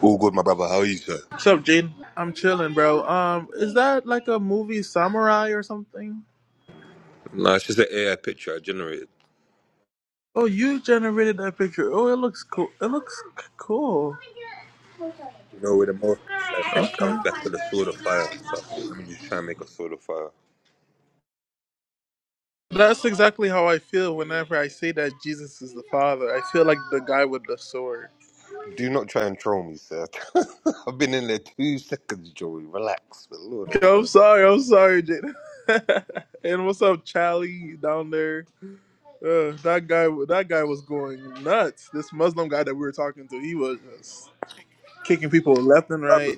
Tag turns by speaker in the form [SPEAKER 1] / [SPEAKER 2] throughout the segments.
[SPEAKER 1] All good, my brother. How are you, sir? No, it's just an AI picture I generated. You know, with the more I think comes back to the sword of fire. So I thought, let me just try and make a sword of fire. Do not try and troll me, sir. I've been in there two seconds, Joey. Relax, but Lord of mercy. What happened?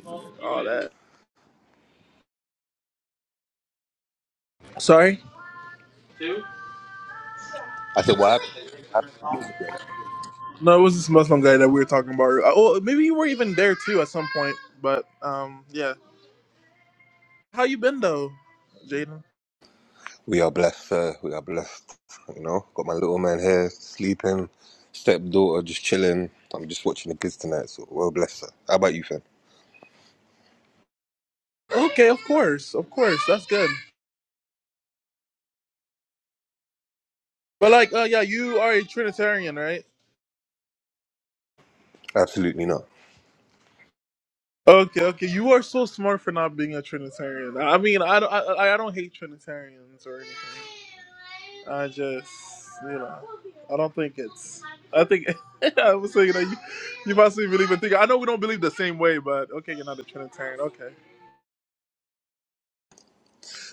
[SPEAKER 1] I said, what happened? What happened with the Muslim guy? What was he doing? We are blessed, sir. We are blessed. You know, got my little man here sleeping, stepdaughter just chilling. I'm just watching the kids tonight, so well blessed, sir. How about you, fam? Absolutely not.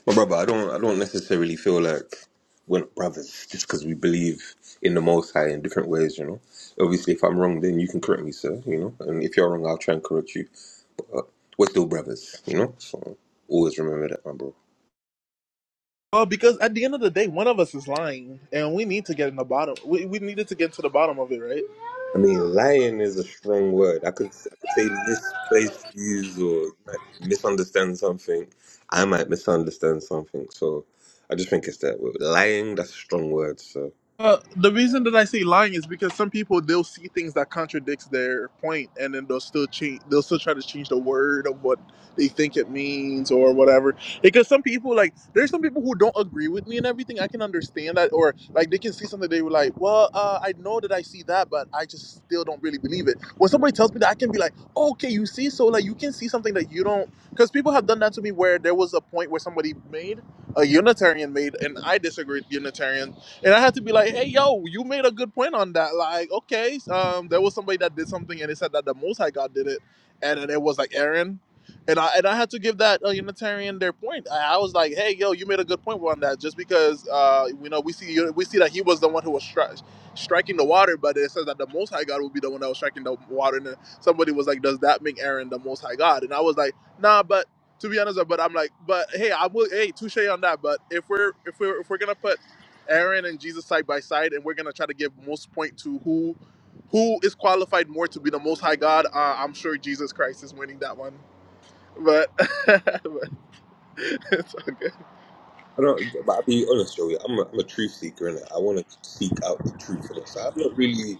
[SPEAKER 1] But brother, I don't I don't necessarily feel like we're not brothers just because we believe in the Most High in different ways, you know. Obviously, if I'm wrong, then you can correct me, sir. You know, and if you're wrong, I'll try and correct you. But uh, we're still brothers, you know. So always remember that, my bro. I mean, lying is a strong word. I could, I could say misplaced views or like, misunderstand something. I might misunderstand something. So I just think it's that word. lying. That's a strong word, sir. I don't, but I'll be honest, Joey. I'm a, I'm a truth seeker, and I want to seek out the truth in it. So I'm not really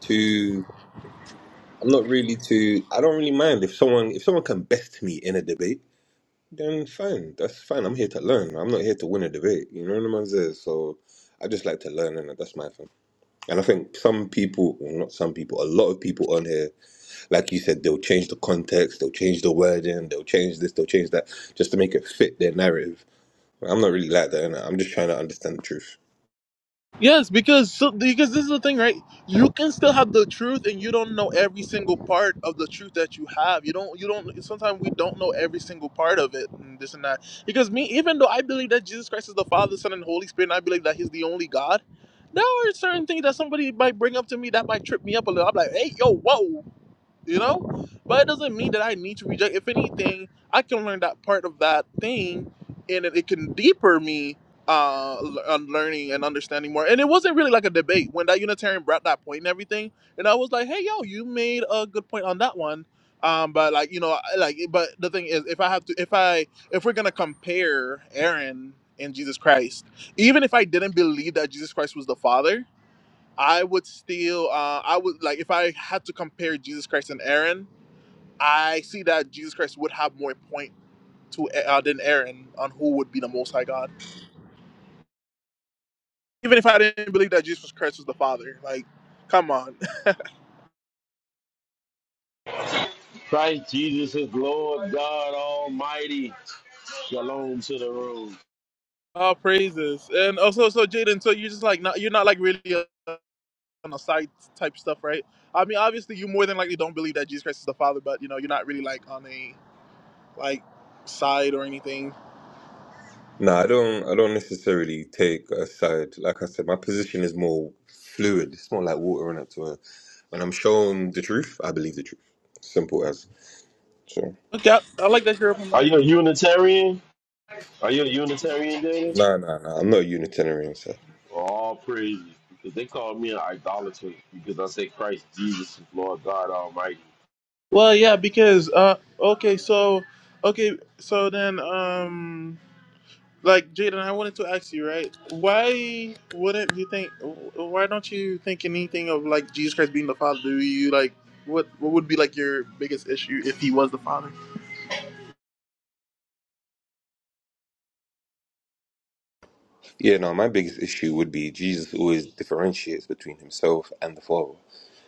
[SPEAKER 1] too. I'm not really too. I don't really mind if someone if someone can best me in a debate, then fine. That's fine. I'm here to learn. I'm not here to win a debate. You know what I'm saying? So I just like to learn, and that's my thing. And I think some people, well, not some people, a lot of people on here, like you said, they'll change the context, they'll change the wording, they'll change this, they'll change that, just to make it fit their narrative. I'm not really like that. innit? I'm just trying to understand the truth.
[SPEAKER 2] Christ Jesus is Lord God Almighty. Shalom to the room.
[SPEAKER 1] No, I don't. I don't necessarily take a side. Like I said, my position is more fluid. It's more like water in it to a. When I'm shown the truth, I believe the truth. Simple as. So
[SPEAKER 2] Are you a Unitarian? Are you a Unitarian, David?
[SPEAKER 1] no, no, no. I'm not a Unitarian, sir.
[SPEAKER 2] All praises. Because they called me an idolater because I said Christ Jesus is Lord God Almighty.
[SPEAKER 1] Yeah, no. My biggest issue would be Jesus always differentiates between himself and the Father.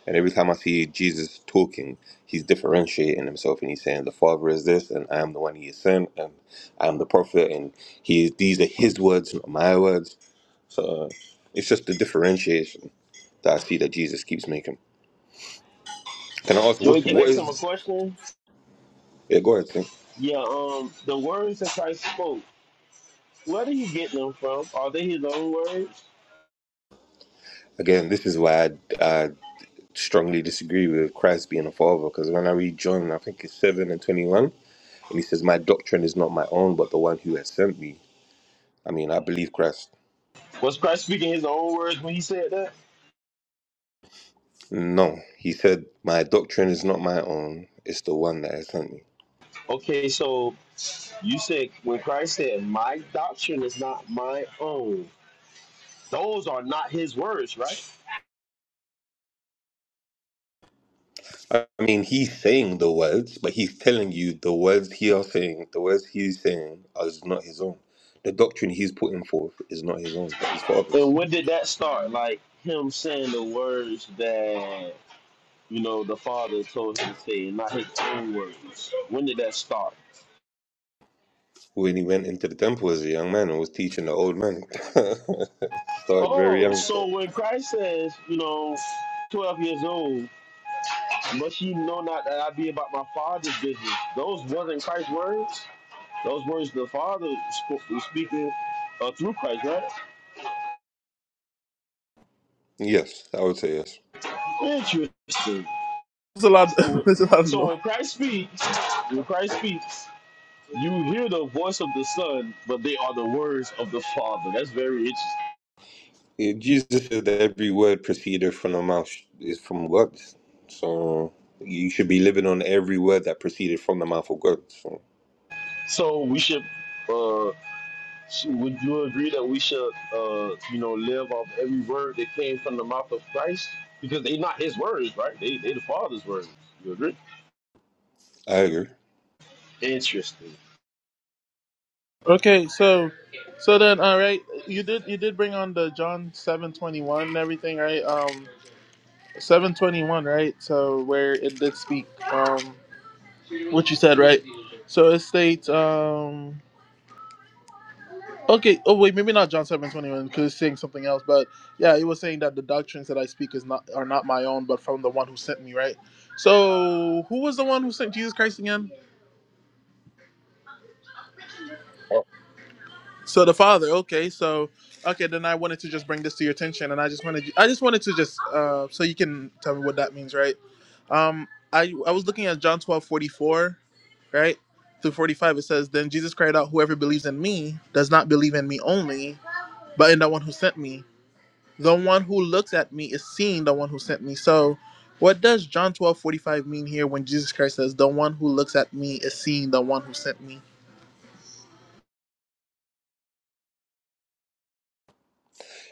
[SPEAKER 1] And every time I see Jesus talking, he's differentiating himself and he's saying the Father is this, and I am the one he is sent, and I am the prophet, and he is. These are his words, not my words So uh, it's just the differentiation that I see that Jesus keeps making. Can I ask
[SPEAKER 2] Joey,
[SPEAKER 1] what's
[SPEAKER 2] can I
[SPEAKER 1] what
[SPEAKER 2] ask him
[SPEAKER 1] is?
[SPEAKER 2] a question?
[SPEAKER 1] Yeah, go ahead. Tim.
[SPEAKER 2] Yeah, um, the words that Christ spoke, where did he get them from? Are they his own words?
[SPEAKER 1] Again, this is why I, I strongly disagree with Christ being a father because when I read John, I think it's seven and twenty-one, and he says, "My doctrine is not my own, but the one who has sent me." I mean, I believe Christ.
[SPEAKER 2] Was Christ speaking his own words when he said that?
[SPEAKER 1] No, he said, "My doctrine is not my own; it's the one that has sent me."
[SPEAKER 2] Okay, so you said when Christ said, My doctrine is not my own. Those are not his words, right?
[SPEAKER 1] I mean, he's saying the words, but he's telling you the words he are saying, the words he's saying is not his own. The doctrine he's putting forth is not his own, but his
[SPEAKER 2] And
[SPEAKER 1] father's.
[SPEAKER 2] when did that start? Like him saying the words that you know the father told him to say, and not his own words. When did that start?
[SPEAKER 1] When he went into the temple as a young man and was teaching the old man, started very
[SPEAKER 2] Oh,
[SPEAKER 1] young, sir.
[SPEAKER 2] so when Christ says, you know, twelve years old, must ye know not that I be about my father's business? Those wasn't Christ's words. Those words the Father spoke, was speaking uh, through Christ, right?
[SPEAKER 1] Yes, I would say yes.
[SPEAKER 2] Interesting. So, when- so when Christ speaks, when Christ speaks. You hear the voice of the Son, but they are the words of the Father. That's very interesting.
[SPEAKER 1] Yeah, Jesus said that every word proceeded from the mouth is from God. So you should be living on every word that proceeded from the mouth of God. So
[SPEAKER 2] So we should, uh, sh- would you agree that we should, uh, you know, live off every word that came from the mouth of Christ? Because they not his words, right? They they the Father's words. You agree?
[SPEAKER 1] I agree.
[SPEAKER 2] Interesting.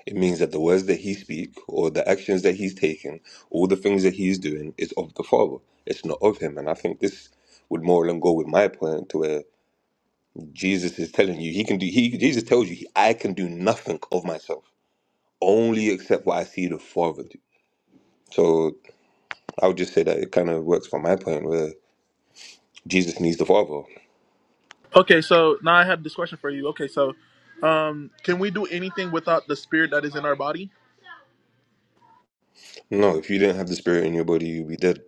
[SPEAKER 1] It means that the words that he speak or the actions that he's taking, all the things that he's doing is of the Father. It's not of him. And I think this would more than go with my point to where Jesus is telling you he can do he Jesus tells you I can do nothing of myself. Only except what I see the Father do. So I would just say that it kind of works for my point where Jesus needs the Father. No, if you didn't have the Spirit in your body, you'd be dead.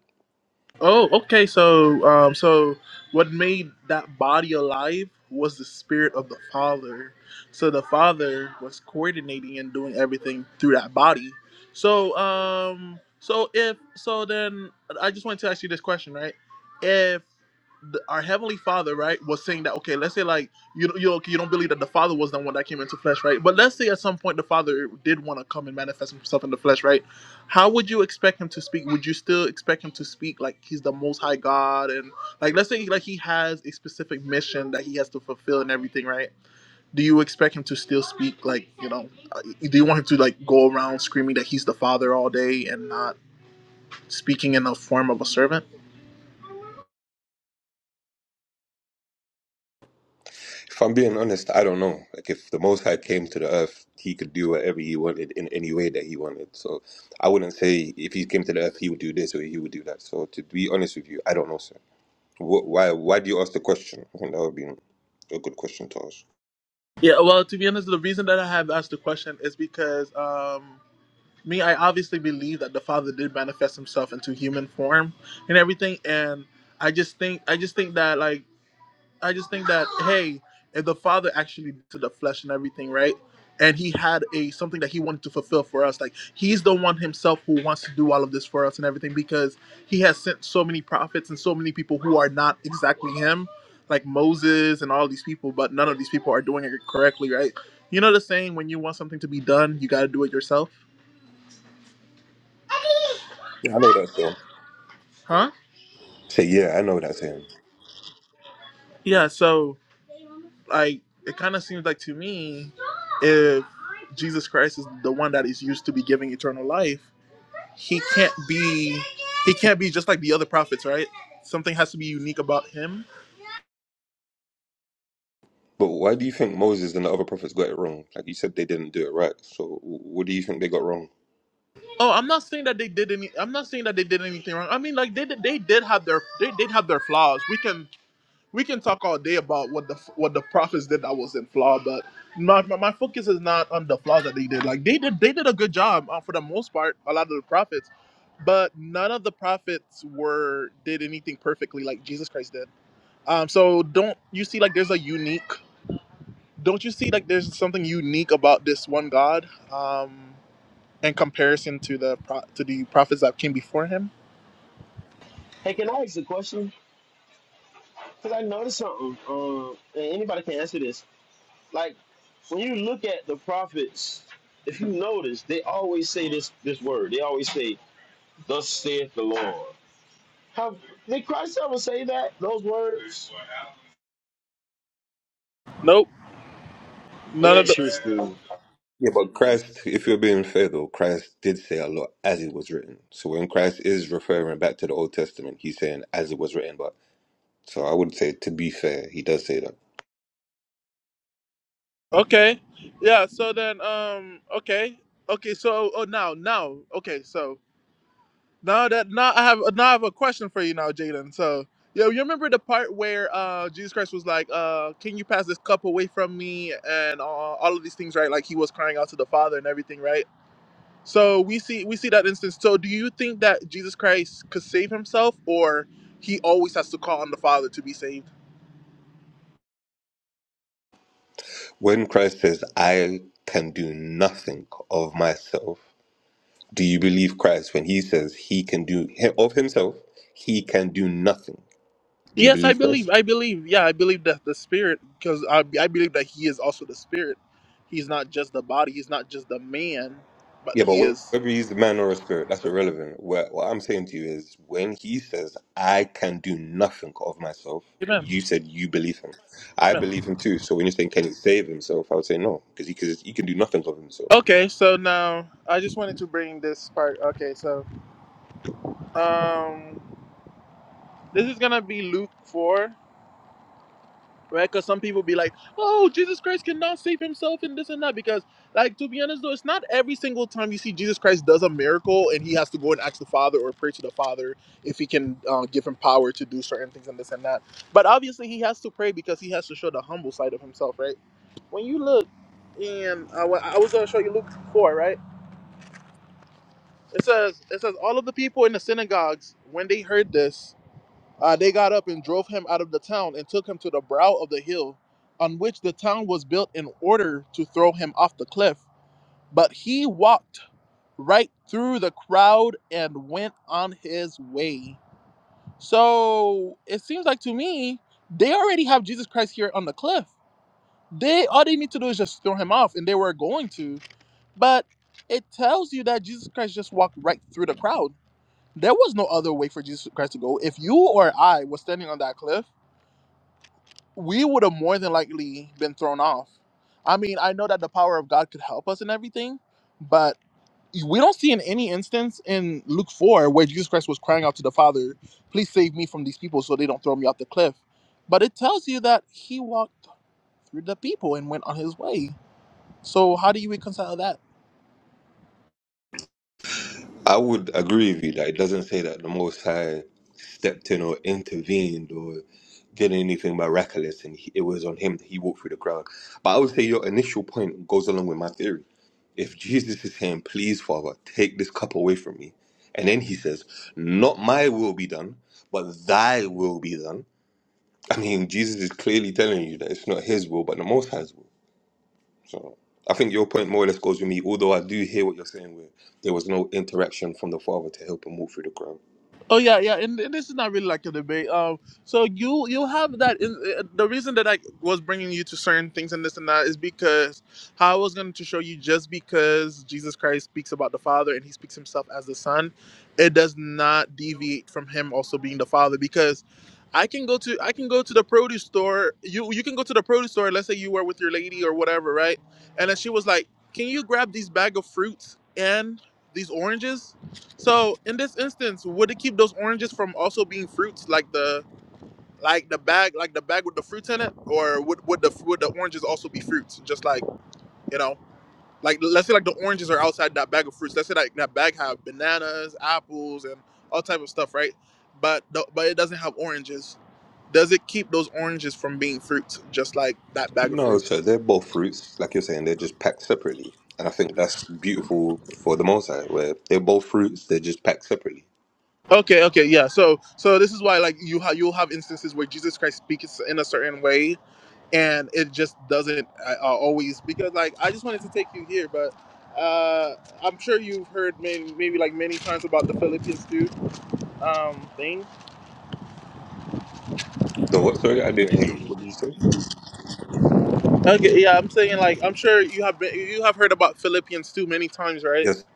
[SPEAKER 1] If I'm being honest, I don't know. Like, if the Most High came to the earth, he could do whatever he wanted in any way that he wanted. So, I wouldn't say if he came to the earth, he would do this or he would do that. So, to be honest with you, I don't know, sir. Wh- Why? Why do you ask the question? I think that would be a good question to ask. Yeah, I know that's him. Say, yeah, I know that's him. But why do you think Moses and the other prophets got it wrong? Like you said, they didn't do it right. So, wh- what do you think they got wrong?
[SPEAKER 2] Hey, can I ask a question? Because I noticed something. Um, and anybody can answer this. Like when you look at the prophets, if you notice, they always say this this word. They always say, "Thus saith the Lord." Have did Christ ever say that? Those words? Interesting.
[SPEAKER 1] Yeah, but Christ, if you're being fair though, Christ did say a lot as it was written. So when Christ is referring back to the Old Testament, he's saying as it was written. But so I would say, to be fair, he does say that. When Christ says, I can do nothing of myself, do you believe Christ when he says he can do of himself, he can do nothing? Do you believe Christ? Yeah, but whether he's a man or a spirit, that's irrelevant. What, what I'm saying to you is when he says, I can do nothing of myself, you said you believe him. I believe him too. So when you're saying, can he save himself? I would say no, because he, 'cause he can do nothing of himself. I would agree with you that it doesn't say that the Most High stepped in or intervened or did anything miraculous and he, it was on him that he walked through the crowd. But I would say your initial point goes along with my theory If Jesus is saying, Please, Father, take this cup away from me, and then he says, Not my will be done, but thy will be done. I mean, Jesus is clearly telling you that it's not his will, but the Most High's will. So I think your point more or less goes with me, although I do hear what you're saying, where there was no interaction from the Father to help him walk through the ground. No, so they're both fruits, like you're saying, they're just packed separately. And I think that's beautiful for the Most High, where they're both fruits, they're just packed separately. The what? Sorry, I didn't hear you. What did you say? Yes.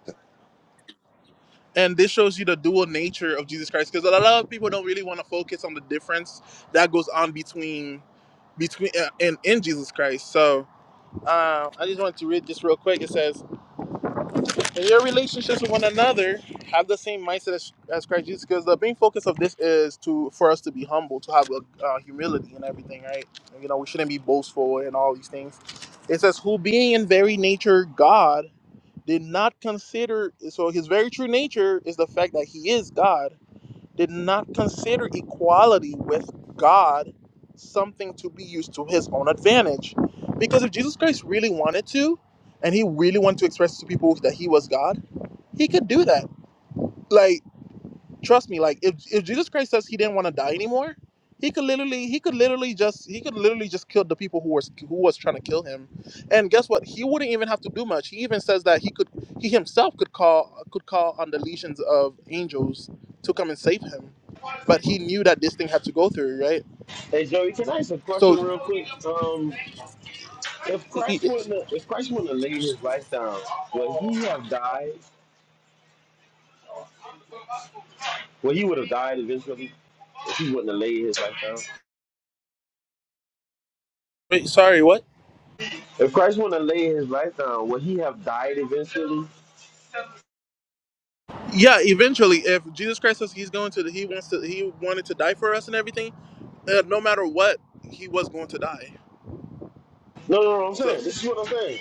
[SPEAKER 2] Hey Joey, can I ask a question real quick? Um, if Christ wouldn't, have, if Christ wouldn't have laid his life down, would he have died? Well, he would have died eventually if he wouldn't have laid his life down. If Christ wouldn't have laid his life down, would he have died eventually? No, no, no. I'm saying this is what I'm saying.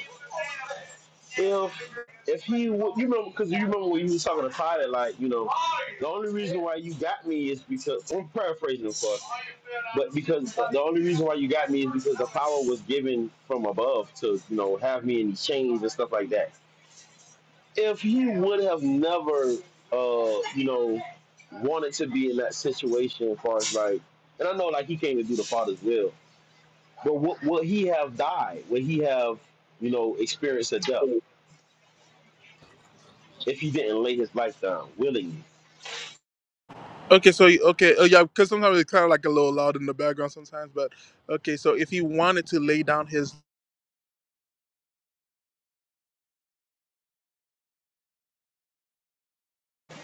[SPEAKER 2] If if he would, you remember, because you remember when you was talking to Pilot, like you know, the only reason why you got me is because I'm paraphrasing, of course, but because the only reason why you got me is because the power was given from above to you know have me in these chains and stuff like that. If he would have never, uh, you know, wanted to be in that situation, as far as like, and I know like he came to do the Father's will, but what will he have died? Would he have, you know, experienced a death if he didn't lay his life down willingly?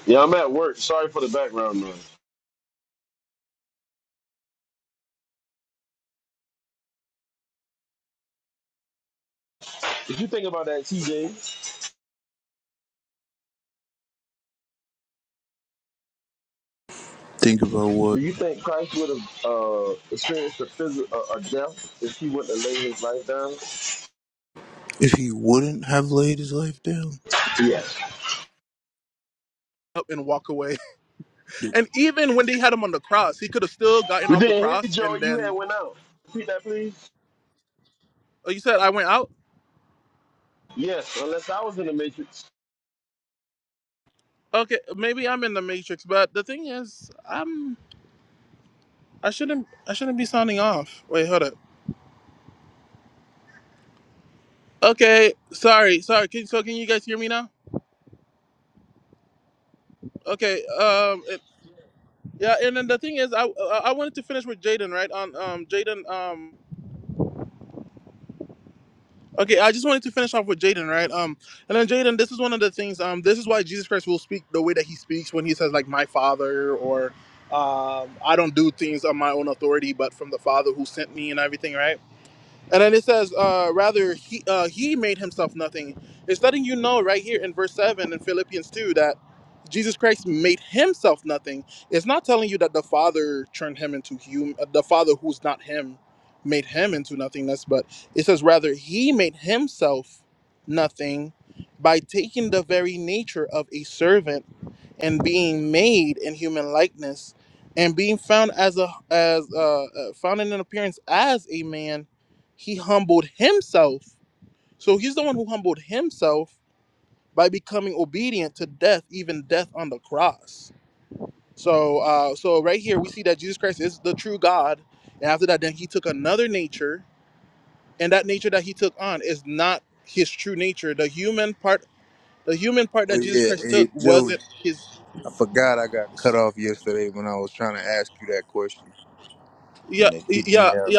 [SPEAKER 2] Yeah, I'm at work. Sorry for the background noise. If you think about that, TJ,
[SPEAKER 3] Think about
[SPEAKER 2] do
[SPEAKER 3] what
[SPEAKER 2] you think Christ would have uh, experienced a, phys- a, a death if he wouldn't have laid his life down?
[SPEAKER 3] if he wouldn't have laid his life down.
[SPEAKER 2] Yes. We didn't hear you, Joey. You had went out. Repeat that, please. Yes, unless I was in the matrix.
[SPEAKER 3] Oh yeah, hey Joey, I forgot I got cut off yesterday when I was trying to ask you that question, and they kicked me out.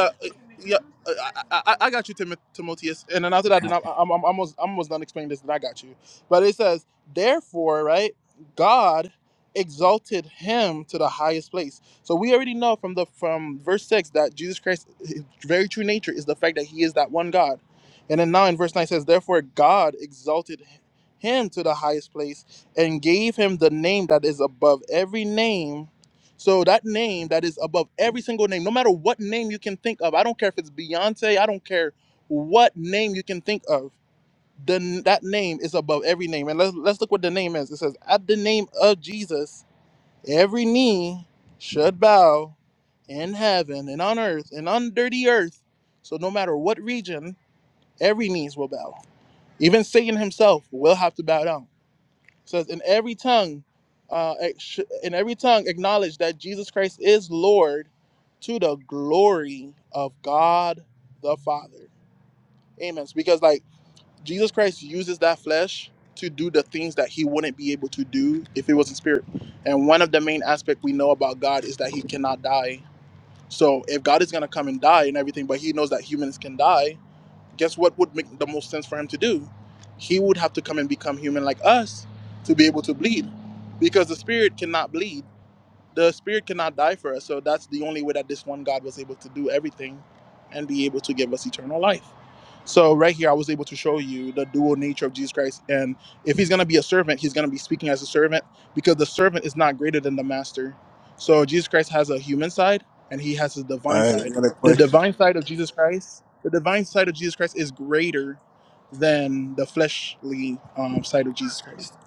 [SPEAKER 3] All right, I got a question.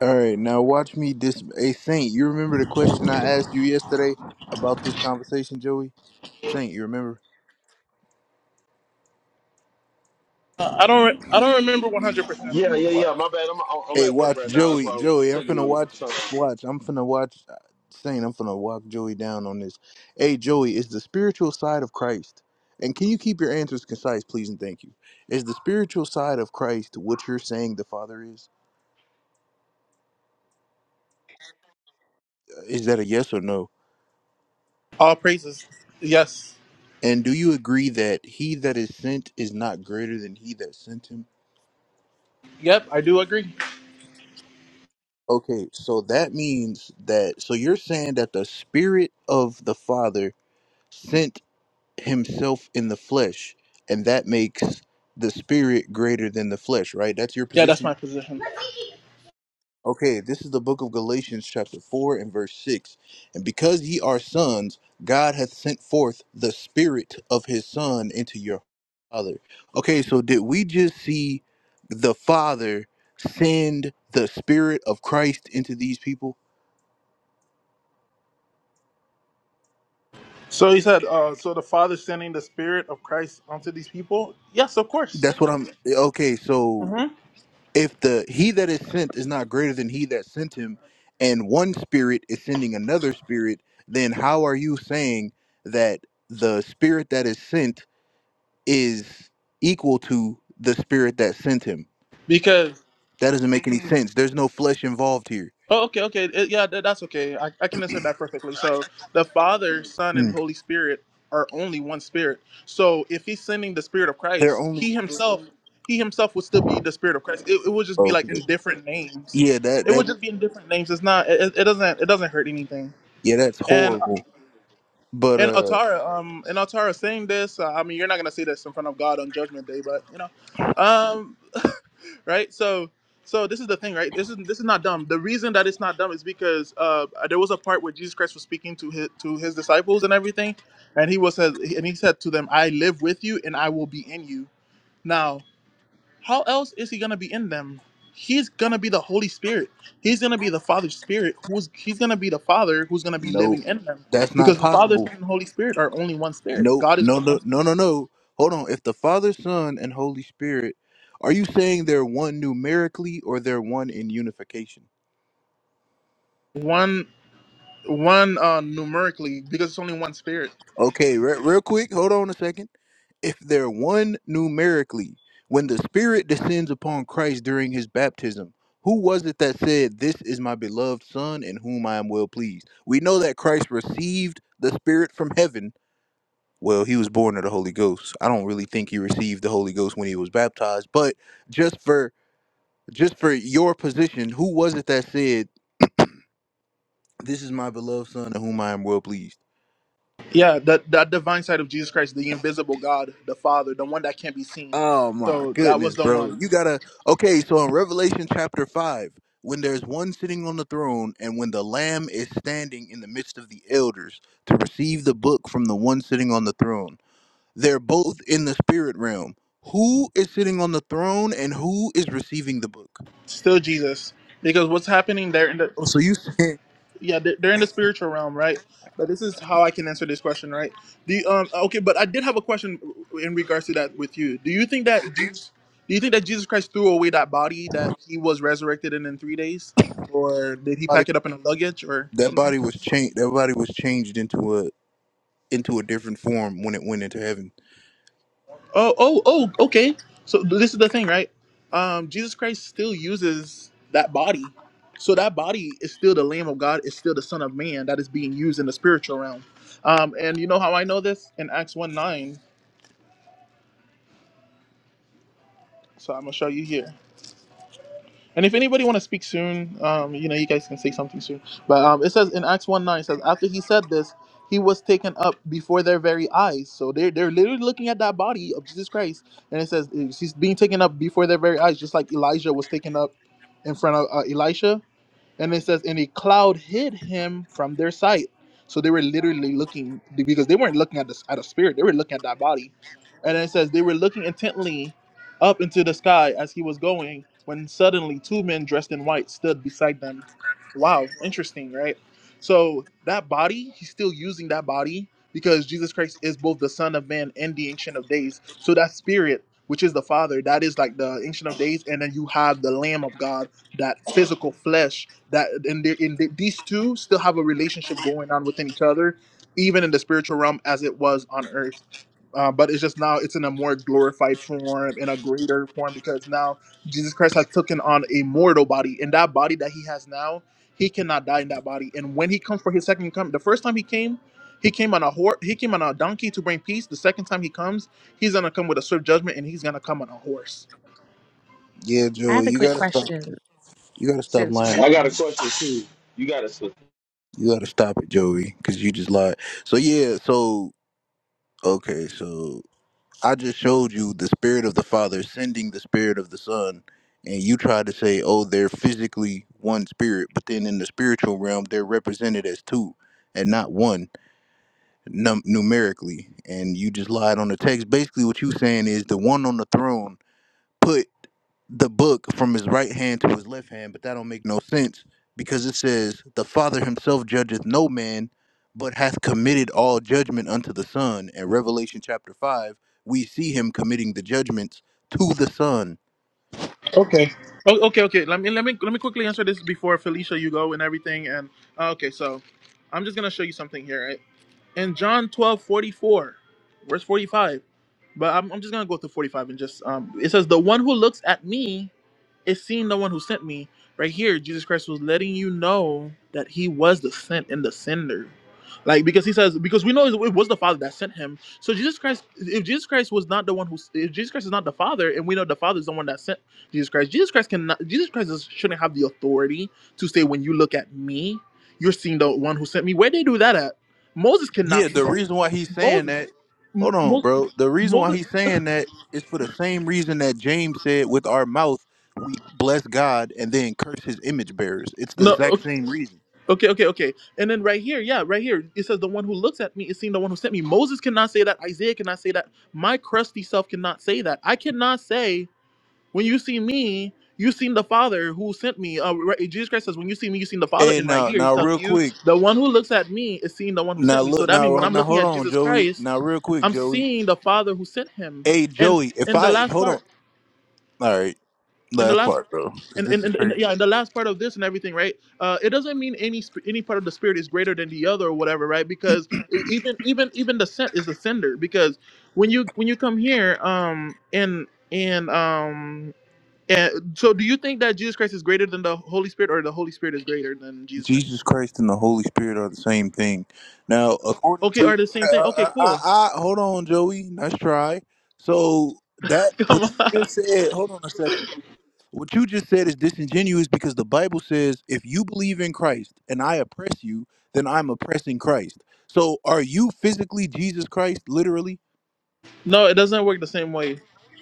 [SPEAKER 3] All right, now watch me. dis. hey Saint, you remember the question I asked you yesterday about this conversation, Joey? Saint, you remember?
[SPEAKER 2] Yeah, yeah, yeah. My bad. I'm, I'm
[SPEAKER 3] Hey,
[SPEAKER 2] at work
[SPEAKER 3] watch
[SPEAKER 2] right now. That's
[SPEAKER 3] Joey.
[SPEAKER 2] why I'm
[SPEAKER 3] Joey, I'm
[SPEAKER 2] taking
[SPEAKER 3] finna
[SPEAKER 2] them
[SPEAKER 3] watch.
[SPEAKER 2] time.
[SPEAKER 3] Watch. I'm finna watch. Saying I'm finna walk Joey down on this. Hey, Joey, is the spiritual side of Christ, and can you keep your answers concise, please and thank you? Is the spiritual side of Christ what you're saying the Father is? Uh, Is that a yes or no? And do you agree that he that is sent is not greater than he that sent him? Okay, so that means that. So you're saying that the Spirit of the Father sent himself in the flesh, and that makes the spirit greater than the flesh, right? That's your position? Okay, this is the book of Galatians, chapter 4, and verse 6. And because ye are sons, God hath sent forth the spirit of his son into your father. Okay, so did we just see the father send the spirit of Christ into these people? That's what I'm okay. So if the he that is sent is not greater than he that sent him and one spirit is sending another spirit then how are you saying that the spirit that is sent is equal to the spirit that sent him that doesn't make any sense there's no flesh involved here Mm. they're only okay. yeah that that yeah that's horrible but uh no that's not possible No, no, no, no, no, no. Hold on. If the Father, Son, and Holy Spirit, are you saying they're one numerically or they're one in unification? Okay, re- real quick. Hold on a second. If they're one numerically, when the Spirit descends upon Christ during his baptism, who was it that said, This is my beloved Son in whom I am well pleased? We know that Christ received the Spirit from heaven. Well, he was born of the Holy Ghost. I don't really think he received the Holy Ghost when he was baptized, but just for just for your position, who was it that said, "This is my beloved son, in whom I am well pleased"? Oh my goodness, bro! You gotta okay. So in Revelation chapter five, when there's one sitting on the throne, and when the Lamb is standing in the midst of the elders to receive the book from the one sitting on the throne, they're both in the spirit realm. Who is sitting on the throne, and who is receiving the book? Oh, so you saying body, that body was changed? That body was changed into a into a different form when it went into heaven. Yeah,
[SPEAKER 4] I have
[SPEAKER 3] Joey,
[SPEAKER 4] a
[SPEAKER 3] you
[SPEAKER 4] quick
[SPEAKER 3] gotta stop.
[SPEAKER 4] question
[SPEAKER 3] You gotta stop
[SPEAKER 4] since we're
[SPEAKER 3] lying. Okay.
[SPEAKER 2] I got a
[SPEAKER 4] on.
[SPEAKER 2] question too. You got it, sir.
[SPEAKER 3] You gotta stop it, Joey, because you just lied. So yeah, so okay, so I just showed you the spirit of the Father sending the spirit of the Son, and you tried to say, oh, they're physically one spirit, but then in the spiritual realm, they're represented as two and not one num- numerically, and you just lied on the text. Basically, what you saying is the one on the throne. put. the book from his right hand to his left hand, but that don't make no sense because it says, The Father himself judgeth no man, but hath committed all judgment unto the Son. In Revelation chapter 5, we see him committing the judgments to the Son. Yeah, the reason why he's saying that, hold on, bro. The reason why he's saying that is for the same reason that James said, With our mouth, we bless God and then curse his image bearers. It's the exact same reason. Hey, now, now, real quick. Now look, now now hold on, Joey. Now real quick, Joey. Hey, Joey, if I hold on, all right, last part, bro, because this is crazy. Jesus Christ and the Holy Spirit are the same thing. Now, according to I, I, I hold on, Joey. Nice try. So that what you just said. Hold on a second, bro. What you just said is disingenuous because the Bible says if you believe in Christ and I oppress you, then I'm oppressing Christ. So are you physically Jesus Christ, literally?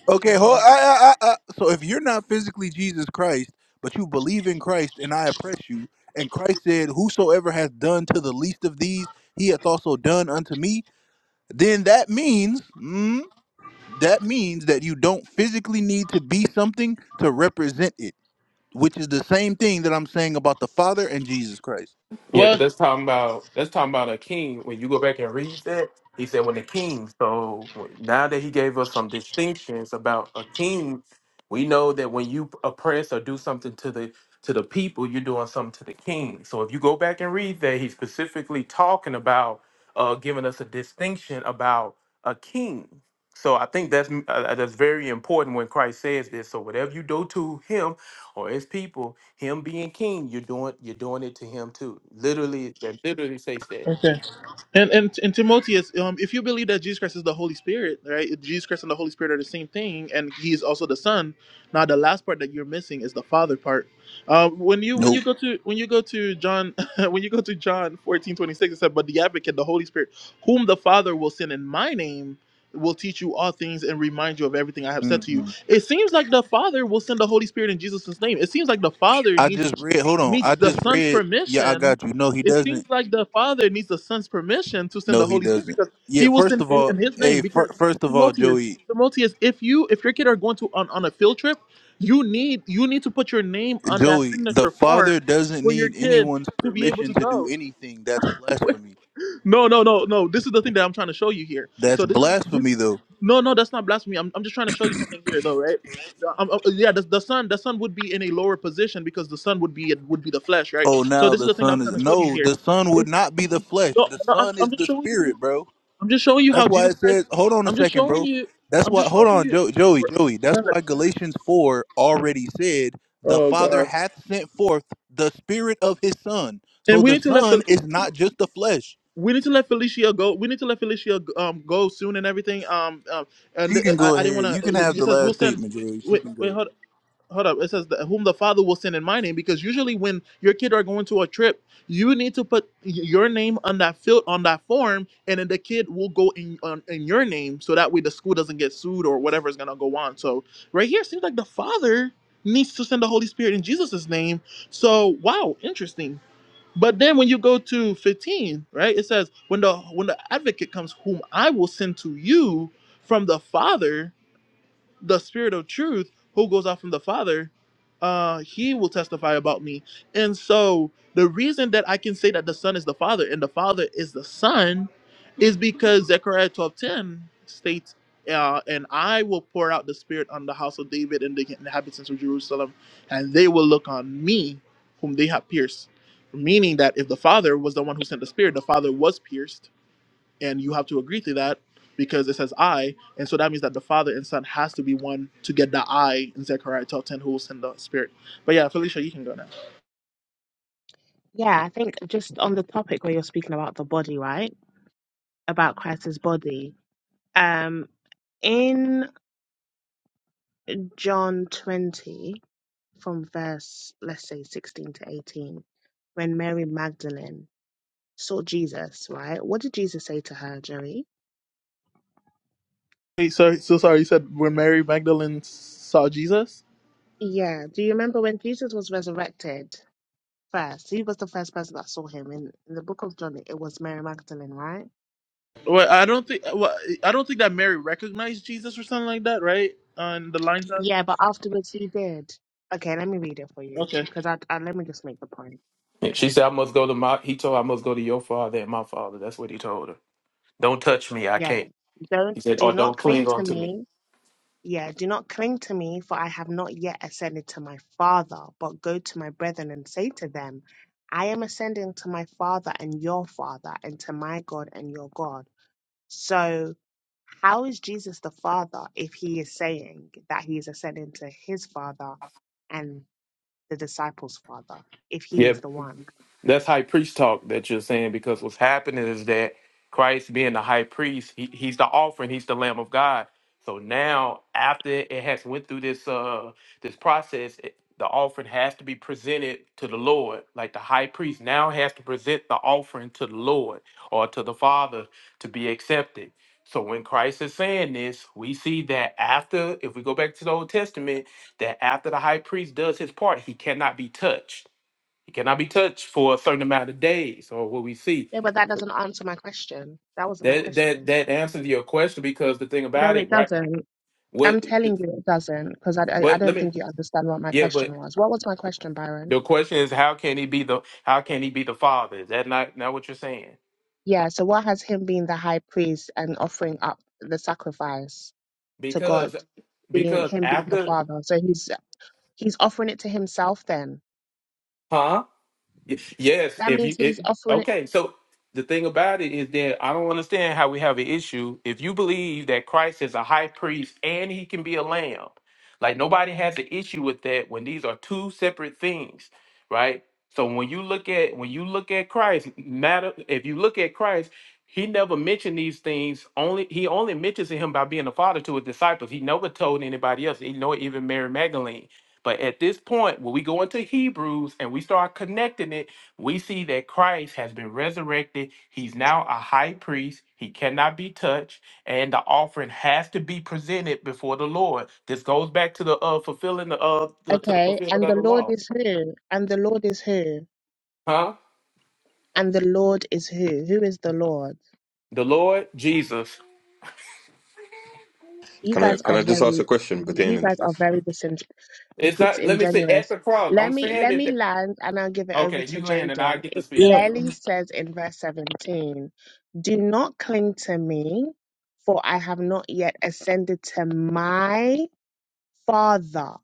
[SPEAKER 3] Okay, hold. I, I, I, I, so if you're not physically Jesus Christ, but you believe in Christ, and I oppress you, and Christ said, "Whosoever has done to the least of these, he hath also done unto me." Then that means, mm, that means that you don't physically need to be something to represent it, which is the same thing that I'm saying about the Father and Jesus Christ.
[SPEAKER 5] Yeah, but that's talking about that's talking about a king. When you go back and read that, he said when the king. So now that he gave us some distinctions about a king, we know that when you oppress or do something to the to the people, you're doing something to the king. So if you go back and read that, he's specifically talking about uh, giving us a distinction about a king. So I think that's uh, that's very important when Christ says this. So whatever you do to him, or his people, him being king, you're doing you're doing it to him too. Literally, that literally says that.
[SPEAKER 3] Nope. Mm-mm. I just read. Hold on. I just read. Yeah, I got you. No, he doesn't. No, he doesn't. Yeah, first of all, hey, fir- first of all, Joey, Joey, the Father doesn't need anyone's permission to do anything. That's blasphemy. That's blasphemy, though. Oh, now the Son is. No, the Son would not be the flesh. The Son is the Spirit, bro. That's why it says. Hold on a second, bro. That's why. Hold on, jo- Joey, Joey. That's why Galatians 4 already said, The Father hath sent forth the Spirit of His Son. So the Son is not just the flesh. She can go ahead. You can have the last statement, Joey. She can go.
[SPEAKER 4] Yeah, I think just on the topic where you're speaking about the body, right? About Christ's body. Um, in John 20, from verse, let's say 16 to 18, when Mary Magdalene saw Jesus, right? What did Jesus say to her, Jerry? Yeah, do you remember when Jesus was resurrected first? He was the first person that saw him. In, in the book of John, it was Mary Magdalene, right? Yeah, but afterwards he did. Okay, let me read it for you because I, I let me just make the point.
[SPEAKER 5] Yeah,
[SPEAKER 4] Okay.
[SPEAKER 5] she said, "I must go to my." He told, her, "I must go to your father and my father." That's what he told her. Don't touch me, I
[SPEAKER 4] Yeah.
[SPEAKER 5] can't. He
[SPEAKER 4] Don't
[SPEAKER 5] said,
[SPEAKER 4] do
[SPEAKER 5] "Or
[SPEAKER 4] not
[SPEAKER 5] don't
[SPEAKER 4] cling
[SPEAKER 5] cling
[SPEAKER 4] to
[SPEAKER 5] on to me."
[SPEAKER 4] me. Yeah, do not cling to me, for I have not yet ascended to my father, but go to my brethren and say to them, I am ascending to my father and your father, and to my God and your God. So how is Jesus the Father if he is saying that he is ascending to his Father and the disciples' Father, if he
[SPEAKER 5] Yeah,
[SPEAKER 4] is the one?
[SPEAKER 5] That's high priest talk that you're saying because what's happening is that Christ being the high priest, he, he's the offering, he's the Lamb of God. So now, after it has went through this uh this process, it, the offering has to be presented to the Lord. Like the high priest now has to present the offering to the Lord or to the Father to be accepted. So when Christ is saying this, we see that after, if we go back to the Old Testament, that after the high priest does his part, he cannot be touched he cannot be touched for a certain amount of days, or what we see.
[SPEAKER 4] Yeah, but that doesn't answer my question. That wasn't my
[SPEAKER 5] That that
[SPEAKER 4] question.
[SPEAKER 5] that answers your question because the thing
[SPEAKER 4] No,
[SPEAKER 5] about
[SPEAKER 4] it
[SPEAKER 5] it, right?
[SPEAKER 4] doesn't. I'm
[SPEAKER 5] What?
[SPEAKER 4] telling you it doesn't because I, I, I
[SPEAKER 5] But let
[SPEAKER 4] don't
[SPEAKER 5] me.
[SPEAKER 4] think you understand what my
[SPEAKER 5] Yeah, but
[SPEAKER 4] question was. What was my question, Byron?
[SPEAKER 5] the question is, how can he be the? How can he be the father? Is that not not what you're saying?
[SPEAKER 4] Yeah, so what has him being the high priest and offering up the sacrifice to God,
[SPEAKER 5] Because
[SPEAKER 4] being
[SPEAKER 5] because
[SPEAKER 4] him being the
[SPEAKER 5] after,
[SPEAKER 4] father? So he's he's offering it to himself then.
[SPEAKER 5] huh? Y- Yes,
[SPEAKER 4] That
[SPEAKER 5] if
[SPEAKER 4] means
[SPEAKER 5] you
[SPEAKER 4] he's
[SPEAKER 5] it,
[SPEAKER 4] offering
[SPEAKER 5] okay, so the thing about it is that I don't understand how we have an issue if you believe that Christ is a high priest and he can be a lamb. Like nobody has an issue with that when these are two separate things, right? So when you look at when you look at Christ, matter if you look at Christ, he never mentioned these things. Only he only mentions him by being a father to his disciples. He never told anybody else. He nor even Mary Magdalene. But at this point, when we go into Hebrews and we start connecting it, we see that Christ has been resurrected. He's now a high priest. He cannot be touched, and the offering has to be presented before the Lord. This goes back to the uh, fulfilling the, uh, the to the
[SPEAKER 4] Okay.
[SPEAKER 5] fulfillment
[SPEAKER 4] And
[SPEAKER 5] of
[SPEAKER 4] the
[SPEAKER 5] the
[SPEAKER 4] Lord
[SPEAKER 5] law,
[SPEAKER 4] is who? And the Lord is who?
[SPEAKER 5] huh?
[SPEAKER 4] And the Lord is who? Who is the Lord?
[SPEAKER 5] The Lord Jesus.
[SPEAKER 4] You
[SPEAKER 1] Can I
[SPEAKER 4] guys
[SPEAKER 1] can
[SPEAKER 4] are
[SPEAKER 1] I just ask a
[SPEAKER 4] very
[SPEAKER 1] question
[SPEAKER 4] you
[SPEAKER 1] pertaining to
[SPEAKER 4] guys are
[SPEAKER 1] this?
[SPEAKER 4] very disin-
[SPEAKER 5] It's not. Let me say at
[SPEAKER 4] disingenuous.
[SPEAKER 5] the cross.
[SPEAKER 4] Let
[SPEAKER 5] I'm
[SPEAKER 4] me
[SPEAKER 5] saying
[SPEAKER 4] let
[SPEAKER 5] it.
[SPEAKER 4] me land and I'll give it over
[SPEAKER 5] Okay, you
[SPEAKER 4] to
[SPEAKER 5] land and I
[SPEAKER 4] Jaden.
[SPEAKER 5] get to
[SPEAKER 4] It
[SPEAKER 5] speaking.
[SPEAKER 4] clearly says in verse 17, do not cling to me, for I have not yet ascended to my father.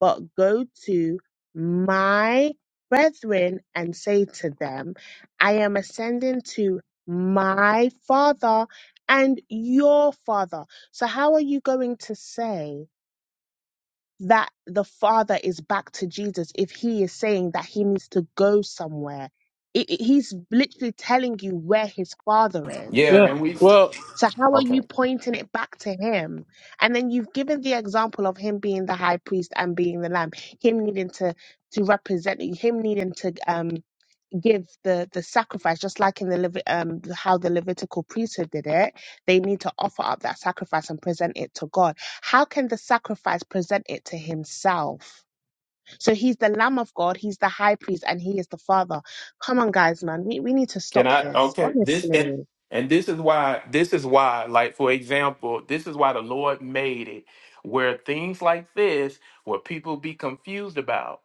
[SPEAKER 4] but go to my brethren and say to them, I am ascending to my father and your father. So, how are you going to say that the father is back to Jesus if he is saying that he needs to go somewhere? It, it- he's literally telling you where his father is.
[SPEAKER 5] Yeah, and we
[SPEAKER 4] So how are you
[SPEAKER 5] okay.
[SPEAKER 4] pointing it back to him? And then you've given the example of him being the high priest and being the lamb, him needing to to represent you, him needing to um give the the sacrifice, just like in the Levi- um how the Levitical priesthood did it. They need to offer up that sacrifice and present it to God. How can the sacrifice present it to himself? So he's the Lamb of God, he's the high priest, and he is the Father. Come on, guys, man, we, we need to
[SPEAKER 5] Can
[SPEAKER 4] stop
[SPEAKER 5] I
[SPEAKER 4] this.
[SPEAKER 5] okay this and
[SPEAKER 4] Honestly,
[SPEAKER 5] and this is why this is why like for example this is why the Lord made it where things like this where people be confused about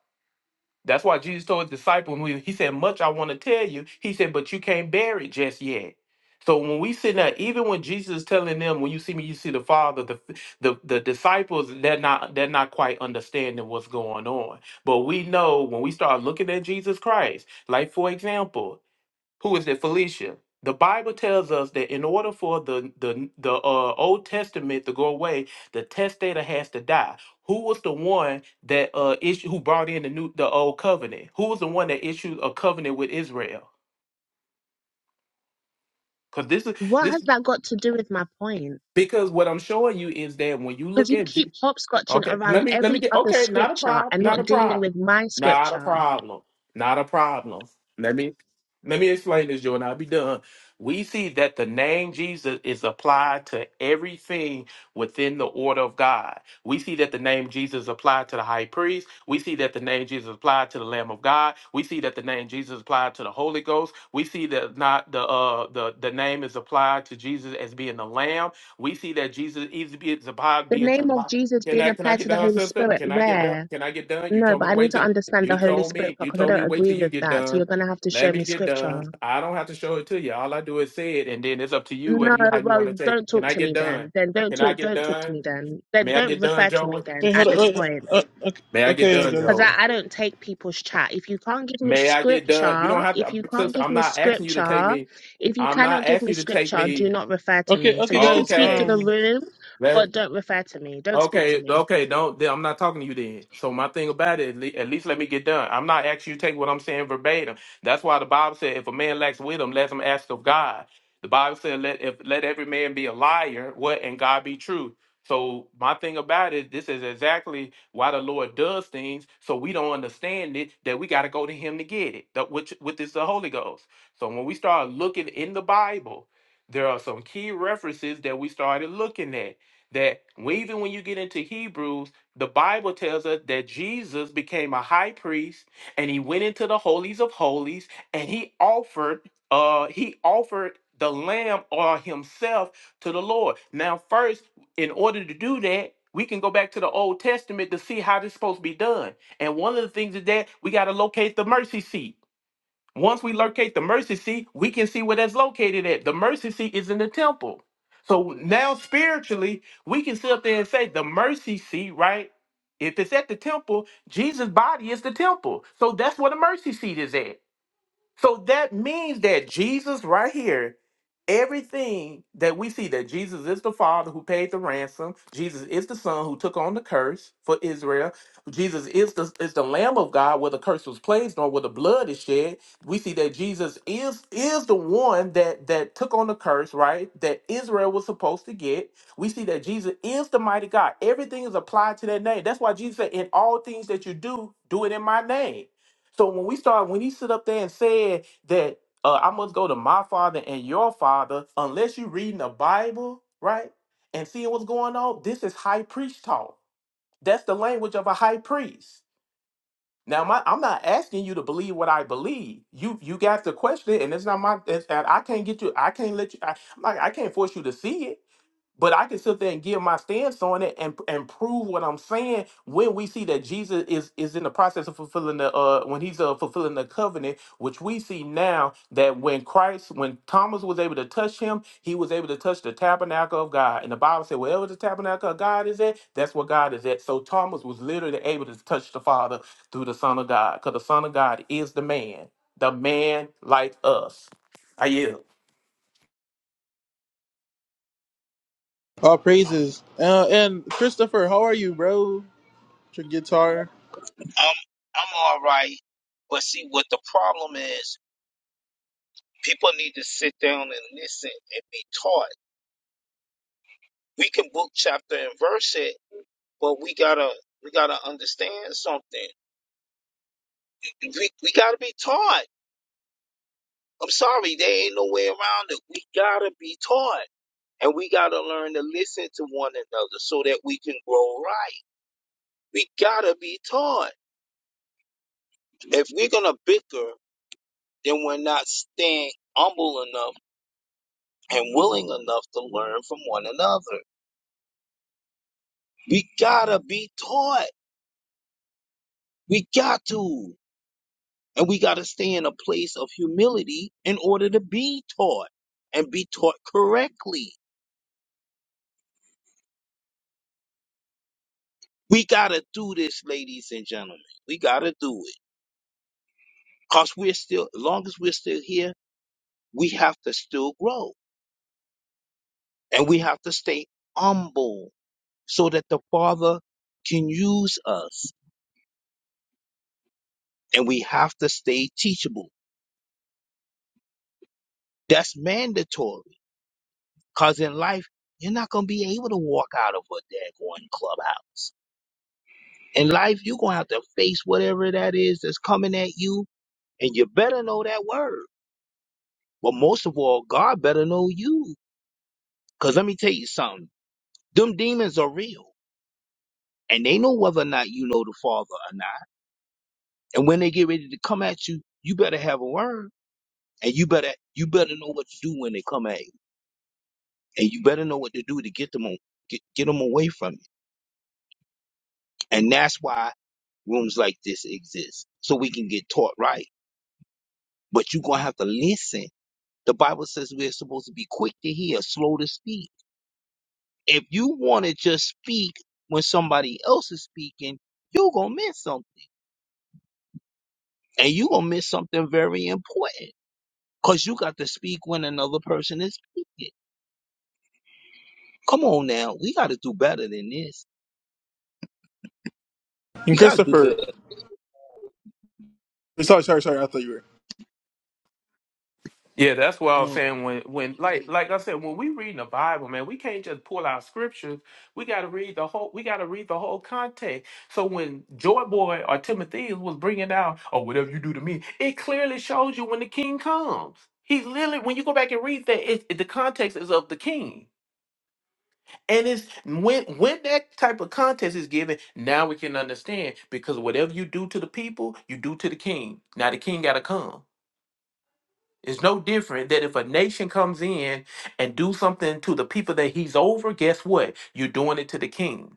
[SPEAKER 5] That's why Jesus told his disciples, when he he said, Much I want to tell you. He said, But you can't bear it just yet. So when we sit there, even when Jesus is telling them, when you see me, you see the Father, the the, the disciples, they're not they're not quite understanding what's going on. But we know when we start looking at Jesus Christ, like for example, who is it? Felicia. The Bible tells us that in order for the the the uh, Old Testament to go away, the testator has to die. Who was the one that uh issue who brought in the new the old covenant? Who was the one that issued a covenant with Israel? Because this is
[SPEAKER 4] what has
[SPEAKER 5] this
[SPEAKER 4] that got to do with my point?
[SPEAKER 5] because what I'm showing you is that when you
[SPEAKER 4] Because
[SPEAKER 5] look
[SPEAKER 4] you
[SPEAKER 5] at Je-
[SPEAKER 4] keep hopscotching
[SPEAKER 5] Okay, let
[SPEAKER 4] around
[SPEAKER 5] me let me
[SPEAKER 4] every
[SPEAKER 5] get
[SPEAKER 4] other
[SPEAKER 5] okay, not a
[SPEAKER 4] scripture
[SPEAKER 5] problem,
[SPEAKER 4] and
[SPEAKER 5] not
[SPEAKER 4] not
[SPEAKER 5] a
[SPEAKER 4] dealing
[SPEAKER 5] problem.
[SPEAKER 4] with my
[SPEAKER 5] Not a
[SPEAKER 4] scripture.
[SPEAKER 5] problem. Not a problem. Let me let me explain this, Joe, and I'll be done. We see that the name Jesus is applied to everything within the order of God. We see that the name Jesus applied to the high priest. We see that the name Jesus applied to the Lamb of God. We see that the name Jesus applied to the Holy Ghost. We see that not the uh the, the name is applied to Jesus as being the Lamb. We see that Jesus is is applied
[SPEAKER 4] The
[SPEAKER 5] being
[SPEAKER 4] name
[SPEAKER 5] to
[SPEAKER 4] of Jesus
[SPEAKER 5] can
[SPEAKER 4] being
[SPEAKER 5] I can I
[SPEAKER 4] applied to
[SPEAKER 5] get
[SPEAKER 4] the
[SPEAKER 5] done,
[SPEAKER 4] Holy
[SPEAKER 5] sister?
[SPEAKER 4] Spirit,
[SPEAKER 5] Can I get done?
[SPEAKER 4] where?
[SPEAKER 5] Can I get done? You
[SPEAKER 4] No,
[SPEAKER 5] told
[SPEAKER 4] but
[SPEAKER 5] me to
[SPEAKER 4] I need
[SPEAKER 5] wait
[SPEAKER 4] to
[SPEAKER 5] till
[SPEAKER 4] understand
[SPEAKER 5] you
[SPEAKER 4] the Holy
[SPEAKER 5] told
[SPEAKER 4] Spirit
[SPEAKER 5] me you
[SPEAKER 4] because I
[SPEAKER 5] told me
[SPEAKER 4] don't
[SPEAKER 5] to wait
[SPEAKER 4] agree
[SPEAKER 5] till you
[SPEAKER 4] with
[SPEAKER 5] get
[SPEAKER 4] that. So you're
[SPEAKER 5] done.
[SPEAKER 4] going to have to show
[SPEAKER 5] Let me
[SPEAKER 4] me
[SPEAKER 5] get
[SPEAKER 4] scripture.
[SPEAKER 5] done. I don't have to show it to you. All I do is say it, and then it's up to you
[SPEAKER 4] No,
[SPEAKER 5] whether you how you
[SPEAKER 4] well,
[SPEAKER 5] want to take it.
[SPEAKER 4] don't
[SPEAKER 5] Can
[SPEAKER 4] talk
[SPEAKER 5] I
[SPEAKER 4] to
[SPEAKER 5] get
[SPEAKER 4] me
[SPEAKER 5] done?
[SPEAKER 4] then. Then don't
[SPEAKER 5] Can I
[SPEAKER 4] talk.
[SPEAKER 5] get
[SPEAKER 4] Don't talk to
[SPEAKER 5] done?
[SPEAKER 4] me then. Then
[SPEAKER 5] May I
[SPEAKER 4] don't
[SPEAKER 5] get done,
[SPEAKER 4] refer to me
[SPEAKER 5] Joey?
[SPEAKER 4] then at this point,
[SPEAKER 5] May I get done,
[SPEAKER 4] because
[SPEAKER 5] Joey?
[SPEAKER 4] I, I don't take people's chat. If you can't give me
[SPEAKER 5] May I get done? You don't
[SPEAKER 4] scripture,
[SPEAKER 5] have to,
[SPEAKER 4] if
[SPEAKER 5] um,
[SPEAKER 4] you can't
[SPEAKER 5] sister.
[SPEAKER 4] give
[SPEAKER 5] I'm
[SPEAKER 4] me
[SPEAKER 5] not asking you to take
[SPEAKER 4] scripture,
[SPEAKER 5] me.
[SPEAKER 4] if you
[SPEAKER 5] I'm
[SPEAKER 4] cannot
[SPEAKER 5] not
[SPEAKER 4] give me
[SPEAKER 5] asking you to take
[SPEAKER 4] scripture, do
[SPEAKER 5] me.
[SPEAKER 4] not refer to me. So you can speak to
[SPEAKER 5] Okay.
[SPEAKER 4] the room,
[SPEAKER 5] Let.
[SPEAKER 4] but don't refer to me. Don't speak to
[SPEAKER 5] Okay,
[SPEAKER 4] me.
[SPEAKER 5] okay, don't. then I'm not talking to you then. So my thing about it, at le- at least let me get done. I'm not asking you to take what I'm saying verbatim. That's why the Bible said, if a man lacks wisdom, let him ask of God. The Bible said, let if let every man be a liar, what and God be true. So my thing about it, this is exactly why the Lord does things, so we don't understand it that we got to go to Him to get it. That which with is the Holy Ghost. So when we start looking in the Bible, there are some key references that we started looking at that even when you get into Hebrews, the Bible tells us that Jesus became a high priest and he went into the holies of holies and he offered uh he offered the lamb or himself to the Lord. Now first, in order to do that, we can go back to the Old Testament to see how this is supposed to be done. And one of the things is that we got to locate the mercy seat once we locate the mercy seat, we can see where that's located at. The mercy seat is in the temple. So now spiritually, we can sit up there and say the mercy seat, right? If it's at the temple, Jesus' body is the temple. So that's where the mercy seat is at. So that means that Jesus, right here, everything that we see that Jesus is the Father who paid the ransom, Jesus is the Son who took on the curse for Israel, Jesus is the is the Lamb of God where the curse was placed on, where the blood is shed. We see that Jesus is is the one that that took on the curse, right? That Israel was supposed to get. We see that Jesus is the mighty God. Everything is applied to that name. That's why Jesus said, "In all things that you do, do it in my name." So when we start, when he stood up there and said that uh, I must go to my father and your father, unless you're reading the Bible, right, and seeing what's going on, this is high priest talk. That's the language of a high priest. Now, my, I'm not asking you to believe what I believe. You you got to question it, and it's not my. It's, and I can't get you. I can't let you. I, I'm not- I can't force you to see it but I can sit there and give my stance on it and and prove what I'm saying when we see that Jesus is is in the process of fulfilling the uh when he's uh fulfilling the covenant, which we see now that when Christ when Thomas was able to touch him, he was able to touch the tabernacle of God. And the Bible said, wherever the tabernacle of God is at, that's where God is at. So Thomas was literally able to touch the Father through the Son of God, because the Son of God is the man, the man like us. I yield.
[SPEAKER 6] I'm I'm all right. But see, what the problem is, people need to sit down and listen and be taught. We can book chapter and verse it, but we gotta we gotta understand something. We we gotta be taught. I'm sorry, there ain't no way around it. We gotta be taught. And we gotta learn to listen to one another so that we can grow right. We gotta be taught. If we're gonna bicker, then we're not staying humble enough and willing enough to learn from one another. We gotta be taught. We got to. And we gotta stay in a place of humility in order to be taught and be taught correctly. We gotta do this, ladies and gentlemen. We gotta do it. Cause we're still, as long as we're still here, we have to still grow and we have to stay humble so that the Father can use us and we have to stay teachable. That's mandatory. Cause in life, you're not gonna be able to walk out of a daggone clubhouse. In life, you're gonna have to face whatever that is that's coming at you, and you better know that word. But most of all, God better know you. Cause let me tell you something, them demons are real, and they know whether or not you know the Father or not. And when they get ready to come at you, you better have a word, and you better you better know what to do when they come at you, and you better know what to do to get them on, get, get them away from you. And that's why rooms like this exist, so we can get taught right. But you're going to have to listen. The Bible says we're supposed to be quick to hear, slow to speak. If you want to just speak when somebody else is speaking, you're going to miss something. And you're going to miss something very important because you got to speak when another person is speaking. Come on now. We got to do better than this. We got to do better.
[SPEAKER 5] Yeah, that's what I was saying. When, when, like, like I said, when we reading the Bible, man, we can't just pull out scriptures. We got to read the whole. We got to read the whole context. So when Joy Boy or Timotheus was bringing out, or whatever you do to me, it clearly shows you when the King comes. He's literally when you go back and read that, it, it- the context is of the King, and it's when when that type of context is given. Now we can understand because whatever you do to the people, you do to the King. Now the King got to come. It's no different that if a nation comes in and do something to the people that he's over, guess what? You're doing it to the king.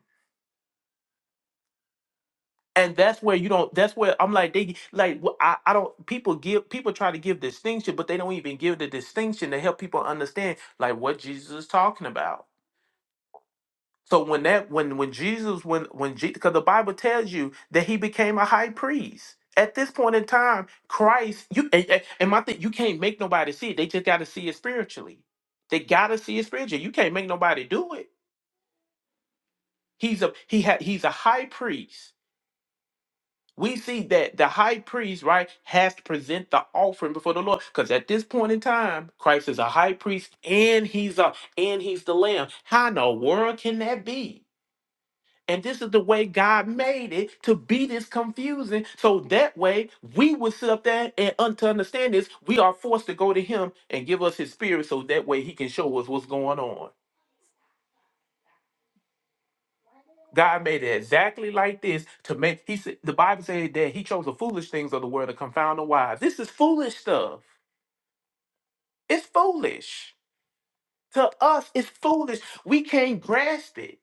[SPEAKER 5] And that's where you don't. That's where I'm like they like wh- I, I don't. People give people try to give distinction, but they don't even give the distinction to help people understand like what Jesus is talking about. So when that when when Jesus when when because the Bible tells you that he became a high priest. At this point in time, Christ, you and, and and my thing, you can't make nobody see it. They just gotta see it spiritually. They gotta see it spiritually. You can't make nobody do it. He's a he had he's a high priest. We see that the high priest, right, has to present the offering before the Lord. Because at this point in time, Christ is a high priest and he's a and he's the lamb. How in the world can that be? And this is the way God made it to be this confusing. So that way we would sit up there and un- to understand this, we are forced to go to him and give us his spirit so that way he can show us what's going on. God made it exactly like this to make he said the Bible said that he chose the foolish things of the world to confound the wise. This is foolish stuff. It's foolish. To us, it's foolish. We can't grasp it.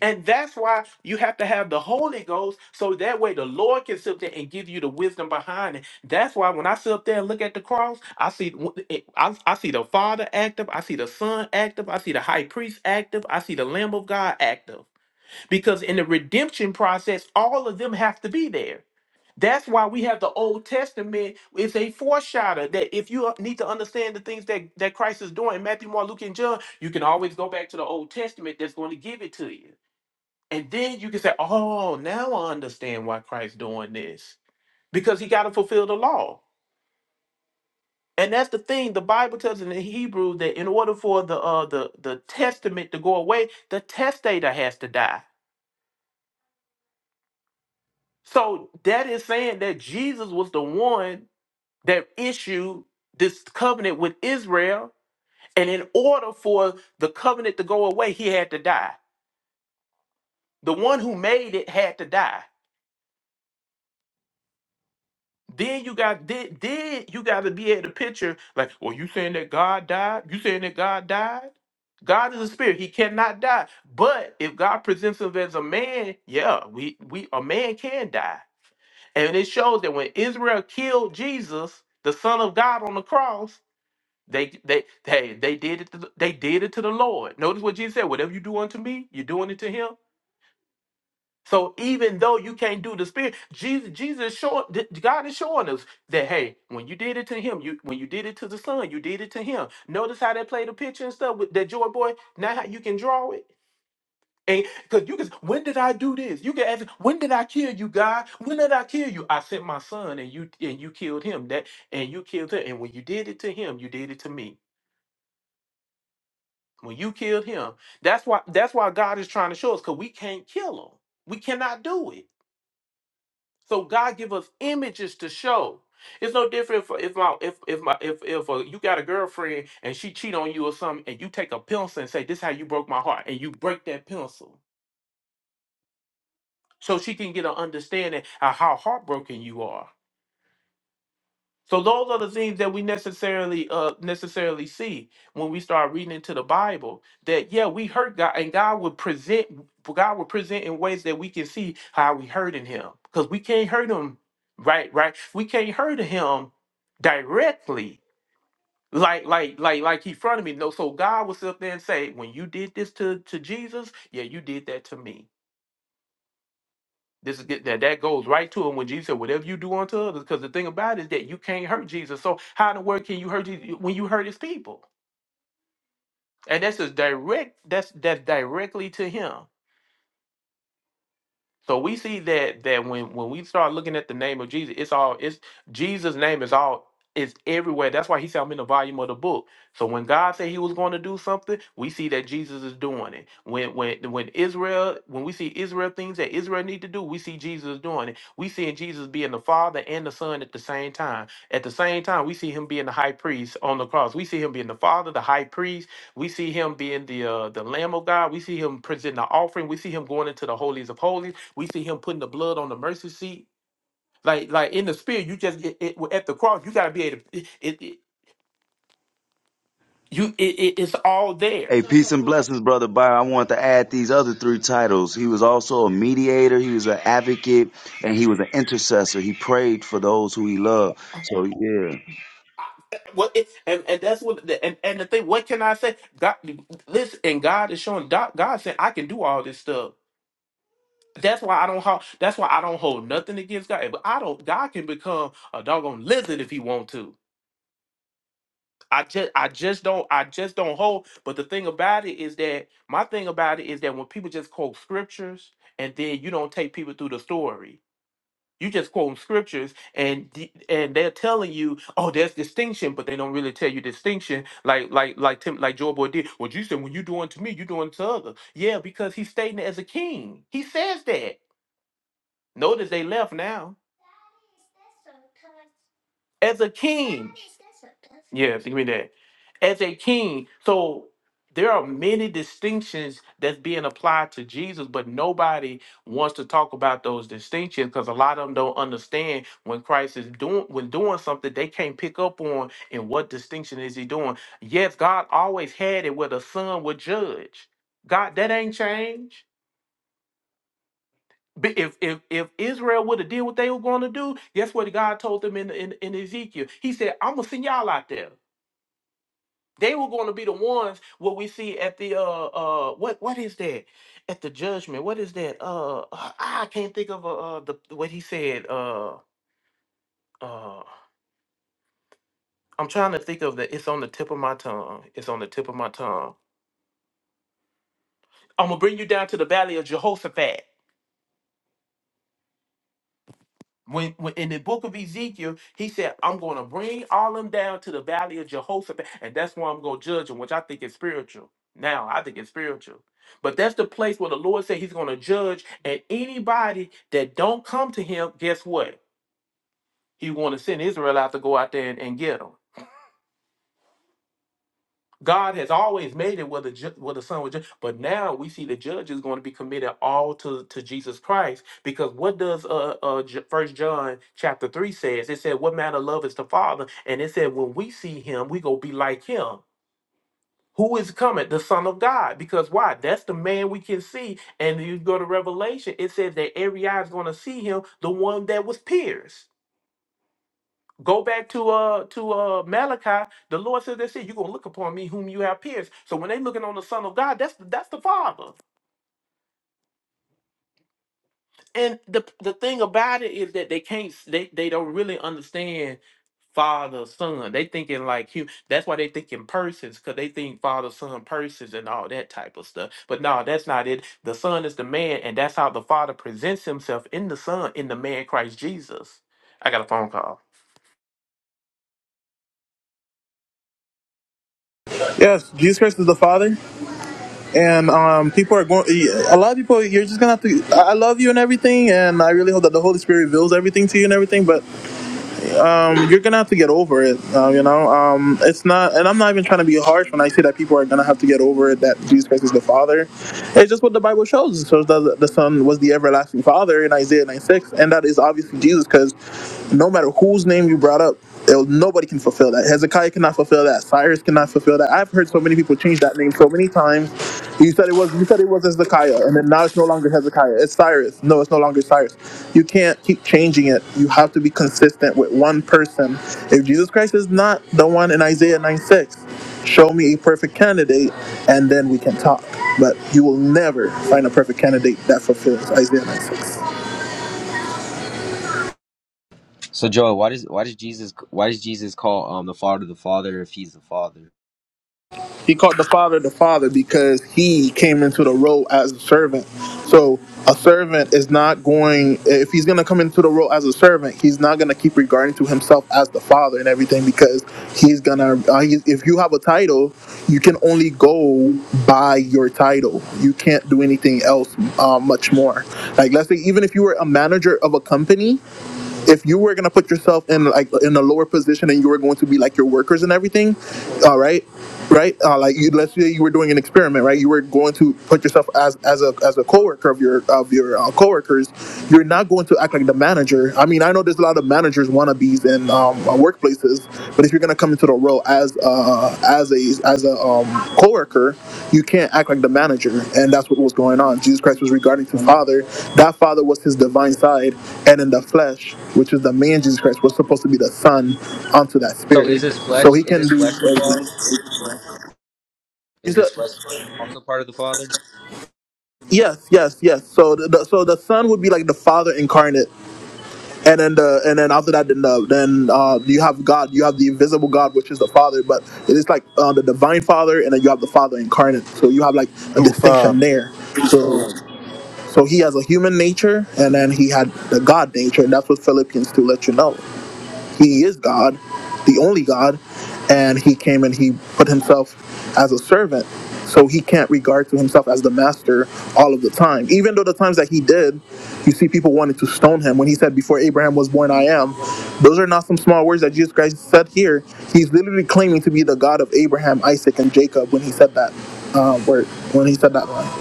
[SPEAKER 5] And that's why you have to have the Holy Ghost so that way the Lord can sit there and give you the wisdom behind it. That's why when I sit up there and look at the cross, I see I, I see the Father active, I see the Son active, I see the high priest active, I see the Lamb of God active. Because in the redemption process, all of them have to be there. That's why we have the Old Testament. It's a foreshadow that if you need to understand the things that, that Christ is doing in Matthew, Mark, Luke, and John, you can always go back to the Old Testament that's going to give it to you. And then you can say, oh, now I understand why Christ's doing this because he got to fulfill the law. And that's the thing. The Bible tells in the Hebrew that in order for the uh, the the testament to go away, the testator has to die. So that is saying that Jesus was the one that issued this covenant with Israel, and in order for the covenant to go away, he had to die. The one who made it had to die. Then you got then, then you got to be at the picture like, well, you saying that God died? You saying that God died? God is a spirit; he cannot die. But if God presents him as a man, yeah, we we a man can die, and it shows that when Israel killed Jesus, the Son of God on the cross, they they they they did it to, the- they did it to the Lord. Notice what Jesus said: "Whatever you do unto me, you're doing it to him." So even though you can't do the spirit, Jesus, Jesus showing God is showing us that hey, when you did it to him, you when you did it to the son, you did it to him. Notice how they play the picture and stuff with that joy boy. Now how you can draw it. And because you can when did I do this? You can ask, when did I kill you, God? When did I kill you? I sent my son and you and you killed him. That and you killed him. And when you did it to him, you did it to me. When you killed him, that's why that's why God is trying to show us because we can't kill him. We cannot do it. So God give us images to show. It's no different for if my if if my if if uh, you got a girlfriend and she cheat on you or something, and you take a pencil and say, "This how you broke my heart," and you break that pencil, so she can get an understanding of how heartbroken you are. So those are the things that we necessarily uh necessarily see when we start reading into the Bible. That yeah, we hurt God, and God would present God would present in ways that we can see how we hurting Him, because we can't hurt Him right, right. We can't hurt Him directly, like like like like He fronted me. No, so God will sit up there and say, when you did this to to Jesus, yeah, you did that to me. This is that that goes right to him when Jesus said, "Whatever you do unto others," because the thing about it is that you can't hurt Jesus. So how in the world can you hurt Jesus when you hurt His people? And that's just direct. That's that's directly to him. So we see that that when when we start looking at the name of Jesus, it's all it's Jesus' name is all is everywhere. That's why he said I'm in the volume of the book. So when God said he was going to do something, we see that Jesus is doing it. When when when Israel, when we see Israel things that Israel need to do, we see Jesus doing it. We seeing Jesus being the Father and the Son at the same time. At the same time, we see him being the high priest on the cross. We see him being the Father, the high priest, we see him being the uh, the Lamb of God. We see him presenting the offering. We see him going into the holies of holies. We see him putting the blood on the mercy seat. Like like in the spirit, you just it, it, at the cross. You got to be able. To, it, it it- you it, it it's all there.
[SPEAKER 7] Hey, peace and blessings, brother Byron. I want to add these other three titles. He was also a mediator, he was an advocate, and he was an intercessor. He prayed for those who he loved. So yeah.
[SPEAKER 5] What it, and and that's what the- and and the thing. What can I say? God, listen. And God is showing. God, God said, I can do all this stuff. That's why I don't. ho- That's why I don't hold nothing against God. But I don't. God can become a doggone lizard if he want to. I just I just don't I just don't hold. But the thing about it is that my thing about it is that when people just quote scriptures and then you don't take people through the story. You just quoting scriptures and d- and they're telling you, oh, there's distinction, but they don't really tell you distinction. Like like like Tim like Joe Boy did. Well, you said when you doing to me, you doing to others. Yeah, because he's stating it as a king. He says that. Notice they left now. as a king. Yes, give me that. As a king. So there are many distinctions that's being applied to Jesus, but nobody wants to talk about those distinctions because a lot of them don't understand when Christ is doing when doing something they can't pick up on and what distinction is he doing. Yes, God always had it where the son would judge. God, that ain't changed. But if if if Israel would have did what they were going to do, guess what God told them in, in in Ezekiel? He said, "I'm gonna send y'all out there. They were going to be the ones what we see at the uh uh what what is that at the judgment? What is that? Uh, uh, I can't think of uh uh the what he said. Uh, uh, I'm trying to think of the. It's on the tip of my tongue. It's on the tip of my tongue. I'm gonna bring you down to the valley of Jehoshaphat. When, when in the book of Ezekiel, he said, I'm going to bring all them down to the valley of Jehoshaphat, and that's where I'm going to judge them, which I think is spiritual. Now, I think it's spiritual. But that's the place where the Lord said he's going to judge, and anybody that don't come to him, guess what? He want to send Israel out to go out there and, and get them. God has always made it where the ju- where the son was judged, but now we see the judge is going to be committed all to to Jesus Christ because what does uh uh uh, J- First John chapter three says? It said, "What manner of love is the Father?" And it said, "When we see Him, we go be like Him." Who is coming? The Son of God. Because why? That's the man we can see. And you go to Revelation, it says that every eye is going to see him, the one that was pierced. Go back to uh to uh Malachi. The Lord says that shit. You're gonna look upon me whom you have pierced. So when they looking on the Son of God, that's that's the Father. And the the thing about it is that they can't they they don't really understand Father Son. They thinking like hu- That's why they thinking persons because they think Father Son persons and all that type of stuff. But no, that's not it. The Son is the man, and that's how the Father presents Himself in the Son in the man Christ Jesus. I got a phone call.
[SPEAKER 8] So Joel, why does why does Jesus why does Jesus call um the Father the Father if he's the Father? So is his flesh is his flesh the Father? Is his flesh also part of the Father?
[SPEAKER 9] Two five.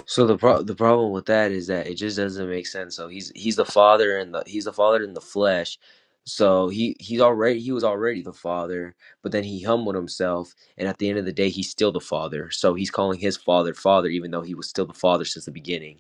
[SPEAKER 8] So the pro- the problem with that is that it just doesn't make sense. So he's he's the Father and the he's the Father in the flesh. So he he's already he was already the Father, but then he humbled himself, and at the end of the day, he's still the Father. So he's calling his Father Father, even though he was still the Father since the beginning.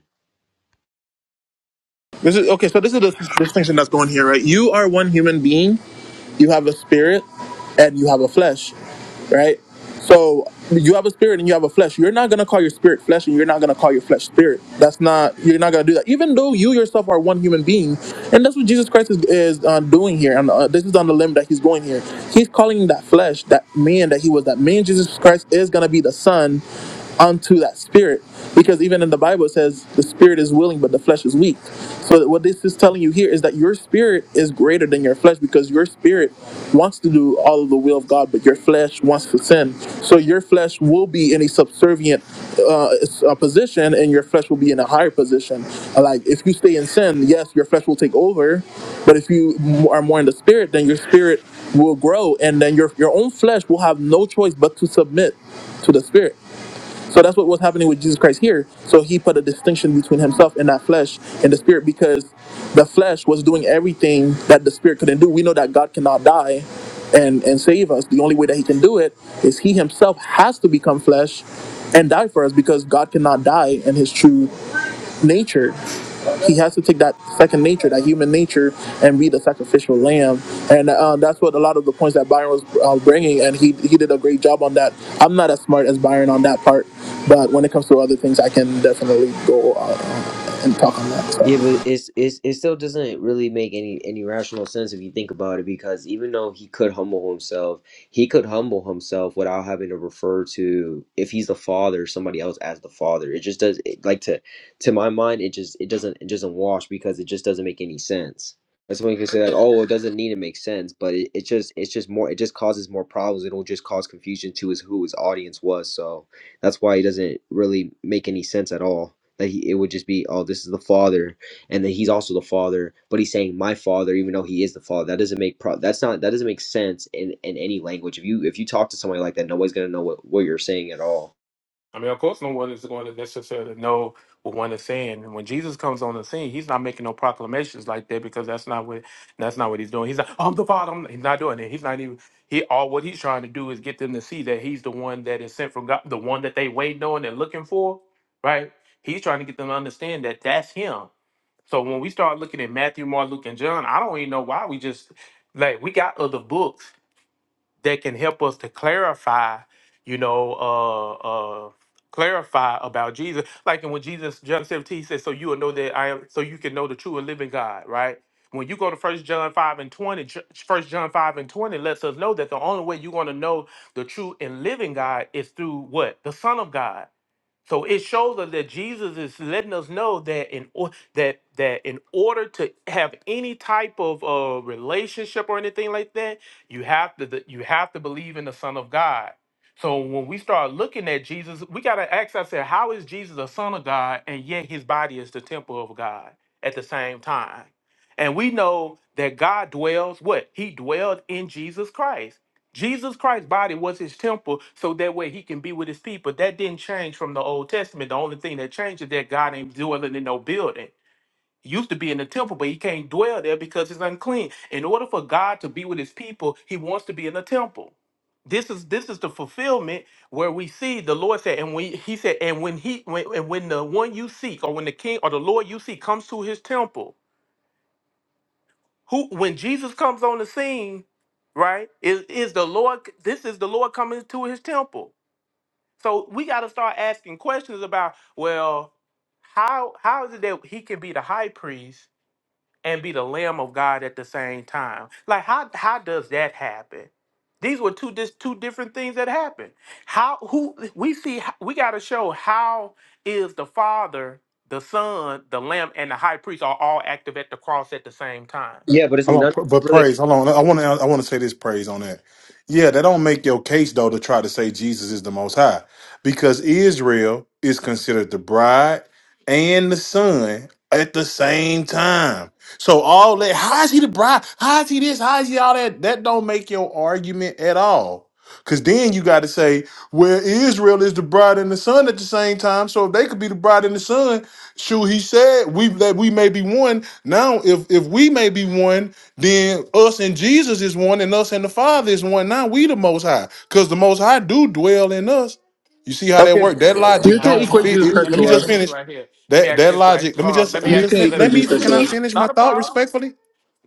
[SPEAKER 8] Yeah, but it's it's it still doesn't really make any any rational sense if you think about it because even though he could humble himself, he could humble himself without having to refer to if he's the father, somebody else as the father. It just does it, like to to my mind, it just it doesn't it doesn't wash because it just doesn't make any sense. That's when can say like, oh, it doesn't need to make sense, but it, it just it's just more it just causes more problems. It'll just cause confusion to his who his audience was. So. That's why it doesn't really make any sense at all. That he, it would just be, oh, this is the father, and then he's also the father, but he's saying my father, even though he is the father. That doesn't make pro. That's not. That doesn't make sense in in any language. If you if you talk to somebody like that, nobody's gonna know what what you're saying at all.
[SPEAKER 5] I mean, of course, no one is going to necessarily know what one is saying. And when Jesus comes on the scene, he's not making no proclamations like that because that's not what that's not what he's doing. He's like, "I'm the Father." I'm-" He's not doing it. He's not even he. All what he's trying to do is get them to see that he's the one that is sent from God, the one that they waiting on and looking for. Right? He's trying to get them to understand that that's him. So when we start looking at Matthew, Mark, Luke, and John, I don't even know why we just like we got other books that can help us to clarify, you know, uh, uh, clarify about Jesus. Like, and when Jesus, John 17, he says, so you will know that I am, so you can know the true and living God, right? When you go to First John 5 and 20, First John 5 and 20 lets us know that the only way you're going to know the true and living God is through what? The Son of God. So it shows us that Jesus is letting us know that in or, that that in order to have any type of uh, relationship or anything like that, you have to that you have to believe in the Son of God. So when we start looking at Jesus, we gotta ask ourselves, how is Jesus a Son of God and yet His body is the temple of God at the same time? And we know that God dwells what He dwelled in Jesus Christ. Jesus Christ's body was his temple, so that way he can be with his people. That didn't change from the Old Testament. The only thing that changed is that God ain't dwelling in no building. He used to be in the temple, but he can't dwell there because it's unclean. In order for God to be with his people, he wants to be in the temple. This is this is the fulfillment where we see the Lord said, and when he said, and when he when, and when the one you seek, or when the king or the Lord you seek comes to his temple who when Jesus comes on the scene, right? Is is the Lord this is the Lord coming to his temple. So we got to start asking questions about, well, how how is it that he can be the high priest and be the lamb of God at the same time? Like how how does that happen? These were two dis, two different things that happened. How who we see we got to show how is the Father, the Son, the Lamb and the high priest are all active at the cross at the same time
[SPEAKER 8] Yeah, but it's
[SPEAKER 9] Hold
[SPEAKER 8] not
[SPEAKER 9] on, but
[SPEAKER 8] really.
[SPEAKER 9] praise. Hold on. I want to. I want to say this praise on that. Yeah, that don't make your case though to try to say Jesus is the Most High, because Israel is considered the bride and the son at the same time. So all that. How is he the bride? How is he this? How is he all that? That don't make your argument at all. Cause then you got to say, well, Israel is the bride and the son at the same time. So if they could be the bride and the son, Shoot, he said we that we may be one. Now, if if we may be one, then us and Jesus is one, and us and the
[SPEAKER 5] Oh,
[SPEAKER 9] Father is one. Now we the Most High, because the Most High do dwell in us. You see how that work? That logic
[SPEAKER 10] You can
[SPEAKER 5] Not
[SPEAKER 9] don't
[SPEAKER 5] a
[SPEAKER 10] equate
[SPEAKER 9] fit.
[SPEAKER 10] Jesus
[SPEAKER 5] problem.
[SPEAKER 9] It.
[SPEAKER 5] Let
[SPEAKER 10] Christ
[SPEAKER 9] Let
[SPEAKER 5] me
[SPEAKER 9] me
[SPEAKER 10] to
[SPEAKER 9] just
[SPEAKER 5] ask
[SPEAKER 10] us.
[SPEAKER 5] this
[SPEAKER 9] finish
[SPEAKER 5] right here. Let me
[SPEAKER 9] that
[SPEAKER 5] ask
[SPEAKER 9] that
[SPEAKER 5] this right.
[SPEAKER 9] logic. Let me
[SPEAKER 5] Hold on.
[SPEAKER 9] just
[SPEAKER 5] Let
[SPEAKER 9] let
[SPEAKER 5] me
[SPEAKER 9] me
[SPEAKER 10] You
[SPEAKER 5] ask.
[SPEAKER 9] just
[SPEAKER 10] can
[SPEAKER 9] fin-
[SPEAKER 5] Let,
[SPEAKER 9] let
[SPEAKER 10] equate
[SPEAKER 9] me.
[SPEAKER 10] Jesus Christ
[SPEAKER 9] Can I
[SPEAKER 10] to us.
[SPEAKER 9] finish my
[SPEAKER 5] not a
[SPEAKER 9] thought
[SPEAKER 5] problem.
[SPEAKER 9] respectfully?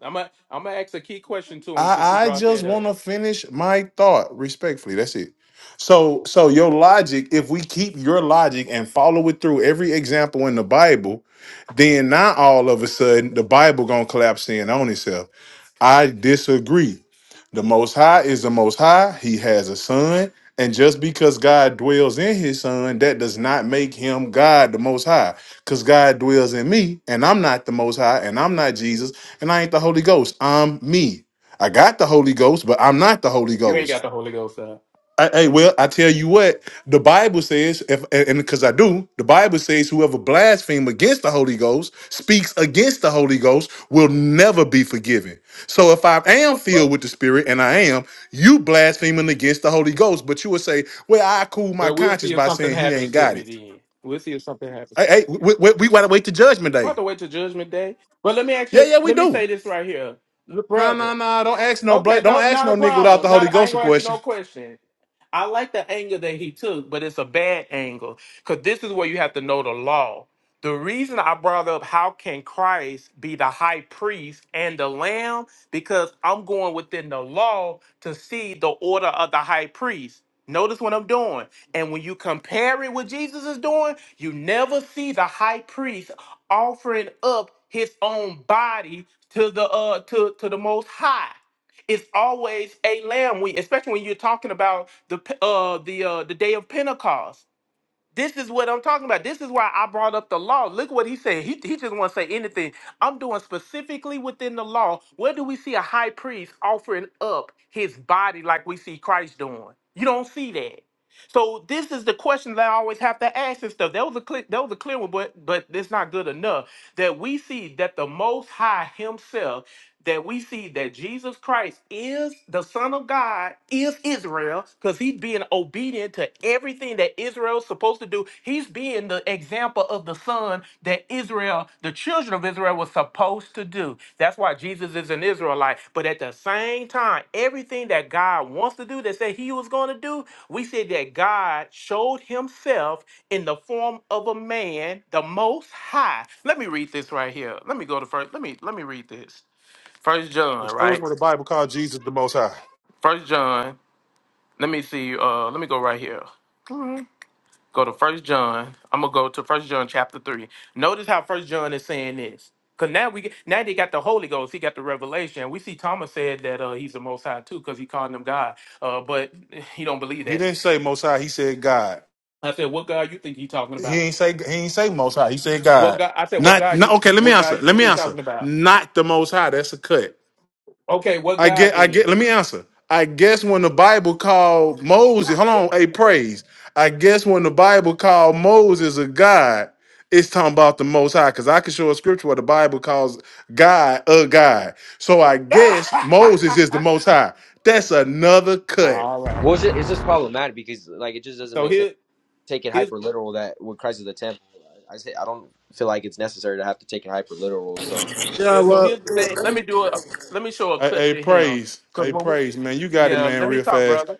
[SPEAKER 5] I'm gonna I'm gonna ask a key question to him since he
[SPEAKER 9] I I
[SPEAKER 5] brought
[SPEAKER 9] just
[SPEAKER 5] that
[SPEAKER 9] want
[SPEAKER 5] up.
[SPEAKER 9] to finish my thought respectfully. That's it. So so your logic. If we keep your logic and follow it through every example in the Bible then now all of a sudden the Bible gonna collapse in on itself. I disagree. The Most High is the Most High. He has a son, and just because God dwells in His Son, that does not make Him God the Most High. Cause God dwells in me, and I'm not the Most High, and I'm not Jesus, and I ain't the Holy Ghost. I'm me. I got the Holy Ghost, but I'm not the Holy
[SPEAKER 5] You ain't
[SPEAKER 9] Ghost.
[SPEAKER 5] got the Holy Ghost, huh?
[SPEAKER 9] I, hey, well, I tell you what, the Bible says, if and because I do, the Bible says, whoever blasphemes against the Holy Ghost, speaks against the Holy Ghost, will never be forgiven. So if I am filled with the Spirit, and I am, you blaspheming against the Holy Ghost, but you would say, well, I cool my
[SPEAKER 5] But we'll see
[SPEAKER 9] conscience
[SPEAKER 5] if
[SPEAKER 9] by
[SPEAKER 5] something
[SPEAKER 9] saying he
[SPEAKER 5] happens
[SPEAKER 9] ain't
[SPEAKER 5] to
[SPEAKER 9] got
[SPEAKER 5] me
[SPEAKER 9] it.
[SPEAKER 5] then. We'll see if something happens
[SPEAKER 9] Hey,
[SPEAKER 5] to me.
[SPEAKER 9] hey we, we, we gotta wait to Judgment
[SPEAKER 5] You don't have
[SPEAKER 9] Day.
[SPEAKER 5] to wait till Judgment Day. But let me ask
[SPEAKER 9] Yeah,
[SPEAKER 5] you.
[SPEAKER 9] yeah, we
[SPEAKER 5] Let me
[SPEAKER 9] do.
[SPEAKER 5] say this right here, Look,
[SPEAKER 9] No,
[SPEAKER 5] brother.
[SPEAKER 9] no, no. Don't ask no
[SPEAKER 5] Okay,
[SPEAKER 9] black. Don't
[SPEAKER 5] no,
[SPEAKER 9] ask
[SPEAKER 5] not a
[SPEAKER 9] no nigga without the
[SPEAKER 5] problem.
[SPEAKER 9] Holy
[SPEAKER 5] Not I
[SPEAKER 9] Ghost
[SPEAKER 5] ain't
[SPEAKER 9] a
[SPEAKER 5] gonna ask you
[SPEAKER 9] question.
[SPEAKER 5] no question. I like the angle that he took, but it's a bad angle because this is where you have to know the law. The reason I brought up how can Christ be the high priest and the lamb because I'm going within the law to see the order of the high priest. Notice what I'm doing. And when you compare it with Jesus is doing, you never see the high priest offering up his own body to the uh to to the most high. It's always a lamb week, especially when you're talking about the P- uh the uh the day of Pentecost. This is what I'm talking about. This is why I brought up the law. Look what he said. He, he just want to say anything. I'm doing specifically within the law. Where do we see a high priest offering up his body like we see Christ doing? You don't see that. So this is the question that I always have to ask and stuff. That was a clear, that was a clear one, but but it's not good enough. That we see that the Most High Himself that we see that Jesus Christ is the Son of God, is Israel, because he's being obedient to everything that Israel's supposed to do. He's being the example of the Son that Israel, the children of Israel, was supposed to do. That's why Jesus is an Israelite. But at the same time, everything that God wants to do, that said he was going to do, we said that God showed himself in the form of a man, the most high. Let me read this right here. Let me go to first. Let me let me read this. First John,
[SPEAKER 9] It shows
[SPEAKER 5] right?
[SPEAKER 9] where the Bible called Jesus the Most High.
[SPEAKER 5] First John. Let me see. Uh, let me go right here. Go to First John. I'm gonna go to First John chapter three. Notice how First John is saying this. Cause now we get, now they got the Holy Ghost. He got the revelation. We see Thomas said that uh, he's the Most High too, cause he called him God. Uh, but he don't believe
[SPEAKER 9] He
[SPEAKER 5] that.
[SPEAKER 9] didn't say Most High. He said God.
[SPEAKER 5] I said, what God you think he talking
[SPEAKER 9] He
[SPEAKER 5] about?
[SPEAKER 9] ain't say he ain't say most high. He said
[SPEAKER 5] What
[SPEAKER 9] God.
[SPEAKER 5] God? I said, what
[SPEAKER 9] Not
[SPEAKER 5] God
[SPEAKER 9] not
[SPEAKER 5] you
[SPEAKER 9] okay, let me
[SPEAKER 5] what
[SPEAKER 9] answer.
[SPEAKER 5] God you
[SPEAKER 9] Let
[SPEAKER 5] think
[SPEAKER 9] me
[SPEAKER 5] he
[SPEAKER 9] answer.
[SPEAKER 5] talking about?
[SPEAKER 9] Not the most high. That's a cut.
[SPEAKER 5] Okay, what
[SPEAKER 9] I
[SPEAKER 5] God
[SPEAKER 9] get I
[SPEAKER 5] then?
[SPEAKER 9] get let me answer. I guess when the Bible called Moses, hold on, hey praise. I guess when the Bible called Moses a God, it's talking about the most high. Cause I can show a scripture where the Bible calls God a God. So I guess Moses is the most high. That's another cut.
[SPEAKER 5] All right.
[SPEAKER 8] Well, it's just, it's just problematic because like it just doesn't
[SPEAKER 5] So
[SPEAKER 8] make sense.
[SPEAKER 5] here
[SPEAKER 8] Take it
[SPEAKER 5] here's
[SPEAKER 8] hyper literal that when Christ is the temple, I say I don't feel like it's necessary to have to take it hyper literal. So.
[SPEAKER 10] Yeah,
[SPEAKER 5] Yeah, so
[SPEAKER 10] well,
[SPEAKER 5] here's the thing. Let me do it. Let me show a
[SPEAKER 9] Hey,
[SPEAKER 5] cut
[SPEAKER 9] hey
[SPEAKER 5] to him.
[SPEAKER 9] praise.
[SPEAKER 5] Cause
[SPEAKER 9] Hey
[SPEAKER 5] when we,
[SPEAKER 9] praise, man. You got it,
[SPEAKER 5] yeah,
[SPEAKER 9] man,
[SPEAKER 5] let me
[SPEAKER 9] real
[SPEAKER 5] talk,
[SPEAKER 9] fast.
[SPEAKER 5] brother.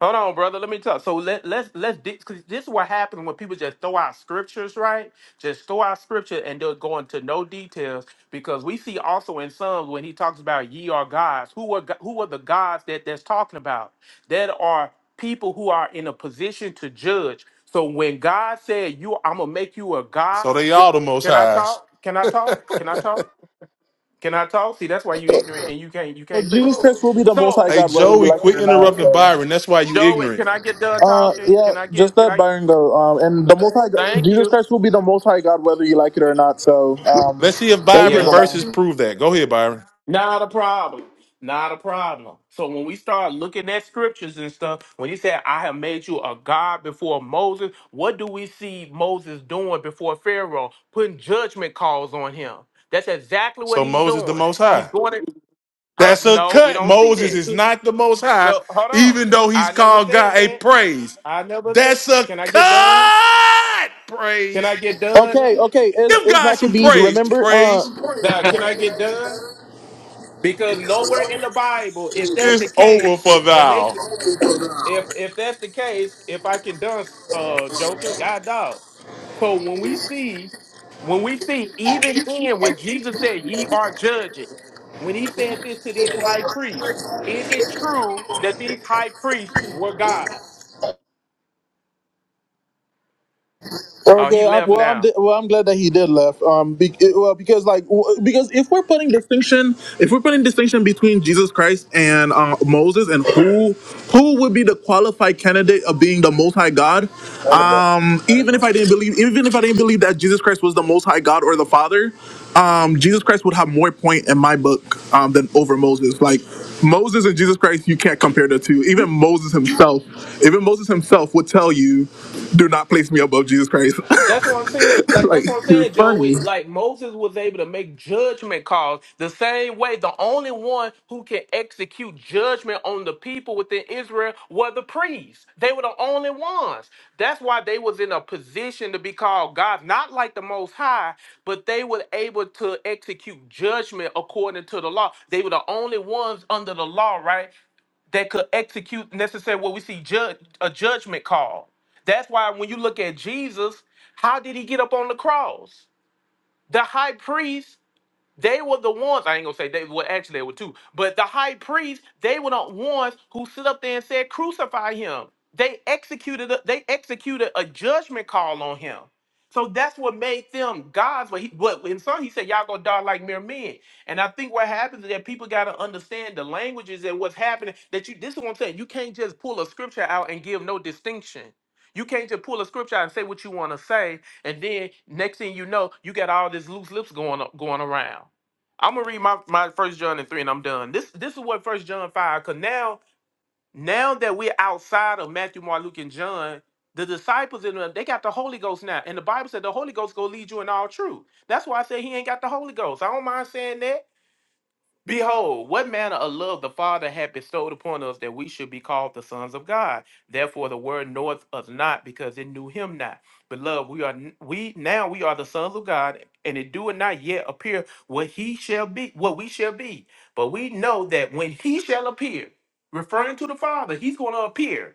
[SPEAKER 5] Hold on, brother. Let me talk. So let let's let's di- cause this is what happens when people just throw out scriptures, right? Just throw out scripture and they'll go into no details because we see also in Psalms when he talks about ye are gods. Who are go- who are the gods that that's talking about? That are people who are in a position to judge. So when God said you, I'm gonna make you a god.
[SPEAKER 9] So they all the most
[SPEAKER 5] Can I
[SPEAKER 9] high.
[SPEAKER 5] talk? Can I talk? Can I talk? Can I talk? See, that's why you ignorant and you can't you can't listen. So,
[SPEAKER 9] Hey, Joey, quit interrupting Byron. That's why you
[SPEAKER 5] Joey, can
[SPEAKER 9] ignorant.
[SPEAKER 5] I get done talking? Can I get can I thank you?
[SPEAKER 9] Let's see if Byron
[SPEAKER 5] Yeah.
[SPEAKER 9] verses prove that. Go ahead, Byron.
[SPEAKER 5] Not a problem. Not a problem. So when we start looking at scriptures and stuff, when he said, I have made you a God before Moses, what do we see Moses doing before Pharaoh? Putting judgment calls on him. That's exactly what
[SPEAKER 9] So
[SPEAKER 5] he's
[SPEAKER 9] Moses the
[SPEAKER 5] doing.
[SPEAKER 9] Most
[SPEAKER 5] He's
[SPEAKER 9] High.
[SPEAKER 5] going to, huh?
[SPEAKER 9] That's a
[SPEAKER 5] No, we
[SPEAKER 9] cut.
[SPEAKER 5] don't see
[SPEAKER 9] Moses
[SPEAKER 5] that.
[SPEAKER 9] is not the Most High,
[SPEAKER 5] So hold on.
[SPEAKER 9] even though he's
[SPEAKER 5] I never
[SPEAKER 9] called
[SPEAKER 5] said
[SPEAKER 9] God a
[SPEAKER 5] that.
[SPEAKER 9] praise.
[SPEAKER 5] I never said.
[SPEAKER 9] That's a
[SPEAKER 5] Can I get done?
[SPEAKER 9] cut.
[SPEAKER 5] Can
[SPEAKER 9] Praise.
[SPEAKER 5] I get done?
[SPEAKER 9] Give God some praise. Praise
[SPEAKER 5] Nah, Can I get done? Because nowhere in the Bible, if that's the
[SPEAKER 9] is over
[SPEAKER 5] case,
[SPEAKER 9] for
[SPEAKER 5] when they
[SPEAKER 9] thou.
[SPEAKER 5] s- if if that's the case, if I can done, uh, Joker, God dog. So when we see, when we see, even in what Jesus said, "Ye are judges," when he said this to these high priests, is it true that these high priests were gods? Oh, he left now.
[SPEAKER 8] None of it. None of it.
[SPEAKER 5] That's what I'm saying. Like that's what I'm saying, Joey. Like Moses was able to make judgment calls the same way. The only one who can execute judgment on the people within Israel were the priests. They were the only ones. That's why they was in a position to be called gods, not like the Most High, but they were able to execute judgment according to the law. They were the only ones under the law, right? that could execute necessary. what we see judge a judgment call. That's why when you look at Jesus, how did he get up on the cross? The high priest they were the ones, I ain't gonna say they were actually they were two, but the high priest, they were the ones who stood up there and said, crucify him. They executed a, they executed a judgment call on him. So that's what made them gods. But he but in some he said, Y'all gonna die like mere men. And I think what happens is that people gotta understand the languages and what's happening. That you this is what I'm saying. You can't just pull a scripture out and give no distinction. You can't just pull a scripture out and say what you want to say, and then next thing you know, you got all this loose lips going a- going around. I'm gonna read my my First John and three, and I'm done. This this is what First John five. Cause now now that we're outside of Matthew, Mark, Luke, and John, the disciples in them they got the Holy Ghost now, and the Bible said the Holy Ghost gonna lead you in all truth. That's why I said he ain't got the Holy Ghost. I don't mind saying that Behold, what manner of love the Father hath bestowed upon us that we should be called the sons of God. Therefore the world knoweth us not because it knew him not. Beloved, we are n- we now we are the sons of God, and it doeth not yet appear what he shall be, what we shall be. But we know that when he shall appear, referring to the Father, he's going to appear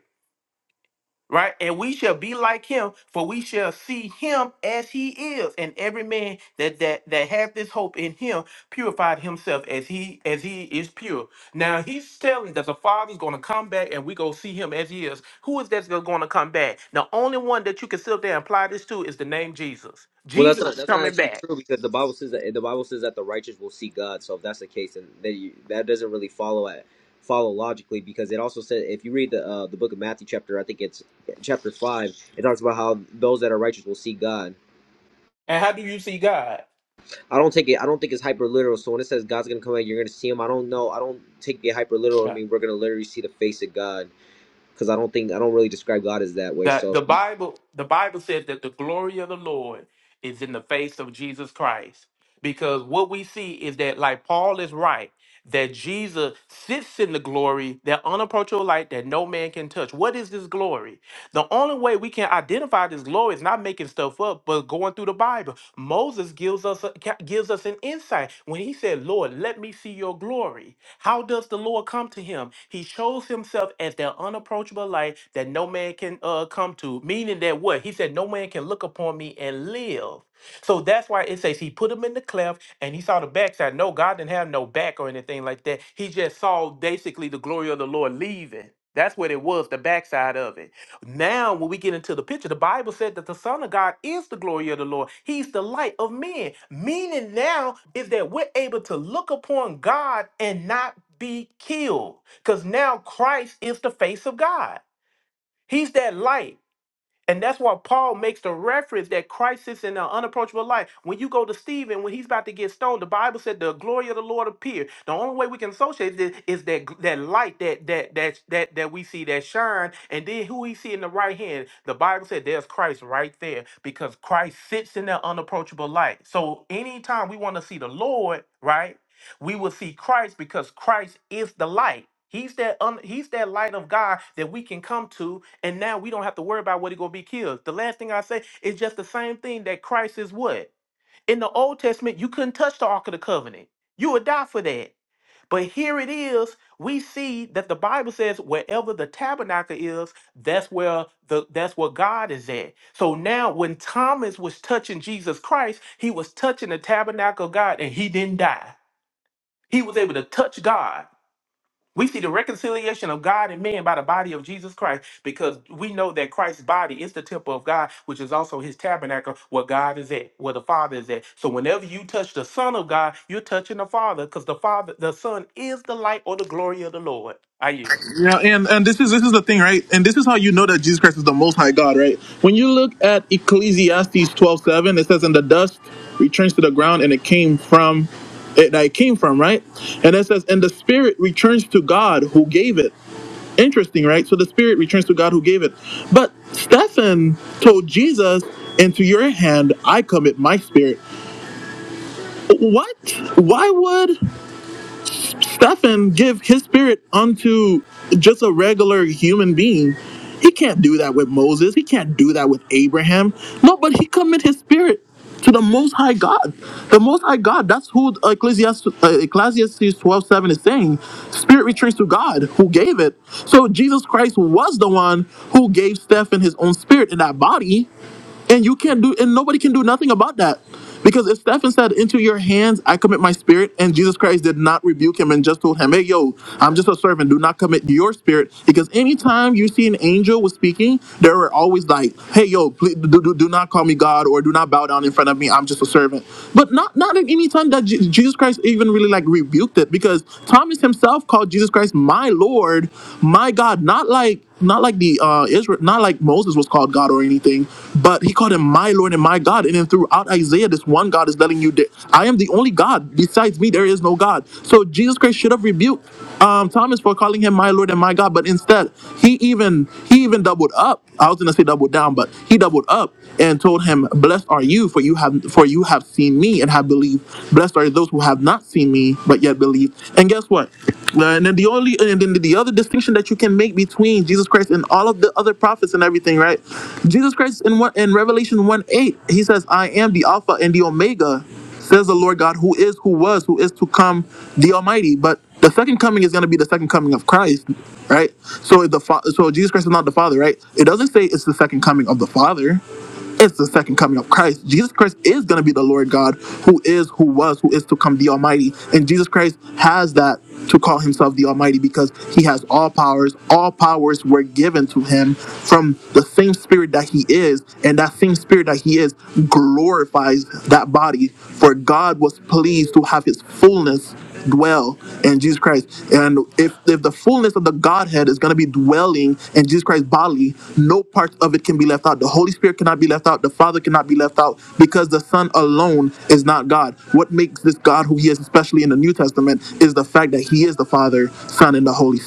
[SPEAKER 5] right? And we shall be like him, for we shall see him as he is. And every man that that that hath this hope in him purified himself as he as he is pure. Now he's telling that the Father's going to come back, and we go see him as he is. Who is that's going to come back? The only one that you can sit up there and apply this to is the name Jesus.
[SPEAKER 8] Well, that's not
[SPEAKER 5] Jesus is
[SPEAKER 8] that's not
[SPEAKER 5] coming
[SPEAKER 8] actually
[SPEAKER 5] back.
[SPEAKER 8] true because the Bible says that the Bible says that the righteous will see God. So if that's the case, then then you, that doesn't really follow at follow logically because it also said if you read the uh, the book of Matthew chapter I think it's chapter five it talks about how those that are righteous will see God.
[SPEAKER 5] And how do you see God?
[SPEAKER 8] I don't take it. I don't think it's hyper literal. So when it says God's gonna come out, you're gonna see Him. I don't know. I don't take it hyper literal. I mean, we're gonna literally see the face of God because I don't think I don't really describe God as that way.
[SPEAKER 5] That
[SPEAKER 8] So
[SPEAKER 5] the Bible the Bible says that the glory of the Lord is in the face of Jesus Christ. Because what we see is that like Paul is right, that Jesus sits in the glory, that unapproachable light that no man can touch. What is this glory? The only way we can identify this glory is not making stuff up, but going through the Bible. Bible. Moses gives us a, ca- gives us an insight when he said, "Lord, let me see your glory." How does the Lord come to him? He shows himself as that unapproachable light that no man can uh, come to. Meaning that what he said, no man can look upon me and live. So that's why it says he put him in the cleft and he saw the backside. No, God didn't have no back or anything like that. He just saw basically the glory of the Lord leaving. That's what it was, the backside of it. Now, when we get into the picture, the Bible said that the Son of God is the glory of the Lord. He's the light of men. Meaning now is that we're able to look upon God and not be killed. Because now Christ is the face of God. He's that light. And that's why Paul makes the reference that Christ is in an unapproachable light. When you go to Stephen, when he's about to get stoned, the Bible said the glory of the Lord appeared. The only way we can associate this is that that light that that that that that we see that shine, and then who he see in the right hand. The Bible said there's Christ right there because Christ sits in that unapproachable light. So anytime we want to see the Lord, right? we will see Christ because Christ is the light. He's that un, he's that light of God that we can come to, and now we don't have to worry about what it gonna be killed. The last thing I say is just the same thing that Christ is what in the Old Testament you couldn't touch the Ark of the Covenant. You would die for that. But here it is. We see that the Bible says wherever the tabernacle is, that's where the that's where God is at. So now when Thomas was touching Jesus Christ, he was touching the tabernacle of God, and he didn't die. He was able to touch God. We see the reconciliation of God and man by the body of Jesus Christ because we know that Christ's body is the temple of God, which is also his tabernacle where God is at, where the Father is at. So whenever you touch the Son of God, you're touching the Father because the Father, the Son is the light or the glory of the Lord. I yield.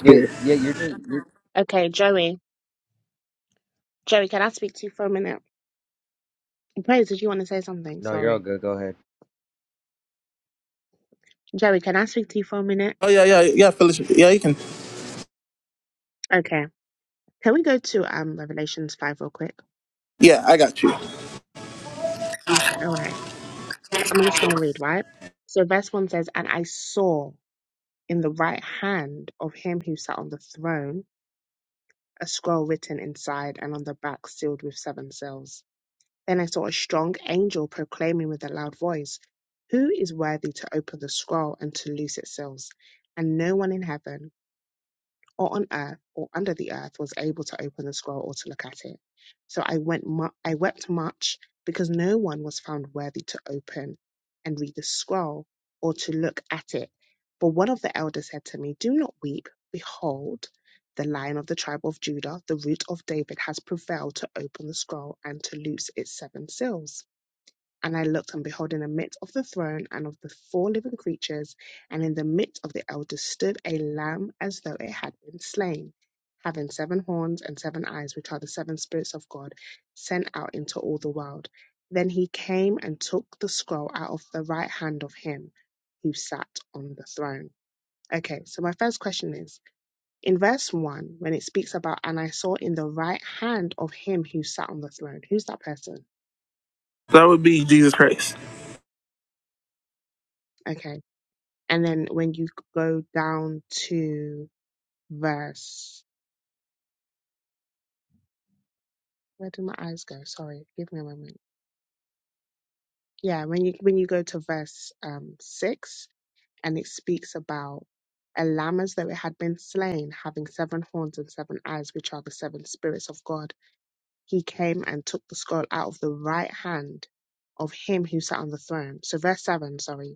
[SPEAKER 8] Yeah, yeah, you're just. You're,
[SPEAKER 4] Okay, Joey. Joey, can I speak to you for a minute? Praise, did you want to say something?
[SPEAKER 8] no, you're all
[SPEAKER 4] Sorry,
[SPEAKER 8] good. Go ahead.
[SPEAKER 4] Joey. Can I speak to you for a minute? Okay. Can we go to um Revelations five real quick? All right. I'm just going to read, right? So, verse 1 says, And I saw in the right hand of him who sat on the throne a scroll written inside and on the back sealed with seven seals. Then I saw a strong angel proclaiming with a loud voice, 'Who is worthy to open the scroll and to loose its seals? And no one in heaven or on earth or under the earth was able to open the scroll or to look at it. So I went mu- I wept much because no one was found worthy to open and read the scroll or to look at it. But one of the elders said to me, Do not weep. Behold, the lion of the tribe of Judah, the root of David, has prevailed to open the scroll and to loose its seven seals. And I looked, and behold, in the midst of the throne and of the four living creatures, and in the midst of the elders stood a lamb as though it had been slain, having seven horns and seven eyes, which are the seven spirits of God, sent out into all the world. Then he came and took the scroll out of the right hand of him who sat on the throne. Okay, so my first question is in verse 1, when it speaks about, and I saw in the right hand of him who sat on the throne, who's that person? Okay And then when you go down to verse, where did my eyes go? Sorry, give me a moment. Yeah, when you when you go to verse um six, and it speaks about a lamb as though it had been slain, having seven horns and seven eyes, which are the seven spirits of God. He came and took the scroll out of the right hand of him who sat on the throne. So verse seven, sorry.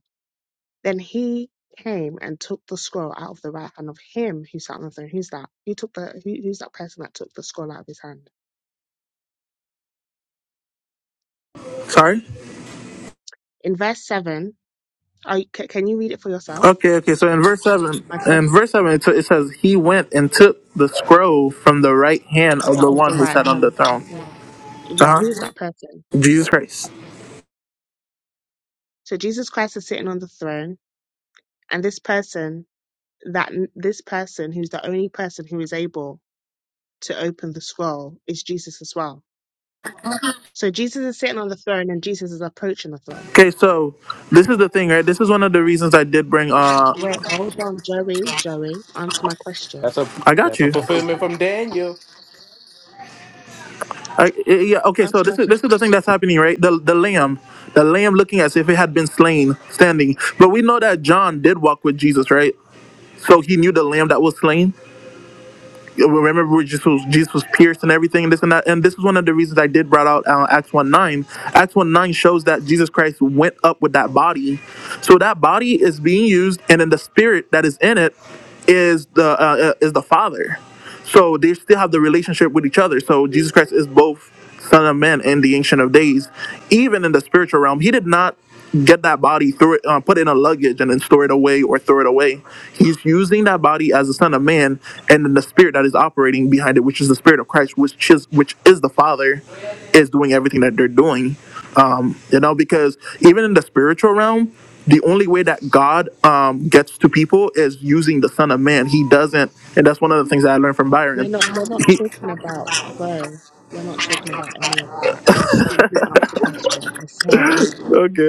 [SPEAKER 4] Then he came and took the scroll out of the right hand of him who sat on the throne. Who's that? Who took the? Who, who's that person that took the scroll out of his hand? In verse seven, are you, c- can you read it for yourself? My question: out of the right hand of him. Yeah, who is that person? So Jesus Christ is sitting on the throne, and this person that this person who's the only person who is able to open the scroll is Jesus as well. So Jesus is sitting on the throne, and Jesus is approaching the throne. Wait, hold on, Joey. Joey, answer my question
[SPEAKER 5] That's a that's a fulfillment from Daniel.
[SPEAKER 4] Answer my question. We're not we're not talking about bro. We're not talking about any of that. I just simply asked the question. I said,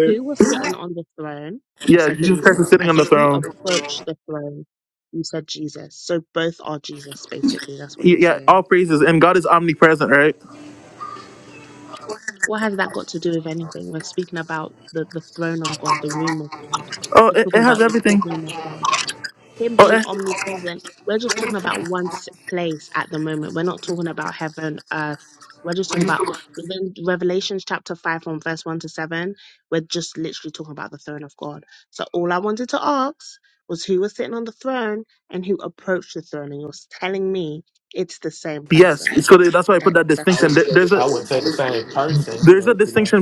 [SPEAKER 4] Who was sitting on the throne? You said Jesus. I said, Who approached the throne? You said Jesus. So both are Jesus, basically. That's what you're saying. What has that got to do with anything? We're speaking about the, the throne of God, the room of God. We're talking about the courtroom of God. him being omnipresent, we're just talking about one s- place at the moment. We're not talking about heaven, earth. We're just talking about within Revelations chapter 5 from verse 1 to 7. We're just literally talking about the throne of God. So all I wanted to ask was who was sitting on the throne and who approached the throne. And you're telling me it's the same person. I, that's fine.
[SPEAKER 5] I wouldn't say the same person, but you know,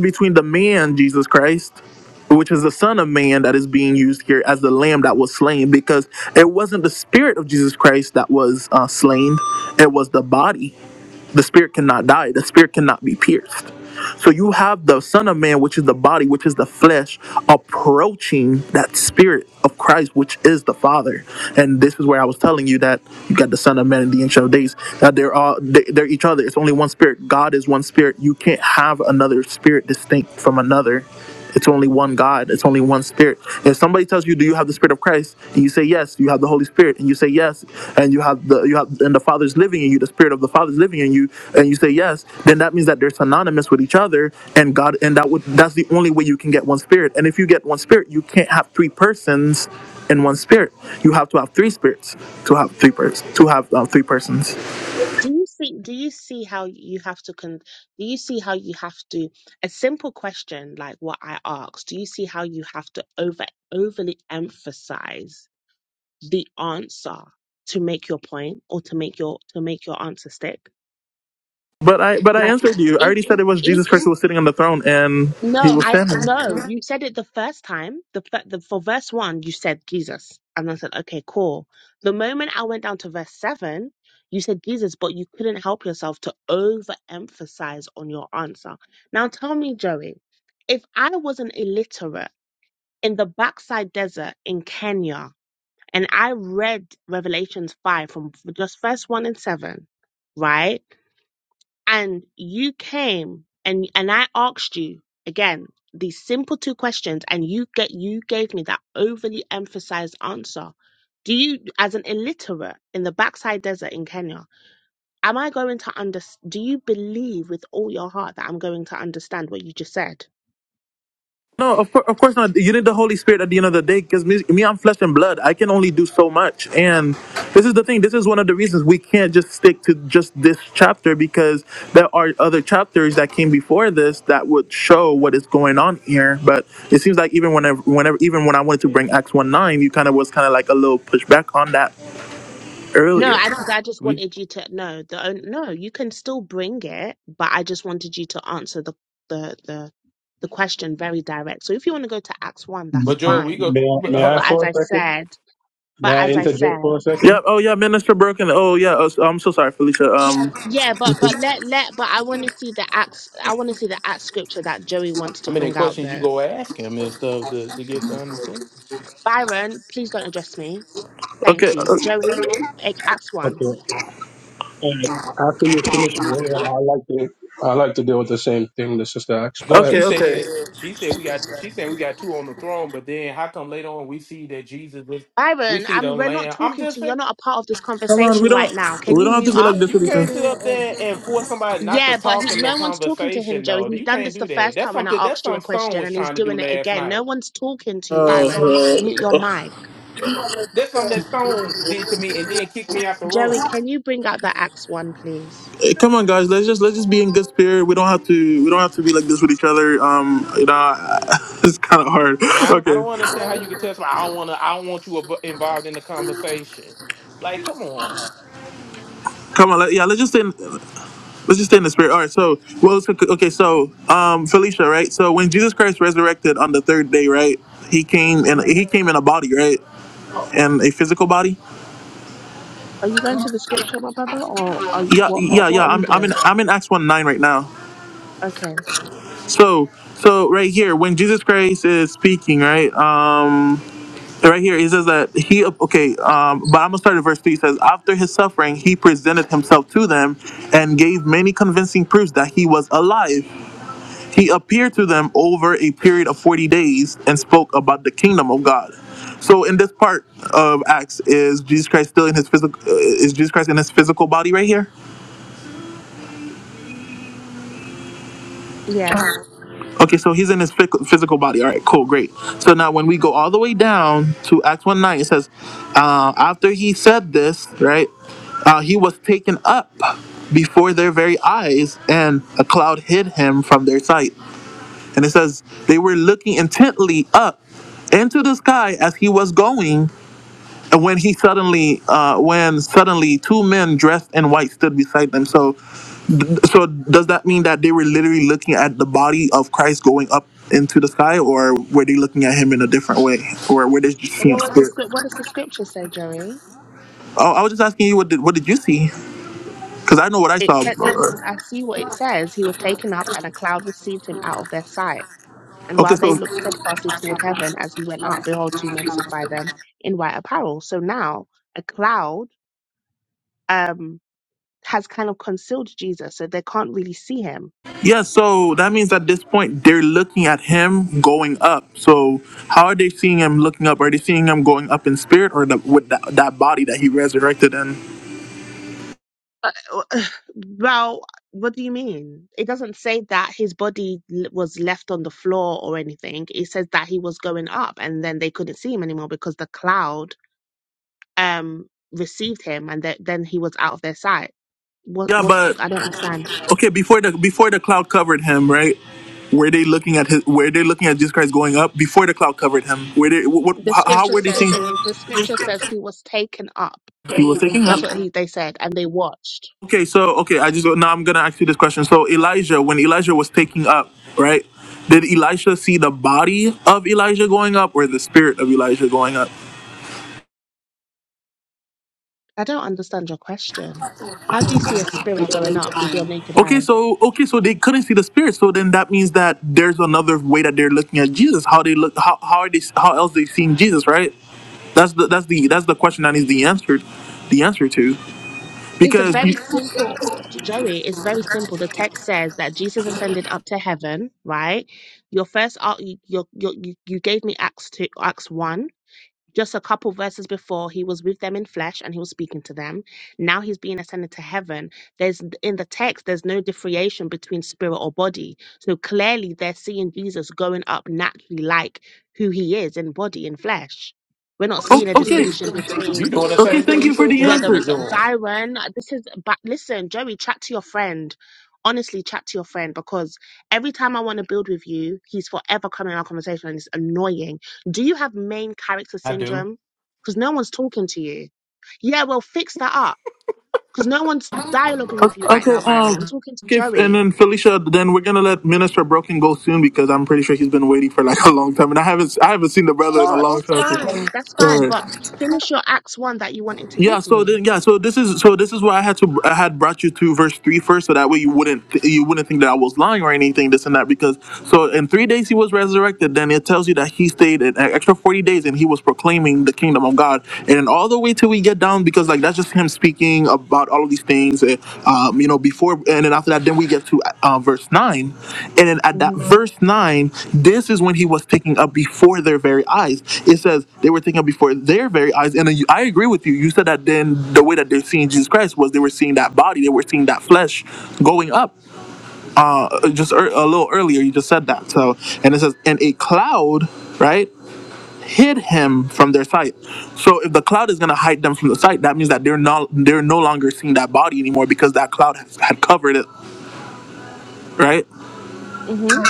[SPEAKER 4] Do you see, do you see how you have to con do you see how you have to a simple question like what I asked, do you see how you have to over overly emphasize the answer to make your point or to make your to make your answer stick? Like if No, I no. You said it the first time. The, fir- the for verse one, you said Jesus, and I said, okay, cool. The moment I went down to verse seven, you said Jesus, but you couldn't help yourself to overemphasize on your answer. Now tell me, Joey, if I was an illiterate in the backside desert in Kenya, and I read Revelations five from just verse one and seven, right? and you came and and I asked you again these simple two questions and you get you gave me that overly emphasized answer. Do you as an illiterate in the backside desert in Kenya, am I going to under do you believe with all your heart that I'm going to understand what you just said? No, I because I just
[SPEAKER 5] we
[SPEAKER 4] wanted you to know the on- no, you can still bring it, but I just wanted you to answer the the the the question very direct. So if you want to go to Acts 1, that's
[SPEAKER 5] but Joel, we
[SPEAKER 4] fine
[SPEAKER 5] go
[SPEAKER 11] May I,
[SPEAKER 5] but
[SPEAKER 11] may
[SPEAKER 5] hold
[SPEAKER 11] I
[SPEAKER 4] But
[SPEAKER 5] up.
[SPEAKER 4] as
[SPEAKER 11] for a
[SPEAKER 4] I
[SPEAKER 11] second?
[SPEAKER 4] said,
[SPEAKER 11] May
[SPEAKER 4] but
[SPEAKER 11] I
[SPEAKER 4] as I
[SPEAKER 11] interject
[SPEAKER 4] said,
[SPEAKER 11] for a second?
[SPEAKER 4] yeah, but but let let but I want to see the acts. I want to see the act scripture that Joey wants to
[SPEAKER 5] How many
[SPEAKER 4] bring out
[SPEAKER 5] questions you
[SPEAKER 4] though.
[SPEAKER 5] go ask him and stuff to, to get the understanding?
[SPEAKER 4] Byron, please don't address me. Thank you, Joey. A- Acts one.
[SPEAKER 11] Okay. All right. After you finish, bro, yeah, I like to I like to deal with the same thing the sister asked. Go
[SPEAKER 5] Cause
[SPEAKER 11] ahead.
[SPEAKER 5] she said she said we got she said we got two on the throne, but then how come later on we see that Jesus was we
[SPEAKER 4] Byron,
[SPEAKER 5] see the
[SPEAKER 4] I'm, we're not
[SPEAKER 5] lamb. I'm
[SPEAKER 4] talking to
[SPEAKER 5] just
[SPEAKER 4] you. You're
[SPEAKER 5] saying
[SPEAKER 4] not a part of this conversation right now. Can you mute up?
[SPEAKER 5] you can't sit up there and force somebody not to
[SPEAKER 4] Yeah, but
[SPEAKER 5] talk
[SPEAKER 4] he,
[SPEAKER 5] in the
[SPEAKER 4] no one's talking to him,
[SPEAKER 5] conversation
[SPEAKER 4] Joey.
[SPEAKER 5] though.
[SPEAKER 4] He's
[SPEAKER 5] You
[SPEAKER 4] done
[SPEAKER 5] can't
[SPEAKER 4] this the
[SPEAKER 5] do that.
[SPEAKER 4] first
[SPEAKER 5] That's
[SPEAKER 4] time when
[SPEAKER 5] something
[SPEAKER 4] I
[SPEAKER 5] that's
[SPEAKER 4] asked you a
[SPEAKER 5] something Stone
[SPEAKER 4] question,
[SPEAKER 5] was
[SPEAKER 4] and he's
[SPEAKER 5] trying to do
[SPEAKER 4] doing it
[SPEAKER 5] last
[SPEAKER 4] again. No
[SPEAKER 5] night.
[SPEAKER 4] one's talking to you, Byron. Mute your mic.
[SPEAKER 5] That's something that Stone did to me and then kicked me out the
[SPEAKER 4] Joey,
[SPEAKER 5] room.
[SPEAKER 4] can you bring out the Acts one, please?
[SPEAKER 5] I mean, I, I don't understand how you could tell somebody I don't want to I don't want you ab- involved in the conversation. Like, come on,
[SPEAKER 4] Are you going to the scripture, my brother, or are you what? What what are we doing? Okay. Yes. But what was the script? What does the scripture say, Joey? It said, "It's." I see what it says. He was taken up, and a cloud received him out of their sight. And while they looked steadfastly toward heaven as he went up, behold, two men stood by them in white apparel. So now a cloud um has kind of concealed Jesus, so they can't really see him. Uh, uh, well, what do you mean? It doesn't say that his body l- was left on the floor or anything. It says that he was going up, and then they couldn't see him anymore because the cloud um received him, and th- then he was out of their sight. What? What's? I don't understand. The scripture says. The scripture says he was taken up. That's what he they said, and they watched. I don't understand your question. How do you see a spirit going up with your naked eye? It's a very simple, J- Joey. It's very simple. The text says that Jesus ascended up to heaven, right? Your first, ar- you, you, you, you gave me Acts two, Acts one. Just a couple verses before, he was with them in flesh and he was speaking to them. Now he's being ascended to heaven. There's in the text, there's no differentiation between spirit or body. So clearly, they're seeing Jesus going up naturally, like who he is in body and flesh. We're not seeing a distinction between
[SPEAKER 5] you doing the same thing you said Joey
[SPEAKER 4] whether
[SPEAKER 5] was
[SPEAKER 4] it's a
[SPEAKER 5] doing.
[SPEAKER 4] Byron, uh, this is, but listen, Joey, chat to your friend. Honestly, chat to your friend because every time I want to build with you, he's forever coming in our conversation and it's annoying. Do you have main character
[SPEAKER 5] I do.
[SPEAKER 4] syndrome? Because no one's talking to you. Yeah, well, fix that up because no one's dialoguing with you right now, Byron. I'm talking to Joey. Oh, that's fine. That's fine. But finish your act one that you wanted to give me. Mhm. Mhm.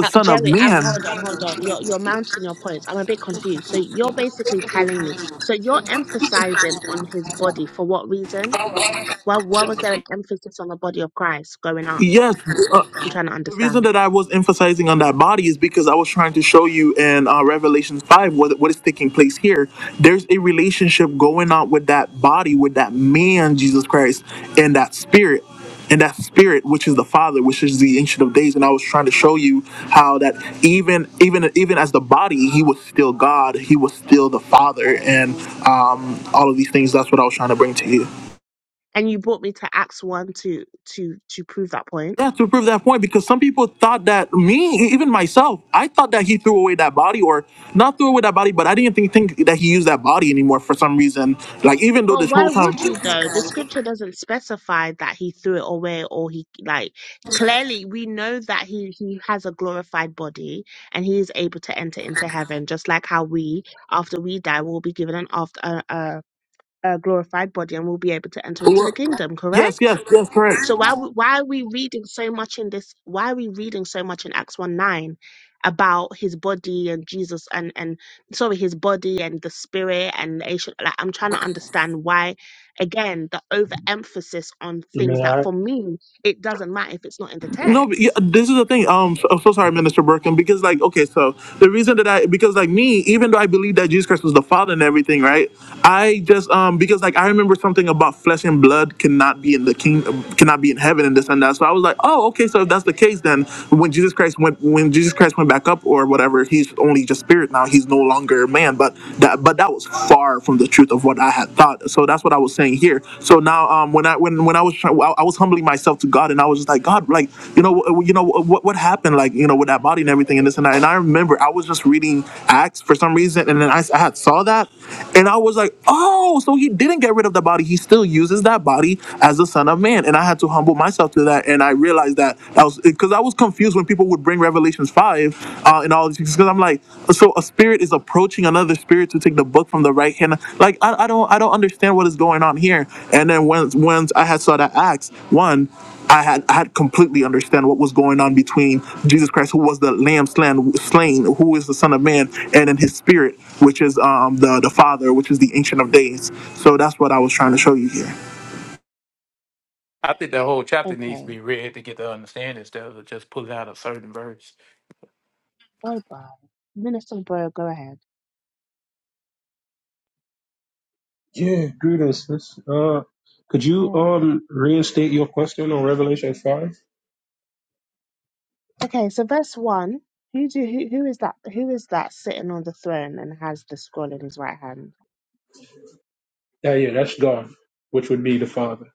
[SPEAKER 4] Uh, Jerry, um, hold on, hold on. You're you're mounting your points. I'm a bit confused. So you're basically telling me. So you're emphasizing on his body for what reason? Well, why why was there an emphasis on the body of Christ going up? I'm trying to understand. And you brought me to Acts one to to to prove that point. But why would you though? The scripture doesn't specify that he threw it away or he like clearly we know that he he has a glorified body and he is able to enter into heaven just like how we after we die will be given an after a, a, a glorified body and we will be able to enter into the kingdom, correct? So why w- why are we reading so much in this? Why are we reading so much in Acts one nine about his body and Jesus and and sorry his body and the spirit and the ancient? Like I'm trying to understand why again the overemphasis on things
[SPEAKER 11] May
[SPEAKER 4] that
[SPEAKER 11] I?
[SPEAKER 4] for me it doesn't matter if it's not in the text.
[SPEAKER 5] I think the whole chapter needs to
[SPEAKER 4] Okay,
[SPEAKER 5] be read to get the understanding instead of just pulling out a certain verse.
[SPEAKER 4] bye bye. Minister Bro, go ahead.
[SPEAKER 11] Yeah. Greetings, sis. Uh, could you
[SPEAKER 4] Mm.
[SPEAKER 11] um reinstate your question on Revelation five?
[SPEAKER 4] Okay, so verse one. Who do who, who is that? Who is that sitting on the throne and has the scroll in his right hand?
[SPEAKER 11] Yeah, yeah. That's God, which would be the Father.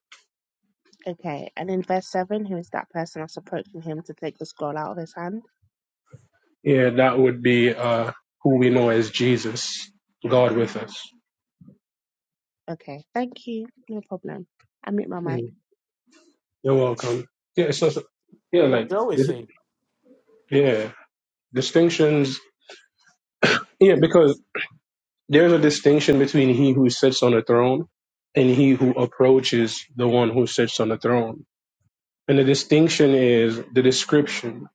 [SPEAKER 4] Okay, and in verse 7, who is that person that's approaching him to take the scroll out of his hand?
[SPEAKER 11] Yeah, that would be uh who we know as Jesus, God with us.
[SPEAKER 4] Okay, thank you. No problem. I mute my mic.
[SPEAKER 11] Mm, You're welcome. Yeah. So, so yeah,
[SPEAKER 5] That's what
[SPEAKER 11] like
[SPEAKER 5] Joey said.
[SPEAKER 11] yeah distinctions. Yeah, because there's a distinction between he who sits on a throne and he who approaches the one who sits on the throne. And the distinction is the description.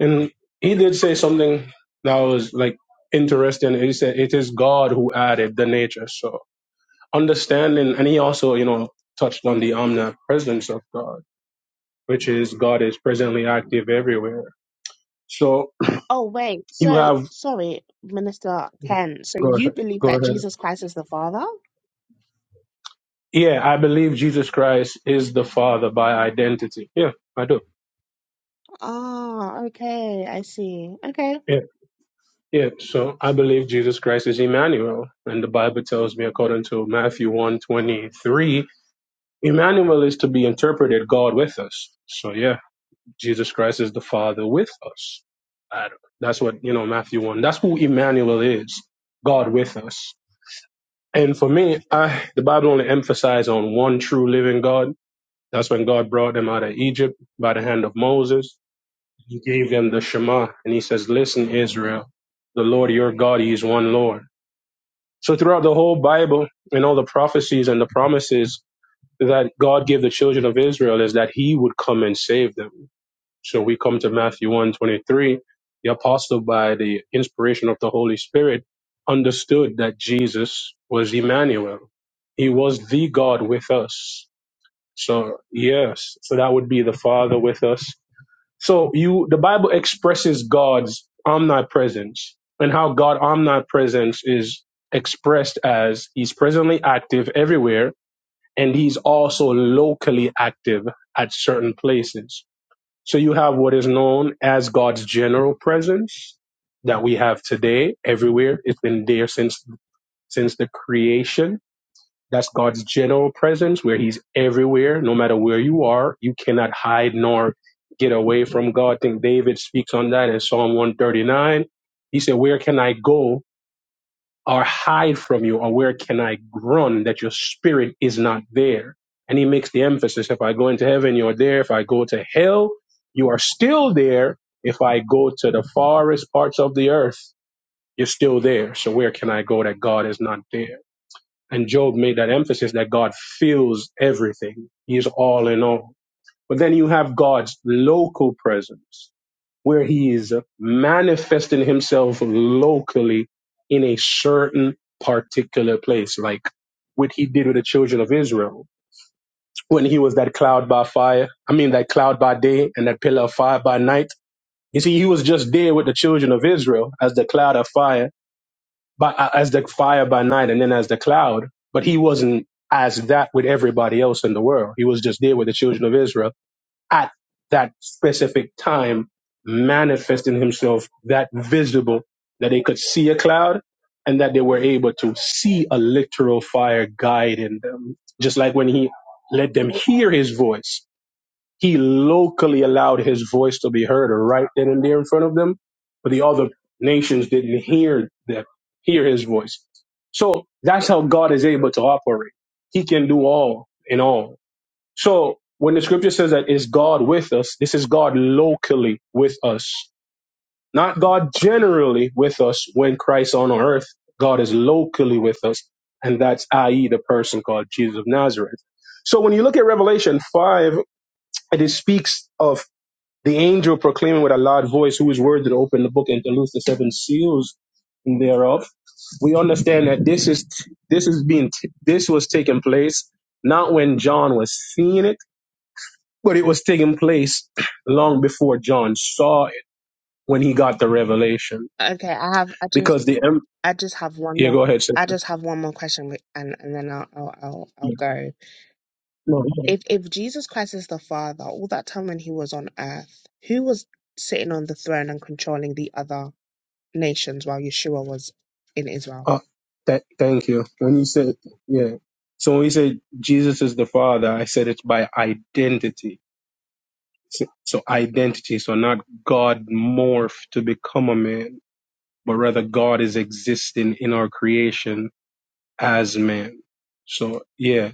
[SPEAKER 11] And he did say something that was like interesting. He said, It is God who added the nature. So understanding, and he also, you know, touched on the omnipresence of God, which is God is presently active everywhere. So
[SPEAKER 4] Oh, wait.
[SPEAKER 11] you
[SPEAKER 4] So,
[SPEAKER 11] have,
[SPEAKER 4] sorry, Minister Ken. So
[SPEAKER 11] go
[SPEAKER 4] you
[SPEAKER 11] ahead.
[SPEAKER 4] believe
[SPEAKER 11] Go
[SPEAKER 4] that
[SPEAKER 11] ahead.
[SPEAKER 4] Jesus Christ is the Father?
[SPEAKER 11] Yeah, I believe Jesus Christ is the Father by identity. Yeah, I do.
[SPEAKER 4] Ah, okay. I see. Okay.
[SPEAKER 11] Yeah, yeah. So I believe Jesus Christ is Emmanuel, and the Bible tells me, according to Matthew one twenty three, Emmanuel is to be interpreted God with us. So yeah, Jesus Christ is the Father with us. I don't- That's what you know, Matthew one. That's who Emmanuel is, God with us. And for me, I the Bible only emphasizes on one true living God. That's when God brought them out of Egypt by the hand of Moses He gave them the Shema, and he says, Listen, Israel, the Lord your God, he is one Lord. So throughout the whole Bible and all the prophecies and the promises that God gave the children of Israel is that he would come and save them. So we come to Matthew 1 twenty-three. The apostle, by the inspiration of the Holy Spirit, understood that Jesus was Emmanuel. He was the God with us. So, yes, so that would be the Father with us so you, the Bible expresses God's omnipresence and how God omnipresence is expressed as he's presently active everywhere and he's also locally active at certain places. So you have what is known as God's general presence that we have today everywhere. It's been there since, since the creation that's God's general presence where he's everywhere, no matter where you are. You cannot hide nor get away from God. I think David speaks on that in Psalm 139. He said, Where can I go or hide from you, or where can I run that your spirit is not there? And he makes the emphasis if I go into heaven, you're there. If I go to hell, you are still there. If I go to the farthest parts of the earth, you're still there. So where can I go that God is not there? And Job made that emphasis that God fills everything. He is all in all. But then you have God's local presence where he is manifesting himself locally in a certain particular place, like what he did with the children of Israel when he was that cloud by fire. I mean, that cloud by day and that pillar of fire by night. You see, he was just there with the children of Israel as the cloud of fire by, uh, as the fire by night and then as the cloud, but he wasn't as that with everybody else in the world. He was just there with the children of Israel at that specific time, manifesting himself that visible that they could see a cloud and that they were able to see a literal fire guiding them. Just like when he let them hear his voice he locally allowed his voice to be heard right then and there in front of them, but the other nations didn't hear that, hear his voice. So that's how God is able to operate. He can do all in all. So when the scripture says that is God with us, this is God locally with us, not God generally with us when Christ on earth. God is locally with us, and that's i.e. the person called Jesus of Nazareth. So when you look at Revelation 5, it speaks of the angel proclaiming with a loud voice, Who is worthy to open the book and to loose the seven seals thereof? We understand that this is this is being this was taking place not when John was seeing it, but it was taking place long before John saw it when he got the revelation.
[SPEAKER 4] Okay, I have, I just,
[SPEAKER 11] Because the em-
[SPEAKER 4] I just have one
[SPEAKER 11] yeah,
[SPEAKER 4] more.
[SPEAKER 11] go ahead,
[SPEAKER 4] I
[SPEAKER 11] sister.
[SPEAKER 4] just have one more question, wi- and, and then I'll, I'll I'll I'll
[SPEAKER 11] Yeah.
[SPEAKER 4] go.
[SPEAKER 11] No, okay.
[SPEAKER 4] If if Jesus Christ is the Father, all that time when he was on earth, who was sitting on the throne and controlling the other? nations while Yeshua was in Israel.
[SPEAKER 11] uh, th- thank you. When you said yeah, so when you said Jesus is the Father, I said it's by identity So, so identity. So not God morphed to become a man, but rather God is existing in our creation as man. So yeah.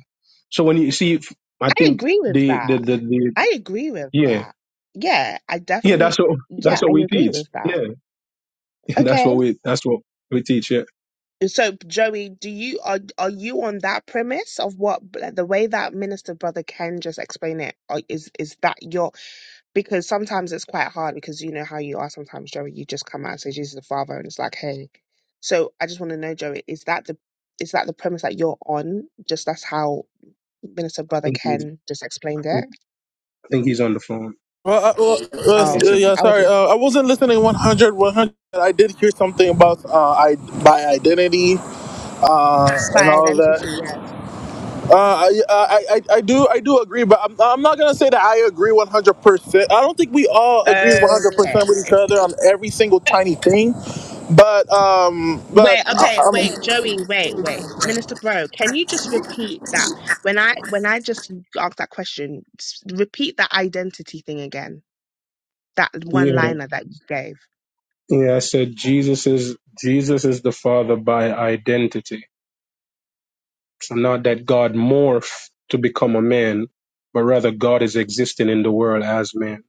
[SPEAKER 11] So when you see, I
[SPEAKER 4] I
[SPEAKER 11] think
[SPEAKER 4] agree with
[SPEAKER 11] the the
[SPEAKER 4] that.
[SPEAKER 11] the, the
[SPEAKER 4] I agree with
[SPEAKER 11] yeah
[SPEAKER 4] that. Yeah, I
[SPEAKER 11] yeah
[SPEAKER 4] definitely.
[SPEAKER 11] that's what
[SPEAKER 4] Yeah,
[SPEAKER 11] that's what
[SPEAKER 4] I
[SPEAKER 11] we
[SPEAKER 4] agree
[SPEAKER 11] teach.
[SPEAKER 4] with that.
[SPEAKER 11] Yeah, that's
[SPEAKER 4] Okay.
[SPEAKER 11] what we that's what we teach. Yeah,
[SPEAKER 4] So, Joey, do you are are you on that premise of what like, the way that minister brother Ken just explained it or is is that your because sometimes it's quite hard because you know how you are sometimes Joey you just come out and say Jesus is the Father and it's like hey so I just want to know Joey is that the is that the premise that you're on just that's how Minister
[SPEAKER 11] I
[SPEAKER 4] Brother
[SPEAKER 11] think he's
[SPEAKER 4] Ken just explained
[SPEAKER 11] I
[SPEAKER 4] it.
[SPEAKER 11] think he's on the phone.
[SPEAKER 4] Oh,
[SPEAKER 11] It's a,
[SPEAKER 4] I would love by identity, yes. Okay. Wait, okay, wait, Joey, wait, wait. Minister Bro, can you just repeat that? When I when I just asked that question, s- repeat that identity thing again. That
[SPEAKER 11] yeah
[SPEAKER 4] one liner that you gave.
[SPEAKER 11] yeah. I said Jesus is Jesus is the Father by identity. So not that God morphed to become a man, but rather God is existing in the world as man.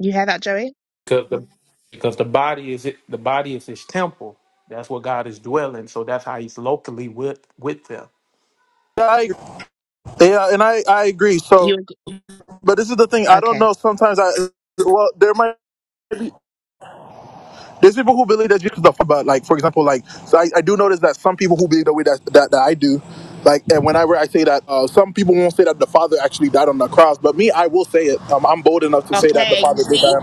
[SPEAKER 4] You hear that, Joey?
[SPEAKER 5] Because the because the body is the body is his temple. That's where God is dwelling. So that's how he's locally with with them.
[SPEAKER 4] You ag- okay. Okay, you see?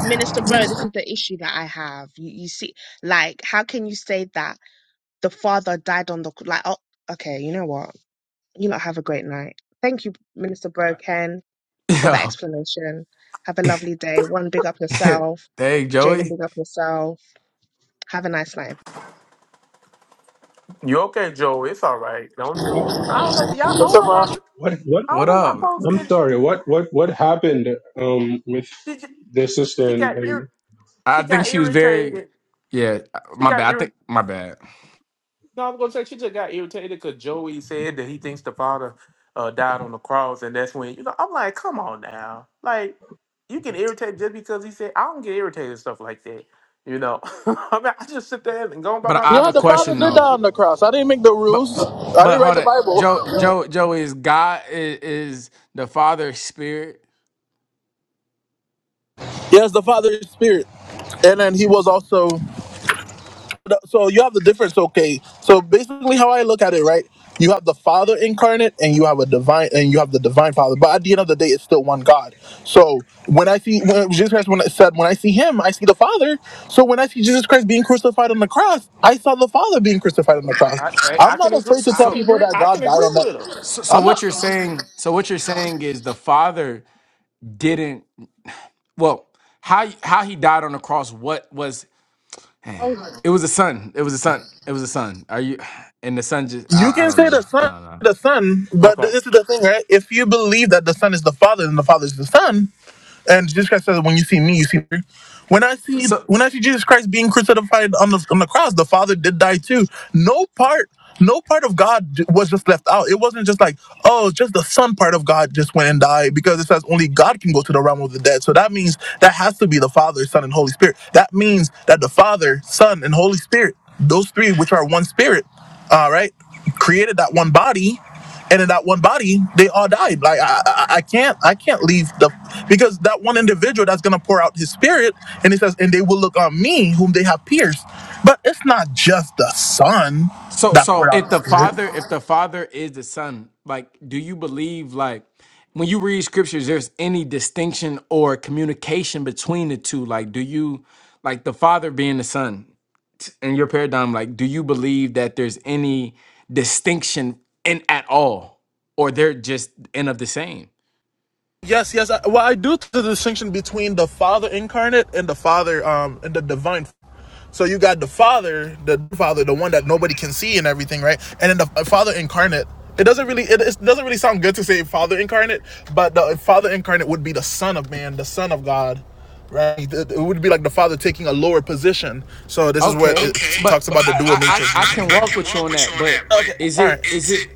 [SPEAKER 4] Minister Bro, this is the issue that I have. You you see like how can you say that the father died on the c- like oh okay, you know what? You lot have a great night. Thank you, Minister Broken, for that
[SPEAKER 12] Yeah.
[SPEAKER 4] explanation. Have a lovely day. One, big up yourself.
[SPEAKER 12] Dang,
[SPEAKER 4] Jaden,
[SPEAKER 12] Joey.
[SPEAKER 4] big up yourself. Have a nice night.
[SPEAKER 5] You okay, Joey? It's all right. Don't I don't know. Y'all, I don't know why.
[SPEAKER 11] What what
[SPEAKER 5] I don't
[SPEAKER 12] What
[SPEAKER 5] know why
[SPEAKER 12] up?
[SPEAKER 5] folks
[SPEAKER 11] I'm
[SPEAKER 5] get.
[SPEAKER 11] sorry, what what what happened um with
[SPEAKER 5] Did you,
[SPEAKER 11] this sister
[SPEAKER 5] she
[SPEAKER 11] and,
[SPEAKER 5] got
[SPEAKER 11] and
[SPEAKER 5] ir,
[SPEAKER 12] I
[SPEAKER 5] She
[SPEAKER 12] think
[SPEAKER 5] got
[SPEAKER 12] she was very
[SPEAKER 5] irritated.
[SPEAKER 12] yeah,
[SPEAKER 5] She
[SPEAKER 12] my
[SPEAKER 5] got
[SPEAKER 12] bad. I
[SPEAKER 5] irritated
[SPEAKER 12] think my bad.
[SPEAKER 5] No, I'm gonna say she just got irritated because Joey said that he thinks the father uh, died on the cross, and that's when you know. I'm like, come on now, like you can irritate just because he said I don't get irritated at stuff like that. You know, I mean, I just sit there and go about
[SPEAKER 12] But
[SPEAKER 5] my
[SPEAKER 12] I have a
[SPEAKER 5] business.
[SPEAKER 12] question though.
[SPEAKER 5] You know,
[SPEAKER 12] But but hold on. Joe Joe Joey is God is, is the Father spirit.
[SPEAKER 5] um, i I I can
[SPEAKER 12] So
[SPEAKER 5] agree,
[SPEAKER 12] so
[SPEAKER 5] I can
[SPEAKER 12] so
[SPEAKER 5] agree I can agree with her.
[SPEAKER 12] so so what you're saying so what you're saying is the Father didn't well how how he died on the cross what was dang. It was a son. It was a son. It was a son. Are you and the son just I, I don't know. I
[SPEAKER 5] Okay,
[SPEAKER 12] don't- So so if the father if the father is the son, like do you believe like when you read scriptures there's any distinction or communication between the two? Like do you like the father being the son t- in your paradigm like do you believe that there's any distinction in at all or they're just end of the same? Okay. But, but I, I I I can walk with you on that, but is it is it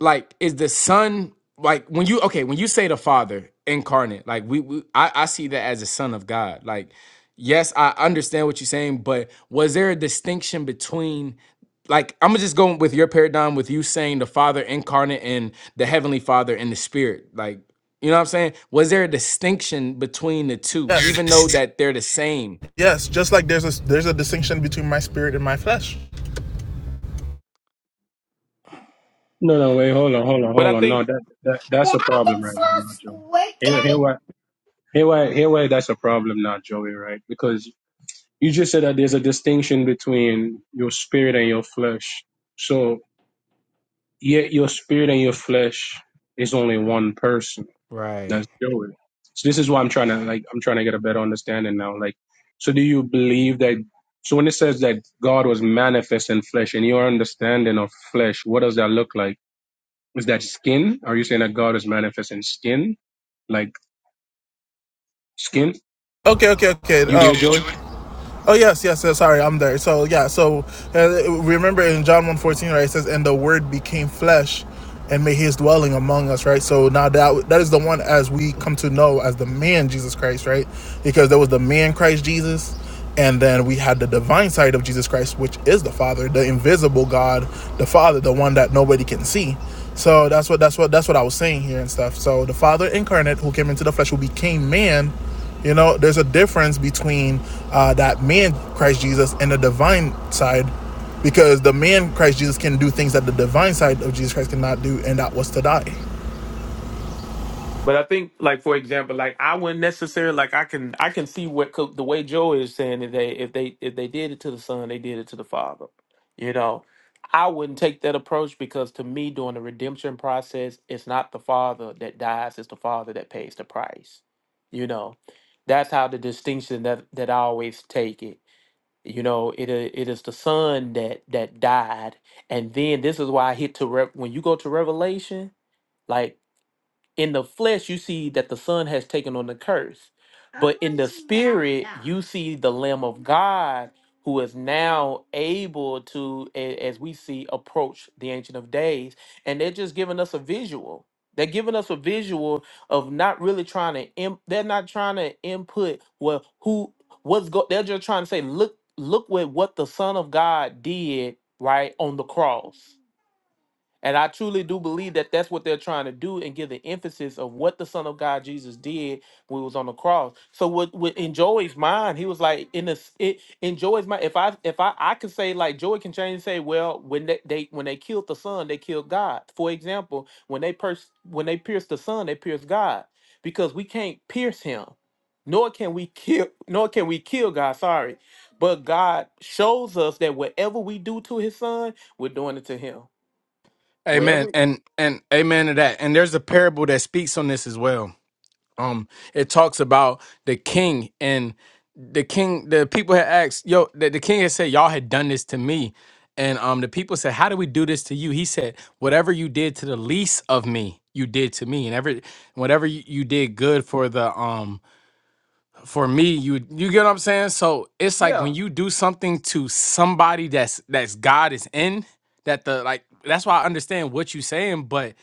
[SPEAKER 12] like is the son like when you okay when you say the father incarnate like we, we I, I see that as a son of god like yes i understand what you're saying but was there a distinction between like i'm gonna just go with your paradigm with you saying the father incarnate and the heavenly father and the spirit like you know what i'm saying was there a distinction between the two even though that they're the same
[SPEAKER 11] no no wait, hold on, hold on,
[SPEAKER 5] but I
[SPEAKER 11] hold on. No,
[SPEAKER 5] think.
[SPEAKER 11] that, that that's a problem right now, Joey. Here here why here why here why that's a problem now, Joey, right? Because you just said that there's a distinction between your spirit and your flesh. So yet your spirit and your flesh is only one person
[SPEAKER 12] right
[SPEAKER 11] That's Joey. So this is why I'm trying to like I'm trying to get a better understanding now. Like, so do you believe that? So when it says that God was manifest in flesh, in your understanding of flesh, what does that look like? Is that skin? Are you saying that God is manifest in skin, like skin? You there, Joey?
[SPEAKER 5] But I think, like for example, like I wouldn't necessarily like I can I can see what co- the way Joe is saying that they if they if they did it to the son, they did it to the father. You know, I wouldn't take that approach because to me, during the redemption process, it's not the father that dies; it's the father that pays the price. You know, that's how the distinction that that I always take it. You know, it i- it is the son that that died, and then this is why I hit to Rev- when you go to Revelation. like in the flesh you see that the son has taken on the curse but in the spirit you see the lamb of god who is now able to a- as we see approach the ancient of days and they're just giving us a visual they're giving us a visual of not really trying to imp- they're not trying to input well who what's go they're just trying to say look look with what the son of god did right on the cross and I truly do believe that that's what they're trying to do and give the emphasis of what the Son of God Jesus did when he was on the cross. So what, what in Joey's mind, he was like in this it, in Joey's mind. If I if I I could say like Joey can change and say, well, when they, they when they killed the Son, they killed God. For example, when they pers- when they pierced the Son, they pierced God because we can't pierce him, nor can we kill nor can we kill God. Sorry, but God shows us that whatever we do to His Son, we're doing it to Him.
[SPEAKER 12] amen
[SPEAKER 5] Wherever
[SPEAKER 12] and and amen to that and there's a parable that speaks on this as well um it talks about the king and the king the people had asked yo the, the king had said y'all had done this to me and um the people said how do we do this to you he said whatever you did to the least of me you did to me and every whatever you, you did good for the um for me, you you get what I'm saying? So it's like
[SPEAKER 5] Yeah,
[SPEAKER 12] when you do something to somebody that's that's God is in, that the like that's why I understand what you saying, but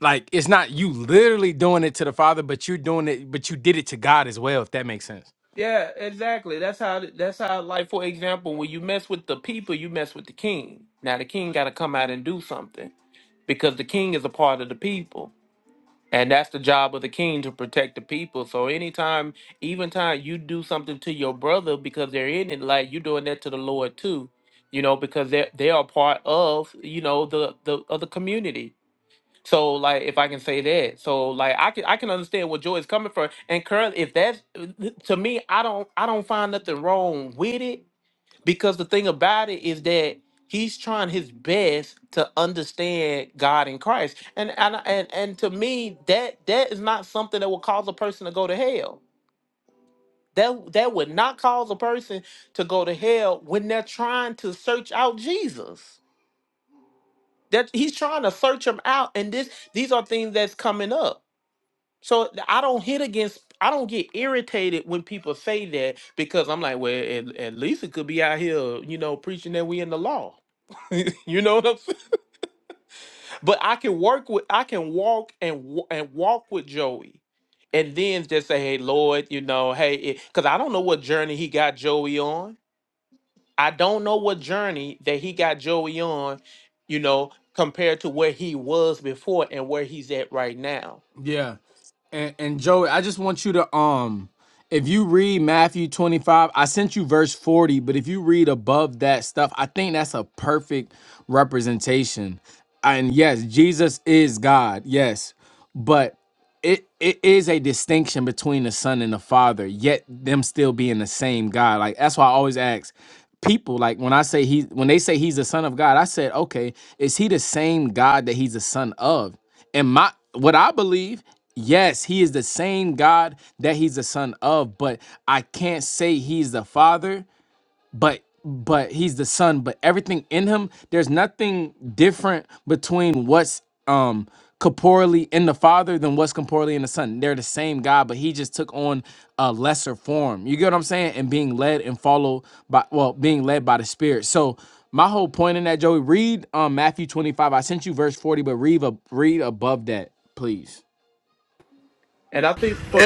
[SPEAKER 12] like it's not you literally doing it to the Father, but you're doing it, but you did it to God as well, if that makes sense.
[SPEAKER 5] yeah, exactly. That's how. That's how. Like for example, when you mess with the people, you mess with the king. Now the king got to come out and do something because the king is a part of the people, and that's the job of the king to protect the people. So anytime, even time you do something to your brother because they're in it, like you're doing that to the Lord too, you know, because they they are part of you know the the of the community. So like if I can say that. So like I can I can understand where Joy is coming from. And currently if that's to me, I don't I don't find nothing wrong with it because the thing about it is that he's trying his best to understand God and Christ. And and and, and to me that that is not something that will cause a person to go to hell. That that would not cause a person to go to hell when they're trying to search out Jesus. That he's trying to search him out and this these are things that's coming up So I don't hit against. I don't get irritated when people say that because I'm like, well, at, at least it could be out here, you know, preaching that we in the law. you know what I'm saying? But I can work with. I can walk and wa- and walk with Joey, and then just say, hey, Lord, you know, hey, because I don't know what journey he got Joey on. I don't know what journey that he got Joey on, you know, compared to where he was before and where he's at right now.
[SPEAKER 12] Yeah. And, and Joey, I just want you to um if you read Matthew 25, I sent you verse 40, but if you read above that stuff, I think that's a perfect representation. And yes, Jesus is God. Yes it it is a distinction between the son and the father yet them still being the same god like that's why i always ask people like when i say he when they say he's the son of god i said okay is he the same god that he's the son of and my what i believe yes he is the same god that he's the son of but i can't say he's the father but but he's the son but everything in him there's nothing different between what's um corporeally in the father than what's corporeally in the son they're the same god but he just took on a lesser form you get what i'm saying and being led and followed by well being led by the spirit so my whole point in that joey read um matthew 25 i sent you verse 40 but read a, read above that please
[SPEAKER 5] And I think, but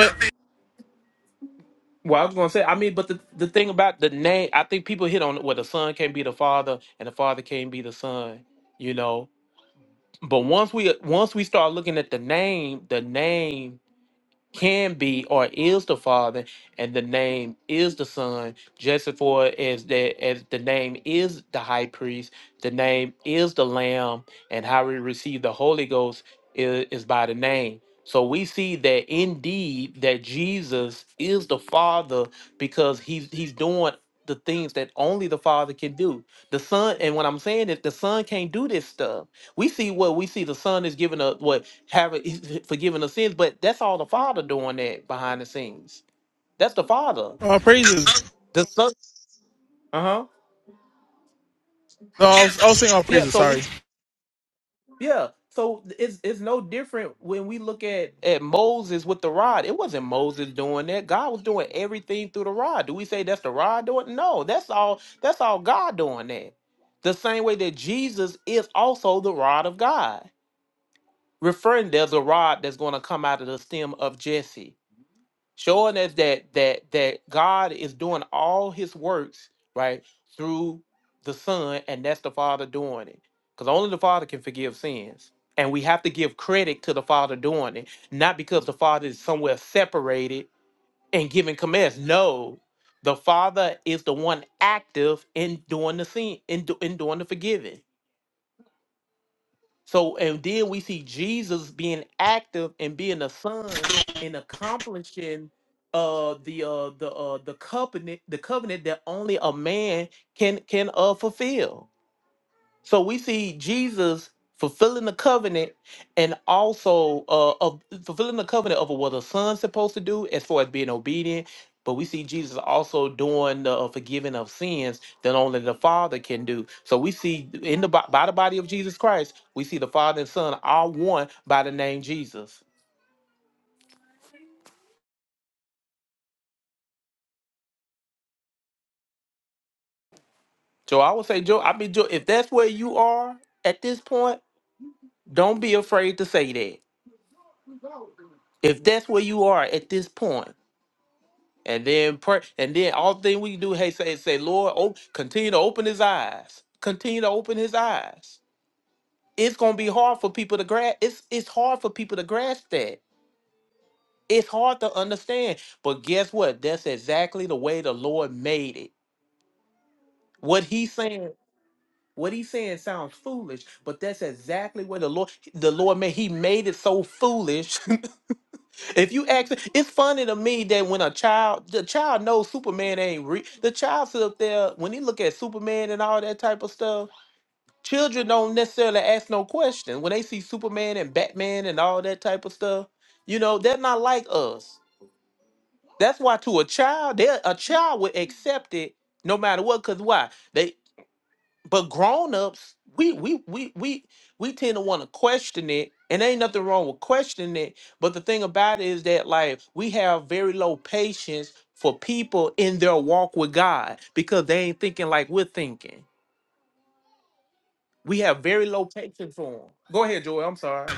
[SPEAKER 5] Well, I was gonna say, I mean, but the, the thing about the name, I think people hit on it where the son can't be the father and the father can't be the son, you know. But once we once we start looking at the name, the name can be or is the Father, and the name is the Son, just as for as that as the name is the high priest, the name is the Lamb, and how we receive the Holy Ghost is, is by the name. So we see that indeed that Jesus is the Father because he's he's doing the things that only the Father can do. The Son, and what I'm saying is the Son can't do this stuff we see what we see. The son is giving up what having he's forgiving the sins, but that's all the father doing that behind the scenes. That's the father. The son. Uh huh. Yeah. So we- yeah. So it's it's no different when we look at at Moses with the rod. It wasn't Moses doing that. God was doing everything through the rod. Do we say that's the rod doing? it? No. That's all. That's all God doing that. The same way that Jesus is also the rod of God, referring there's a rod that's going to come out of the stem of Jesse showing us that that that God is doing all His works right through the Son, and that's the Father doing it, because only the Father can forgive sins, and we have to give credit to the Father doing it, not because the Father is somewhere separated and giving commands. No, the Father is the one active in doing the sin, in do, in doing the forgiving so, and then we see Jesus being active and being a son and accomplishing uh the uh the uh the covenant the covenant that only a man can can uh fulfill so we see Jesus fulfilling the covenant and also uh, of fulfilling the covenant of what a son's supposed to do as far as being obedient. But we see Jesus also doing the uh, forgiving of sins that only the Father can do. So we see in the bo- by the body of Jesus Christ, we see the Father and Son are one by the name Jesus. So I would say, Joe, I mean, Joe, if that's where you are at this point, don't be afraid to say that. If that's where you are at this point, And then pray, and then all thing we do, hey, say, say, Lord, oh, continue to open his eyes. Continue to open his eyes. It's gonna be hard for people to grasp. It's it's hard for people to grasp that. It's hard to understand. But guess what? That's exactly the way the Lord made it. What he's saying, what he's saying sounds foolish, but that's exactly what the Lord the Lord made. He made it so foolish If you ask, it's funny to me that when a child, the child knows Superman ain't real. The child sit up there when he look at Superman and all that type of stuff. Children don't necessarily ask no question when they see Superman and Batman and all that type of stuff. You know, they're not like us. That's why to a child, they are a child would accept it no matter what. Cause why? they but grown-ups we we we we we tend to want to question it and ain't nothing wrong with questioning it but the thing about it is that like we have very low patience for people in their walk with god because they ain't thinking like we're thinking we have very low patience for them go ahead joy i'm sorry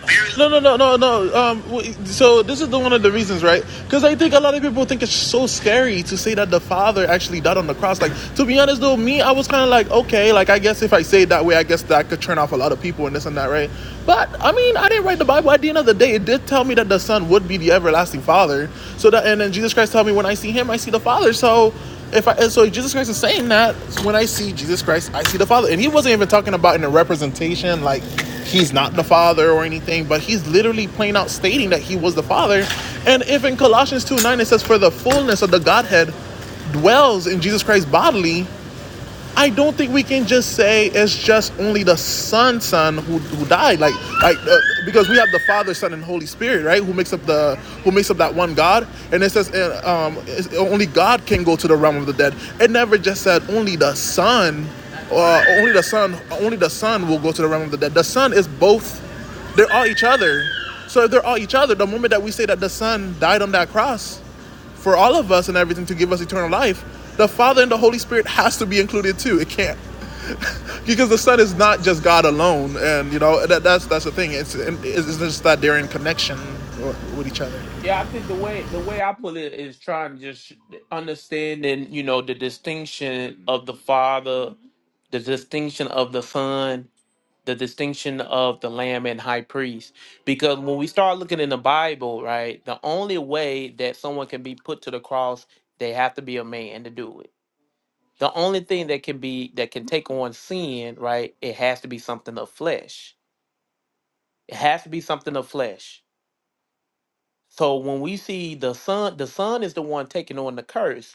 [SPEAKER 5] yeah i think the way the way i put it is trying to just understanding you know the distinction of the father the distinction of the son the distinction of the lamb and high priest because when we start looking in the bible right the only way that someone can be put to the cross they have to be a man to do it the only thing that can be that can take on sin right it has to be something of flesh it has to be something of flesh so when we see the son the son is the one taking on the curse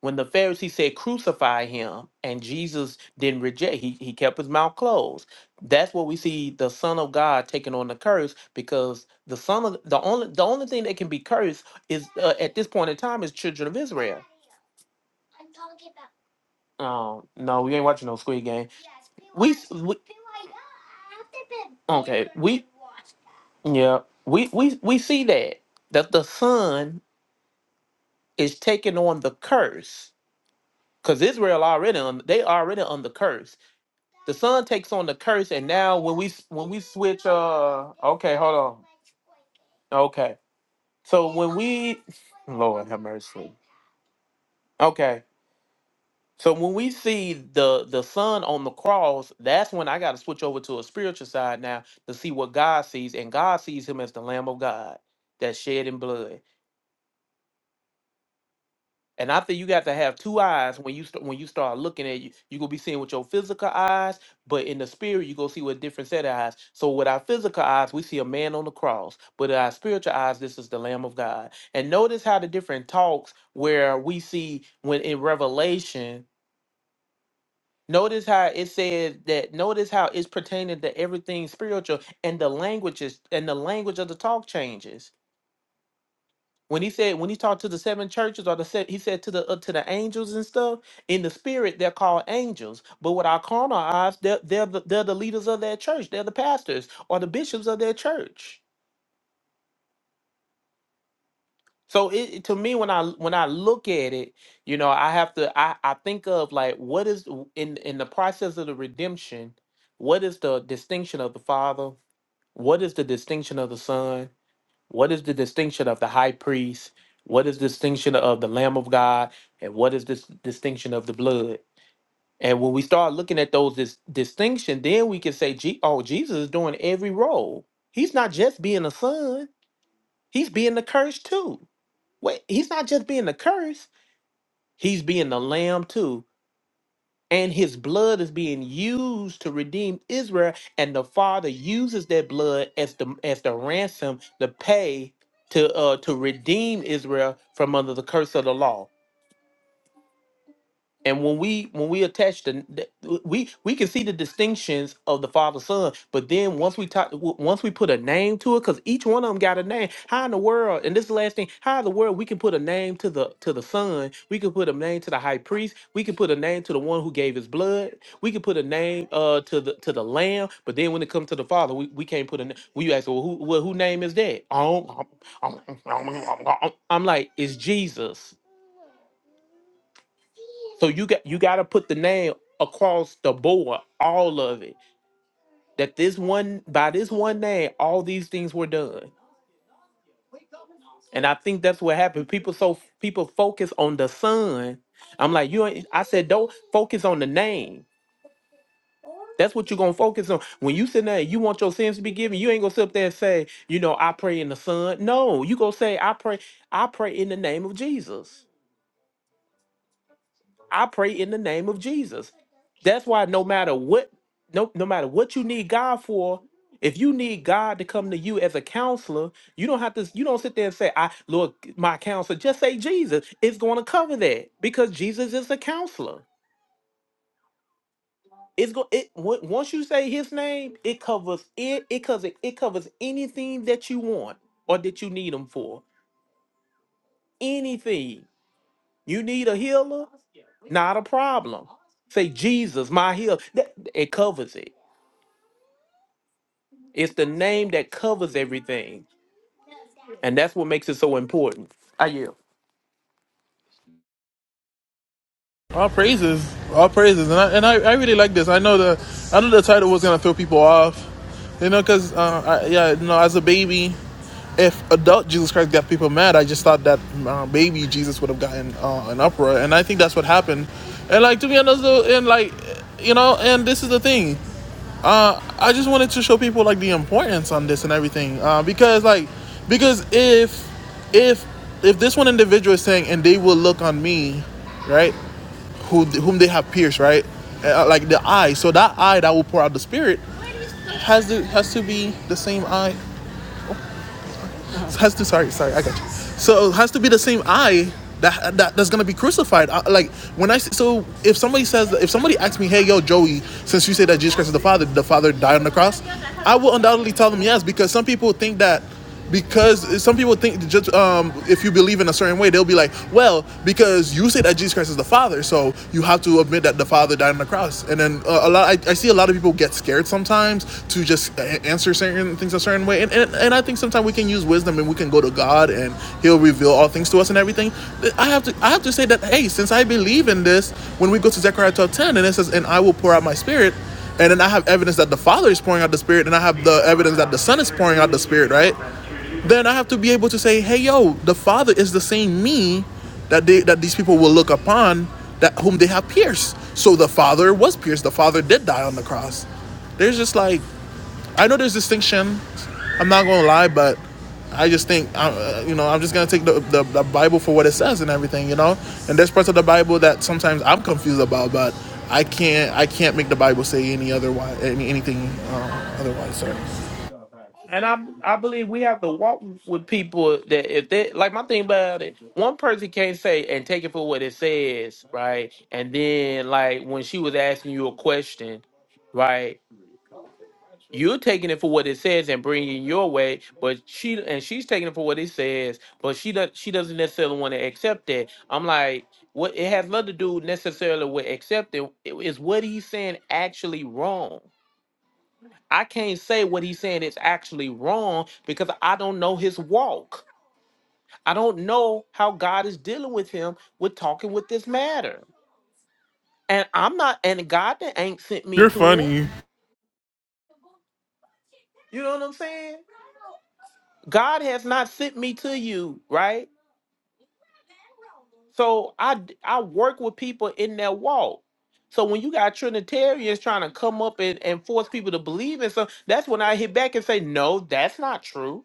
[SPEAKER 5] when the Pharisees said crucify him and Jesus didn't reject, he, he kept his mouth closed. That's what we see the Son of God taking on the curse because the Son of the only the only thing that can be cursed is uh, at this point in time is children of Israel. Oh no, we ain't watching no Squid Game. We, s- we okay, we yeah, we we we see that that the Son is taking on the curse because Israel already on they already under curse The son takes on the curse, and now when we when we switch, uh, okay, hold on, okay. So when we, Lord have mercy. Okay, so when we see the the son on the cross, that's when I got to switch over to a spiritual side now to see what God sees, and God sees him as the Lamb of God that shed in blood. And I think you got to have two eyes when you st- when you start looking at you. You gonna be seeing with your physical eyes, but in the spirit, you gonna see with a different set of eyes. So with our physical eyes, we see a man on the cross, but in our spiritual eyes, this is the Lamb of God. And notice how the different talks where we see when in Revelation. Notice how it says that. Notice how it's pertaining to everything spiritual, and the languages and the language of the talk changes when he said when he talked to the seven churches or the se- he said to the uh, to the angels and stuff in the spirit they're called angels but with our carnal eyes they're they're the, they're the leaders of their church they're the pastors or the bishops of their church so it it- to me when i when i look at it you know i have to i i think of like what is in in the process of the redemption what is the distinction of the father what is the distinction of the son What is the distinction of the high priest? What is the distinction of the Lamb of God? And what is this distinction of the blood? And when we start looking at those dis- distinction, then we can say, "Je- "Oh, Jesus is doing every role. He's not just being a son; he's being the curse too. Wait, he's not just being the curse; he's being the Lamb too and his blood is being used to redeem Israel, and the Father uses that blood as the as the ransom to pay to uh to redeem Israel from under the curse of the law. And when we when we attach the the- we we can see the distinctions of the father son, but then once we talk w- once we put a name to it, because each one of them got a name. How in the world? And this is the last thing, how in the world we can put a name to the to the son? We can put a name to the high priest. We can put a name to the one who gave his blood. We can put a name uh to the to the lamb. But then when it comes to the father, we, we can't put a. na- We ask, well, who well, who name is that? Um, um, um, um, um, um, um. I'm like, it's Jesus. So you got you got to put the name across the board, all of it. That this one by this one name, all these things were done. And I think that's what happened. People so people focus on the son. I'm like you. ain't- I said don't focus on the name. That's what you're gonna focus on. When you sit there, and you want your sins to be given. You ain't gonna sit up there and say, you know, I pray in the Son. No, you gonna say, I pray, I pray in the name of Jesus. I pray in the name of Jesus. That's why no matter what, no, no matter what you need God for, if you need God to come to you as a counselor, you don't have to, you don't sit there and say, I Lord, my counselor, just say Jesus. It's going to cover that because Jesus is a counselor. It's go. it on- once you say his name, it covers it, it covers it covers anything that you want or that you need him for. Anything. You need a healer? Not a problem. Say Jesus, my heal. That- It covers it. It's the name that covers everything, and that's what makes it so important. I yield. And I I believe we have to walk with people that if they like my thing about it, one person can't say and take it for what it says, right? And then like when she was asking you a question, right? You're taking it for what it says and bringing it your way, but she and she's taking it for what it says, but she does she doesn't necessarily want to accept it. I'm like, what it has nothing to do necessarily with accepting. It is what he's saying actually wrong. I can't say what he's saying is actually wrong because I don't know his walk. I don't know how God is dealing with him with talking with this matter. And I'm not, and God that ain't sent me to him. You know what I'm saying? God has not sent me to you, right? So I d- I work with people in that walk. So when you got Trinitarians trying to come up and, and force people to believe in something, that's when I hit back and say, no, that's not true.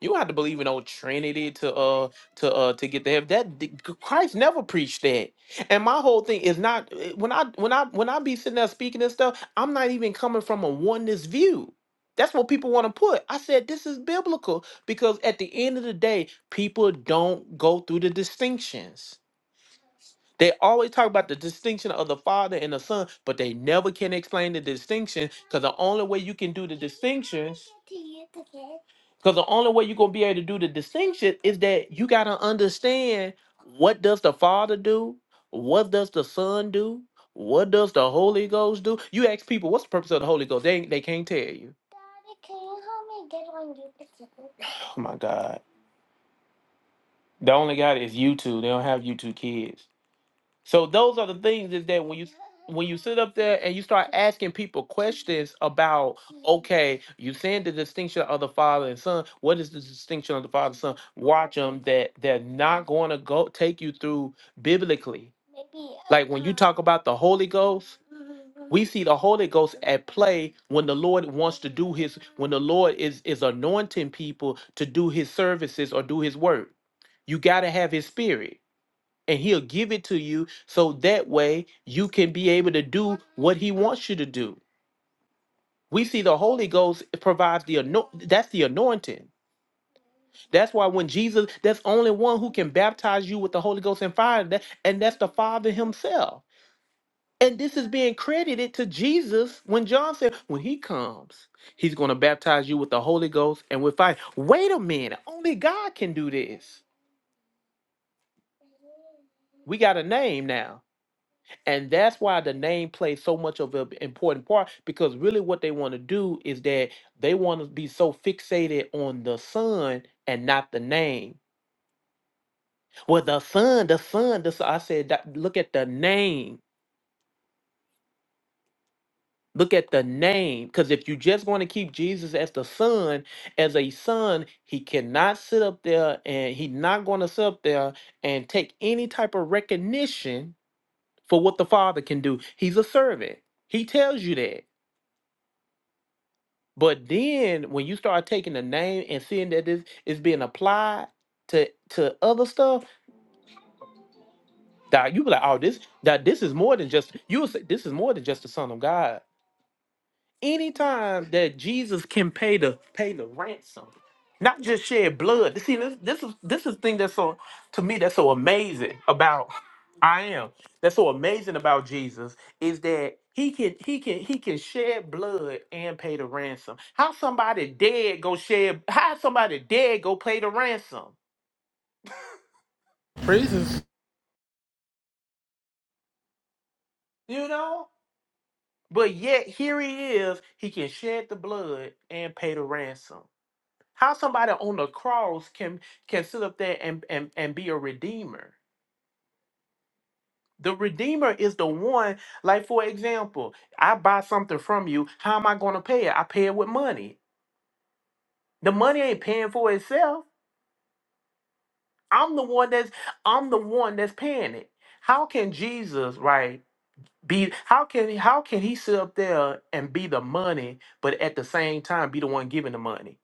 [SPEAKER 5] You don't have to believe in old Trinity to uh to uh to get to heaven. That d- Christ never preached that. And my whole thing is not uh, when I when I when I be sitting there speaking and stuff, I'm not even coming from a oneness view. That's what people want to put. I said this is biblical because at the end of the day, people don't go through the distinctions. They always talk about the distinction of the Father and the Son, but they never can explain the distinction because the only way you can do the distinctions, because the only way you're going to be able to do the distinction is that you got to understand what does the Father do? What does the Son do? What does the Holy Ghost do? You ask people, what's the purpose of the Holy Ghost? They, ain't- they can't tell you. Oh my God. They only got it is YouTube. They don't have YouTube kids. So those are the things is that when you when you sit up there and you start asking people questions about, okay, you saying the distinction of the father and son. What is the distinction of the father and son? Watch them that they're not going to go take you through biblically. Like when you talk about the Holy Ghost, we see the Holy Ghost at play when the Lord wants to do His when the Lord is is anointing people to do His services or do His work. You got to have His Spirit and he'll give it to you so that way you can be able to do what he wants you to do we see the holy ghost provides the anoint that's the anointing that's why when jesus that's only one who can baptize you with the holy ghost and fire that, and that's the father himself and this is being credited to jesus when john said when he comes he's going to baptize you with the holy ghost and with fire wait a minute only god can do this we got a name now And that's why the name plays so much of an important part because really what they want to do is that they want to be so fixated on the son and not the name. Well, the son, the son, the son. I said, that, look at the name. Look at the name. Because if you just want to keep Jesus as the son, as a son, he cannot sit up there and he's not going to sit up there and take any type of recognition for what the father can do. He's a servant. He tells you that. But then when you start taking the name and seeing that this is being applied to to other stuff, that you be like, oh, this that this is more than just you would say this is more than just the Son of God anytime that Jesus can pay the pay the ransom, not just shed blood. See, this this is this is thing that's so to me that's so amazing about I am. That's so amazing about Jesus is that he can he can he can shed blood and pay the ransom. How somebody dead go shed how somebody dead go pay the ransom? You know? But yet here he is, he can shed the blood and pay the ransom. How somebody on the cross can can sit up there and and, and be a redeemer? The redeemer is the one, like for example, I buy something from you. How am I going to pay it? I pay it with money. The money ain't paying for itself. I'm the one that's I'm the one that's paying it. How can Jesus, right, be how can how can he sit up there and be the money, but at the same time be the one giving the money?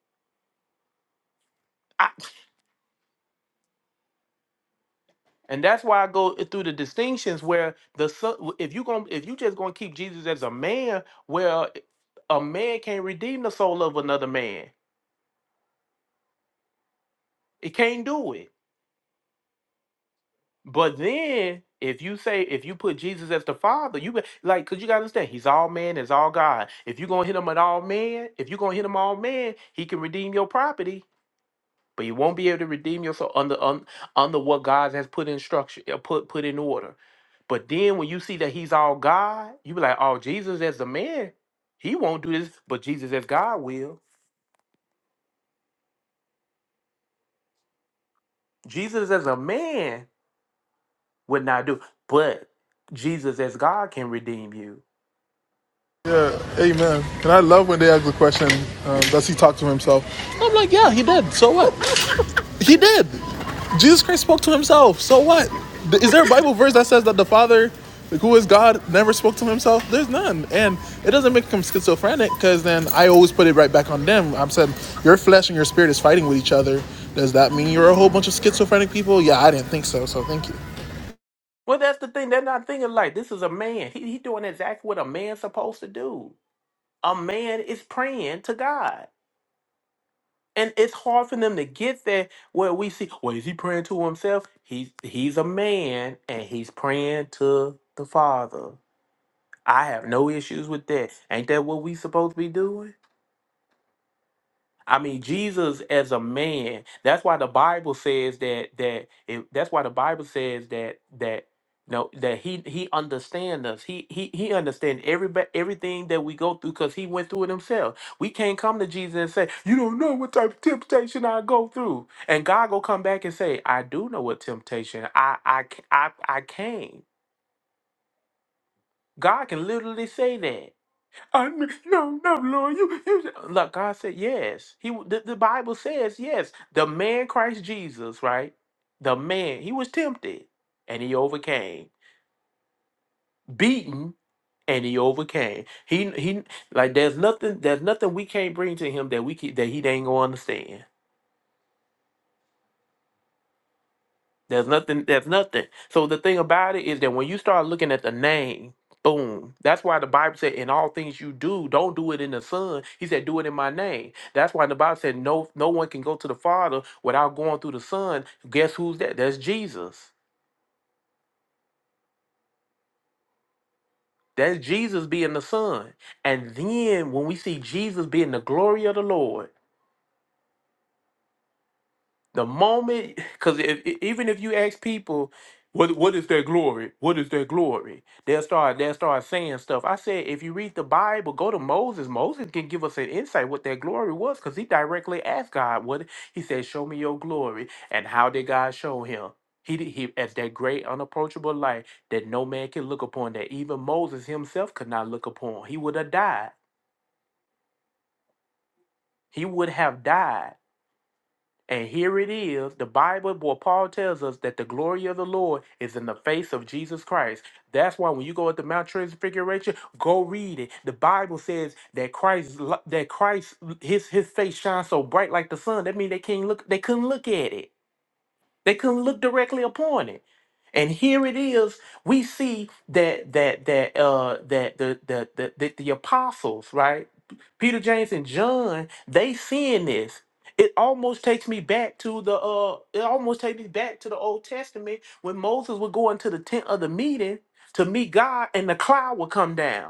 [SPEAKER 5] And that's why I go through the distinctions where the son, if you going if you just gonna keep Jesus as a man, well, a man can't redeem the soul of another man. It can't do it. But then if you say if you put Jesus as the Father, you be- like because you gotta understand he's all man, is all God. If you gonna hit him at all man, if you gonna hit him all man, he can redeem your property But you won't be able to redeem yourself under un, under what God has put in structure, uh, put put in order. But then when you see that He's all God, you be like, oh, Jesus as a man, He won't do this, but Jesus as God will. Jesus as a man would not do, but Jesus as God can redeem you. Mhm. Well, that's the thing. They're not thinking like this is a man. He, he doing exactly what a man's supposed to do. A man is praying to God. And it's hard for them to get there where we see, well, is he praying to himself? He's he's a man and he's praying to the Father. I have no issues with that. Ain't that what we supposed to be doing? I mean, Jesus as a man. That's why the Bible says that that it, that's why the Bible says that that no that he he understand us. He he he understand every ba- everything that we go through because he went through it himself. We can't come to Jesus and say, "You don't know what type of temptation I go through," and God will come back and say, "I do know what temptation I I c- I I came." God can literally say that. I mean, no, no, Lord, you, you. Look, God said yes. He, the, the Bible says yes. The man Christ Jesus, right? The man, he was tempted, and he overcame. Beaten, and he overcame. He, he, like there's nothing, there's nothing we can't bring to him that we can, that he ain't gonna understand. There's nothing. There's nothing. So the thing about it is that when you start looking at the name, boom. That's why the Bible said, "In all things you do, don't do it in the Son." He said, "Do it in my name." That's why the Bible said, "No, no one can go to the Father without going through the Son." Guess who's that? That's Jesus. That's Jesus being the Son. And then when we see Jesus being the glory of the Lord. The moment, because if, e- even if you ask people, what what is their glory? What is their glory? They'll start they'll start saying stuff. I said, if you read the Bible, go to Moses. Moses can give us an insight what their glory was, because he directly asked God. What he said, show me your glory, and how did God show him? He did- he as that great unapproachable light that no man can look upon, that even Moses himself could not look upon. He would have died. He would have died And here it is, the Bible where Paul tells us that the glory of the Lord is in the face of Jesus Christ. That's why when you go at the Mount Transfiguration, go read it. The Bible says that Christ that Christ his his face shines so bright like the sun. That means they can't look they couldn't look at it. They couldn't look directly upon it. And here it is. We see that that that uh that the the the, the, the apostles, right? Peter, James, and John, they seeing this. It almost takes me back to the uh it almost takes me back to the Old Testament when Moses would go into the tent of the meeting to meet God and the cloud would come down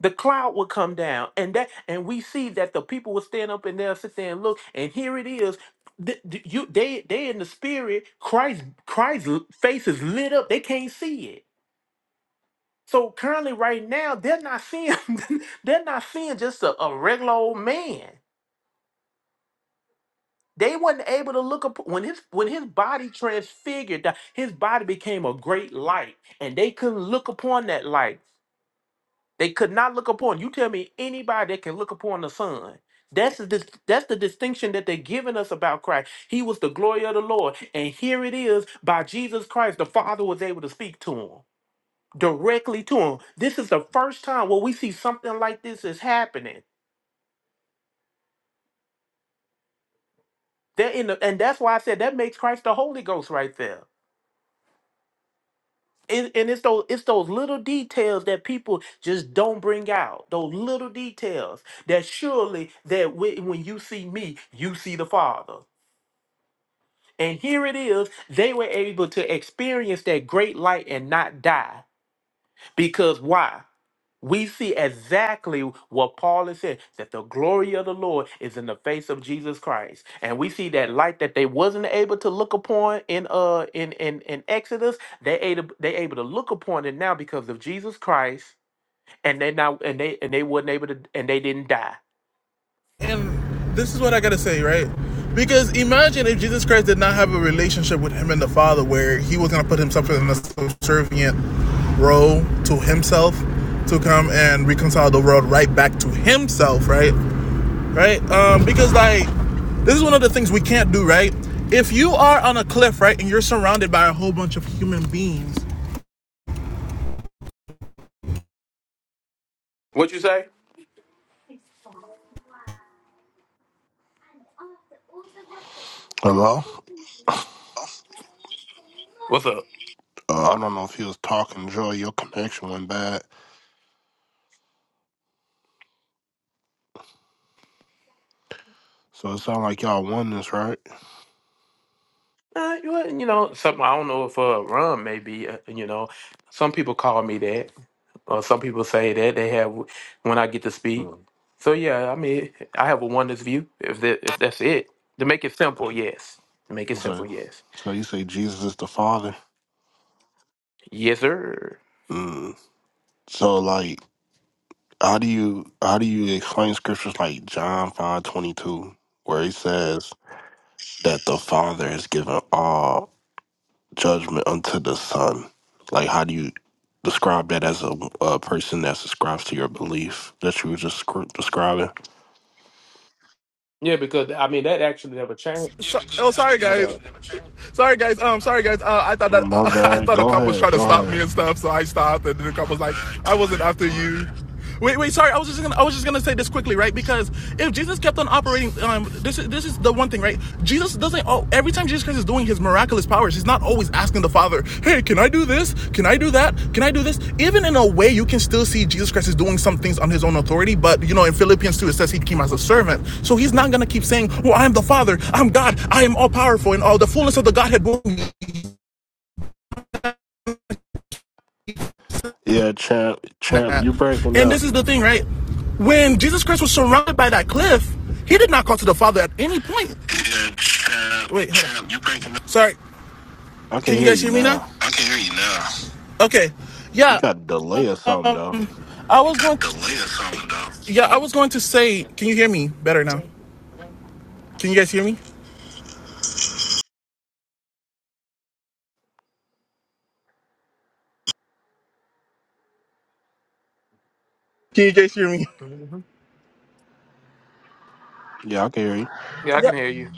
[SPEAKER 5] the cloud would come down and that and we see that the people would stand up and they'll sit there and look and here it is Th- th- you they they in the spirit christ christ's l- face is lit up they can't see it so currently right now they're not seeing they're not seeing just a, a regular old man they wasn't able to look up when his when his body transfigured that his body became a great light and they couldn't look upon that light They could not look upon. You tell me anybody that can look upon the Son. That's the dis- that's the distinction that they're giving us about Christ. He was the glory of the Lord, and here it is by Jesus Christ. The Father was able to speak to him directly to him. This is the first time where we see something like this is happening. They're in the, and that's why I said that makes Christ the Holy Ghost right there. It, and it's those it's those little details that people just don't bring out. Those little details that surely that when, when you see me, you see the Father. And here it is, they were able to experience that great light and not die. Because why? we see exactly what Paul is saying that the glory of the Lord is in the face of Jesus Christ. And we see that light that they wasn't able to look upon in uh in in, in Exodus, they able they able to look upon it now because of Jesus Christ and they now and they and they were not able to and they didn't die. What you say?
[SPEAKER 13] Hello?
[SPEAKER 5] What's up?
[SPEAKER 13] Uh, I don't know if he was talking, Joy. Your connection went bad. So it sounds like y'all won this, right?
[SPEAKER 5] Uh, you wa- you know, something I don't know if uh, rum maybe. Uh, you know, some people call me that, or some people say that they have when I get to speak.
[SPEAKER 13] Mm.
[SPEAKER 5] So yeah, I mean, I have a oneness view. If that if that's it, to make it simple, yes. To make it simple,
[SPEAKER 13] Okay.
[SPEAKER 5] yes.
[SPEAKER 13] So you say Jesus is the Father.
[SPEAKER 5] Yes, sir.
[SPEAKER 13] Mm. So like how do you how do you explain scriptures like John five twenty two, where he says that the Father has given all judgment unto the Son? Like how do you describe that as a, a person that subscribes to your belief that you were just scr- describing?
[SPEAKER 5] Yeah, because I mean that actually never changed. My bad.
[SPEAKER 13] My bad. Go ahead. Go ahead.
[SPEAKER 5] Yeah,
[SPEAKER 13] Yeah, champ, champ, you're breaking up. I can hear you now. You got a delay or something though.
[SPEAKER 5] yeah. hmm
[SPEAKER 13] Yeah, I can hear you.
[SPEAKER 5] yeah I can hear you.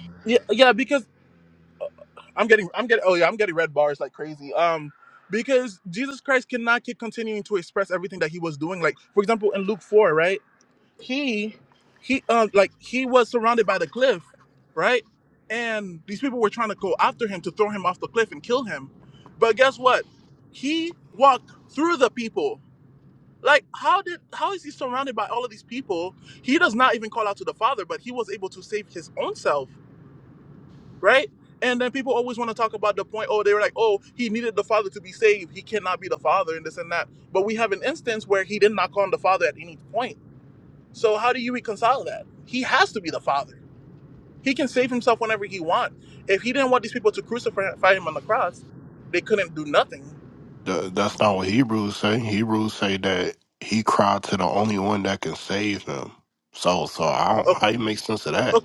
[SPEAKER 13] Th- that's not what Hebrews say. Hebrews say that he cried to the only one that can save him. So, so I don't, how you make sense of that?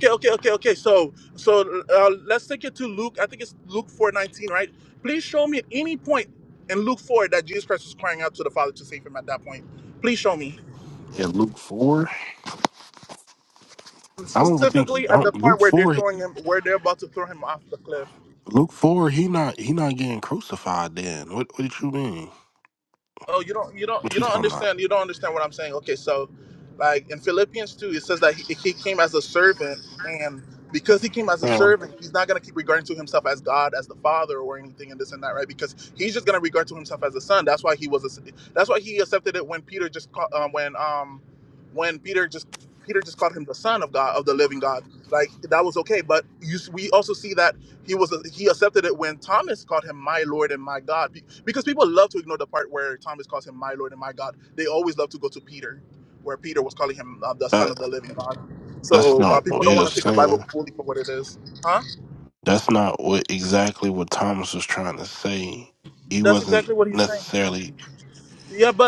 [SPEAKER 13] In Luke four, I don't even think I don't, Luke four, Luke four, he not he not getting crucified. Then what? What did you mean? What you talking about? Yeah. That that's not what he was saying. That's not what exactly what Thomas was trying to say. He wasn't necessarily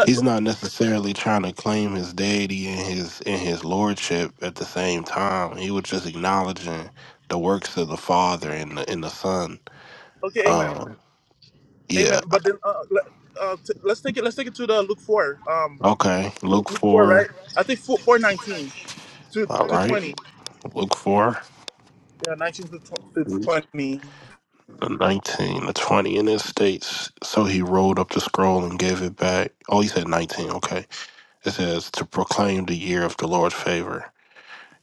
[SPEAKER 13] he's not necessarily trying to claim his deity and his and his lordship at the same time. He was just acknowledging the works of the Father and the and the Son. Um yeah. Okay. Luke four. All right. Luke four. The nineteen, the twenty and it states. So he rolled up the scroll and gave it back. Oh, he said nineteen, okay. It says to proclaim the year of the Lord's favor.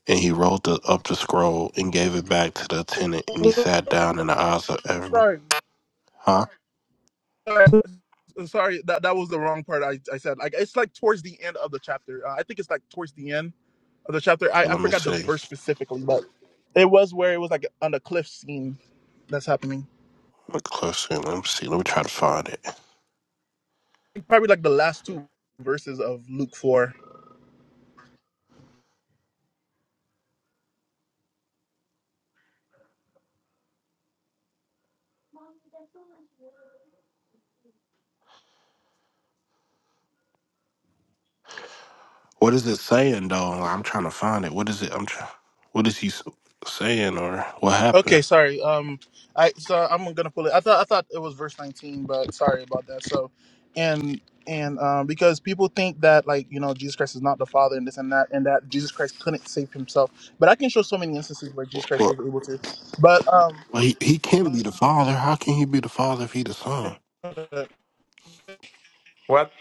[SPEAKER 13] And he rolled the, up the scroll and gave it back to the attendant, and he sat down in the eyes of everyone. Huh? Okay, let me see. Look closer. Let me see. Let me try to find it. What is it saying, though? Like, I'm trying to find it. What is it? I'm trying. What is he s- saying, or what happened? Well, well he, he can't be the father. How can he be the father if he the son?
[SPEAKER 5] What?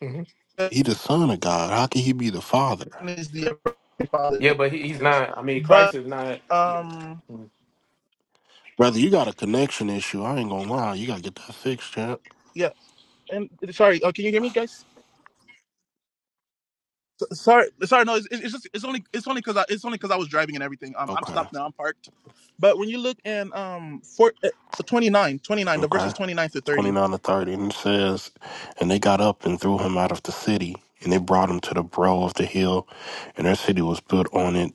[SPEAKER 5] hmm
[SPEAKER 13] He the son of God. How can he be the father?
[SPEAKER 5] Yeah, but he, he's not. I mean, Christ is not. Yeah. Mm.
[SPEAKER 13] Brother, you got a connection issue. I ain't gonna lie. You gotta get that fixed, champ. Okay. Okay. 29 to 30. And it says, And they got up and threw him out of the city, and they brought him to the brow of the hill, and their city was built on it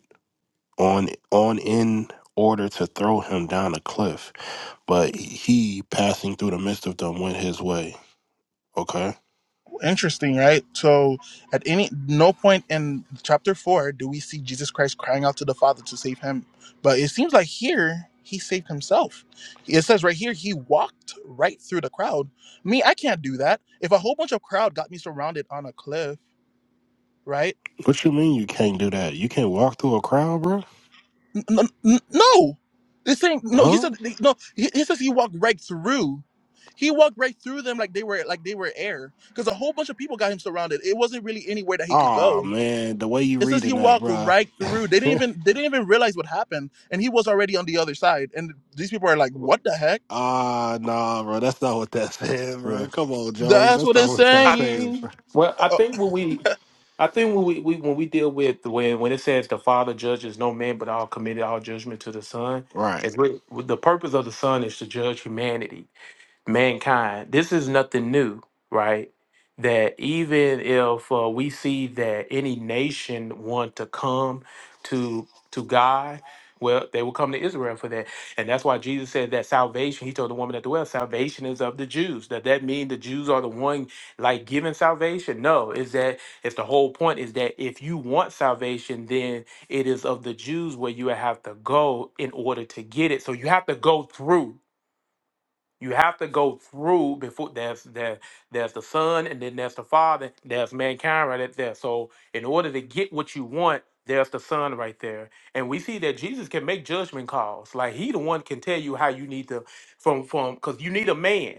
[SPEAKER 13] on on in order to throw him down a cliff. But he passing through the midst of them went his way. Okay. What you mean you can't do that? You can't walk through a crowd, bro? Huh? Oh man, the way you reading that, bruh. Ah, nah, bro. That's not what that's saying, bro.
[SPEAKER 5] Yeah.
[SPEAKER 13] Come on, Joey. That's not what that's saying,
[SPEAKER 5] Well, I think when we, I think when we, we when we deal with when when it says the Father judges no man, but all committed all judgment to the Son,
[SPEAKER 13] Right.
[SPEAKER 5] is with, the purpose of the Son is to judge humanity mankind, this is nothing new, right? That even if uh, we see that any nation want to come to to God, well, they will come to Israel for that, and that's why Jesus said that salvation. He told the woman at the well, salvation is of the Jews. Does that mean the Jews are the one like giving salvation? No, is that it's the whole point is that if you want salvation, then it is of the Jews where you have to go in order to get it. So you have to go through. You have to go through before there's there, there's the son and then there's the father, there's mankind right there. So in order to get what you want, there's the son right there. And we see that Jesus can make judgment calls. Like he the one can tell you how you need to from from because you need a man.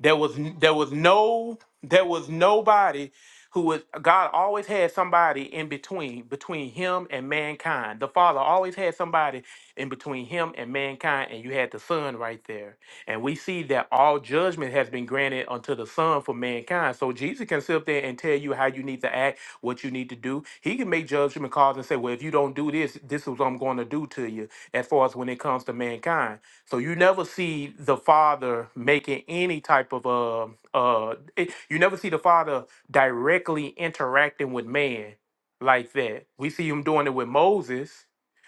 [SPEAKER 5] There was n- there was no there was nobody who was God always had somebody in between between him and mankind. The Father always had somebody in between him and mankind, and you had the son right there and we see that all judgment has been granted unto the Son for mankind. So Jesus can sit up there and tell you how you need to act, what you need to do. He can make judgment calls and say, well, if you don't do this, this is what I'm going to do to you as far as when it comes to mankind. So you never see the Father making any type of, uh, uh, it- you never see the Father directly interacting with man like that. We see him doing it with Moses.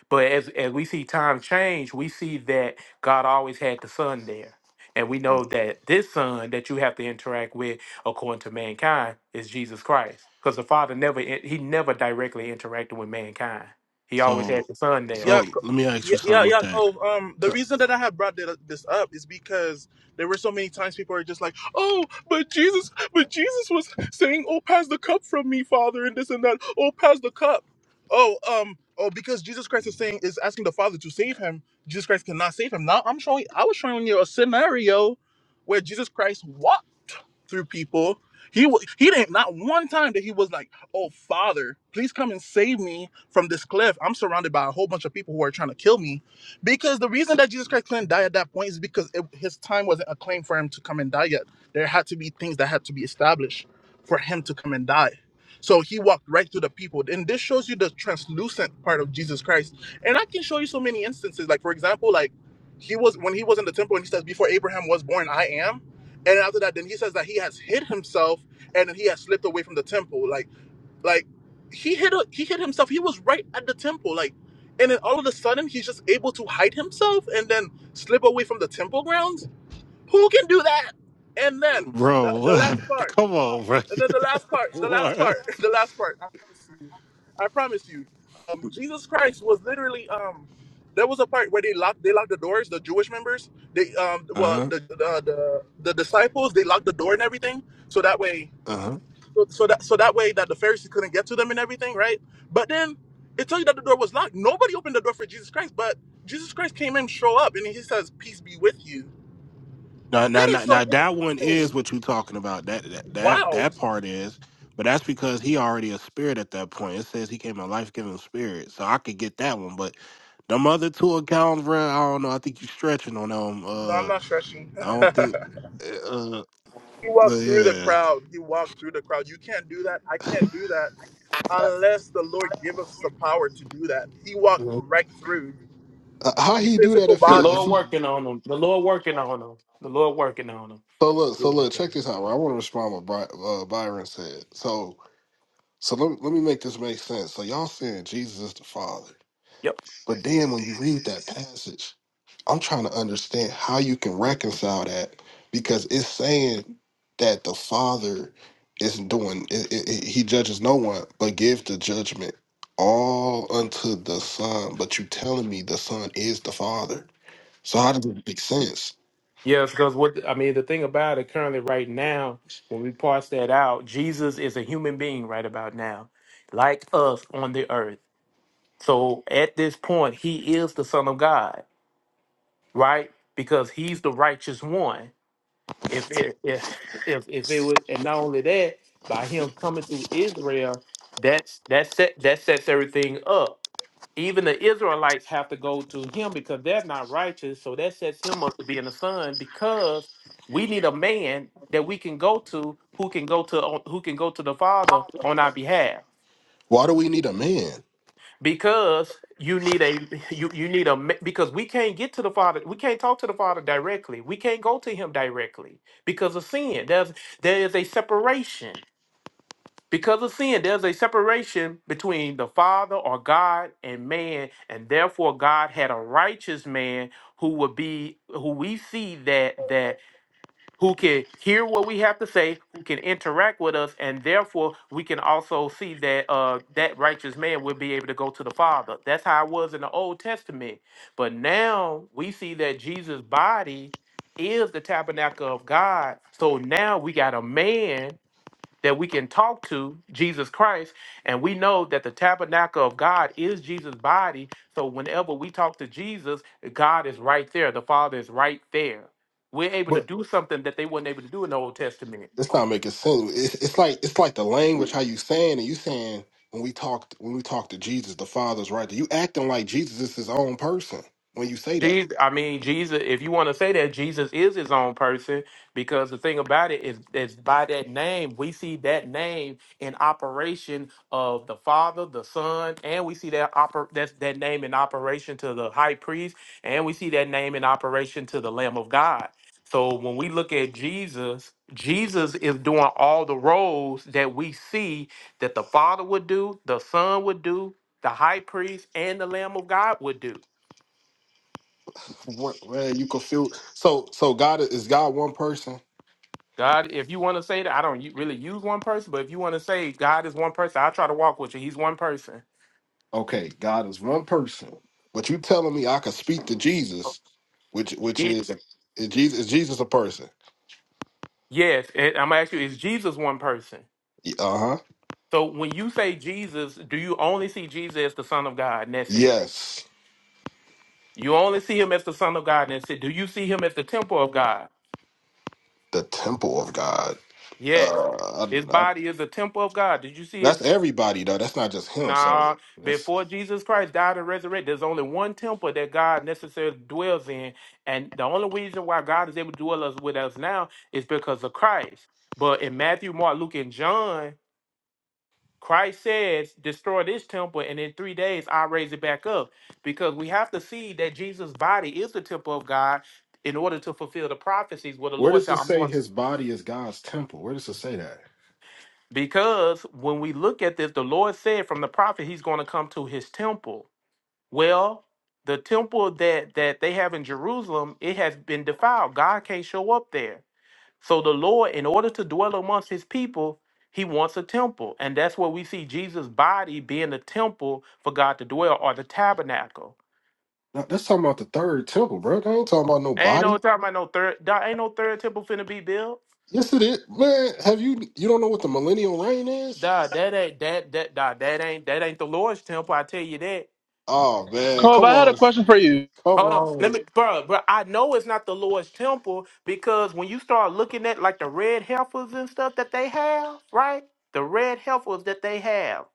[SPEAKER 5] But as, as we see time change, we see that God always had the Son there. And we
[SPEAKER 13] Oh,
[SPEAKER 5] know that this Son that you have to interact with, according to mankind, is Jesus Christ. Because the Father never he never directly interacted with mankind. He always had
[SPEAKER 13] So,
[SPEAKER 5] the Son there.
[SPEAKER 13] so let me ask you something with that, Uh, bro. come on, bro. what? Uh huh. Uh huh. Now, now, now, now, that one is what you talking about. That, that, that, that part is, but that's because he already a spirit at that point. It says he came a life giving spirit, so I could get that one. But them other two accounts, bro, I don't know. I think you stretching on them. Uh, I don't think. Uh, uh, but yeah,
[SPEAKER 5] Mhm.
[SPEAKER 13] Uh, how he do that if he
[SPEAKER 5] The
[SPEAKER 13] if
[SPEAKER 5] Lord
[SPEAKER 13] he
[SPEAKER 5] working on them. The Lord working on them. The Lord working on them.
[SPEAKER 13] So look,
[SPEAKER 5] He
[SPEAKER 13] so look,
[SPEAKER 5] working.
[SPEAKER 13] check this out. Right? I want to respond what Bri- uh, Byron said. So, so let me, let me make this make sense. So y'all saying Jesus is the Father,
[SPEAKER 5] Yep.
[SPEAKER 13] but then when you read that passage, I'm trying to understand how you can reconcile that because it's saying that the Father is doing it, it, it- he judges no one, but give the judgment all unto the Son. But you telling me the Son is the Father? So how does it make sense?
[SPEAKER 5] Yes, because what I mean, the thing about it currently right now, when we parse that out, Jesus is a human being right about now, like us on the earth. So at this point, he is the Son of God right? Because he's the righteous one. If it if if, if it would and not only that, by him coming through Israel, that's that set that sets everything up. Even the Israelites have to go to him because they're not righteous. So that sets him up to being the son because we need a man that we can go to who can go to who can go to the father on our behalf
[SPEAKER 13] Why do we need a man?
[SPEAKER 5] because you need a you you need a me- because we can't get to the father we can't talk to the father directly we can't go to him directly because of sin there's there is a separation because of sin there's a separation between the father or god and man and therefore god had a righteous man who would be who we see that that who can hear what we have to say, who can interact with us, and therefore we can also see that uh, that righteous man will be able to go to the Father. That's how it was in the Old Testament. But now we see that Jesus' body is the tabernacle of God. So now we got a man that we can talk to Jesus Christ. And we know that the tabernacle of God is Jesus' body. So whenever we talk to Jesus, God is right there. The Father is right there. We're able to do something that they weren't able to do in the Old Testament.
[SPEAKER 13] It's not making sense. It's, it's like it's like the language how you saying and you saying when we talked when we talk to Jesus, the Father's right. there. You acting like Jesus is his own person when you say that.
[SPEAKER 5] Jesus, I mean Jesus. If you want to say that Jesus is his own person, because the thing about it is, is by that name we see that name in operation of the Father, the Son, and we see that oper- that's that name in operation to the High Priest, and we see that name in operation to the Lamb of God. So when we look at Jesus, Jesus is doing all the roles that we see that the Father would do, the Son would do, the High Priest, and the Lamb of God would do.
[SPEAKER 13] What man, you confuse. So so God is is God one person?
[SPEAKER 5] God, if you want to say that, I don't u- really use one person, but if you want to say God is one person, I try to walk with you. He's one person.
[SPEAKER 13] Okay, God is one person. But you telling me I could speak to Jesus, which which
[SPEAKER 5] It,
[SPEAKER 13] is is Jesus is Jesus a person?
[SPEAKER 5] yes, and I'm gonna ask you, is Jesus one person?
[SPEAKER 13] Uh huh.
[SPEAKER 5] So when you say Jesus, do you only see Jesus as the Son of God, and that's it?
[SPEAKER 13] Yes,
[SPEAKER 5] You only see him as the Son of God, and that's it. Do you see him as the temple of God?
[SPEAKER 13] the temple of God.
[SPEAKER 5] Yes.
[SPEAKER 13] Uh,
[SPEAKER 5] His
[SPEAKER 13] I, I,
[SPEAKER 5] body is the temple of God. Did you see
[SPEAKER 13] that's
[SPEAKER 5] his?
[SPEAKER 13] everybody though. That's not just him. So.
[SPEAKER 5] Nah,
[SPEAKER 13] that's
[SPEAKER 5] before Jesus Christ died and resurrected, there's only one temple that God necessarily dwells in, and the only reason why God is able to dwell us with us now is because of Christ. But in Matthew, Mark, Luke, and John, Christ says, "Destroy this temple, and in three days I raise it back up." Because we have to see that Jesus' body is the temple of God in order to fulfill the prophecies where the
[SPEAKER 13] Where
[SPEAKER 5] Lord
[SPEAKER 13] does
[SPEAKER 5] said,
[SPEAKER 13] it
[SPEAKER 5] "I'm
[SPEAKER 13] say
[SPEAKER 5] going." to.
[SPEAKER 13] his body is God's temple? Where does it say that?
[SPEAKER 5] Because when we look at this, the Lord said from the prophet, He's going to come to His temple. Well, the temple that that they have in Jerusalem, it has been defiled. God can't show up there. So the Lord, in order to dwell amongst his people, he wants a temple. And that's where we see Jesus' body being the temple for God to dwell or the tabernacle.
[SPEAKER 13] No, That's talking about the third temple, bro. That ain't talking about no
[SPEAKER 5] Ain't no
[SPEAKER 13] body.
[SPEAKER 5] talking about no third dawg, ain't no third temple finna be built.
[SPEAKER 13] Yes, it is, man. Have you you don't know what the millennial reign is?
[SPEAKER 5] Duh, that ain't that that dawg, that ain't that ain't the Lord's temple, I tell you that.
[SPEAKER 13] Oh man, come on, come
[SPEAKER 5] Hold on, let
[SPEAKER 13] on.
[SPEAKER 5] me, bro, bro. I know it's not the Lord's temple because when you start looking at like the red heifers and stuff that they have, right? The red heifers that they have,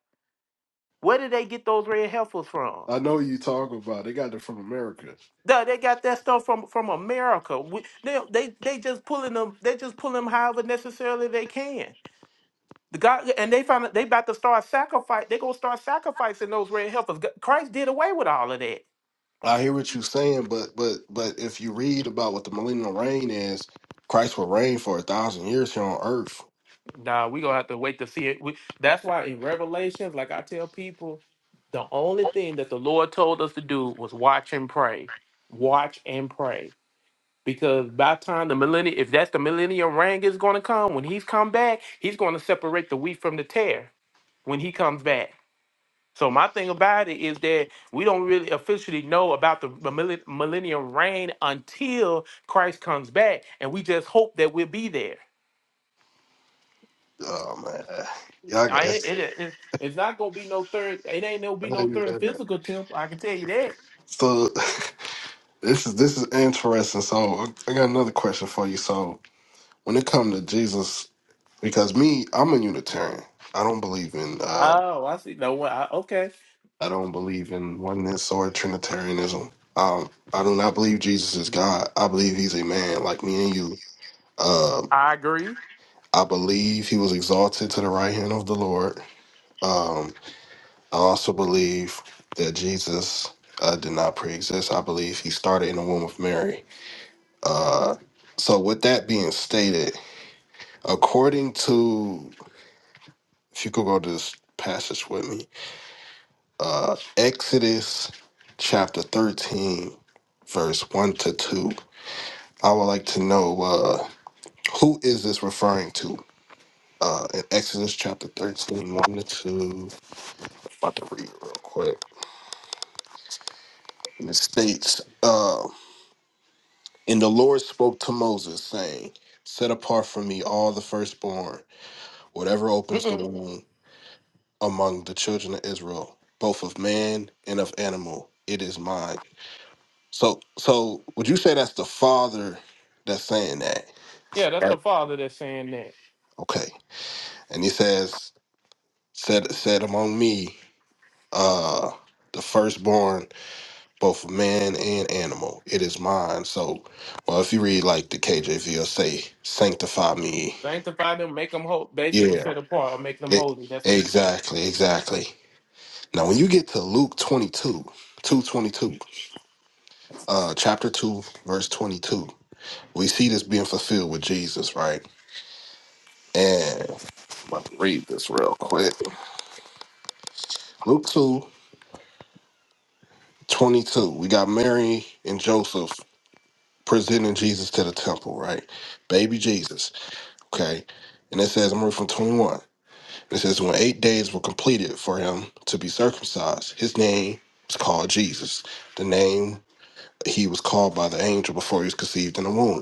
[SPEAKER 5] where did they get those red heifers from?
[SPEAKER 13] I know you talk about. They got it from America.
[SPEAKER 5] No, they got that stuff from from America. We, they, they they just pulling them. They just pulling them however necessarily they can. The God and they found out they about to start sacrifice. They gonna start sacrificing those red heifers. G- Christ did away with all of that.
[SPEAKER 13] I hear what you're saying, but but but if you read about what the millennial reign is, Christ will reign for a thousand years here on earth.
[SPEAKER 5] Nah, we gonna have to wait to see it. We, that's why in Revelations, like I tell people, the only thing that the Lord told us to do was watch and pray, watch and pray. Because by the time the millennium, if that's the millennium reign is gonna come, when He's come back, He's gonna separate the wheat from the tare when He comes back. So my thing about it is that we don't really officially know about the millen- millennium reign until Christ comes back, and we just hope that we'll be there.
[SPEAKER 13] Oh man, y'all got
[SPEAKER 5] I
[SPEAKER 13] it's-
[SPEAKER 5] it, it, it it's not gonna be no third. It ain't gonna be no third physical temp. I can tell you that.
[SPEAKER 13] So This is this is interesting. So I got another question for you. So when it comes to Jesus, because me, I'm a Unitarian. I don't believe in uh
[SPEAKER 5] Oh, I see. No, I, okay,
[SPEAKER 13] I don't believe in oneness or Trinitarianism. Um, I do not believe Jesus is God. I believe he's a man like me and you. Uh,
[SPEAKER 5] I agree.
[SPEAKER 13] I believe he was exalted to the right hand of the Lord. Um, I also believe that Jesus uh, did not pre-exist. I believe he started in the womb of Mary. Uh, so with that being stated, According to, if you could go to this passage with me, uh, Exodus chapter 13, verse 1 to 2, I would like to know uh, who is this referring to? Uh, in Exodus chapter thirteen, one to 2, about to read real quick. And it states, uh, And the Lord spoke to Moses, saying, Set apart for me all the firstborn, whatever opens the
[SPEAKER 5] Mm-mm.
[SPEAKER 13] womb. among the children of Israel, both of man and of animal. It is mine. So, so would you say that's the father that's saying that?
[SPEAKER 5] Yeah, that's
[SPEAKER 13] Right.
[SPEAKER 5] the father that's saying that.
[SPEAKER 13] Okay. And he says, said said among me, uh, the firstborn, both of man and animal. It is mine. So, well, if you read like the KJV, it'll say, sanctify me.
[SPEAKER 5] Sanctify them, make them whole, basic and
[SPEAKER 13] Yeah.
[SPEAKER 5] set apart, or make them
[SPEAKER 13] It,
[SPEAKER 5] holy. That's what he's saying.
[SPEAKER 13] exactly. Exactly. Now, when you get to Luke 22, 222, uh, chapter 2, verse 22. We see this being fulfilled with Jesus, right? And I'm about to read this real quick. Luke 2 22. We got Mary and Joseph presenting Jesus to the temple, right? Baby Jesus, okay? And it says, I'm reading from 21. It says, when eight days were completed for him to be circumcised, his name was called Jesus, the name he was called by the angel before he was conceived in the womb.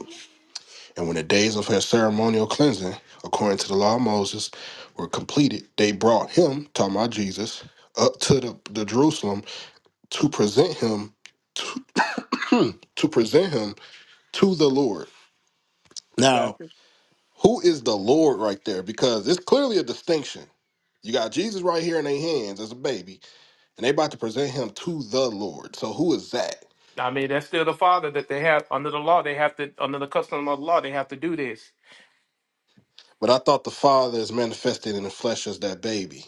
[SPEAKER 13] And when the days of her ceremonial cleansing, according to the law of Moses, were completed, they brought him, talking about Jesus, up to the, the Jerusalem to present him to, to present him to the Lord. Now,
[SPEAKER 5] Gotcha.
[SPEAKER 13] who is the Lord right there? Because it's clearly a distinction. You got Jesus right here in their hands as a baby, and they about to present him to the Lord. So who is that?
[SPEAKER 5] I mean, that's still the father that they have under the law. They have to under the custom of the law. They have to do this.
[SPEAKER 13] But I thought the Father is manifested in the flesh as that baby.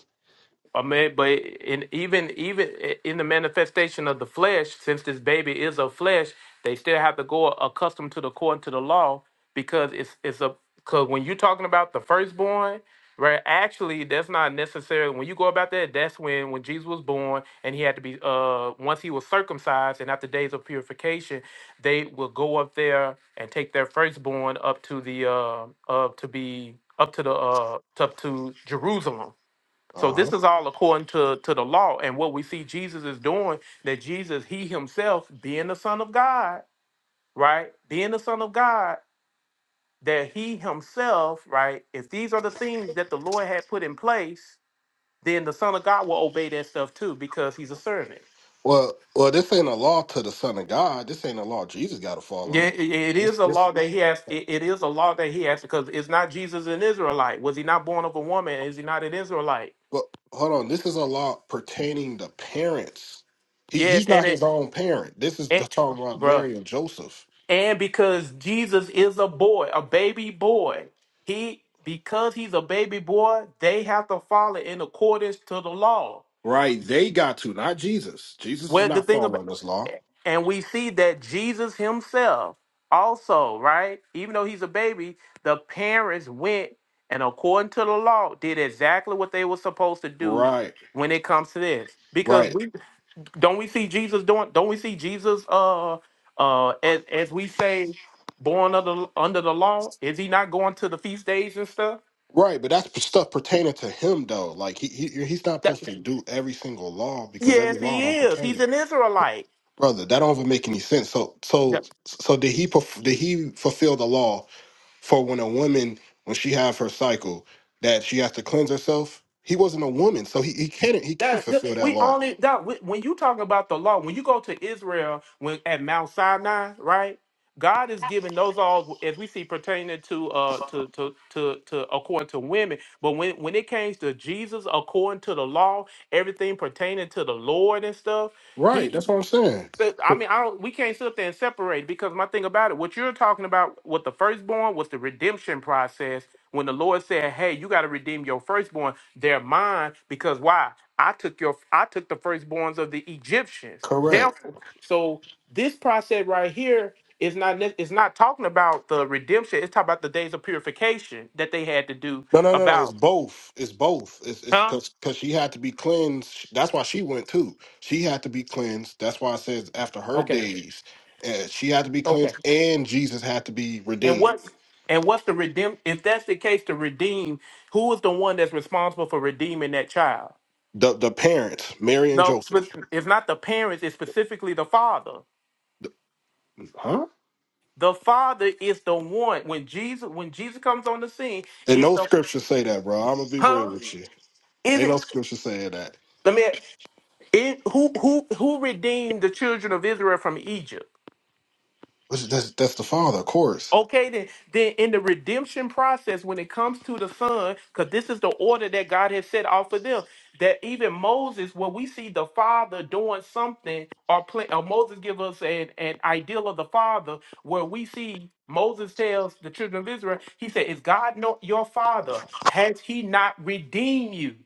[SPEAKER 5] I mean, but in even even in the manifestation of the flesh, since this baby is of flesh, they still have to go accustomed to the court to the law because it's it's a because when you're talking about the firstborn, right? Actually, that's not necessary. When you go about that, that's when when Jesus was born and he had to be uh once he was circumcised and after days of purification, they will go up there and take their firstborn up to the uh up to be up to the uh up to Jerusalem so
[SPEAKER 13] Uh-huh.
[SPEAKER 5] this is all according to, to the law and what we see Jesus is doing, that Jesus, he himself, being the son of God, right? Being the son of God, that he himself, right? If these are the things that the Lord had put in place, then the son of God will obey that stuff too, because he's a servant.
[SPEAKER 13] Well, well, this ain't a law to the Son of God. This ain't a law Jesus got to
[SPEAKER 5] Yeah,
[SPEAKER 13] follow.
[SPEAKER 5] it it
[SPEAKER 13] This,
[SPEAKER 5] is a
[SPEAKER 13] this.
[SPEAKER 5] law that he has. It it is a law that he has because it's not Jesus an Israelite. Was he not born of a woman? Is he not an Israelite?
[SPEAKER 13] But hold on, this is a law pertaining to parents. He,
[SPEAKER 5] Yeah,
[SPEAKER 13] he's not
[SPEAKER 5] and
[SPEAKER 13] his
[SPEAKER 5] it,
[SPEAKER 13] own parent. This is the
[SPEAKER 5] it
[SPEAKER 13] talking about
[SPEAKER 5] bruh.
[SPEAKER 13] Mary and Joseph,
[SPEAKER 5] And because Jesus is a boy, a baby boy, he because he's a baby boy, they have to follow in accordance to the law.
[SPEAKER 13] right? They got to, not Jesus. Jesus is
[SPEAKER 5] Well, the
[SPEAKER 13] not
[SPEAKER 5] thing about
[SPEAKER 13] following this law,
[SPEAKER 5] and we see that Jesus himself also, right? Even though he's a baby, the parents went and according to the law did exactly what they were supposed to do
[SPEAKER 13] right?
[SPEAKER 5] when it comes to this. Because
[SPEAKER 13] Right,
[SPEAKER 5] we don't we see Jesus doing? Don't we see Jesus? Uh, uh, as as we say, born under under the law. Is he not going to the feast days and stuff?
[SPEAKER 13] right. But that's stuff pertaining to him, though. Like he, he he's not
[SPEAKER 5] That,
[SPEAKER 13] supposed to do every single law because every
[SPEAKER 5] yes,
[SPEAKER 13] law
[SPEAKER 5] he
[SPEAKER 13] don't
[SPEAKER 5] is.
[SPEAKER 13] pertain.
[SPEAKER 5] He's an Israelite.
[SPEAKER 13] brother. That don't even make any sense. So so so did he perf- did he fulfill the law for when a woman when she have her cycle that she has to cleanse herself? He wasn't a woman, so he, he can't he can't
[SPEAKER 5] That, that-
[SPEAKER 13] fulfill that
[SPEAKER 5] we
[SPEAKER 13] law.
[SPEAKER 5] only that we- when you talking about the law, when you go to Israel, when at Mount Sinai, right? God is giving those laws as we see pertaining to uh to to to to according to women, but when when it came to Jesus according to the law, everything pertaining to the Lord and stuff,
[SPEAKER 13] Right,
[SPEAKER 5] he
[SPEAKER 13] that's what I'm saying.
[SPEAKER 5] so, I
[SPEAKER 13] Cor-
[SPEAKER 5] mean, I don't, we can't sit up there and separate because my thing about it, what you're talking about with the firstborn was the redemption process. When the Lord said, "Hey, you got to redeem your firstborn; they're mine." Because why? I took your, I took the firstborns of the Egyptians.
[SPEAKER 13] Correct.
[SPEAKER 5] Therefore, so this process right here is not, ne- it's not talking about the redemption. It's talking about the days of purification that they had to do
[SPEAKER 13] No, no, no, no. It's
[SPEAKER 5] about,
[SPEAKER 13] both. It's both. It's it's
[SPEAKER 5] huh?
[SPEAKER 13] because because she had to be cleansed. That's why she went too. She had to be cleansed. That's why it says after her
[SPEAKER 5] Okay,
[SPEAKER 13] days, uh, she had to be
[SPEAKER 5] okay.
[SPEAKER 13] cleansed, and Jesus had to be
[SPEAKER 5] And
[SPEAKER 13] redeemed.
[SPEAKER 5] what's and what's the redeem? If that's the case, to redeem, who is the one that's responsible for redeeming that child?
[SPEAKER 13] The the parents, Mary and
[SPEAKER 5] No,
[SPEAKER 13] Joseph.
[SPEAKER 5] spe- it's not the parents. It's specifically the father.
[SPEAKER 13] Huh?
[SPEAKER 5] The father is the one when Jesus when Jesus comes on the scene.
[SPEAKER 13] And
[SPEAKER 5] It's
[SPEAKER 13] no
[SPEAKER 5] the
[SPEAKER 13] scripture say that, bro. I'm gonna be real
[SPEAKER 5] huh?
[SPEAKER 13] with you.
[SPEAKER 5] Is
[SPEAKER 13] Ain't no
[SPEAKER 5] it?
[SPEAKER 13] scripture saying that.
[SPEAKER 5] Let me. It, who who who redeemed the children of Israel from Egypt?
[SPEAKER 13] That's that's, that's the father, of course.
[SPEAKER 5] Okay, then, then in the redemption process, when it comes to the Son, because this is the order that God has set out for them, that even Moses, when we see the Father doing something, or, play, or Moses give us an, an ideal of the Father, where we see Moses tells the children of Israel, he said, "Is God not your Father? Has He not redeemed you?"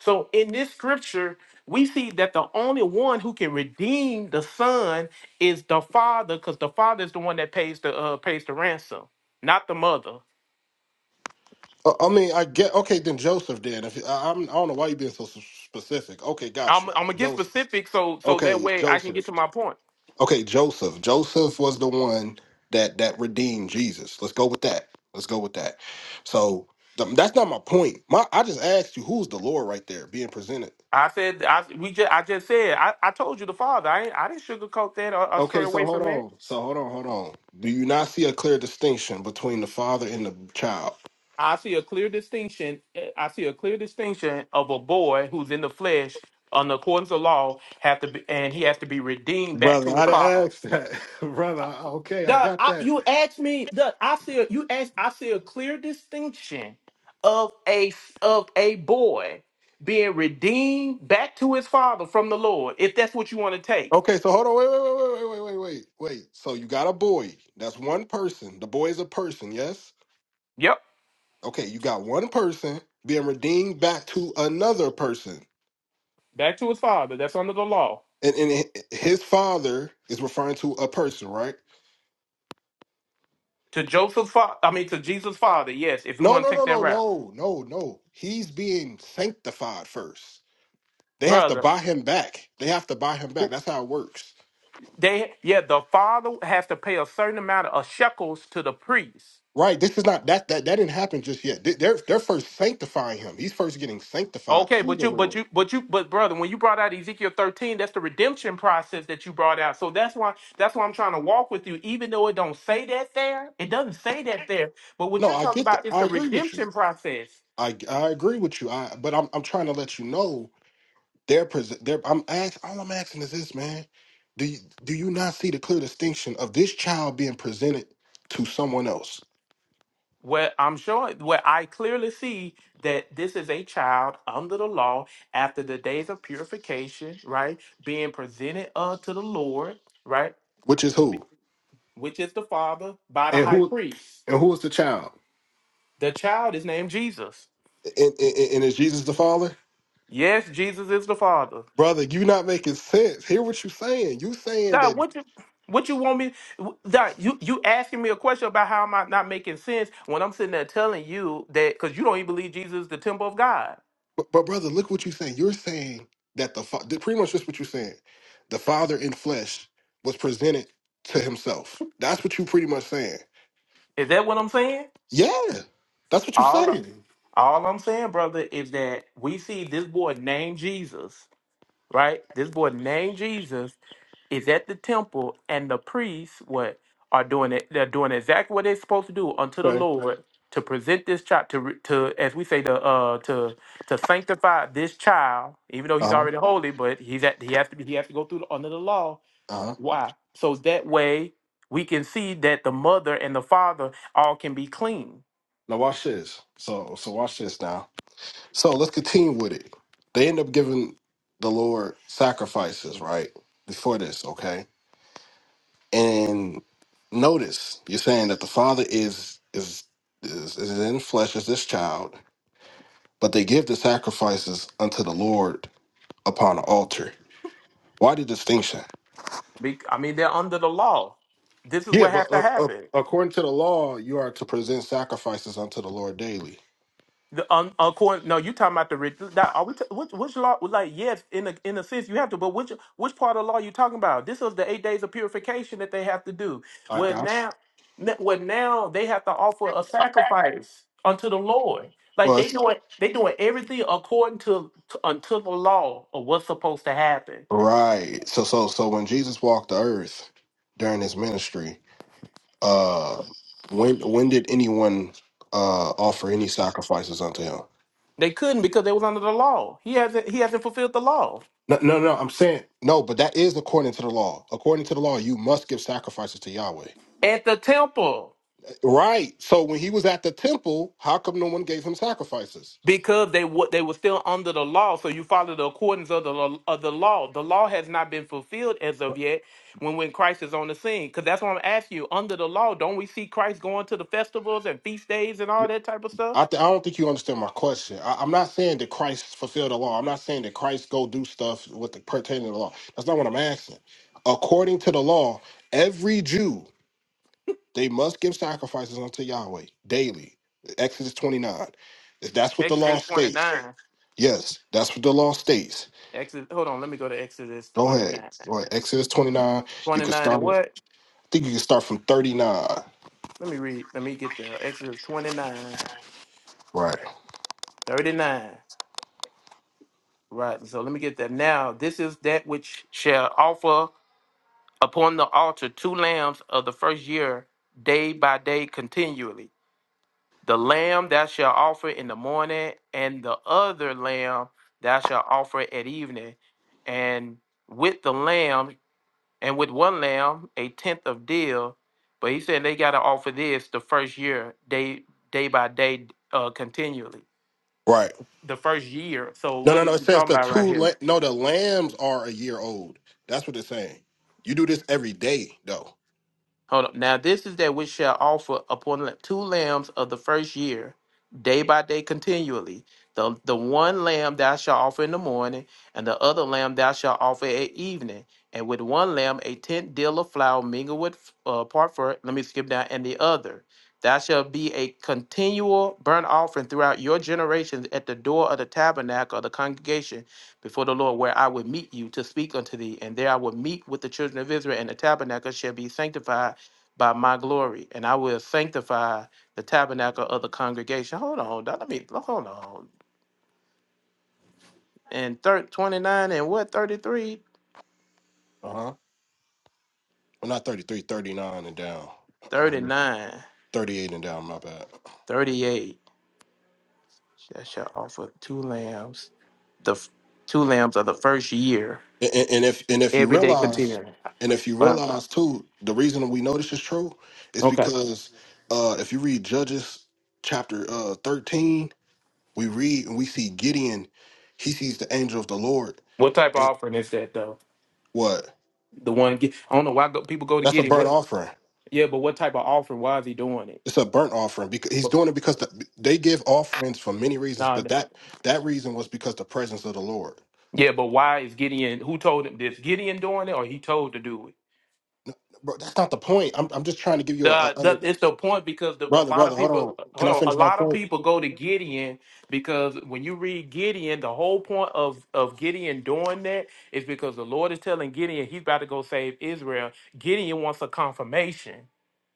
[SPEAKER 5] So in this scripture, we see that the only one who can redeem the son is the father, because the father is the one that pays the uh, pays the ransom, not the mother.
[SPEAKER 13] Uh, I mean, I get okay. Then Joseph did. If, I, I'm, I don't know why you being so s- specific. Okay, got
[SPEAKER 5] I'm,
[SPEAKER 13] you,
[SPEAKER 5] I'm gonna get
[SPEAKER 13] Joseph.
[SPEAKER 5] specific so so that
[SPEAKER 13] Okay,
[SPEAKER 5] way I can get
[SPEAKER 13] Joseph.
[SPEAKER 5] to my point.
[SPEAKER 13] Okay, Joseph. Joseph was the one that that redeemed Jesus. Let's go with that. Let's go with that. So th- that's not my point. My I just asked you who's the Lord right there being presented.
[SPEAKER 5] I said I we just I just said I, I told you the father. I ain't, I didn't sugarcoat that or, or stray
[SPEAKER 13] Okay, so
[SPEAKER 5] away
[SPEAKER 13] hold
[SPEAKER 5] from that.
[SPEAKER 13] on. So hold on, hold on. Do you not see a clear distinction between the father and the child?
[SPEAKER 5] I see a clear distinction. eh, I see a clear distinction of a boy who's in the flesh on the accordance of law have to be, and he has to be redeemed back
[SPEAKER 13] Brother,
[SPEAKER 5] to his
[SPEAKER 13] I didn't
[SPEAKER 5] father.
[SPEAKER 13] ask that. Brother, okay, I
[SPEAKER 5] The
[SPEAKER 13] got
[SPEAKER 5] I,
[SPEAKER 13] that.
[SPEAKER 5] you asked me. the I see. A, you asked. I see a clear distinction of a of a boy being redeemed back to his father from the Lord. If that's what you want to take.
[SPEAKER 13] Okay, so hold on, wait, wait, wait, wait, wait, wait, wait, wait. wait. So you got a boy. That's one person. The boy is a person, yes?
[SPEAKER 5] Yep,
[SPEAKER 13] Okay, you got one person being redeemed back to another person.
[SPEAKER 5] back to his father. That's under the law.
[SPEAKER 13] And, and hi- his father is referring to a person, right?
[SPEAKER 5] To Joseph's father. I mean, to Jesus' father. Yes, if you
[SPEAKER 13] No,
[SPEAKER 5] want
[SPEAKER 13] no,
[SPEAKER 5] to take
[SPEAKER 13] no,
[SPEAKER 5] that
[SPEAKER 13] no,
[SPEAKER 5] route,
[SPEAKER 13] no, no, no. He's being sanctified first. They have to
[SPEAKER 5] brother.
[SPEAKER 13] buy him back. They have to buy him back. That's how it works.
[SPEAKER 5] They yeah, the father has to pay a certain amount of shekels to the priest
[SPEAKER 13] Right. This is not that that that didn't happen just yet. They- They're they're first sanctifying him. He's first getting sanctified
[SPEAKER 5] Okay,
[SPEAKER 13] to
[SPEAKER 5] but
[SPEAKER 13] the
[SPEAKER 5] you, but
[SPEAKER 13] Lord.
[SPEAKER 5] you, but you, but brother, when you brought out Ezekiel 13, that's the redemption process that you brought out. So that's why, that's why I'm trying to walk with you, even though it don't say that there, it doesn't say that there. But what
[SPEAKER 13] No,
[SPEAKER 5] you're
[SPEAKER 13] I
[SPEAKER 5] talking
[SPEAKER 13] get that.
[SPEAKER 5] about is
[SPEAKER 13] I
[SPEAKER 5] the
[SPEAKER 13] agree with you.
[SPEAKER 5] redemption process,
[SPEAKER 13] I I agree with you. I but I'm I'm trying to let you know they're present. They're I'm ask all I'm asking is this, man. Do you, do you not see the clear distinction of this child being presented to someone else,
[SPEAKER 5] where I'm showing, where I clearly see that this is a child under the law after the days of purification, right, being presented uh to the Lord, right,
[SPEAKER 13] which is who
[SPEAKER 5] which is the Father by the
[SPEAKER 13] and
[SPEAKER 5] high
[SPEAKER 13] who
[SPEAKER 5] priest.
[SPEAKER 13] and who is the child?
[SPEAKER 5] The child is named Jesus.
[SPEAKER 13] And, and, and is Jesus the father?
[SPEAKER 5] Yes, Jesus is the Father.
[SPEAKER 13] brother, you not making sense. Hear what you saying. You saying
[SPEAKER 5] Dad,
[SPEAKER 13] that,
[SPEAKER 5] what you what you want me? Dad, you you asking me a question about how am I not making sense when I'm sitting there telling you that because you don't even believe Jesus is the temple of God.
[SPEAKER 13] but, but brother, look what you saying. You're saying that the fa- pretty much just what you're saying. The Father in flesh was presented to Himself. That's what you pretty much saying.
[SPEAKER 5] Is that what I'm saying?
[SPEAKER 13] Yeah, that's what you're
[SPEAKER 5] All I-
[SPEAKER 13] saying.
[SPEAKER 5] all I'm saying, brother, is that we see this boy named Jesus, right? This boy named Jesus is at the temple and the priests what are doing it they're doing exactly what they're supposed to do unto the
[SPEAKER 13] Okay.
[SPEAKER 5] lord Right. to present this child to re- to as we say to uh to to sanctify this child even though he's
[SPEAKER 13] Uh huh.
[SPEAKER 5] already holy but he's at he has to be he has to go through the, under the law
[SPEAKER 13] Uh huh.
[SPEAKER 5] why so that way we can see that the mother and the father all can be clean
[SPEAKER 13] Now watch this. So so watch this now. So let's continue with it. They end up giving the Lord sacrifices, right? Before this, okay? And notice you're saying that the father is is is, is in flesh as this child, but they give the sacrifices unto the Lord upon the altar. Why the distinction?
[SPEAKER 5] be, i mean they're under the law this is
[SPEAKER 13] Yeah,
[SPEAKER 5] what has
[SPEAKER 13] but
[SPEAKER 5] to
[SPEAKER 13] uh, uh,
[SPEAKER 5] happen
[SPEAKER 13] according to the law, you are to present sacrifices unto the Lord daily.
[SPEAKER 5] The un, according, no, you talking about the re- that are we t- which which law? Like yes, in a in a sense you have to, but which which part of law you talking about? This is the eight days of purification that they have to do.
[SPEAKER 13] I
[SPEAKER 5] Where
[SPEAKER 13] got you.
[SPEAKER 5] now, n- where now they have to offer a sacrifice unto the Lord. Like
[SPEAKER 13] Well,
[SPEAKER 5] they
[SPEAKER 13] it's-
[SPEAKER 5] doing they doing everything according to, to unto the law of what's supposed to happen.
[SPEAKER 13] right. So so so when Jesus walked the earth during his ministry, uh when when did anyone uh offer any sacrifices unto him?
[SPEAKER 5] They couldn't because they was under the law. He hasn't he hasn't fulfilled the law
[SPEAKER 13] No, no, no. I'm saying no, but that is according to the law. According to the law, you must give sacrifices to Yahweh.
[SPEAKER 5] at the temple.
[SPEAKER 13] Right. So when he was at the temple, how come no one gave him sacrifices?
[SPEAKER 5] because they were they were still under the law. So you follow the accordance of the lo- of the law. The law has not been fulfilled as of yet. When when Christ is on the scene, because that's what I'm asking you. Under the law, don't we see Christ going to the festivals and feast days and
[SPEAKER 13] Y-
[SPEAKER 5] all that type of stuff?
[SPEAKER 13] I, th- I don't think you understand my question. I- I'm not saying that Christ fulfilled the law. I'm not saying that Christ go do stuff with the pertaining to the law. That's not what I'm asking. According to the law, every Jew they must give sacrifices unto Yahweh daily. Exodus 29. That's what the law
[SPEAKER 5] Exodus
[SPEAKER 13] states.
[SPEAKER 5] 29.
[SPEAKER 13] Yes, that's what the law states.
[SPEAKER 5] Exodus. Hold on. Let me go to Exodus
[SPEAKER 13] Go ahead.
[SPEAKER 5] 29.
[SPEAKER 13] Go ahead. Exodus 29. You can
[SPEAKER 5] 29 and
[SPEAKER 13] start it.
[SPEAKER 5] what?
[SPEAKER 13] I think you can start from 39.
[SPEAKER 5] Let me read. Let me get there. Exodus 29,
[SPEAKER 13] Right.
[SPEAKER 5] 39. Right. So let me get that. Now, this is that which shall offer upon the altar two lambs of the first year, day by day continually. The lamb thou shalt offer in the morning, and the other lamb thou shalt offer at evening. And with the lamb, and with one lamb, a tenth of deal. But he said they got to offer this the first year, day day by day, uh, continually.
[SPEAKER 13] Right.
[SPEAKER 5] The first year. So
[SPEAKER 13] No,
[SPEAKER 5] what
[SPEAKER 13] no,
[SPEAKER 5] is
[SPEAKER 13] no. It
[SPEAKER 5] he
[SPEAKER 13] says
[SPEAKER 5] talking
[SPEAKER 13] the
[SPEAKER 5] about
[SPEAKER 13] two,
[SPEAKER 5] right here?
[SPEAKER 13] la- no, the lambs are a year old. That's what it's saying. You do this every day, though.
[SPEAKER 5] Hold on. Now this is that which shall offer upon la- two lambs of the first year, day by day continually. The the one lamb thou shalt offer in the morning, and the other lamb thou shalt offer at evening. And with one lamb a tenth deal of flour mingled with uh, part for Let me skip down. And the other, thou shalt be a continual burnt offering throughout your generations at the door of the tabernacle of the congregation before the Lord, where I will meet you to speak unto thee. And there I will meet with the children of Israel, and the tabernacle shall be sanctified by my glory, and I will sanctify the tabernacle of the congregation. Hold on, dog, let me hold on. And thir- 29 and what 33?
[SPEAKER 13] Uh huh. Well, not 33, 39, and down.
[SPEAKER 5] 39,
[SPEAKER 13] 38 and down, my bad.
[SPEAKER 5] thirty-eight. I shall offer two lambs, the f- two lambs of the first year,
[SPEAKER 13] And, and and if and if you
[SPEAKER 5] every day
[SPEAKER 13] realize,
[SPEAKER 5] continuing.
[SPEAKER 13] and if you
[SPEAKER 5] Wow.
[SPEAKER 13] realize too, the reason we know this is true is
[SPEAKER 5] Okay.
[SPEAKER 13] because uh if you read Judges chapter uh 13 We read and we see Gideon, he sees the angel of the Lord.
[SPEAKER 5] What type of
[SPEAKER 13] And
[SPEAKER 5] offering is that though?
[SPEAKER 13] what?
[SPEAKER 5] The one get, I don't know why go, people go to
[SPEAKER 13] That's a
[SPEAKER 5] Gideon.
[SPEAKER 13] burnt
[SPEAKER 5] What?
[SPEAKER 13] offering.
[SPEAKER 5] Yeah, but what type of offering? Why is he doing it?
[SPEAKER 13] It's a burnt offering because he's
[SPEAKER 5] But
[SPEAKER 13] doing it because the, they give offerings for many reasons,
[SPEAKER 5] nah,
[SPEAKER 13] but that that reason was because the presence of the Lord.
[SPEAKER 5] yeah, but why is Gideon? Who told him? Is Gideon doing it, or he told to do it?
[SPEAKER 13] Bro, that's not the point. I'm I'm just trying to give you a, a
[SPEAKER 5] The, the
[SPEAKER 13] under
[SPEAKER 5] it's the point because the, a
[SPEAKER 13] brother,
[SPEAKER 5] lot
[SPEAKER 13] brother.
[SPEAKER 5] of
[SPEAKER 13] Hold
[SPEAKER 5] people
[SPEAKER 13] on. Can
[SPEAKER 5] hold
[SPEAKER 13] I
[SPEAKER 5] on. A
[SPEAKER 13] finish my
[SPEAKER 5] lot of
[SPEAKER 13] point?
[SPEAKER 5] people go to Gideon because when you read Gideon, the whole point of of Gideon doing that is because the Lord is telling Gideon he's about to go save Israel. Gideon wants a confirmation.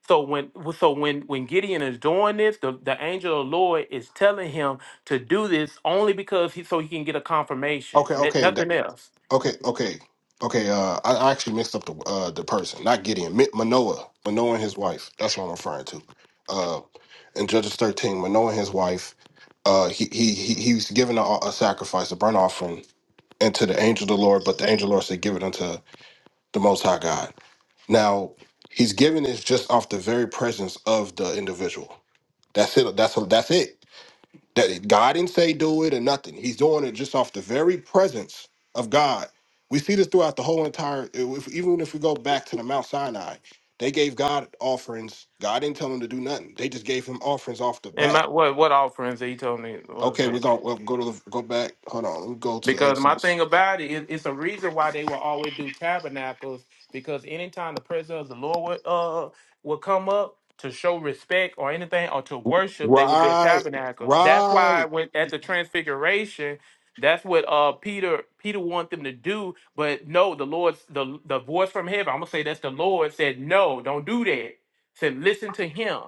[SPEAKER 5] So when so when when Gideon is doing this, the, the angel of the Lord is telling him to do this only because he so he can get a confirmation.
[SPEAKER 13] Okay,
[SPEAKER 5] n-
[SPEAKER 13] okay.
[SPEAKER 5] Nothing else.
[SPEAKER 13] Okay, okay, okay. Uh, I, I actually mixed up the uh the person, not Gideon, Mi- Manoah, Manoah and his wife. That's what I'm referring to. Uh, in Judges 13, Manoah and his wife, uh, he he he, he was given a, a sacrifice, a burnt offering, and to the angel of the Lord. But the angel of the Lord said, "Give it unto the Most High God." Now he's giving this just off the very presence of the individual. That's it. That's that's it. That God didn't say do it or nothing. He's doing it just off the very presence of God. We see this throughout the whole entire. If, even if we go back to the Mount Sinai, they gave God offerings. God didn't tell them to do nothing. They just gave him offerings off the
[SPEAKER 5] And my
[SPEAKER 13] bat.
[SPEAKER 5] what what offerings that he told me was
[SPEAKER 13] Okay,
[SPEAKER 5] that?
[SPEAKER 13] we're gonna we'll go to the, go back. Hold on, let me go to
[SPEAKER 5] Because my
[SPEAKER 13] Exodus.
[SPEAKER 5] thing about it, it- it's a reason why they will always do tabernacles. Because anytime the presence of the Lord would, uh, would come up to show respect or anything or to worship, they would build
[SPEAKER 13] Right,
[SPEAKER 5] tabernacles. That's why
[SPEAKER 13] right.
[SPEAKER 5] when at the transfiguration, that's what uh Peter Peter wanted them to do. But no, the Lord's the the voice from heaven. I'm gonna say that's the Lord said no, don't do that. Said listen to him.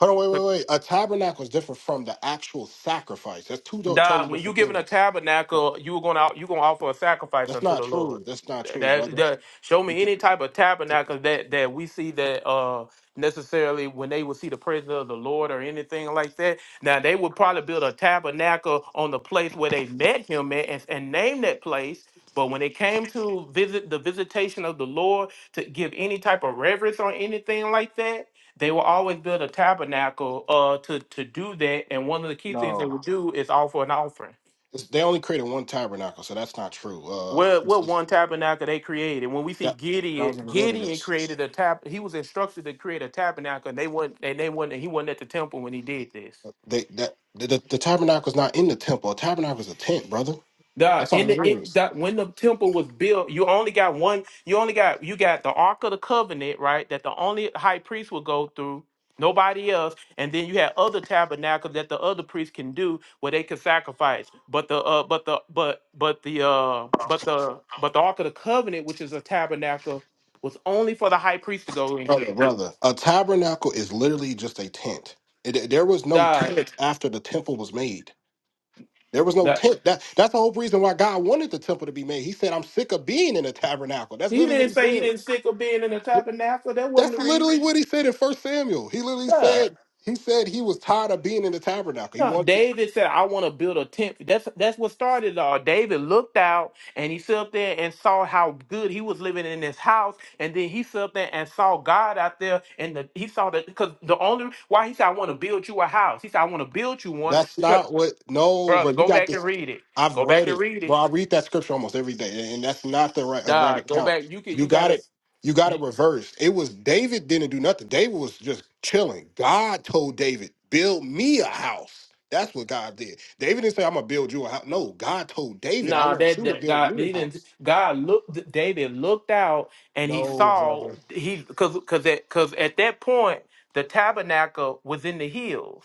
[SPEAKER 13] Hold on, wait, wait, wait. A tabernacle is different from the actual sacrifice. That's two do- totally
[SPEAKER 5] Dog, when you
[SPEAKER 13] different
[SPEAKER 5] giving a
[SPEAKER 13] things.
[SPEAKER 5] tabernacle, you're gonna you gonna offer a sacrifice
[SPEAKER 13] That's
[SPEAKER 5] unto
[SPEAKER 13] not
[SPEAKER 5] the Lord.
[SPEAKER 13] true. That's not true,
[SPEAKER 5] That,
[SPEAKER 13] brother.
[SPEAKER 5] that show me any type of tabernacle that that we see that uh necessarily when they would see the presence of the Lord or anything like that. Now they would probably build a tabernacle on the place where they met him at and, and name that place. But when it came to visit the visitation of the Lord to give any type of reverence or anything like that, they will always build a tabernacle uh, to, to do that. And one of the key things they would do is offer an offering.
[SPEAKER 13] It's, they only created one tabernacle, so that's not true. Uh,
[SPEAKER 5] What,
[SPEAKER 13] it's,
[SPEAKER 5] what
[SPEAKER 13] it's,
[SPEAKER 5] one tabernacle they created? When we see
[SPEAKER 13] that that
[SPEAKER 5] Gideon,
[SPEAKER 13] was in the
[SPEAKER 5] Gideon
[SPEAKER 13] wilderness.
[SPEAKER 5] created a tab. He was instructed to create a tabernacle, and they weren't, and they weren't, and he wasn't at the temple when he did this.
[SPEAKER 13] They that the, the, the tabernacle is not in the temple. A tabernacle is a tent, brother.
[SPEAKER 5] The
[SPEAKER 13] That's all
[SPEAKER 5] in
[SPEAKER 13] it
[SPEAKER 5] the it,
[SPEAKER 13] is,
[SPEAKER 5] that when the temple was built, you only got one. You only got you got the Ark of the Covenant, right? That the only high priest would go through, nobody else. And then you had other tabernacles that the other priests can do where they can sacrifice. But the uh, but the but but the uh, but the but the Ark of the Covenant, which is a tabernacle, was only for the high priest to go
[SPEAKER 13] brother.
[SPEAKER 5] into.
[SPEAKER 13] Brother, a tabernacle is literally just a tent. It, there was no
[SPEAKER 5] God,
[SPEAKER 13] tent after the temple was made. There was no
[SPEAKER 5] that
[SPEAKER 13] tent. That that's the whole reason why God wanted the temple to be made. He said, "I'm sick of being in a tabernacle." That's
[SPEAKER 5] he
[SPEAKER 13] literally what
[SPEAKER 5] didn't
[SPEAKER 13] he
[SPEAKER 5] say he
[SPEAKER 13] said.
[SPEAKER 5] didn't sick of being in the
[SPEAKER 13] Yeah,
[SPEAKER 5] tabernacle. That wasn't
[SPEAKER 13] That's
[SPEAKER 5] the
[SPEAKER 13] literally
[SPEAKER 5] reason.
[SPEAKER 13] what he said in First Samuel. He literally said, "He said he was tired of being in the tabernacle. He
[SPEAKER 5] No,
[SPEAKER 13] wanted."
[SPEAKER 5] David said, "I want to build a tent." That's that's what started it all. David looked out and he stood up there and saw how good he was living in his house, and then he stood up there and saw God out there, and the, he saw that because the only why he said, "I want to build you a house," he said, "I want to build you one."
[SPEAKER 13] That's
[SPEAKER 5] Because
[SPEAKER 13] not what. No, bro.
[SPEAKER 5] brother,
[SPEAKER 13] You
[SPEAKER 5] go
[SPEAKER 13] got
[SPEAKER 5] back and
[SPEAKER 13] this.
[SPEAKER 5] read it.
[SPEAKER 13] I've
[SPEAKER 5] Go back
[SPEAKER 13] read
[SPEAKER 5] and
[SPEAKER 13] it,
[SPEAKER 5] read it.
[SPEAKER 13] bro. I read that scripture almost every day, and that's not the right, right
[SPEAKER 5] Dog, go
[SPEAKER 13] account.
[SPEAKER 5] back. You can.
[SPEAKER 13] You
[SPEAKER 5] You
[SPEAKER 13] got
[SPEAKER 5] gotta.
[SPEAKER 13] it. You got it reversed. It was David didn't do nothing. David was just chilling. God told David, "Build me a house." That's what God did. David didn't say, "I'm gonna build you a house." No, God told David, "I
[SPEAKER 5] Nah,
[SPEAKER 13] want
[SPEAKER 5] that,
[SPEAKER 13] you to
[SPEAKER 5] that
[SPEAKER 13] build
[SPEAKER 5] God
[SPEAKER 13] me
[SPEAKER 5] he
[SPEAKER 13] a
[SPEAKER 5] didn't.
[SPEAKER 13] house."
[SPEAKER 5] God looked. David looked out, and he
[SPEAKER 13] No,
[SPEAKER 5] saw
[SPEAKER 13] brother.
[SPEAKER 5] he because because at because at that point the tabernacle was in the hills.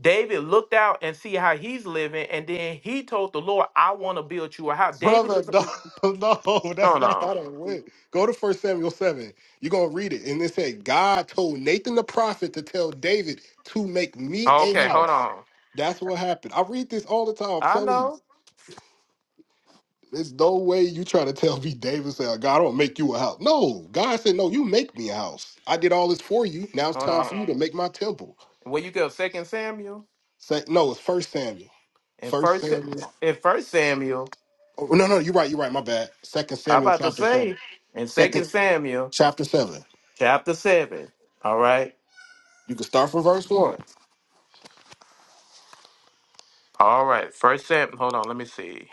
[SPEAKER 5] David looked out and see how he's living, and then he told the Lord, "I want to build you a house." David
[SPEAKER 13] Brother,
[SPEAKER 5] was.
[SPEAKER 13] no, no, that's
[SPEAKER 5] Hold
[SPEAKER 13] not
[SPEAKER 5] on.
[SPEAKER 13] how that went. Go to First Samuel 7. You're going to read it. And it said, God told Nathan the prophet to tell David to make me a
[SPEAKER 5] Okay, hold
[SPEAKER 13] house.
[SPEAKER 5] on.
[SPEAKER 13] That's what happened. I read this all the time. I'm
[SPEAKER 5] I
[SPEAKER 13] telling you,
[SPEAKER 5] know.
[SPEAKER 13] there's no way you try to tell me, David said, God, I don't make you a house. No, God said, no, you make me a house. I did all this for you. Now it's
[SPEAKER 5] Hold
[SPEAKER 13] time for
[SPEAKER 5] on.
[SPEAKER 13] you to make my temple.
[SPEAKER 5] Where you go? Second Samuel
[SPEAKER 13] Say, no, it's First Samuel.
[SPEAKER 5] and
[SPEAKER 13] First
[SPEAKER 5] first
[SPEAKER 13] Samuel.
[SPEAKER 5] and First Samuel.
[SPEAKER 13] Oh, no, no, you're right. You're right. My bad. Second
[SPEAKER 5] I
[SPEAKER 13] Samuel
[SPEAKER 5] about to
[SPEAKER 13] chapter 7.
[SPEAKER 5] say in
[SPEAKER 13] Second
[SPEAKER 5] Second Samuel
[SPEAKER 13] chapter 7.
[SPEAKER 5] chapter seven. All right.
[SPEAKER 13] You can start from verse one.
[SPEAKER 5] All right. First Sam hold on, let me see.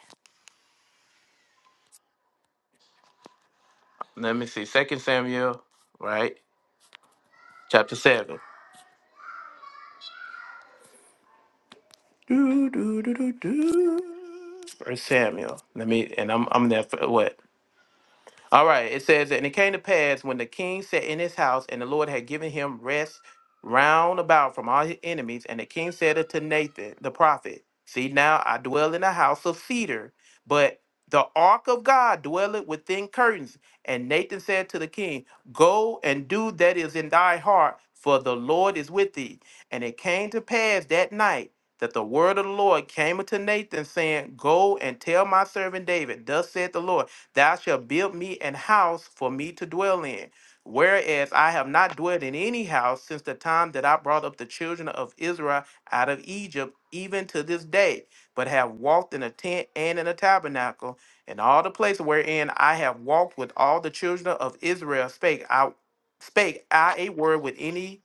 [SPEAKER 5] Let me see. Second Samuel, right? Chapter seven. Do, do, do, do, do. First Samuel. Let me and I'm I'm there for what? All right. It says, and it came to pass when the king sat in his house, and the Lord had given him rest round about from all his enemies. And the king said unto Nathan the prophet, See now I dwell in a house of cedar, but the ark of God dwelleth within curtains. And Nathan said to the king, Go and do that is in thy heart, for the Lord is with thee. And it came to pass that night that the word of the Lord came unto Nathan, saying, Go and tell my servant David, Thus saith the Lord. Thou shalt build me an house for me to dwell in. Whereas I have not dwelt in any house since the time that I brought up the children of Israel out of Egypt, even to this day, but have walked in a tent and in a tabernacle, and all the places wherein I have walked with all the children of Israel spake I spake I a word with any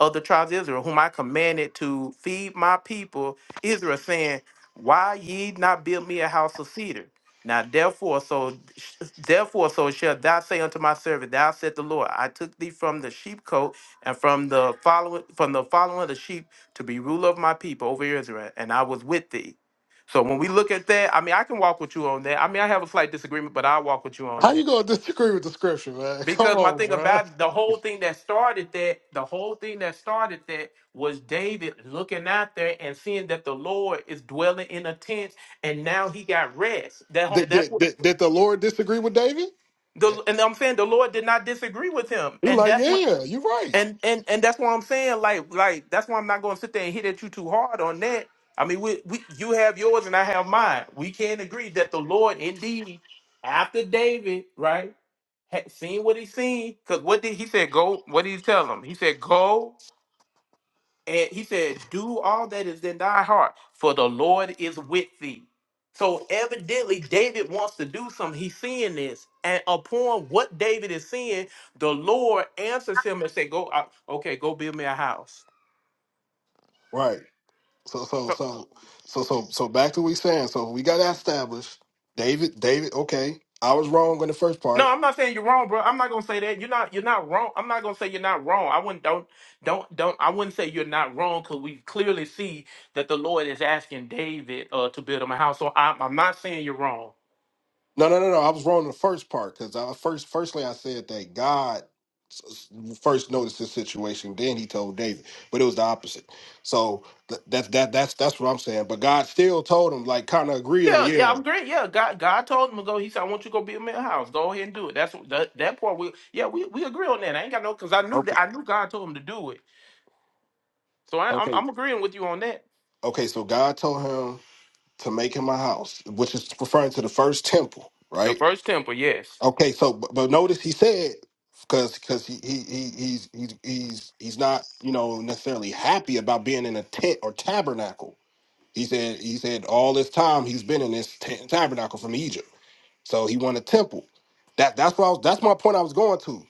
[SPEAKER 5] of the tribes of Israel, whom I commanded to feed my people Israel, saying, Why ye not build me a house of cedar? Now therefore, so sh- therefore, so shall thou say unto my servant, Thou said the Lord, I took thee from the sheepcote and from the following from the following of the sheep to be ruler of my people over Israel, and I was with thee. So when we look at that, I mean, I can walk with you on that. I mean, I have a slight disagreement, but I walk with you on
[SPEAKER 13] How
[SPEAKER 5] that
[SPEAKER 13] you gonna disagree with the scripture, man? Come
[SPEAKER 5] because my
[SPEAKER 13] on,
[SPEAKER 5] thing
[SPEAKER 13] bro.
[SPEAKER 5] about the whole thing that started that, the whole thing that started that was David looking out there and seeing that the Lord is dwelling in a tent, and now he got rest.
[SPEAKER 13] Did,
[SPEAKER 5] That
[SPEAKER 13] did, did, did the Lord disagree with David?
[SPEAKER 5] The and I'm saying the Lord did not disagree with him,
[SPEAKER 13] He
[SPEAKER 5] and
[SPEAKER 13] like,
[SPEAKER 5] that's what
[SPEAKER 13] yeah, you are right.
[SPEAKER 5] and and and that's why I'm saying like like that's why I'm not going to sit there and hit at you too hard on that. I mean, we, we you have yours and I have mine. We can agree that the Lord indeed after David right had seen what he seen because what did he said go? What did he tell him? He said go. And he said, Do all that is in thy heart, for the Lord is with thee. So evidently, David wants to do something. He's seeing this. And upon what David is seeing, the Lord answers him and say, Go, uh, okay, go build me a house.
[SPEAKER 13] Right. So so
[SPEAKER 5] So,
[SPEAKER 13] so so so so back to what we saying. So we got that established. David, David, okay. I was wrong on the first
[SPEAKER 5] no,
[SPEAKER 13] part.
[SPEAKER 5] I'm not saying you're wrong, bro. I'm not gonna say that. You're not you're not wrong. I'm not gonna say you're not wrong. I wouldn't don't don't don't I wouldn't say you're not wrong because we clearly see that the Lord is asking David uh to build him a house. So I'm I'm not saying you're wrong.
[SPEAKER 13] No, no, no, no. I was wrong in the first part because I first, firstly, I said that God s- s- first noticed this situation, then he told David, but it was the opposite. So th- that's that that's that's what I'm saying. But God still told him, like, kind of agree, like,
[SPEAKER 5] Yeah, yeah,
[SPEAKER 13] yeah,
[SPEAKER 5] I'm great. Yeah, God, God told him to go. He said, "I want you to go build me a house. Go ahead and do it." That's what- that, that part. We yeah, we, we agree on that. I ain't got no because I knew
[SPEAKER 13] okay,
[SPEAKER 5] that I knew God told him to do it. So I, I'm
[SPEAKER 13] okay,
[SPEAKER 5] I'm agreeing with you on that.
[SPEAKER 13] okay. So God told him to make him a house, which is referring to the first temple,
[SPEAKER 5] The
[SPEAKER 13] right?
[SPEAKER 5] first temple, yes.
[SPEAKER 13] Okay, so but, but notice he said because because he, he he he's he's he's he's not you know necessarily happy about being in a tent or tabernacle He said, he said all this time he's been in this ta- tabernacle from Egypt. So he wanted temple. That that's what I was, that's my point I was going to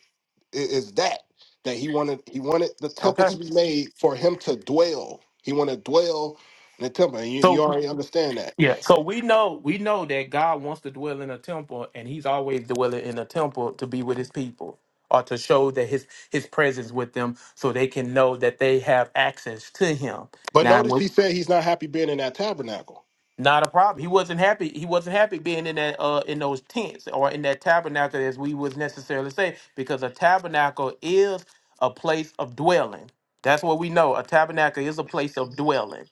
[SPEAKER 13] i- is that that he wanted he wanted the temple
[SPEAKER 5] Okay.
[SPEAKER 13] to be made for him to dwell. He wanted to dwell in the temple. And you, you
[SPEAKER 5] So
[SPEAKER 13] already understand that.
[SPEAKER 5] yeah, so we know we know that God wants to dwell in a temple, and He's always dwelling in a temple to be with His people or to show that His His presence with them, so they can know that they have access to Him.
[SPEAKER 13] But
[SPEAKER 5] Now, when
[SPEAKER 13] notice he said he's not happy being in that tabernacle.
[SPEAKER 5] Not a problem. He wasn't happy. He wasn't happy being in that uh in those tents or in that tabernacle as we was necessarily say, because a tabernacle is a place of dwelling. That's what we know. A tabernacle is a place of dwelling.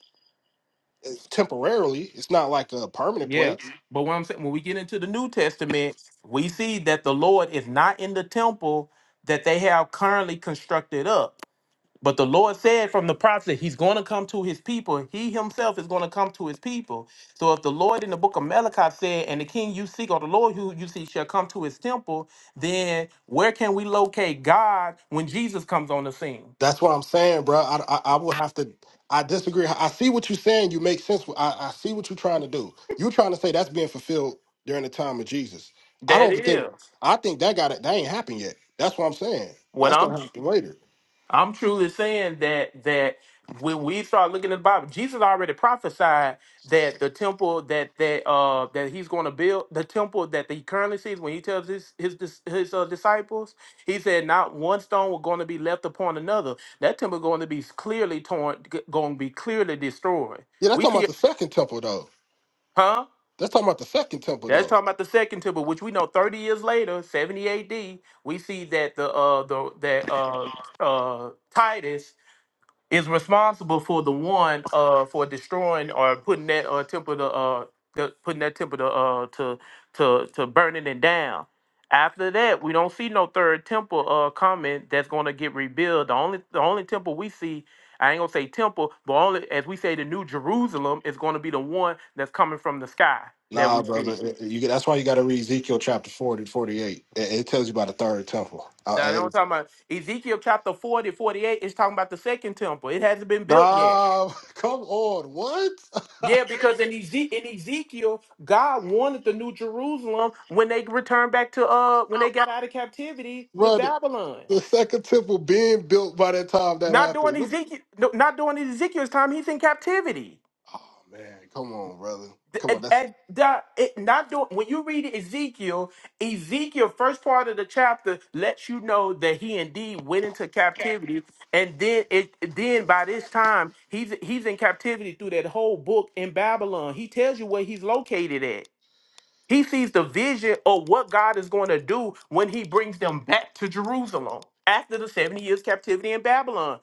[SPEAKER 13] It's temporarily. It's not like a permanent
[SPEAKER 5] Yeah.
[SPEAKER 13] place.
[SPEAKER 5] But what I'm saying when we get into the New Testament, we see that the Lord is not in the temple that they have currently constructed up. But the Lord said from the prophet, He's going to come to His people. He Himself is going to come to His people. So if the Lord in the book of Malachi said, And the king you seek, or the Lord who you seek, shall come to His temple, then where can we locate God when Jesus comes on the scene?
[SPEAKER 13] That's what I'm saying, bro. I, I, I will have to. I disagree. I see what you're saying. You make sense. I, I see what you're trying to do. You're trying to say that's being fulfilled during the time of Jesus. I
[SPEAKER 5] That
[SPEAKER 13] don't think.
[SPEAKER 5] is
[SPEAKER 13] I think that got it. That ain't happened yet. That's what I'm saying.
[SPEAKER 5] what
[SPEAKER 13] That's gonna
[SPEAKER 5] I'm.
[SPEAKER 13] happen later.
[SPEAKER 5] I'm truly saying that that when we start looking at the Bible, Jesus already prophesied that the temple that that uh that he's going to build, the temple that he currently sees when he tells his his dis- his uh, disciples, he said not one stone was going to be left upon another. That temple going to be clearly torn, going to be clearly destroyed.
[SPEAKER 13] Yeah, that's
[SPEAKER 5] We
[SPEAKER 13] talking
[SPEAKER 5] see,
[SPEAKER 13] about the
[SPEAKER 5] it,
[SPEAKER 13] second temple though.
[SPEAKER 5] huh?
[SPEAKER 13] That's talking about the second temple
[SPEAKER 5] That's
[SPEAKER 13] though.
[SPEAKER 5] talking about the second temple, which we know 30 years later, 70 AD, we see that the uh the that uh uh Titus is responsible for the one uh for destroying or putting that uh temple to uh the, putting that temple to uh to to to burning it down. After that, we don't see no third temple uh coming that's gonna get rebuilt. The only the only temple we see, I ain't gonna say temple, but only as we say the new Jerusalem is gonna be the one that's coming from the sky that
[SPEAKER 13] Nah,
[SPEAKER 5] we
[SPEAKER 13] brother.
[SPEAKER 5] see.
[SPEAKER 13] it- it- You, that's why you got to read Ezekiel chapter 40, 48. It, it tells you about the third temple.
[SPEAKER 5] Now,
[SPEAKER 13] Uh,
[SPEAKER 5] they don't
[SPEAKER 13] it-
[SPEAKER 5] talking about Ezekiel chapter 40, 48 is talking about the second temple. It hasn't been built yet.
[SPEAKER 13] nah, come on. What?
[SPEAKER 5] Yeah, because in, Eze- in Ezekiel, God wanted the New Jerusalem when they returned back to uh when they got out of captivity with
[SPEAKER 13] brother?
[SPEAKER 5] Babylon.
[SPEAKER 13] The second temple being built by that time that
[SPEAKER 5] Not during
[SPEAKER 13] happened. What-
[SPEAKER 5] Ezekiel, no, not during Ezekiel's time. He's in captivity.
[SPEAKER 13] Oh man, come on, brother.
[SPEAKER 5] Th-
[SPEAKER 13] Come on,
[SPEAKER 5] At,
[SPEAKER 13] that's
[SPEAKER 5] at, that- it- not doing when you read Ezekiel, Ezekiel first part of the chapter lets you know that he indeed went into captivity, and then it then by this time he's he's in captivity through that whole book in Babylon. He tells you where he's located at. He sees the vision of what God is going to do when he brings them back to Jerusalem after the 70 years captivity in Babylon.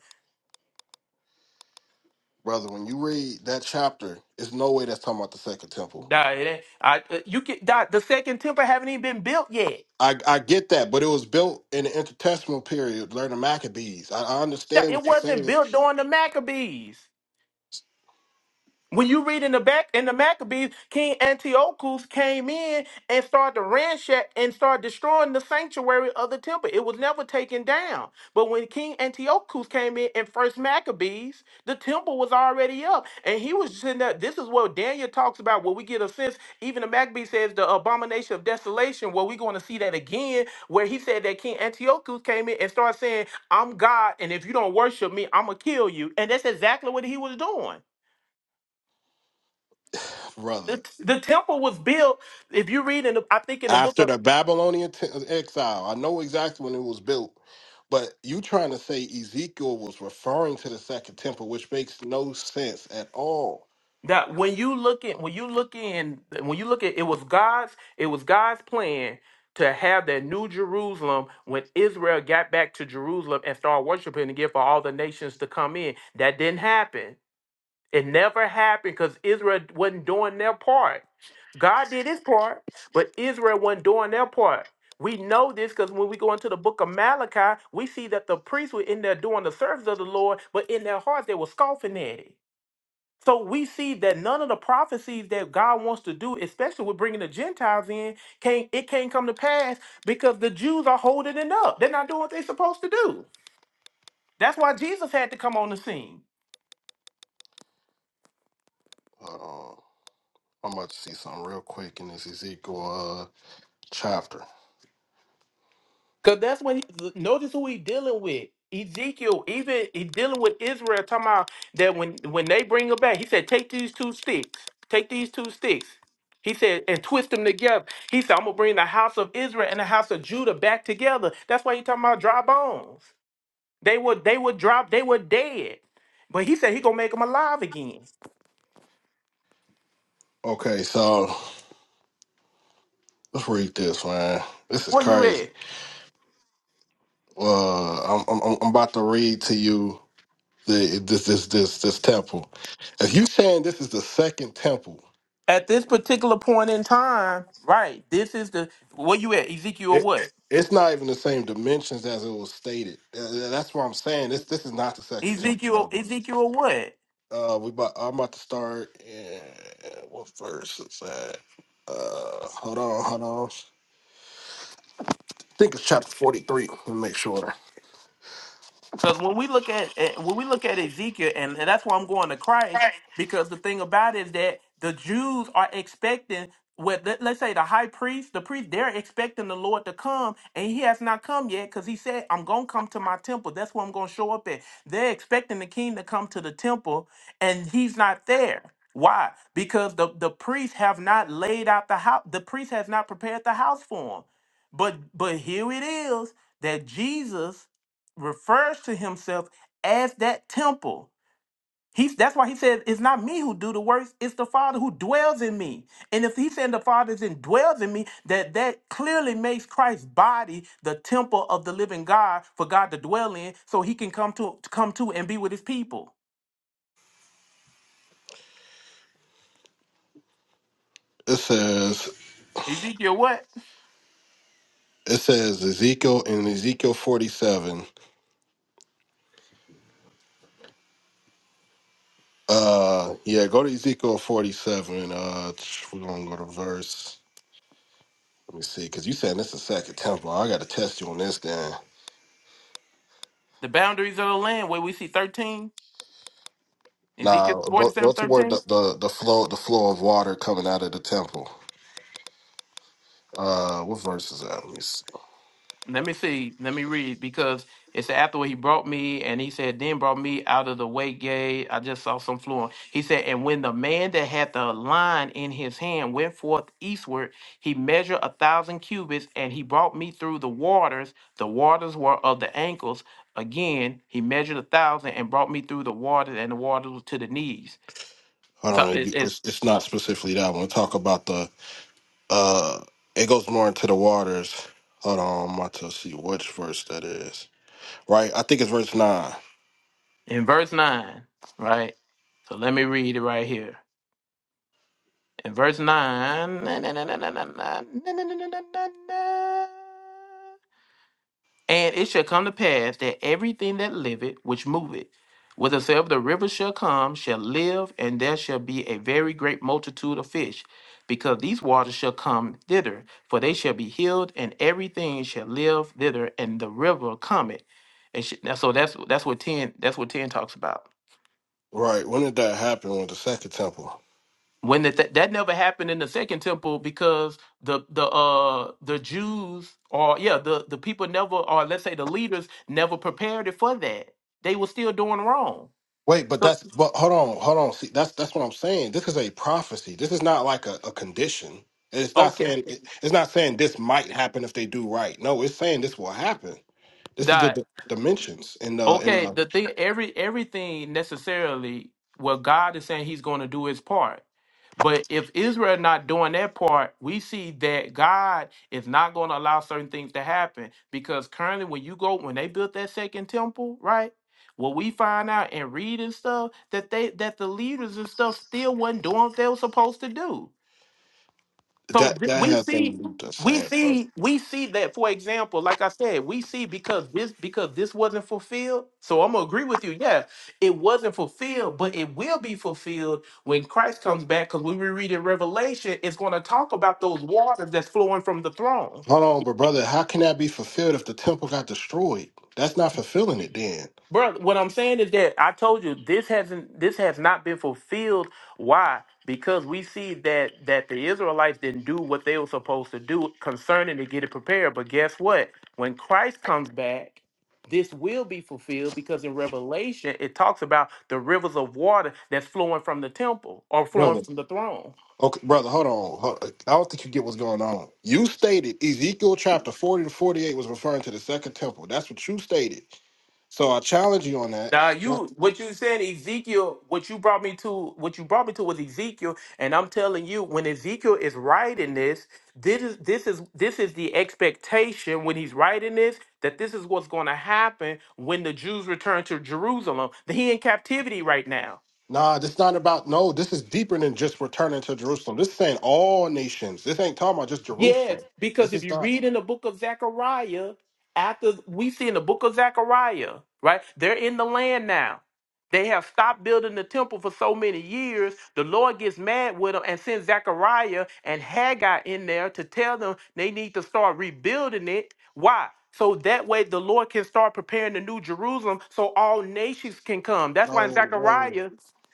[SPEAKER 13] brother. When you read that chapter, it's no way that's talking about the second temple.
[SPEAKER 5] Nah, it ain't- I- uh, you can, nah, the second temple haven't even been built yet.
[SPEAKER 13] I, I get that, but it was built in the intertestamental period, during the Maccabees. I, I
[SPEAKER 5] Nah,
[SPEAKER 13] understand
[SPEAKER 5] It
[SPEAKER 13] what you're
[SPEAKER 5] wasn't
[SPEAKER 13] saying,
[SPEAKER 5] built during the Maccabees. When you read in the back in the Maccabees, King Antiochus came in and started to ransack and started destroying the sanctuary of the temple. It was never taken down. But when King Antiochus came in in First Maccabees, the temple was already up, and he was sitting there. This is what Daniel talks about. Where we get a sense, even the Maccabees says the abomination of desolation. Well, we're going to see that again, where he said that King Antiochus came in and started saying, "I'm God, and if you don't worship me, I'm gonna kill you." And that's exactly what he was doing
[SPEAKER 13] brother.
[SPEAKER 5] the, the temple was built. If you read in, the, I think in the book
[SPEAKER 13] After
[SPEAKER 5] of-
[SPEAKER 13] the Babylonian t- exile, I know exactly when it was built, but you trying to say Ezekiel was referring to the second temple, which makes no sense at all.
[SPEAKER 5] that when you look at when you look in when you look at it was God's it was God's plan to have that new Jerusalem when Israel got back to Jerusalem and started worshiping again for all the nations to come in. That didn't happen. It never happened because Israel wasn't doing their part. God did his part, but Israel wasn't doing their part. We know this because when we go into the book of Malachi, we see that the priests were in there doing the service of the Lord, but in their hearts they were scoffing at it. So we see that none of the prophecies that God wants to do, especially with bringing the Gentiles in, can't it can't come to pass because the Jews are holding it up. They're not doing what they're supposed to do. That's why Jesus had to come on the scene.
[SPEAKER 13] Hold on. I'm about to see something real quick in this Ezekiel uh, chapter.
[SPEAKER 5] Cause that's when he, notice who he dealing with. Ezekiel, even he dealing with Israel, talking about that when when they bring him back, he said, take these two sticks, take these two sticks. He said, and twist them together. He said, I'm gonna bring the house of Israel and the house of Judah back together. That's why he talking about dry bones. They were they were drop, they were dead. But he said he gonna make them alive again.
[SPEAKER 13] Okay, so let's read this, man. This is
[SPEAKER 5] Where you
[SPEAKER 13] crazy.
[SPEAKER 5] at?
[SPEAKER 13] Uh, I'm, I'm I'm about to read to you the this this this this temple. If you saying this is the second temple,
[SPEAKER 5] At this particular point in time, right? This is the where you at, Ezekiel?
[SPEAKER 13] it
[SPEAKER 5] What?
[SPEAKER 13] it's not even the same dimensions as it was stated. Uh, That's what I'm saying. This this is not the second temple,
[SPEAKER 5] Ezekiel?
[SPEAKER 13] brother.
[SPEAKER 5] Ezekiel? What?
[SPEAKER 13] Uh, we about, I'm about to start. In, what verse is that? Uh, hold on, hold on. think it's chapter 43. Let me make sure.
[SPEAKER 5] Because when we look at eh, when we look at Ezekiel, and, and that's why I'm going to Christ, because the thing about it is that the Jews are expecting what let, let's say the high priest, the priest, they're expecting the Lord to come, and he has not come yet, because he said, I'm gonna come to my temple. That's where I'm gonna show up at. They're expecting the king to come to the temple, and he's not there. Why? Because the, the priests have not laid out the house, the priest has not prepared the house for him. But but here it is that Jesus refers to himself as that temple. He's that's why he said it's not me who do the works, it's the Father who dwells in me. And if he's saying the Father is in dwells in me, that that clearly makes Christ's body the temple of the living God for God to dwell in, so he can come to come to and be with his people.
[SPEAKER 13] It says
[SPEAKER 5] Ezekiel what?
[SPEAKER 13] it says Ezekiel in Ezekiel 47. Uh yeah, go to Ezekiel 47. Uh tch, we're gonna go to verse. Let me see, because you saying this is second temple. I gotta test you on this then.
[SPEAKER 5] The boundaries of the land where we see 13, Ezekiel
[SPEAKER 13] Now
[SPEAKER 5] forty
[SPEAKER 13] go go
[SPEAKER 5] seven
[SPEAKER 13] to
[SPEAKER 5] 13.
[SPEAKER 13] where the, the, the flow the flow of water coming out of the temple. Uh what verse is that? Let me see.
[SPEAKER 5] Let me see. Let me read because it said afterward he brought me and he said then brought me out of the way gate. I just saw some fluent. He said and when the man that had the line in his hand went forth eastward, he measured a thousand cubits and he brought me through the waters. The waters were of the ankles. Again he measured a thousand and brought me through the waters and the waters were to the knees.
[SPEAKER 13] Hold
[SPEAKER 5] So
[SPEAKER 13] on,
[SPEAKER 5] it,
[SPEAKER 13] you-
[SPEAKER 5] it,
[SPEAKER 13] it's, it's not specifically that one. Talk about the Uh, it goes more into the waters. Hold on, I'm about to see which verse that is. Right, I think it's verse nine.
[SPEAKER 5] in verse nine, right? So let me read it right here. In verse 9, na- na- na- na- na- na- na- na- na- na- na- na- na- na. and it shall come to pass that everything that liveth, which moveth, whithersoever the river shall come, shall live, and there shall be a very great multitude of fish, because these waters shall come thither, for they shall be healed, and everything shall live thither, and the river cometh. And sh- now, so that's that's what ten that's what ten talks about.
[SPEAKER 13] Right, when did that happen with the second temple?
[SPEAKER 5] when that that that never happened in the second temple because the the uh the Jews or yeah the the people never or let's say the leaders never prepared it for that they were still doing wrong.
[SPEAKER 13] Wait, but
[SPEAKER 5] So-
[SPEAKER 13] that's but hold on, hold on. See, that's that's what I'm saying. This is a prophecy. This is not like a, a condition. It's not
[SPEAKER 5] Okay,
[SPEAKER 13] saying it, it's not saying this might happen if they do right. No, it's saying this will happen. This is the,
[SPEAKER 5] that
[SPEAKER 13] the dimensions and uh and
[SPEAKER 5] Okay,
[SPEAKER 13] uh,
[SPEAKER 5] the thing every everything necessarily well God is saying he's going to do his part. But if Israel not doing their part, we see that God is not going to allow certain things to happen because currently when you go when they built that second temple, right? What we find out and read and stuff that they that the leaders and stuff still wasn't doing what they were supposed to do. So
[SPEAKER 13] that
[SPEAKER 5] th-
[SPEAKER 13] that
[SPEAKER 5] we
[SPEAKER 13] has
[SPEAKER 5] see,
[SPEAKER 13] been the
[SPEAKER 5] we
[SPEAKER 13] same.
[SPEAKER 5] see, we see that. For example, like I said, we see because this because this wasn't fulfilled. So I'm gonna agree with you. Yeah, it wasn't fulfilled, but it will be fulfilled when Christ comes back. Because when we read in Revelation, it's gonna talk about those waters that's flowing from the throne.
[SPEAKER 13] Hold on, but brother, how can that be fulfilled if the temple got destroyed? That's not fulfilling it then.
[SPEAKER 5] Bro, what I'm saying is that I told you this hasn't this has not been fulfilled. Why? Because we see that that the Israelites didn't do what they were supposed to do concerning to get it prepared. But guess what? When Christ comes back, this will be fulfilled because in Revelation it talks about the rivers of water that's flowing from the temple or
[SPEAKER 13] Brother.
[SPEAKER 5] flowing from the throne.
[SPEAKER 13] Okay, brother, hold on. Hold- I don't think you get what's going on. You stated Ezekiel chapter 40 to 48 was referring to the second temple. That's what you stated. So I challenge you on that.
[SPEAKER 5] Now
[SPEAKER 13] Nah,
[SPEAKER 5] you what you said Ezekiel what you brought me to what you brought me to was Ezekiel and I'm telling you when Ezekiel is writing this this is this is this is the expectation when he's writing this that this is what's going to happen when the Jews return to Jerusalem. He in captivity right now.
[SPEAKER 13] nah, this not about no, this is deeper than just returning to Jerusalem. This is saying all nations. This ain't talking about just Jerusalem.
[SPEAKER 5] Yes, because
[SPEAKER 13] This
[SPEAKER 5] if
[SPEAKER 13] is
[SPEAKER 5] you
[SPEAKER 13] not
[SPEAKER 5] read in the book of Zechariah, after we see in the book of Zechariah, right? They're in the land now. They have stopped building the temple for so many years. The Lord gets mad with them and sends Zechariah and Haggai in there to tell them they need to start rebuilding it. Why? So that way the Lord can start preparing the new Jerusalem so all nations can come. That's why in
[SPEAKER 13] no, no.
[SPEAKER 5] Zechariah,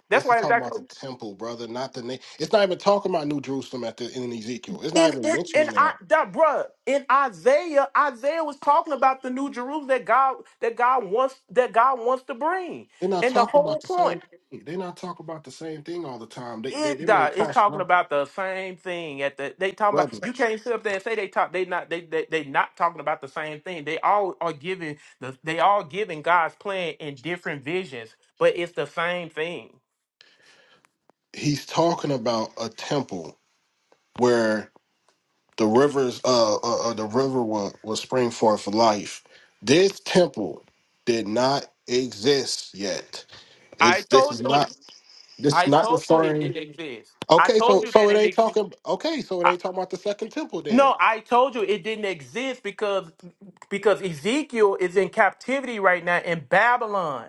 [SPEAKER 5] that's
[SPEAKER 13] This is
[SPEAKER 5] why in
[SPEAKER 13] talking about
[SPEAKER 5] Zechariah.
[SPEAKER 13] the temple, brother, not the name. It's not even talking about New Jerusalem at the in Ezekiel. It's not
[SPEAKER 5] In
[SPEAKER 13] even
[SPEAKER 5] in in
[SPEAKER 13] mentioning
[SPEAKER 5] I
[SPEAKER 13] that.
[SPEAKER 5] that bruh in Isaiah, Isaiah was talking about the new Jerusalem that God that God wants that God wants to bring.
[SPEAKER 13] They're not
[SPEAKER 5] And the
[SPEAKER 13] talking
[SPEAKER 5] whole
[SPEAKER 13] about the
[SPEAKER 5] point
[SPEAKER 13] same. thing. They're not talking about the same thing all the time. They they,
[SPEAKER 5] it
[SPEAKER 13] they make
[SPEAKER 5] that it's
[SPEAKER 13] clash,
[SPEAKER 5] talking
[SPEAKER 13] bro-
[SPEAKER 5] about the same thing at the they talking about
[SPEAKER 13] brother.
[SPEAKER 5] you can't sit up there and say they talk they not they they, they not talking about the same thing. They all are giving the they all giving God's plan in different visions, but it's the same thing.
[SPEAKER 13] He's talking about a temple where the rivers, uh, uh, uh the river will, will spring forth life. This temple did not exist yet.
[SPEAKER 5] I
[SPEAKER 13] It's this is
[SPEAKER 5] told you it-
[SPEAKER 13] not this is
[SPEAKER 5] I
[SPEAKER 13] not
[SPEAKER 5] told you it
[SPEAKER 13] referring.
[SPEAKER 5] didn't exist. I
[SPEAKER 13] Okay,
[SPEAKER 5] told
[SPEAKER 13] so
[SPEAKER 5] you
[SPEAKER 13] so
[SPEAKER 5] that
[SPEAKER 13] it
[SPEAKER 5] it
[SPEAKER 13] ain't
[SPEAKER 5] exists.
[SPEAKER 13] talking. Okay, so it ain't talking about the second temple then.
[SPEAKER 5] No, I told you it didn't exist because because Ezekiel is in captivity right now in Babylon.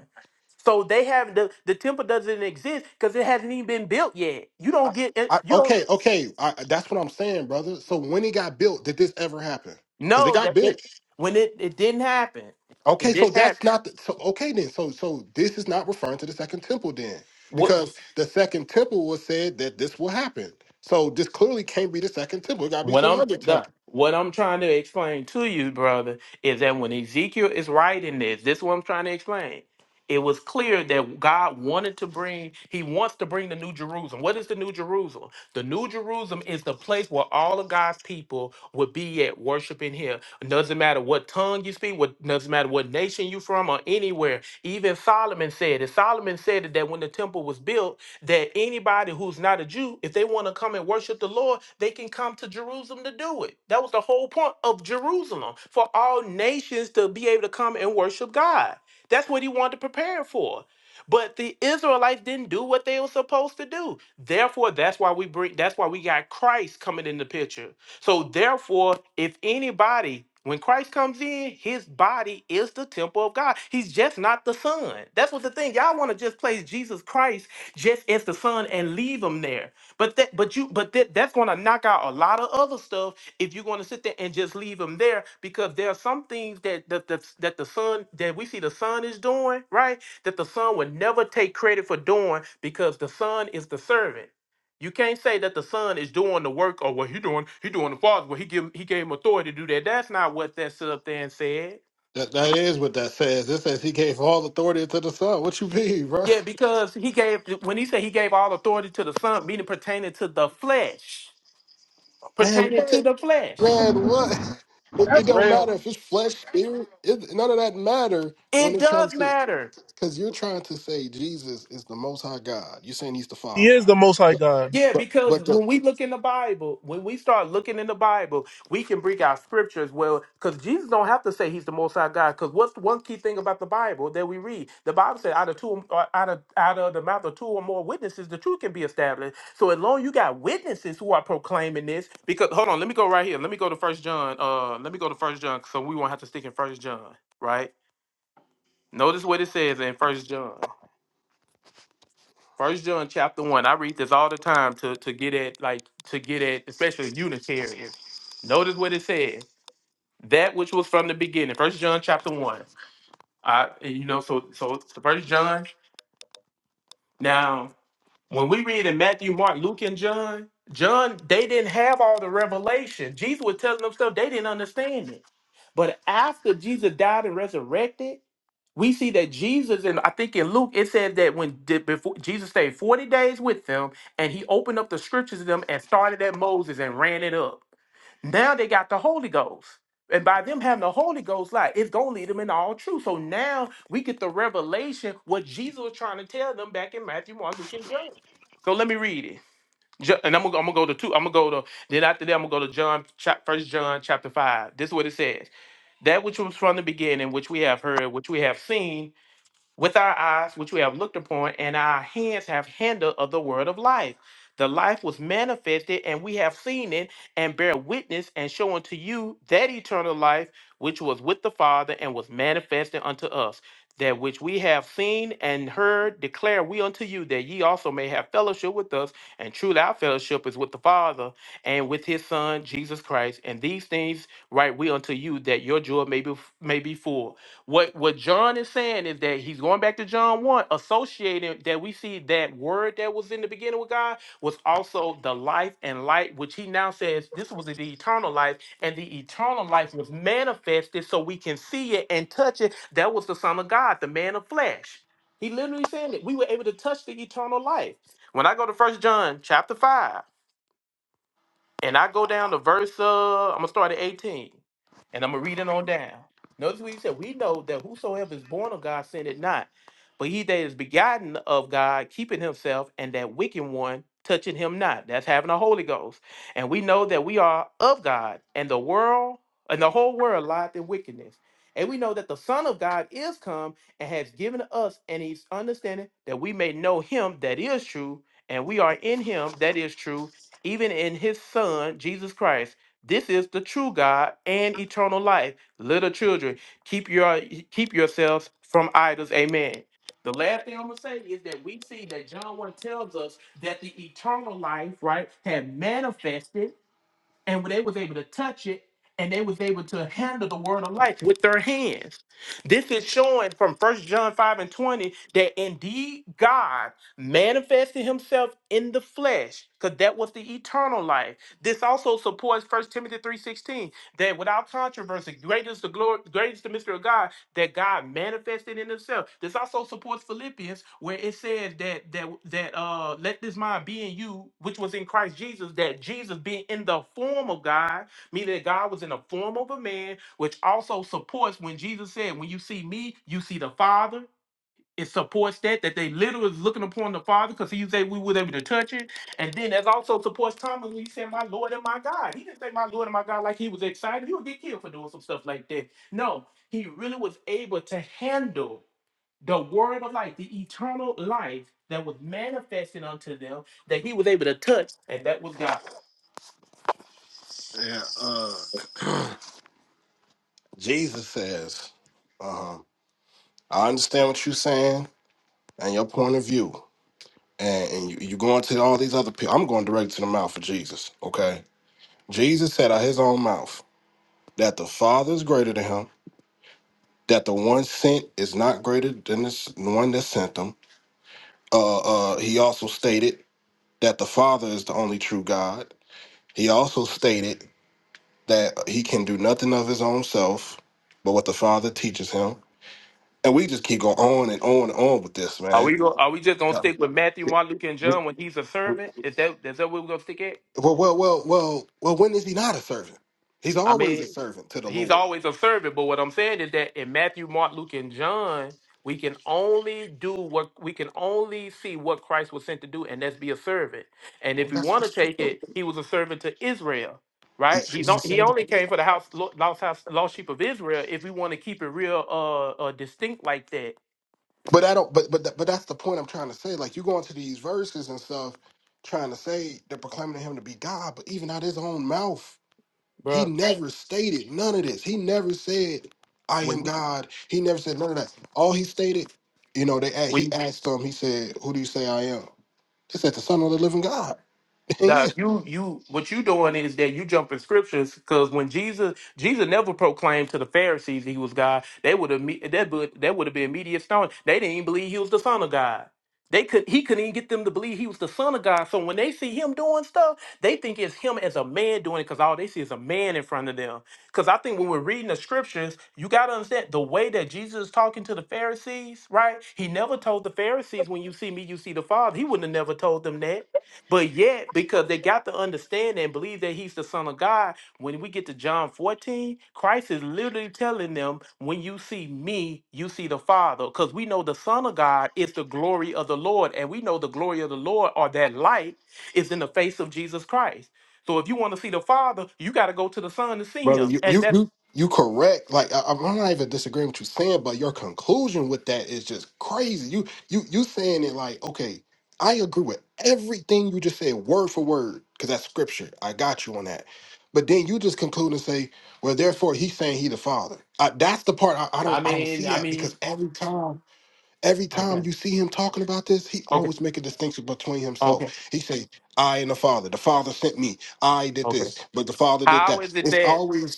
[SPEAKER 5] So they have the, the temple doesn't exist because it hasn't even been built yet. You
[SPEAKER 13] I,
[SPEAKER 5] don't get it,
[SPEAKER 13] I,
[SPEAKER 5] you don't
[SPEAKER 13] okay, okay. I, that's what I'm saying, brother. So when it got built, did this ever happen? Because it
[SPEAKER 5] know
[SPEAKER 13] got
[SPEAKER 5] that
[SPEAKER 13] built.
[SPEAKER 5] it, when it, it didn't happen.
[SPEAKER 13] Okay,
[SPEAKER 5] It
[SPEAKER 13] so
[SPEAKER 5] didn't
[SPEAKER 13] that's
[SPEAKER 5] happen.
[SPEAKER 13] not the, so. Okay, then. So so this is not referring to the second temple then,
[SPEAKER 5] What
[SPEAKER 13] because the second temple was said that this will happen. So this clearly can't be the second temple. It got to be
[SPEAKER 5] What
[SPEAKER 13] some
[SPEAKER 5] I'm
[SPEAKER 13] other
[SPEAKER 5] the,
[SPEAKER 13] temple.
[SPEAKER 5] what I'm trying to explain to you, brother, is that when Ezekiel is writing this, this is what I'm trying to explain. It was clear that God wanted to bring, He wants to bring the New Jerusalem. What is the New Jerusalem? The New Jerusalem is the place where all of God's people would be at worshiping Him. It doesn't matter what tongue you speak, what doesn't matter what nation you from or anywhere. Even Solomon said it. Solomon said it that when the temple was built, that anybody who's not a Jew, if they want to come and worship the Lord, they can come to Jerusalem to do it. That was the whole point of Jerusalem for all nations to be able to come and worship God. That's what he wanted to prepare for. But the Israelites didn't do what they were supposed to do. Therefore, that's why we bring that's why we got Christ coming in the picture. So therefore, if anybody when Christ comes in, his body is the temple of God. He's just not the son. That's what the thing. Y'all want to just place Jesus Christ just as the son and leave him there. But that but you but that, that's going to knock out a lot of other stuff if you're going to sit there and just leave him there because there are some things that that the, that the son that we see the son is doing, right? that the son would never take credit for doing because the son is the servant. You can't say that the son is doing the work or what he doing, he doing the father, well, he give he gave him authority to do that. That's not what that stood up there and said.
[SPEAKER 13] That that is what that says. It says he gave all authority to the Son. What you mean, bro?
[SPEAKER 5] Yeah, because he gave when he said he gave all authority to the son, meaning pertaining to the flesh.
[SPEAKER 13] Man,
[SPEAKER 5] Pertaining to
[SPEAKER 13] what?
[SPEAKER 5] the flesh.
[SPEAKER 13] Man, what? It, it
[SPEAKER 14] That's
[SPEAKER 13] don't
[SPEAKER 14] real.
[SPEAKER 13] matter if it's flesh, spirit. It, none of that matter when
[SPEAKER 5] It
[SPEAKER 13] it comes
[SPEAKER 5] does
[SPEAKER 13] to
[SPEAKER 5] matter.
[SPEAKER 13] Because you're trying to say Jesus is the Most High God. You're saying He's the Father.
[SPEAKER 5] Yeah,
[SPEAKER 13] But
[SPEAKER 5] because
[SPEAKER 13] but the
[SPEAKER 5] when we look in the Bible, when we start looking in the Bible, we can bring our scriptures. well. Because Jesus don't have to say he's the Most High God. Because what's the one key thing about the Bible that we read? The Bible said, out of two, or out of out of the mouth of two or more witnesses, the truth can be established. So as long as you got witnesses who are proclaiming this, because hold on, let me go right here. Let me go to First John. Uh, let me go to First John, so we won't have to stick in First John, right? Notice what it says in First John. First John chapter one. I read this all the time to to get at like to get at especially Unitarians. Notice what it says. That which was from the beginning. First John chapter one. I and you know so so the first John. Now when we read in Matthew, Mark, Luke, and John, John they didn't have all the revelation. Jesus was telling them stuff they didn't understand it. But after Jesus died and resurrected we see that Jesus, and I think in Luke, it says that when did before Jesus stayed 40 days with them, and he opened up the scriptures to them and started at Moses and ran it up. Now they got the Holy Ghost. And by them having the Holy Ghost, like it's gonna lead them in all truth. So now we get the revelation what Jesus was trying to tell them back in Matthew, Mark, Luke, and John. So let me read it. Ju- And I'm gonna, I'm gonna go to two. I'm gonna go to then after that. I'm gonna go to John, chap, First John, chapter five. This is what it says: That which was from the beginning, which we have heard, which we have seen, with our eyes, which we have looked upon, and our hands have handled of the word of life. The life was manifested, and we have seen it, and bear witness, and show unto you that eternal life which was with the Father and was manifested unto us. That which we have seen and heard declare we unto you, that ye also may have fellowship with us. And truly, our fellowship is with the Father and with His Son Jesus Christ. And these things write we unto you, that your joy may be may be full. What what John is saying is that he's going back to John 1, associating that we see that word that was in the beginning with God was also the life and light, which he now says this was the eternal life, and the eternal life was manifested so we can see it and touch it. That was the Son of God, the man of flesh. He literally said that we were able to touch the eternal life. When I go to First John chapter 5, and I go down to verse, uh, I'm gonna start at 18 and I'm gonna read it on down. Notice what he said, we know that whosoever is born of God sinned it not, but he that is begotten of God keeping himself, and that wicked one touching him not. That's having the Holy Ghost. And we know that we are of God, and the world and the whole world lieth in wickedness. And we know that the Son of God is come and has given us and he's understanding that we may know him that is true, and we are in him that is true, even in his son, Jesus Christ. This is the true God and eternal life. Little children, keep your keep yourselves from idols. Amen. The last thing I'm gonna say is that we see that John 1 tells us that the eternal life, right, had manifested and they was able to touch it and they was able to handle the word of life with their hands this is showing from first john 5 and 20 that indeed god manifested himself in the flesh because that was the eternal life this also supports first timothy 3.16 that without controversy great is the glory great is the mystery of god that God manifested in himself. This also supports Philippians where it says that that that uh let this mind be in you which was in Christ Jesus that Jesus being in the form of God, meaning that God was in the form of a man, which also supports when Jesus said, when you see me, you see the Father it supports that that they literally was looking upon the Father because he said we was able to touch it, and then that also supports Thomas when he said, "My Lord and my God." He didn't say, "My Lord and my God" like he was excited. He would get killed for doing some stuff like that. No, he really was able to handle the word of life, the eternal life that was manifested unto them that he was able to touch, and that was God.
[SPEAKER 13] yeah, uh, Jesus says, um, I understand what you're saying and your point of view, and, and you, you're going to all these other people. I'm going direct to the mouth of Jesus. Okay, Jesus said out his own mouth that the Father is greater than him, that the one sent is not greater than this, the one that sent him. Uh, uh, he also stated that the Father is the only true God. He also stated that he can do nothing of his own self but what the Father teaches him. And we just keep going on and on and on with this,
[SPEAKER 5] Are
[SPEAKER 13] man.
[SPEAKER 5] we go, Are we just gonna
[SPEAKER 13] Yeah.
[SPEAKER 5] stick with Matthew,
[SPEAKER 13] We-
[SPEAKER 5] Mark, Luke, and John when he's a
[SPEAKER 13] we-
[SPEAKER 5] servant? Is that is that where we're gonna stick at?
[SPEAKER 13] Well, well, well, well, well, when is he not a servant? He's
[SPEAKER 5] I
[SPEAKER 13] always a
[SPEAKER 5] mean,
[SPEAKER 13] servant to the
[SPEAKER 5] he's
[SPEAKER 13] Lord.
[SPEAKER 5] always a servant. But what I'm saying is that in Matthew, Mark, Luke, and John, we can only do what we can only see what Christ was sent to do, and that's be a servant. And
[SPEAKER 13] Well,
[SPEAKER 5] if we
[SPEAKER 13] that's
[SPEAKER 5] want
[SPEAKER 13] what
[SPEAKER 5] to take it, he was a servant to Israel, right?
[SPEAKER 13] he's,
[SPEAKER 5] He
[SPEAKER 13] he's a
[SPEAKER 5] don't, he only
[SPEAKER 13] servant.
[SPEAKER 5] came for the house lo- lost house lost sheep of Israel. If we want to keep it real, uh, uh distinct like that,
[SPEAKER 13] But I don't. But but that- but that's the point I'm trying to say. Like you go into these verses and stuff, trying to say they're proclaiming him to be God, but even out his own mouth. He
[SPEAKER 5] bro.
[SPEAKER 13] never stated none of this. He never said, I am
[SPEAKER 5] When you-
[SPEAKER 13] God. He never said none of that. All he stated, you know, they a- he
[SPEAKER 5] when
[SPEAKER 13] asked them, he said, Who do you say I am? They said, The Son of the Living God.
[SPEAKER 5] Now you you what you doing is that you jumping scriptures because when Jesus Jesus never proclaimed to the Pharisees he was God, they would have that would that would have been immediate stone. They didn't even believe he was the son of God. They could he couldn't even get them to believe he was the son of God. So when they see him doing stuff, they think it's him as a man doing it because all they see is a man in front of them. Because I think when we're reading the scriptures, you got to understand the way that Jesus is talking to the Pharisees, right? He never told the Pharisees, when you see me, you see the Father. He wouldn't have never told them that. But yet, because they got to understand and believe that he's the son of God, when we get to John 14, Christ is literally telling them, when you see me, you see the Father. Because we know the Son of God is the glory of the Lord. And we know the glory of the Lord or that light is in the face of Jesus Christ. So if you want to see the Father, you got to go to the Son to see
[SPEAKER 13] brother.
[SPEAKER 5] him.
[SPEAKER 13] You
[SPEAKER 5] And
[SPEAKER 13] you
[SPEAKER 5] that's
[SPEAKER 13] you, you correct. Like I, I'm not even disagreeing with you saying, but your conclusion with that is just crazy. You you you saying it like okay, I agree with everything you just said, word for word, because that's scripture. I got you on that. But then you just conclude and say, well, therefore he's saying he the father. I, that's the part I, I don't
[SPEAKER 5] I
[SPEAKER 13] I don't
[SPEAKER 5] mean,
[SPEAKER 13] see
[SPEAKER 5] I
[SPEAKER 13] that because
[SPEAKER 5] mean,
[SPEAKER 13] every time every time
[SPEAKER 5] okay.
[SPEAKER 13] you see him talking about this, he
[SPEAKER 5] Okay.
[SPEAKER 13] always make a distinction between himself.
[SPEAKER 5] Okay.
[SPEAKER 13] He say, I and the father. The father sent me. I did
[SPEAKER 5] Okay.
[SPEAKER 13] this, but the father did
[SPEAKER 5] How
[SPEAKER 13] that.
[SPEAKER 5] is it
[SPEAKER 13] It's
[SPEAKER 5] that?
[SPEAKER 13] always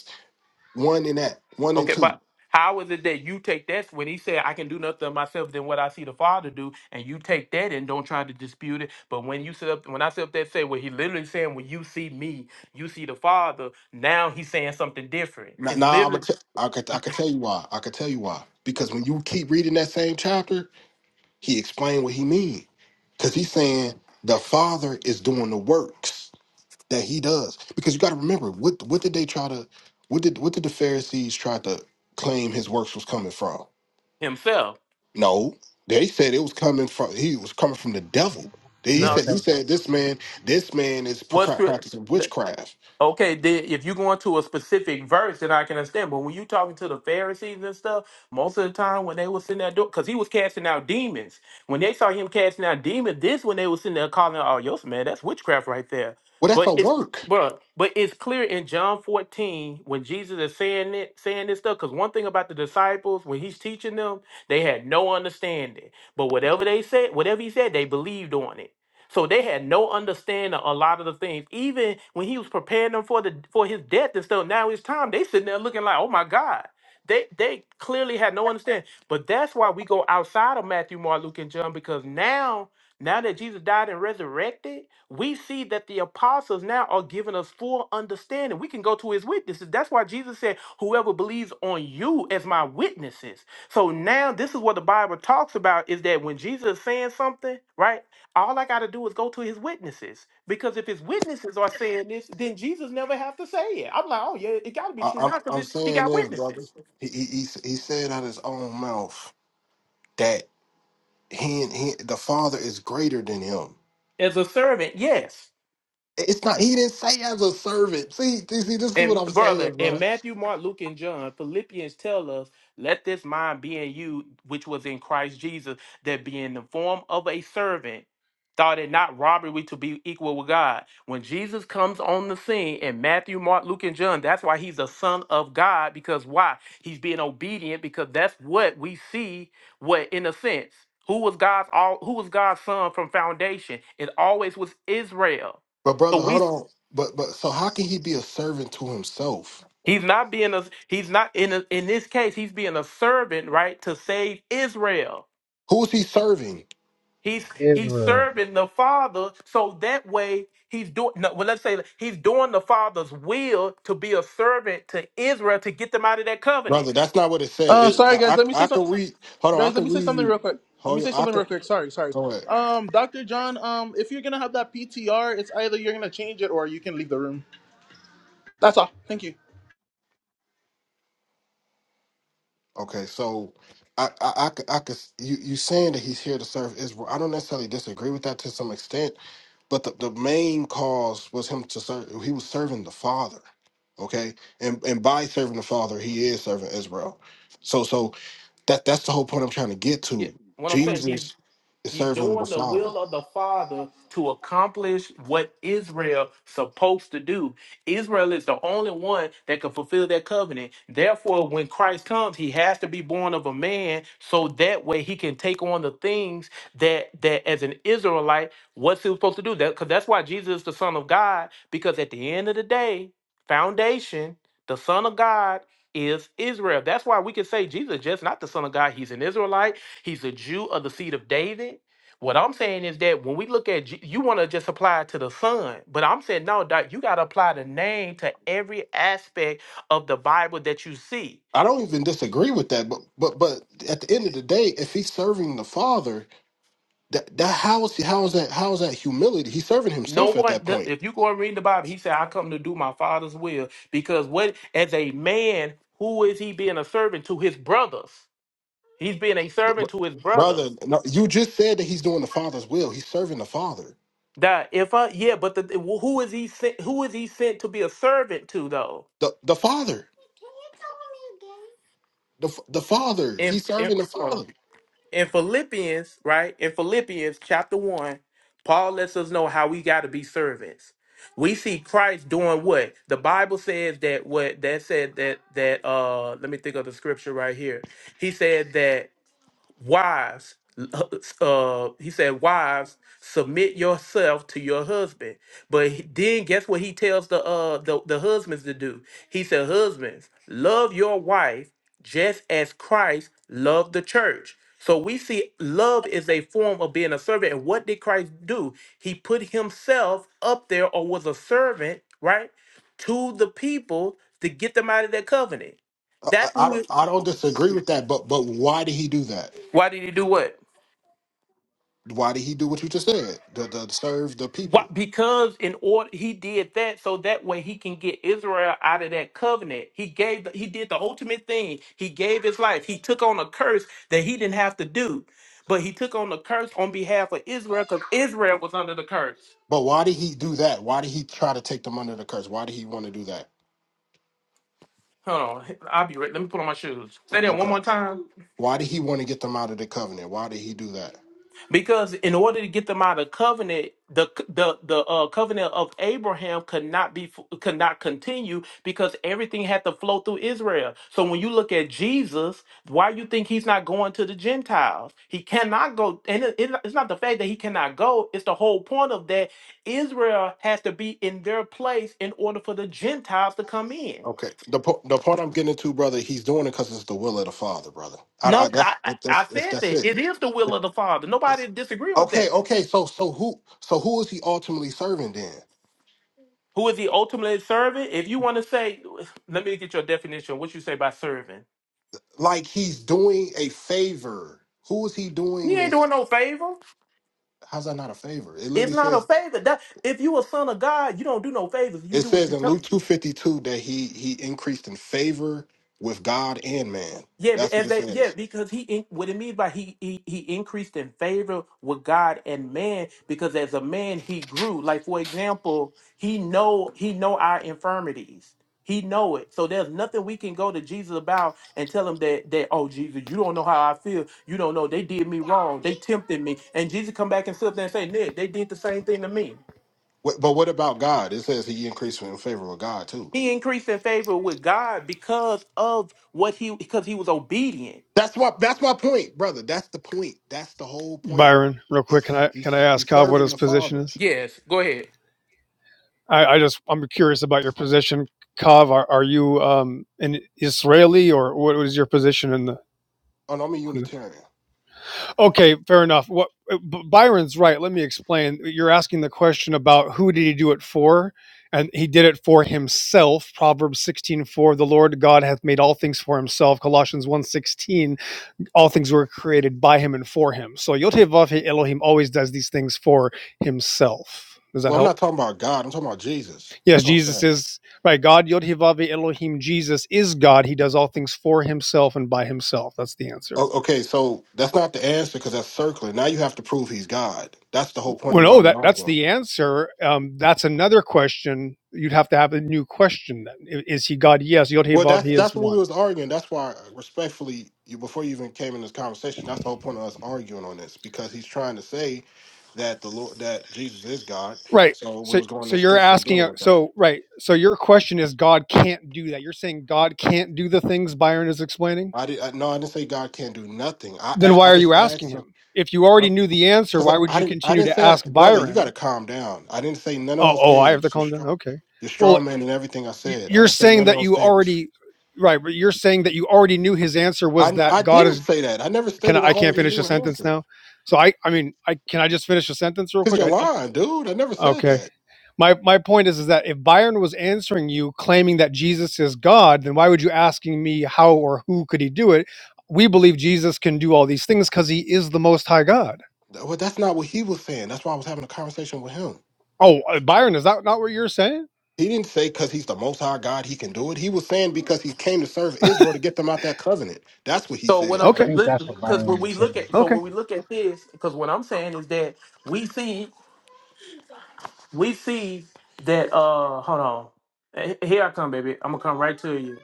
[SPEAKER 13] one in that. One and
[SPEAKER 5] Okay,
[SPEAKER 13] two.
[SPEAKER 5] but how is it that you take that when he said, I can do nothing of myself than what I see the Father do, and you take that and don't try to dispute it? But when you sit up, when I sit up there and say, well, he literally saying, when you see me, you see the Father, now he's saying something different.
[SPEAKER 13] Now,
[SPEAKER 5] It's
[SPEAKER 13] now I'm gonna.
[SPEAKER 5] literally
[SPEAKER 13] T- I could. I could tell you why. I could tell you why. Because when you keep reading that same chapter, he explained what he mean. Because he's saying the Father is doing the works that he does. Because you got to remember, what what did they try to? What did what did the Pharisees try to claim his works was coming from?
[SPEAKER 5] himself.
[SPEAKER 13] No, they said it was coming from. He was coming from the devil. They- He
[SPEAKER 14] Yeah,
[SPEAKER 5] No,
[SPEAKER 13] said he
[SPEAKER 14] Satan.
[SPEAKER 13] said this man this man is
[SPEAKER 5] what's
[SPEAKER 13] pra- practicing
[SPEAKER 5] the.
[SPEAKER 13] witchcraft.
[SPEAKER 5] Okay, then if you go into a specific verse, then I can understand. But when you talking to the Pharisees and stuff, most of the time when they was in that door, because he was casting out demons. When they saw him casting out demons, this when they was sitting there calling, out, "Oh, yo, man, that's witchcraft right there."
[SPEAKER 13] Well, that's
[SPEAKER 5] But
[SPEAKER 13] a
[SPEAKER 5] it's
[SPEAKER 13] work.
[SPEAKER 5] but but it's clear in John fourteen when Jesus is saying it, saying this stuff. Because one thing about the disciples when he's teaching them, they had no understanding. But whatever they said, whatever he said, they believed on it. So they had no understanding of a lot of the things. Even when he was preparing them for the for his death and stuff, now it's time. They sitting there looking like, oh my God. They they clearly had no understanding. But that's why we go outside of Matthew, Mark, Luke, and John, because now, now that Jesus died and resurrected, we see that the apostles now are giving us full understanding. We can go to his witnesses. That's why Jesus said, Whoever believes on you as my witnesses. So now this is what the Bible talks about is that when Jesus is saying something, right? All I got to do is go to his witnesses because if his witnesses are saying this, then Jesus never have to say it. I'm like, oh yeah, it got to be
[SPEAKER 13] I,
[SPEAKER 5] true
[SPEAKER 13] I'm
[SPEAKER 5] now
[SPEAKER 13] I'm
[SPEAKER 5] because he
[SPEAKER 13] saying
[SPEAKER 5] got
[SPEAKER 13] this, brother.
[SPEAKER 5] witnesses.
[SPEAKER 13] He, he he s- he said out his own mouth that he, he the father is greater than him.
[SPEAKER 5] As a servant, yes.
[SPEAKER 13] It's not. He didn't say as a servant. See, see, see, this is what
[SPEAKER 5] And
[SPEAKER 13] I'm
[SPEAKER 5] brother,
[SPEAKER 13] saying,
[SPEAKER 5] in
[SPEAKER 13] bro.
[SPEAKER 5] Matthew, Mark, Luke, and John, Philippians tell us, let this mind be in you, which was in Christ Jesus, that being in the form of a servant, thought it not robbery to be equal with God. When Jesus comes on the scene in Matthew, Mark, Luke, and John, that's why he's a son of God, because why? He's being obedient, because that's what we see, what in a sense. Who was God's all who was God's son from foundation? It always was Israel.
[SPEAKER 13] But
[SPEAKER 5] So
[SPEAKER 13] brother, hold
[SPEAKER 5] we
[SPEAKER 13] on. But but so how can he be a servant to himself?
[SPEAKER 5] He's not being a he's not in a, in this case he's being a servant, right, to save Israel.
[SPEAKER 13] Who is he serving,
[SPEAKER 5] He's he's
[SPEAKER 14] Israel.
[SPEAKER 5] serving the Father, so that way he's doing. No, well, let's say he's doing the Father's will to be a servant to Israel to get them out of that covenant.
[SPEAKER 13] brother? That's not what it said. It, I, I I can read. Hold on, I can read you. Hold on, I can go ahead. Okay, so I, I, I, could, I could, you, you saying that he's here to serve Israel. I don't necessarily disagree with that to some extent, But the, the main cause was him to serve. He was serving the Father, okay, and and by serving the Father, he is serving Israel. So so that that's the whole point I'm trying to get
[SPEAKER 5] Yeah,
[SPEAKER 13] to.
[SPEAKER 5] what I'm saying. he's
[SPEAKER 13] Jesus is
[SPEAKER 5] He's
[SPEAKER 13] serving the
[SPEAKER 5] doing the
[SPEAKER 13] Father.
[SPEAKER 5] will of the Father to accomplish what Israel supposed to do. Israel is the only one that can fulfill that covenant. Therefore, when Christ comes, he has to be born of a man so that way he can take on the things that that as an Israelite, what's he supposed to do? That because that's why Jesus is the Son of God, because at the end of the day, foundation, the Son of God is Israel. That's why we can say Jesus is just not the Son of God. He's an Israelite. He's a Jew of the seed of David. What I'm saying is that when we look at, Je- you want to just apply it to the Son, but I'm saying no, Doc, you got to apply the name to every aspect of the Bible that you see.
[SPEAKER 13] I don't even disagree with that, but but but at the end of the day, if he's serving the Father, that that how is he, how is that how is that humility? He's serving
[SPEAKER 5] No
[SPEAKER 13] himself at
[SPEAKER 5] one,
[SPEAKER 13] that
[SPEAKER 5] the,
[SPEAKER 13] point.
[SPEAKER 5] if you go and read the Bible, he said, "I come to do my Father's will." Because what, as a man, who is he being a servant to his brothers? He's being a
[SPEAKER 13] But,
[SPEAKER 5] servant
[SPEAKER 13] but
[SPEAKER 5] to his
[SPEAKER 13] brother,
[SPEAKER 5] brothers.
[SPEAKER 13] no, you just said that he's doing the Father's will. He's serving the Father.
[SPEAKER 5] That if I, yeah, but the, who is he sent? Who is he sent to be a servant to though?
[SPEAKER 13] The the Father. the f- the father.
[SPEAKER 5] And
[SPEAKER 13] He's serving the father.
[SPEAKER 5] in Philippians, right? In Philippians chapter 1, Paul lets us know how we got to be servants. We see Christ doing what? The Bible says that what that said that that uh let me think of the scripture right here. He said that wives uh uh, he said wives submit yourself to your husband but he- then guess what he tells the uh the, the husbands to do he said husbands love your wife just as christ loved the church so we see love is a form of being a servant and what did christ do he put himself up there or was a servant right to the people to get them out of their covenant
[SPEAKER 13] I, I,
[SPEAKER 5] that's
[SPEAKER 13] I don't
[SPEAKER 5] who
[SPEAKER 13] I don't disagree with that, but but why did he do that?
[SPEAKER 5] why did he do what
[SPEAKER 13] Why did he do what you just said? The, the serve the
[SPEAKER 5] Why?
[SPEAKER 13] people.
[SPEAKER 5] Because in order he did that so that way he can get Israel out of that covenant. He gave the, he did the ultimate thing. He gave his life. He took on a curse that he didn't have to do, but he took on the curse on behalf of Israel because Israel was under the curse.
[SPEAKER 13] But why did he do that? Why did he try to take them under the curse? Why did he want to do that?
[SPEAKER 5] Hold on, I'll be right. Let me put on my shoes. Say that one
[SPEAKER 13] Okay.
[SPEAKER 5] more time.
[SPEAKER 13] Why did he want to get them out of the covenant? Why did he do that?
[SPEAKER 5] Because in order to get them out of covenant, the the the uh, covenant of Abraham could not be could not continue because everything had to flow through Israel. So when you look at Jesus, why you think he's not going to the Gentiles? He cannot go, and it- it- it's not the fact that he cannot go. It's the whole point of that Israel has to be in their place in order for the Gentiles to come in.
[SPEAKER 13] Okay. The po- the point I'm getting to, brother, he's doing it because it's the will of the father, brother. I, I,
[SPEAKER 5] No,
[SPEAKER 13] that's
[SPEAKER 5] I, I I
[SPEAKER 13] that's that's
[SPEAKER 5] said
[SPEAKER 13] that's
[SPEAKER 5] that
[SPEAKER 13] it.
[SPEAKER 5] it is the will of the Father.
[SPEAKER 13] It's,
[SPEAKER 5] Nobody disagreeing with that.
[SPEAKER 13] okay. Okay. So so who so who is he ultimately serving then?
[SPEAKER 5] Who is he ultimately serving? If you want to say, let me get your definition. What you say by serving?
[SPEAKER 13] like he's doing a favor. Who is he doing
[SPEAKER 5] He ain't
[SPEAKER 13] this?
[SPEAKER 5] doing no favor.
[SPEAKER 13] How's that not a favor? It literally
[SPEAKER 5] It's not a
[SPEAKER 13] says
[SPEAKER 5] favor. That if you a son of God, you don't do no favors. You
[SPEAKER 13] it
[SPEAKER 5] do what
[SPEAKER 13] says
[SPEAKER 5] you
[SPEAKER 13] in
[SPEAKER 5] tell.
[SPEAKER 13] Luke two fifty two that he he increased in favor with God and man.
[SPEAKER 5] Yeah, be-
[SPEAKER 13] That's what
[SPEAKER 5] as
[SPEAKER 13] it
[SPEAKER 5] they yeah,
[SPEAKER 13] says.
[SPEAKER 5] because he in, what it means by he, he he increased in favor with God and man because as a man he grew. Like for example, he know he know our infirmities. He know it. So there's nothing we can go to Jesus about and tell him that that oh Jesus, you don't know how I feel. You don't know they did me wrong. They tempted me. And Jesus come back and sit there and say, Nick, they did the same thing to me.
[SPEAKER 13] Wh- But what about God? It says he increased in favor with God too.
[SPEAKER 5] He increased in favor with God because of what he because he was obedient.
[SPEAKER 13] That's what. that's my point, brother. That's the point. That's the whole point.
[SPEAKER 15] Byron, real quick,
[SPEAKER 13] He's
[SPEAKER 15] can I can I
[SPEAKER 13] he's,
[SPEAKER 15] ask
[SPEAKER 13] he's
[SPEAKER 15] Kav what
[SPEAKER 13] serving
[SPEAKER 15] his
[SPEAKER 13] the
[SPEAKER 15] position
[SPEAKER 13] Father.
[SPEAKER 15] is?
[SPEAKER 5] Yes, go ahead.
[SPEAKER 15] I, I just I'm curious about your position, Kav. Are, are you um, an Israeli or what is your position in the?
[SPEAKER 13] Oh, no, I'm a
[SPEAKER 15] On the
[SPEAKER 13] Unitarian.
[SPEAKER 15] okay, fair enough. What Byron's right. Let me explain. You're asking the question about who did he do it for, and he did it for himself. Proverbs 16:4, the Lord God hath made all things for himself. Colossians 1:16, all things were created by him and for him. So Yotevavhe Elohim always does these things for himself. Does that
[SPEAKER 13] Well, I'm
[SPEAKER 15] help?
[SPEAKER 13] not talking about God. I'm talking about Jesus.
[SPEAKER 15] Yes,
[SPEAKER 13] That's what I'm
[SPEAKER 15] Jesus
[SPEAKER 13] saying.
[SPEAKER 15] is right. God Yod Hivave Elohim. Jesus is God. He does all things for Himself and by Himself. That's the answer.
[SPEAKER 13] O- Okay, so that's not the answer because that's circling. Now you have to prove he's God. That's the whole point of
[SPEAKER 15] Well,
[SPEAKER 13] why
[SPEAKER 15] no,
[SPEAKER 13] we
[SPEAKER 15] that that's
[SPEAKER 13] arguing.
[SPEAKER 15] the answer. Um, that's another question. You'd have to have a new question. Then I- is He God? Yes, Yod
[SPEAKER 13] Well,
[SPEAKER 15] Hivave
[SPEAKER 13] that's
[SPEAKER 15] He is
[SPEAKER 13] that's what we
[SPEAKER 15] one.
[SPEAKER 13] was arguing. That's why, respectfully, you before you even came in this conversation, that's the whole point of us arguing on this because he's trying to say that the Lord that Jesus is God.
[SPEAKER 15] Right.
[SPEAKER 13] So we
[SPEAKER 15] So
[SPEAKER 13] was going
[SPEAKER 15] so
[SPEAKER 13] in
[SPEAKER 15] you're
[SPEAKER 13] scripture and
[SPEAKER 15] asking.
[SPEAKER 13] dealing
[SPEAKER 15] uh,
[SPEAKER 13] with that.
[SPEAKER 15] So right. So your question is God can't do that. You're saying God can't do the things Byron is explaining.
[SPEAKER 13] I did I, no, I didn't say God can't do nothing. I
[SPEAKER 15] Then
[SPEAKER 13] a- I,
[SPEAKER 15] why are you
[SPEAKER 13] just
[SPEAKER 15] asking
[SPEAKER 13] asked him
[SPEAKER 15] him? If you already knew the answer,
[SPEAKER 13] because
[SPEAKER 15] why would
[SPEAKER 13] I, I
[SPEAKER 15] you
[SPEAKER 13] didn't I
[SPEAKER 15] continue
[SPEAKER 13] didn't
[SPEAKER 15] to
[SPEAKER 13] say
[SPEAKER 15] ask
[SPEAKER 13] brother, you got
[SPEAKER 15] Byron?
[SPEAKER 13] to calm down. I didn't say none of
[SPEAKER 15] Oh,
[SPEAKER 13] those
[SPEAKER 15] oh, I have to
[SPEAKER 13] things. You're
[SPEAKER 15] calm down.
[SPEAKER 13] strong.
[SPEAKER 15] Okay.
[SPEAKER 13] You're
[SPEAKER 15] Well,
[SPEAKER 13] strong man and everything I said. I
[SPEAKER 15] you're
[SPEAKER 13] didn't say
[SPEAKER 15] saying
[SPEAKER 13] none of
[SPEAKER 15] that
[SPEAKER 13] those
[SPEAKER 15] you
[SPEAKER 13] things.
[SPEAKER 15] already right but you're saying that you already knew his answer was
[SPEAKER 13] I I
[SPEAKER 15] that god
[SPEAKER 13] didn't
[SPEAKER 15] is
[SPEAKER 13] say that. I never
[SPEAKER 15] can
[SPEAKER 13] stated
[SPEAKER 15] i,
[SPEAKER 13] I
[SPEAKER 15] I can't
[SPEAKER 13] already
[SPEAKER 15] finish
[SPEAKER 13] knew
[SPEAKER 15] a
[SPEAKER 13] an
[SPEAKER 15] sentence
[SPEAKER 13] answer.
[SPEAKER 15] now so i i mean i can i just finish a sentence real
[SPEAKER 13] Cause
[SPEAKER 15] quick
[SPEAKER 13] you're
[SPEAKER 15] i um
[SPEAKER 13] lying, dude. I never said
[SPEAKER 15] okay
[SPEAKER 13] that.
[SPEAKER 15] my my point is is that if byron was answering you claiming that jesus is god then why would you asking me how or who could he do it we believe jesus can do all these things because he is the most high god
[SPEAKER 13] Well, that's not what he was saying. That's why I was having a conversation with him.
[SPEAKER 15] oh uh, byron is that not what you're saying
[SPEAKER 13] He didn't say because he's the Most High God he can do it. He was saying because he came to serve Israel to get them out that covenant. That's what he
[SPEAKER 5] So when
[SPEAKER 13] said.
[SPEAKER 5] I'm
[SPEAKER 14] I
[SPEAKER 15] okay
[SPEAKER 14] think that's what
[SPEAKER 5] because
[SPEAKER 14] Byron
[SPEAKER 5] when we
[SPEAKER 14] was saying.
[SPEAKER 5] look at so
[SPEAKER 15] okay
[SPEAKER 5] when we look at this, because what I'm saying is that we see we see that uh hold on. Eh, Here I come, baby. I'm gonna come right to you.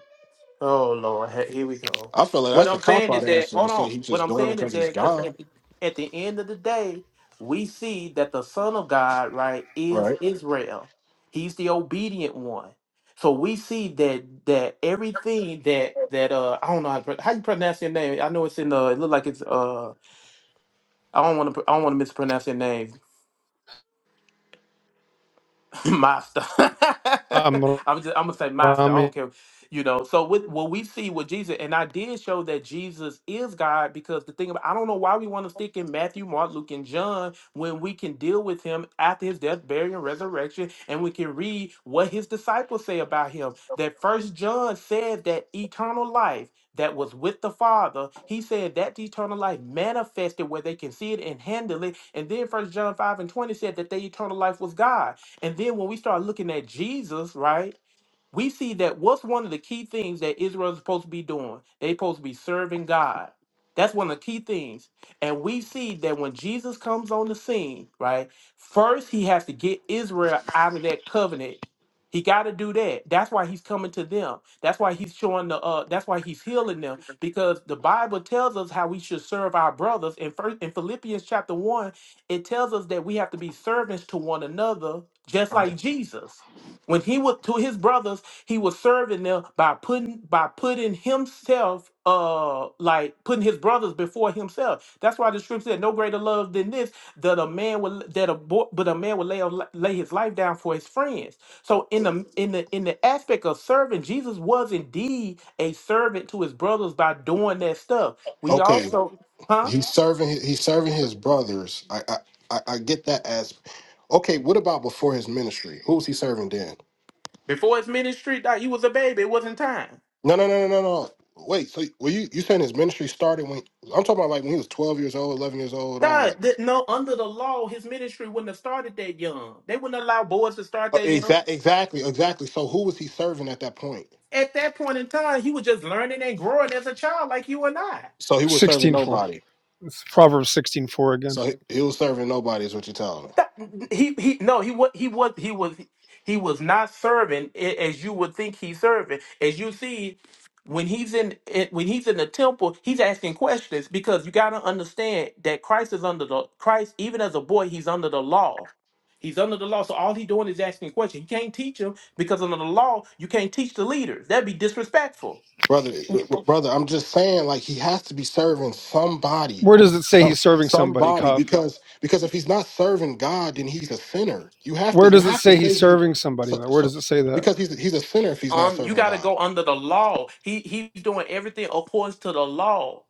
[SPEAKER 5] Oh Lord, he- here we go.
[SPEAKER 13] I feel like
[SPEAKER 5] What
[SPEAKER 13] that's a
[SPEAKER 5] I'm
[SPEAKER 13] cop
[SPEAKER 5] saying
[SPEAKER 13] out
[SPEAKER 5] is that
[SPEAKER 13] answer to
[SPEAKER 5] hold
[SPEAKER 13] say
[SPEAKER 5] on.
[SPEAKER 13] he's
[SPEAKER 5] What
[SPEAKER 13] just
[SPEAKER 5] I'm
[SPEAKER 13] doing it
[SPEAKER 5] saying is
[SPEAKER 13] because he's
[SPEAKER 5] that because
[SPEAKER 13] God,
[SPEAKER 5] at the, at the end of the day, we see that the Son of God, right, is
[SPEAKER 13] right?
[SPEAKER 5] Israel. He's the obedient one. So we see that that everything that that uh I don't know how, to, pro- how you pronounce your name. I know it's in uh it look like it's uh I don't want to I don't want to mispronounce your name. master.
[SPEAKER 15] um,
[SPEAKER 5] I'm just I'm gonna say master. I
[SPEAKER 15] um
[SPEAKER 5] don't care, you know. So with what we see with Jesus, and I did show that Jesus is God because the thing about I don't know why we want to stick in Matthew, Mark, Luke, and John when we can deal with him after his death, burial, and resurrection, and we can read what his disciples say about him. That First John said that eternal life that was with the Father. He said that eternal life manifested where they can see it and handle it. And then First John five and twenty said that the eternal life was God. And then when we start looking at Jesus, right? we see that what's one of the key things that Israel is supposed to be doing? They're supposed to be serving God. That's one of the key things. And we see that when Jesus comes on the scene, right, first he has to get Israel out of that covenant. He got to do that. That's why he's coming to them. That's why he's showing the uh that's why he's healing them because the Bible tells us how we should serve our brothers. In first in Philippians chapter 1, it tells us that we have to be servants to one another just like Jesus when he was to his brothers he was serving them by putting by putting himself uh like putting his brothers before himself. That's why the scripture said, "No greater love than this that a man will that a boy, but a man will lay a li- lay his life down for his friends." So in the in the in the aspect of serving, Jesus was indeed a servant to his brothers by doing that stuff. We
[SPEAKER 13] Okay,
[SPEAKER 5] also, huh?
[SPEAKER 13] he's serving. He's serving his brothers. I I I I get that as okay. What about before his ministry? Who was he serving then?
[SPEAKER 5] Before his ministry, dog, he was a baby. It wasn't time.
[SPEAKER 13] No, no, no, no, no, no. Wait, so were you you saying his ministry started when I'm talking about like when he was 12 years old, 11 years old, all
[SPEAKER 5] God,
[SPEAKER 13] that.
[SPEAKER 5] no, under the law, his ministry wouldn't have started that young. They wouldn't allow boys to start that young.
[SPEAKER 13] Exactly, exactly, exactly. So who was he serving at that point?
[SPEAKER 5] at that point in time, he was just learning and growing as a child, like you and I.
[SPEAKER 13] So he was serving
[SPEAKER 15] 16 4
[SPEAKER 13] nobody.
[SPEAKER 15] it's proverbs 16:4 again
[SPEAKER 13] So he, he was serving nobody is what you're telling me,
[SPEAKER 5] That- he he no he was he was he was he was not serving a- as you would think he's serving. As you see, when he's in it- when he's in the temple, he's asking questions because you got to understand that Christ is under the Christ even as a boy he's under the law. He's under the law, so all he doing is asking questions. He can't teach him Because under the law, you can't teach the leaders. That'd be disrespectful.
[SPEAKER 13] brother. uh, Brother, I'm just saying like he has to be serving somebody,
[SPEAKER 15] Where does it say
[SPEAKER 13] some
[SPEAKER 15] he's serving somebody,
[SPEAKER 13] somebody
[SPEAKER 15] Kav?
[SPEAKER 13] because because if he's not serving God, then he's a sinner. You have to
[SPEAKER 15] Where
[SPEAKER 13] you
[SPEAKER 15] does it
[SPEAKER 13] have to
[SPEAKER 15] say
[SPEAKER 13] say
[SPEAKER 15] he's
[SPEAKER 13] he
[SPEAKER 15] serving somebody?
[SPEAKER 13] so
[SPEAKER 15] Though? Where
[SPEAKER 13] so
[SPEAKER 15] does it say that?
[SPEAKER 13] because he's he's a sinner if he's not
[SPEAKER 5] Um, you
[SPEAKER 13] serving
[SPEAKER 5] got to
[SPEAKER 13] God.
[SPEAKER 5] go under the law. He he's doing everything according to the law.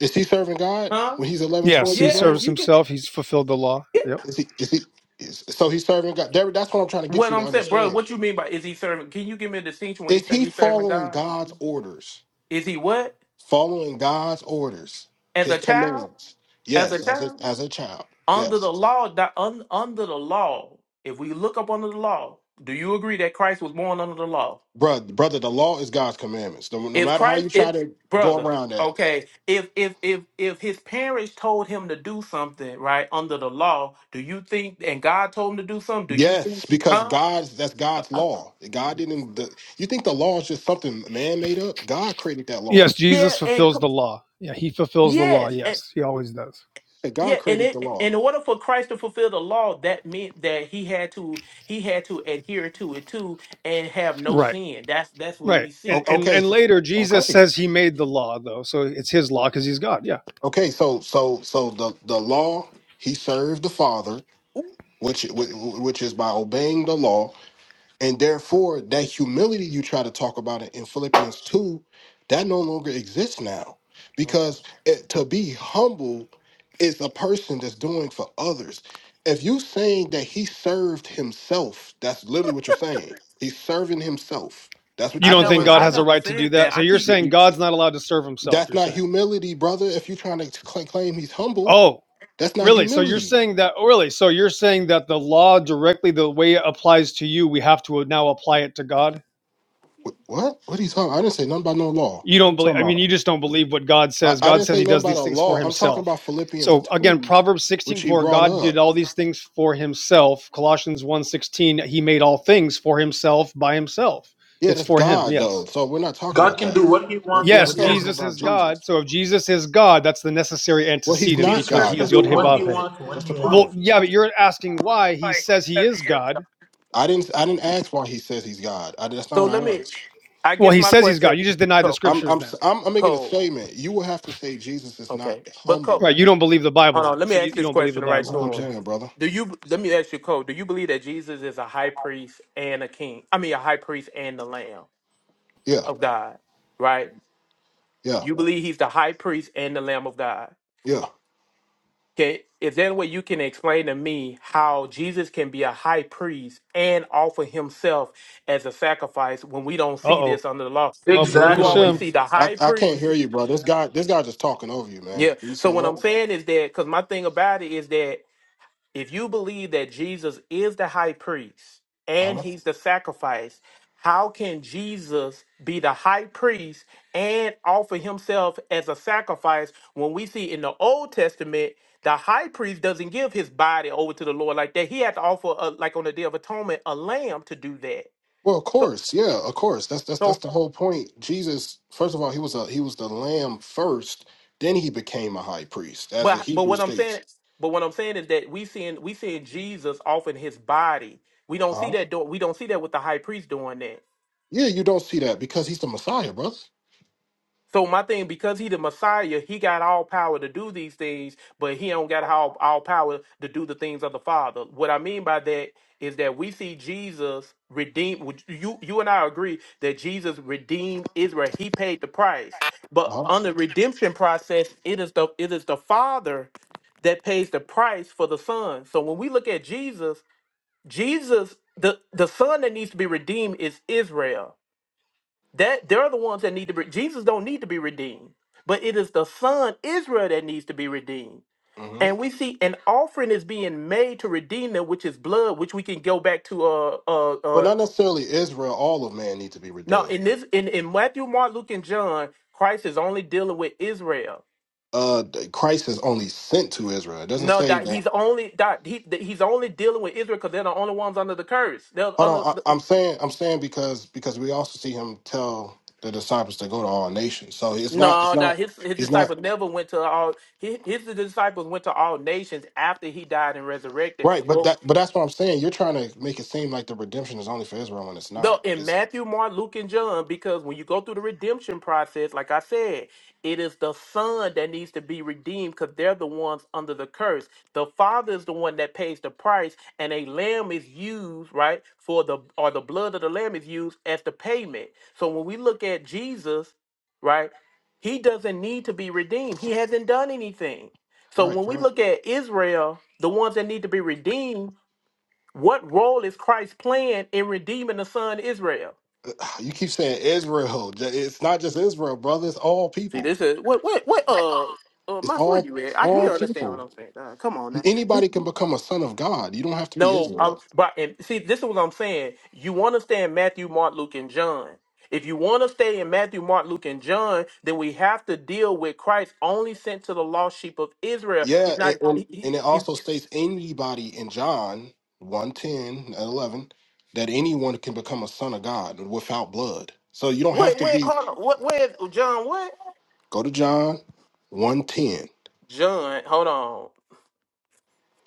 [SPEAKER 13] Is he serving God
[SPEAKER 5] Huh?
[SPEAKER 13] when he's 11,
[SPEAKER 15] Yes,
[SPEAKER 13] 12
[SPEAKER 15] he
[SPEAKER 13] years
[SPEAKER 5] Yes,
[SPEAKER 15] serves
[SPEAKER 13] old?
[SPEAKER 5] you can.
[SPEAKER 15] himself. He's fulfilled the law.
[SPEAKER 5] Yeah.
[SPEAKER 15] Yep.
[SPEAKER 13] Is he? Is he? Is, so he's serving God. There- that's what I'm trying to get
[SPEAKER 5] What
[SPEAKER 13] you to
[SPEAKER 5] I'm saying, brother,
[SPEAKER 13] understand.
[SPEAKER 5] what you mean by is he serving? Can you give me a distinction when he
[SPEAKER 13] Is
[SPEAKER 5] said
[SPEAKER 13] he
[SPEAKER 5] he's serving
[SPEAKER 13] following
[SPEAKER 5] God?
[SPEAKER 13] God's orders?
[SPEAKER 5] Is he what?
[SPEAKER 13] Following God's orders,
[SPEAKER 5] As
[SPEAKER 13] His
[SPEAKER 5] a child?
[SPEAKER 13] commands.
[SPEAKER 5] As a
[SPEAKER 13] Yes, as a,
[SPEAKER 5] child?
[SPEAKER 13] as a child.
[SPEAKER 5] Under
[SPEAKER 13] Yes,
[SPEAKER 5] the law, di- un- under the law, if we look up under the law, do you agree that Christ was born under the law?
[SPEAKER 13] brother, brother. The law is God's commandments. No, no
[SPEAKER 5] If
[SPEAKER 13] matter how you
[SPEAKER 5] Christ,
[SPEAKER 13] try
[SPEAKER 5] if
[SPEAKER 13] to go
[SPEAKER 5] brother,
[SPEAKER 13] around that.
[SPEAKER 5] okay, if if if if his parents told him to do something right under the law, do you think and God told him to do something? Do you think,
[SPEAKER 13] Yes, because
[SPEAKER 5] huh?
[SPEAKER 13] God's that's God's law. God didn't. The, you think the law is just something man made up? God created that
[SPEAKER 15] Yes,
[SPEAKER 13] law.
[SPEAKER 5] Yeah,
[SPEAKER 15] Jesus
[SPEAKER 5] and
[SPEAKER 15] fulfills
[SPEAKER 5] c-
[SPEAKER 15] the law. Yeah, he fulfills the law.
[SPEAKER 5] yes, and
[SPEAKER 15] Yes, he always does.
[SPEAKER 13] God
[SPEAKER 5] yeah, and
[SPEAKER 13] created the
[SPEAKER 5] it, in
[SPEAKER 13] law.
[SPEAKER 5] order for Christ to fulfill the law, that meant that he had to he had to adhere to it too and have no
[SPEAKER 15] Right.
[SPEAKER 5] sin. That's that's what
[SPEAKER 15] Right.
[SPEAKER 5] we
[SPEAKER 15] And
[SPEAKER 13] O-
[SPEAKER 5] see.
[SPEAKER 15] and,
[SPEAKER 13] Okay,
[SPEAKER 15] and
[SPEAKER 13] so,
[SPEAKER 15] later Jesus
[SPEAKER 13] okay.
[SPEAKER 15] says he made the law though, so it's his law because he's God. Yeah.
[SPEAKER 13] Okay, so so so the the law he served the Father, which which which is by obeying the law, and therefore that humility you try to talk about it in Philippians two, that no longer exists now,
[SPEAKER 5] Ooh.
[SPEAKER 13] because it, to be humble is a person that's doing for others. If you saying that he served himself, that's literally what you're saying. He's serving himself. That's what
[SPEAKER 15] You
[SPEAKER 13] you're
[SPEAKER 5] I
[SPEAKER 15] don't think
[SPEAKER 13] saying,
[SPEAKER 5] never,
[SPEAKER 15] God
[SPEAKER 5] I
[SPEAKER 15] has a
[SPEAKER 13] brother.
[SPEAKER 5] never
[SPEAKER 15] right to do
[SPEAKER 5] said
[SPEAKER 15] that?
[SPEAKER 5] that.
[SPEAKER 15] So
[SPEAKER 5] I
[SPEAKER 15] you're
[SPEAKER 5] keep,
[SPEAKER 13] You-
[SPEAKER 15] saying
[SPEAKER 13] you-
[SPEAKER 15] God's not allowed to serve himself.
[SPEAKER 13] that's
[SPEAKER 15] You're
[SPEAKER 13] not
[SPEAKER 15] saying.
[SPEAKER 13] humility, brother. If you're trying to cl- claim he's humble.
[SPEAKER 15] Oh,
[SPEAKER 13] That's not
[SPEAKER 15] really? So you're
[SPEAKER 13] humility.
[SPEAKER 15] saying that? oh, Really? So you're saying that the law directly, the way it applies to you, we have to now apply it to God?
[SPEAKER 13] Wh- What? What are you talking? I didn't say nothing about no law.
[SPEAKER 15] you
[SPEAKER 13] What are
[SPEAKER 15] don't
[SPEAKER 13] you
[SPEAKER 15] believe
[SPEAKER 13] talking
[SPEAKER 15] i mean you
[SPEAKER 13] about?
[SPEAKER 15] just don't believe what god
[SPEAKER 13] I,
[SPEAKER 15] says
[SPEAKER 13] I
[SPEAKER 15] god
[SPEAKER 13] didn't
[SPEAKER 15] says
[SPEAKER 13] say
[SPEAKER 15] he
[SPEAKER 13] nothing
[SPEAKER 15] does
[SPEAKER 13] about
[SPEAKER 15] these
[SPEAKER 13] a
[SPEAKER 15] things for
[SPEAKER 13] law. I'm talking
[SPEAKER 15] himself
[SPEAKER 13] about Philippians
[SPEAKER 15] so again
[SPEAKER 13] two,
[SPEAKER 15] proverbs
[SPEAKER 13] which
[SPEAKER 15] 16
[SPEAKER 13] he
[SPEAKER 15] 4.
[SPEAKER 13] brought
[SPEAKER 15] god
[SPEAKER 13] up.
[SPEAKER 15] did all these things for himself colossians one sixteen. he made all things for himself by himself
[SPEAKER 13] Yeah,
[SPEAKER 15] it's
[SPEAKER 13] that's
[SPEAKER 15] for him
[SPEAKER 13] God though.
[SPEAKER 15] yes
[SPEAKER 13] So we're not talking about that. We're, but
[SPEAKER 5] yeah.
[SPEAKER 15] yes
[SPEAKER 13] we're
[SPEAKER 5] So,
[SPEAKER 13] talking
[SPEAKER 15] jesus
[SPEAKER 13] about
[SPEAKER 15] is
[SPEAKER 13] Jesus.
[SPEAKER 15] god so if jesus is god that's the necessary
[SPEAKER 13] Well, he's
[SPEAKER 15] antecedent
[SPEAKER 13] not
[SPEAKER 15] because
[SPEAKER 13] God.
[SPEAKER 15] he is
[SPEAKER 13] That's the
[SPEAKER 15] yod
[SPEAKER 13] problem.
[SPEAKER 15] Vavhe.
[SPEAKER 13] That's the
[SPEAKER 15] well
[SPEAKER 13] problem.
[SPEAKER 15] yeah but you're asking why he says he is god
[SPEAKER 13] I didn't. I didn't ask why he says he's God. I, that's not
[SPEAKER 5] so
[SPEAKER 13] what I
[SPEAKER 5] let me.
[SPEAKER 13] asked.
[SPEAKER 5] I
[SPEAKER 15] well
[SPEAKER 5] guess
[SPEAKER 15] he
[SPEAKER 5] my
[SPEAKER 15] says he's
[SPEAKER 5] question,
[SPEAKER 15] god you just deny the
[SPEAKER 5] Cole.
[SPEAKER 13] I'm,
[SPEAKER 15] scriptures
[SPEAKER 13] I'm.
[SPEAKER 15] then
[SPEAKER 13] s- I'm. I'm making a
[SPEAKER 5] Cole,
[SPEAKER 13] statement. You will have to say Jesus is not
[SPEAKER 5] okay, but Cole,
[SPEAKER 13] humble.
[SPEAKER 15] right you don't believe the bible
[SPEAKER 5] hold
[SPEAKER 15] then
[SPEAKER 5] on. Let me
[SPEAKER 15] so you,
[SPEAKER 5] ask
[SPEAKER 15] you
[SPEAKER 5] this
[SPEAKER 15] don't believe the
[SPEAKER 5] question right
[SPEAKER 13] That's
[SPEAKER 15] bible
[SPEAKER 5] to
[SPEAKER 13] all I'm
[SPEAKER 5] him.
[SPEAKER 15] okay
[SPEAKER 13] saying, brother.
[SPEAKER 5] Do you? Let me ask you, Cole. Do you believe that Jesus is a high priest and a king? I mean, a high priest and the Lamb
[SPEAKER 13] Yeah.
[SPEAKER 5] of God, right?
[SPEAKER 13] Yeah.
[SPEAKER 5] You believe he's the high priest and the Lamb of God.
[SPEAKER 13] Yeah.
[SPEAKER 5] Okay, is there any way you can explain to me how Jesus can be a high priest and offer himself as a sacrifice when we don't see
[SPEAKER 15] uh-oh
[SPEAKER 5] this under the law?
[SPEAKER 15] oh baruch
[SPEAKER 5] You
[SPEAKER 15] hashem
[SPEAKER 5] always see the
[SPEAKER 13] I,
[SPEAKER 5] high
[SPEAKER 13] I can't
[SPEAKER 5] priest.
[SPEAKER 13] hear you, bro. This guy, this guy just talking over you, man.
[SPEAKER 5] Yeah.
[SPEAKER 13] You
[SPEAKER 5] So
[SPEAKER 13] said
[SPEAKER 5] what I'm
[SPEAKER 13] what?
[SPEAKER 5] saying is that because my thing about it is that if you believe that Jesus is the high priest and
[SPEAKER 13] Uh-huh.
[SPEAKER 5] he's the sacrifice, how can Jesus be the high priest and offer himself as a sacrifice when we see in the Old Testament the high priest doesn't give his body over to the Lord like that? He had to offer, a, like on the Day of Atonement, a lamb to do that.
[SPEAKER 13] Well, of
[SPEAKER 5] So,
[SPEAKER 13] course, yeah, of course. That's that's that's
[SPEAKER 5] so,
[SPEAKER 13] the whole point. Jesus, first of all, he was a he was the lamb first. Then he became a high priest, as the
[SPEAKER 5] but, but
[SPEAKER 13] Hebrew
[SPEAKER 5] what I'm
[SPEAKER 13] states.
[SPEAKER 5] saying, but what I'm saying is that we seeing we seeing Jesus offering his body. We don't see
[SPEAKER 13] Uh-huh.
[SPEAKER 5] that. Do, we don't see that with the high priest doing that.
[SPEAKER 13] Yeah, you don't see that because he's the Messiah, brother.
[SPEAKER 5] So my thing, because he the Messiah, he got all power to do these things, but he don't got all, all power to do the things of the Father. What I mean by that is that we see Jesus redeem. would- You you and I agree that Jesus redeemed Israel. He paid the price, but
[SPEAKER 13] Uh-huh.
[SPEAKER 5] on the redemption process, it is the it is the Father that pays the price for the Son. So when we look at Jesus, Jesus the the Son that needs to be redeemed is Israel that they're the ones that need to be Jesus don't need to be redeemed, but it is the son Israel that needs to be redeemed.
[SPEAKER 13] hmm
[SPEAKER 5] And we see an offering is being made to redeem them, which is blood, which we can go back to uh uh
[SPEAKER 13] But
[SPEAKER 5] uh
[SPEAKER 13] not necessarily Israel. All of man need to be
[SPEAKER 5] no
[SPEAKER 13] redeemed.
[SPEAKER 5] in this in, in Matthew, Mark, Luke, and John, Christ is only dealing with Israel.
[SPEAKER 13] Uh, Christ is only sent to Israel. It doesn't
[SPEAKER 5] No,
[SPEAKER 13] say
[SPEAKER 5] that
[SPEAKER 13] that.
[SPEAKER 5] he's only that he that he's only dealing with Israel because they're the only ones under the curse. They're
[SPEAKER 13] Hold
[SPEAKER 5] under
[SPEAKER 13] on, I,
[SPEAKER 5] the,
[SPEAKER 13] I'm saying I'm saying because because we also see him tell the disciples to go to all nations. So it's not it's
[SPEAKER 5] no
[SPEAKER 13] not
[SPEAKER 5] that his his
[SPEAKER 13] he's not
[SPEAKER 5] disciples never went to all his, his disciples went to all nations after he died and resurrected.
[SPEAKER 13] right, but
[SPEAKER 5] Well,
[SPEAKER 13] that but that's what I'm saying. You're trying to make it seem like the redemption is only for Israel when it's
[SPEAKER 5] No,
[SPEAKER 13] not.
[SPEAKER 5] in
[SPEAKER 13] It's
[SPEAKER 5] Matthew, Mark, Luke, and John, because when you go through the redemption process, like I said, it is the son that needs to be redeemed because they're the ones under the curse. The father is the one that pays the price, and a lamb is used, right, for the or the blood of the lamb is used as the payment. So when we look at Jesus, right, he doesn't need to be redeemed. He hasn't done anything. So
[SPEAKER 13] right,
[SPEAKER 5] when we
[SPEAKER 13] right.
[SPEAKER 5] look at Israel, the ones that need to be redeemed what role is Christ playing in redeeming the son Israel?
[SPEAKER 13] You keep saying Israel. J- It's not just Israel, brother. It's all
[SPEAKER 5] See,
[SPEAKER 13] people.
[SPEAKER 5] this is what what what uh uh
[SPEAKER 13] It's
[SPEAKER 5] Mas, where
[SPEAKER 13] all
[SPEAKER 5] you at? I
[SPEAKER 13] all
[SPEAKER 5] you understand what
[SPEAKER 13] people.
[SPEAKER 5] I'm saying. Uh, come on now. See,
[SPEAKER 13] Anybody can become a son of God. You don't have to be
[SPEAKER 5] No,
[SPEAKER 13] Israel.
[SPEAKER 5] um, but and see, this is what I'm saying. You want to stay in Matthew, Mark, Luke, and John. If you want to stay in Matthew, Mark, Luke, and John, then we have to deal with Christ only sent to the lost sheep of Israel.
[SPEAKER 13] Yeah,
[SPEAKER 5] He's
[SPEAKER 13] and,
[SPEAKER 5] not.
[SPEAKER 13] and
[SPEAKER 5] He, he,
[SPEAKER 13] and it
[SPEAKER 5] he-
[SPEAKER 13] also states anybody in John one ten and 11 that anyone can become a son of God without blood. So you don't have
[SPEAKER 5] wait,
[SPEAKER 13] to
[SPEAKER 5] wait,
[SPEAKER 13] be
[SPEAKER 5] hold on. What? Where's John? What?
[SPEAKER 13] go to John one ten.
[SPEAKER 5] John, hold on.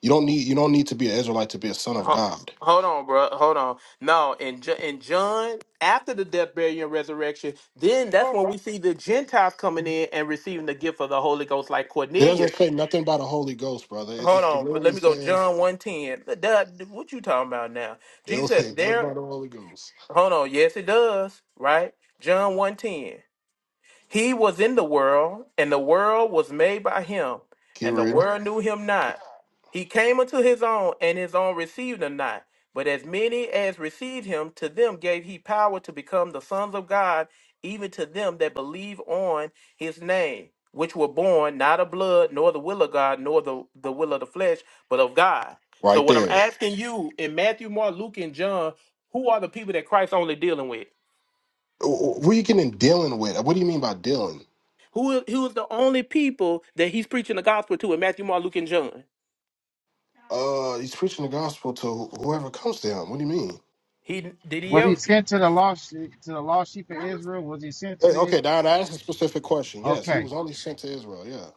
[SPEAKER 13] You don't need you don't need to be an Israelite to be a son of
[SPEAKER 5] Ho-
[SPEAKER 13] God.
[SPEAKER 5] Hold on, bro. Hold on. No, in Ju- in John, after the death, burial, and resurrection, then that's when we see the Gentiles coming in and receiving the gift of the Holy Ghost, like
[SPEAKER 13] It doesn't
[SPEAKER 5] Cornelius.
[SPEAKER 13] say nothing about the Holy Ghost, brother. It,
[SPEAKER 5] Hold
[SPEAKER 13] it, it
[SPEAKER 5] on, but let
[SPEAKER 13] literally
[SPEAKER 5] me go.
[SPEAKER 13] says
[SPEAKER 5] John one ten. That, What you talking about now?
[SPEAKER 13] it'll
[SPEAKER 5] Jesus
[SPEAKER 13] say
[SPEAKER 5] said,
[SPEAKER 13] nothing
[SPEAKER 5] "There."
[SPEAKER 13] about the Holy Ghost.
[SPEAKER 5] Hold on. Yes, it does. Right. John one ten. He was in the world, and the world was made by him,
[SPEAKER 13] Keep
[SPEAKER 5] and the
[SPEAKER 13] reading.
[SPEAKER 5] world knew him not. He came unto his own, and his own received him not. But as many as received him, to them gave he power to become the sons of God, even to them that believe on his name, which were born not of blood, nor the will of God, nor the, the will of the flesh, but of God. So,
[SPEAKER 13] Right
[SPEAKER 5] what I'm
[SPEAKER 13] there.
[SPEAKER 5] asking you in Matthew, Mark, Luke, and John, who are the people that Christ only dealing with?
[SPEAKER 13] Wh- wh- What are you getting dealing with? What do you mean by dealing?
[SPEAKER 5] Who is who is the only people that he's preaching the gospel to in Matthew, Mark, Luke, and John?
[SPEAKER 13] Uh he's preaching the gospel to wh- whoever comes to him. What do you mean?
[SPEAKER 5] He did he
[SPEAKER 14] Was he
[SPEAKER 5] ever?
[SPEAKER 14] sent to the lost to the lost sheep of Israel? Was he sent
[SPEAKER 13] Eh,
[SPEAKER 14] to the?
[SPEAKER 13] Okay, now that's a specific question. Yes, he
[SPEAKER 14] Okay.
[SPEAKER 13] was only sent to Israel. Yeah,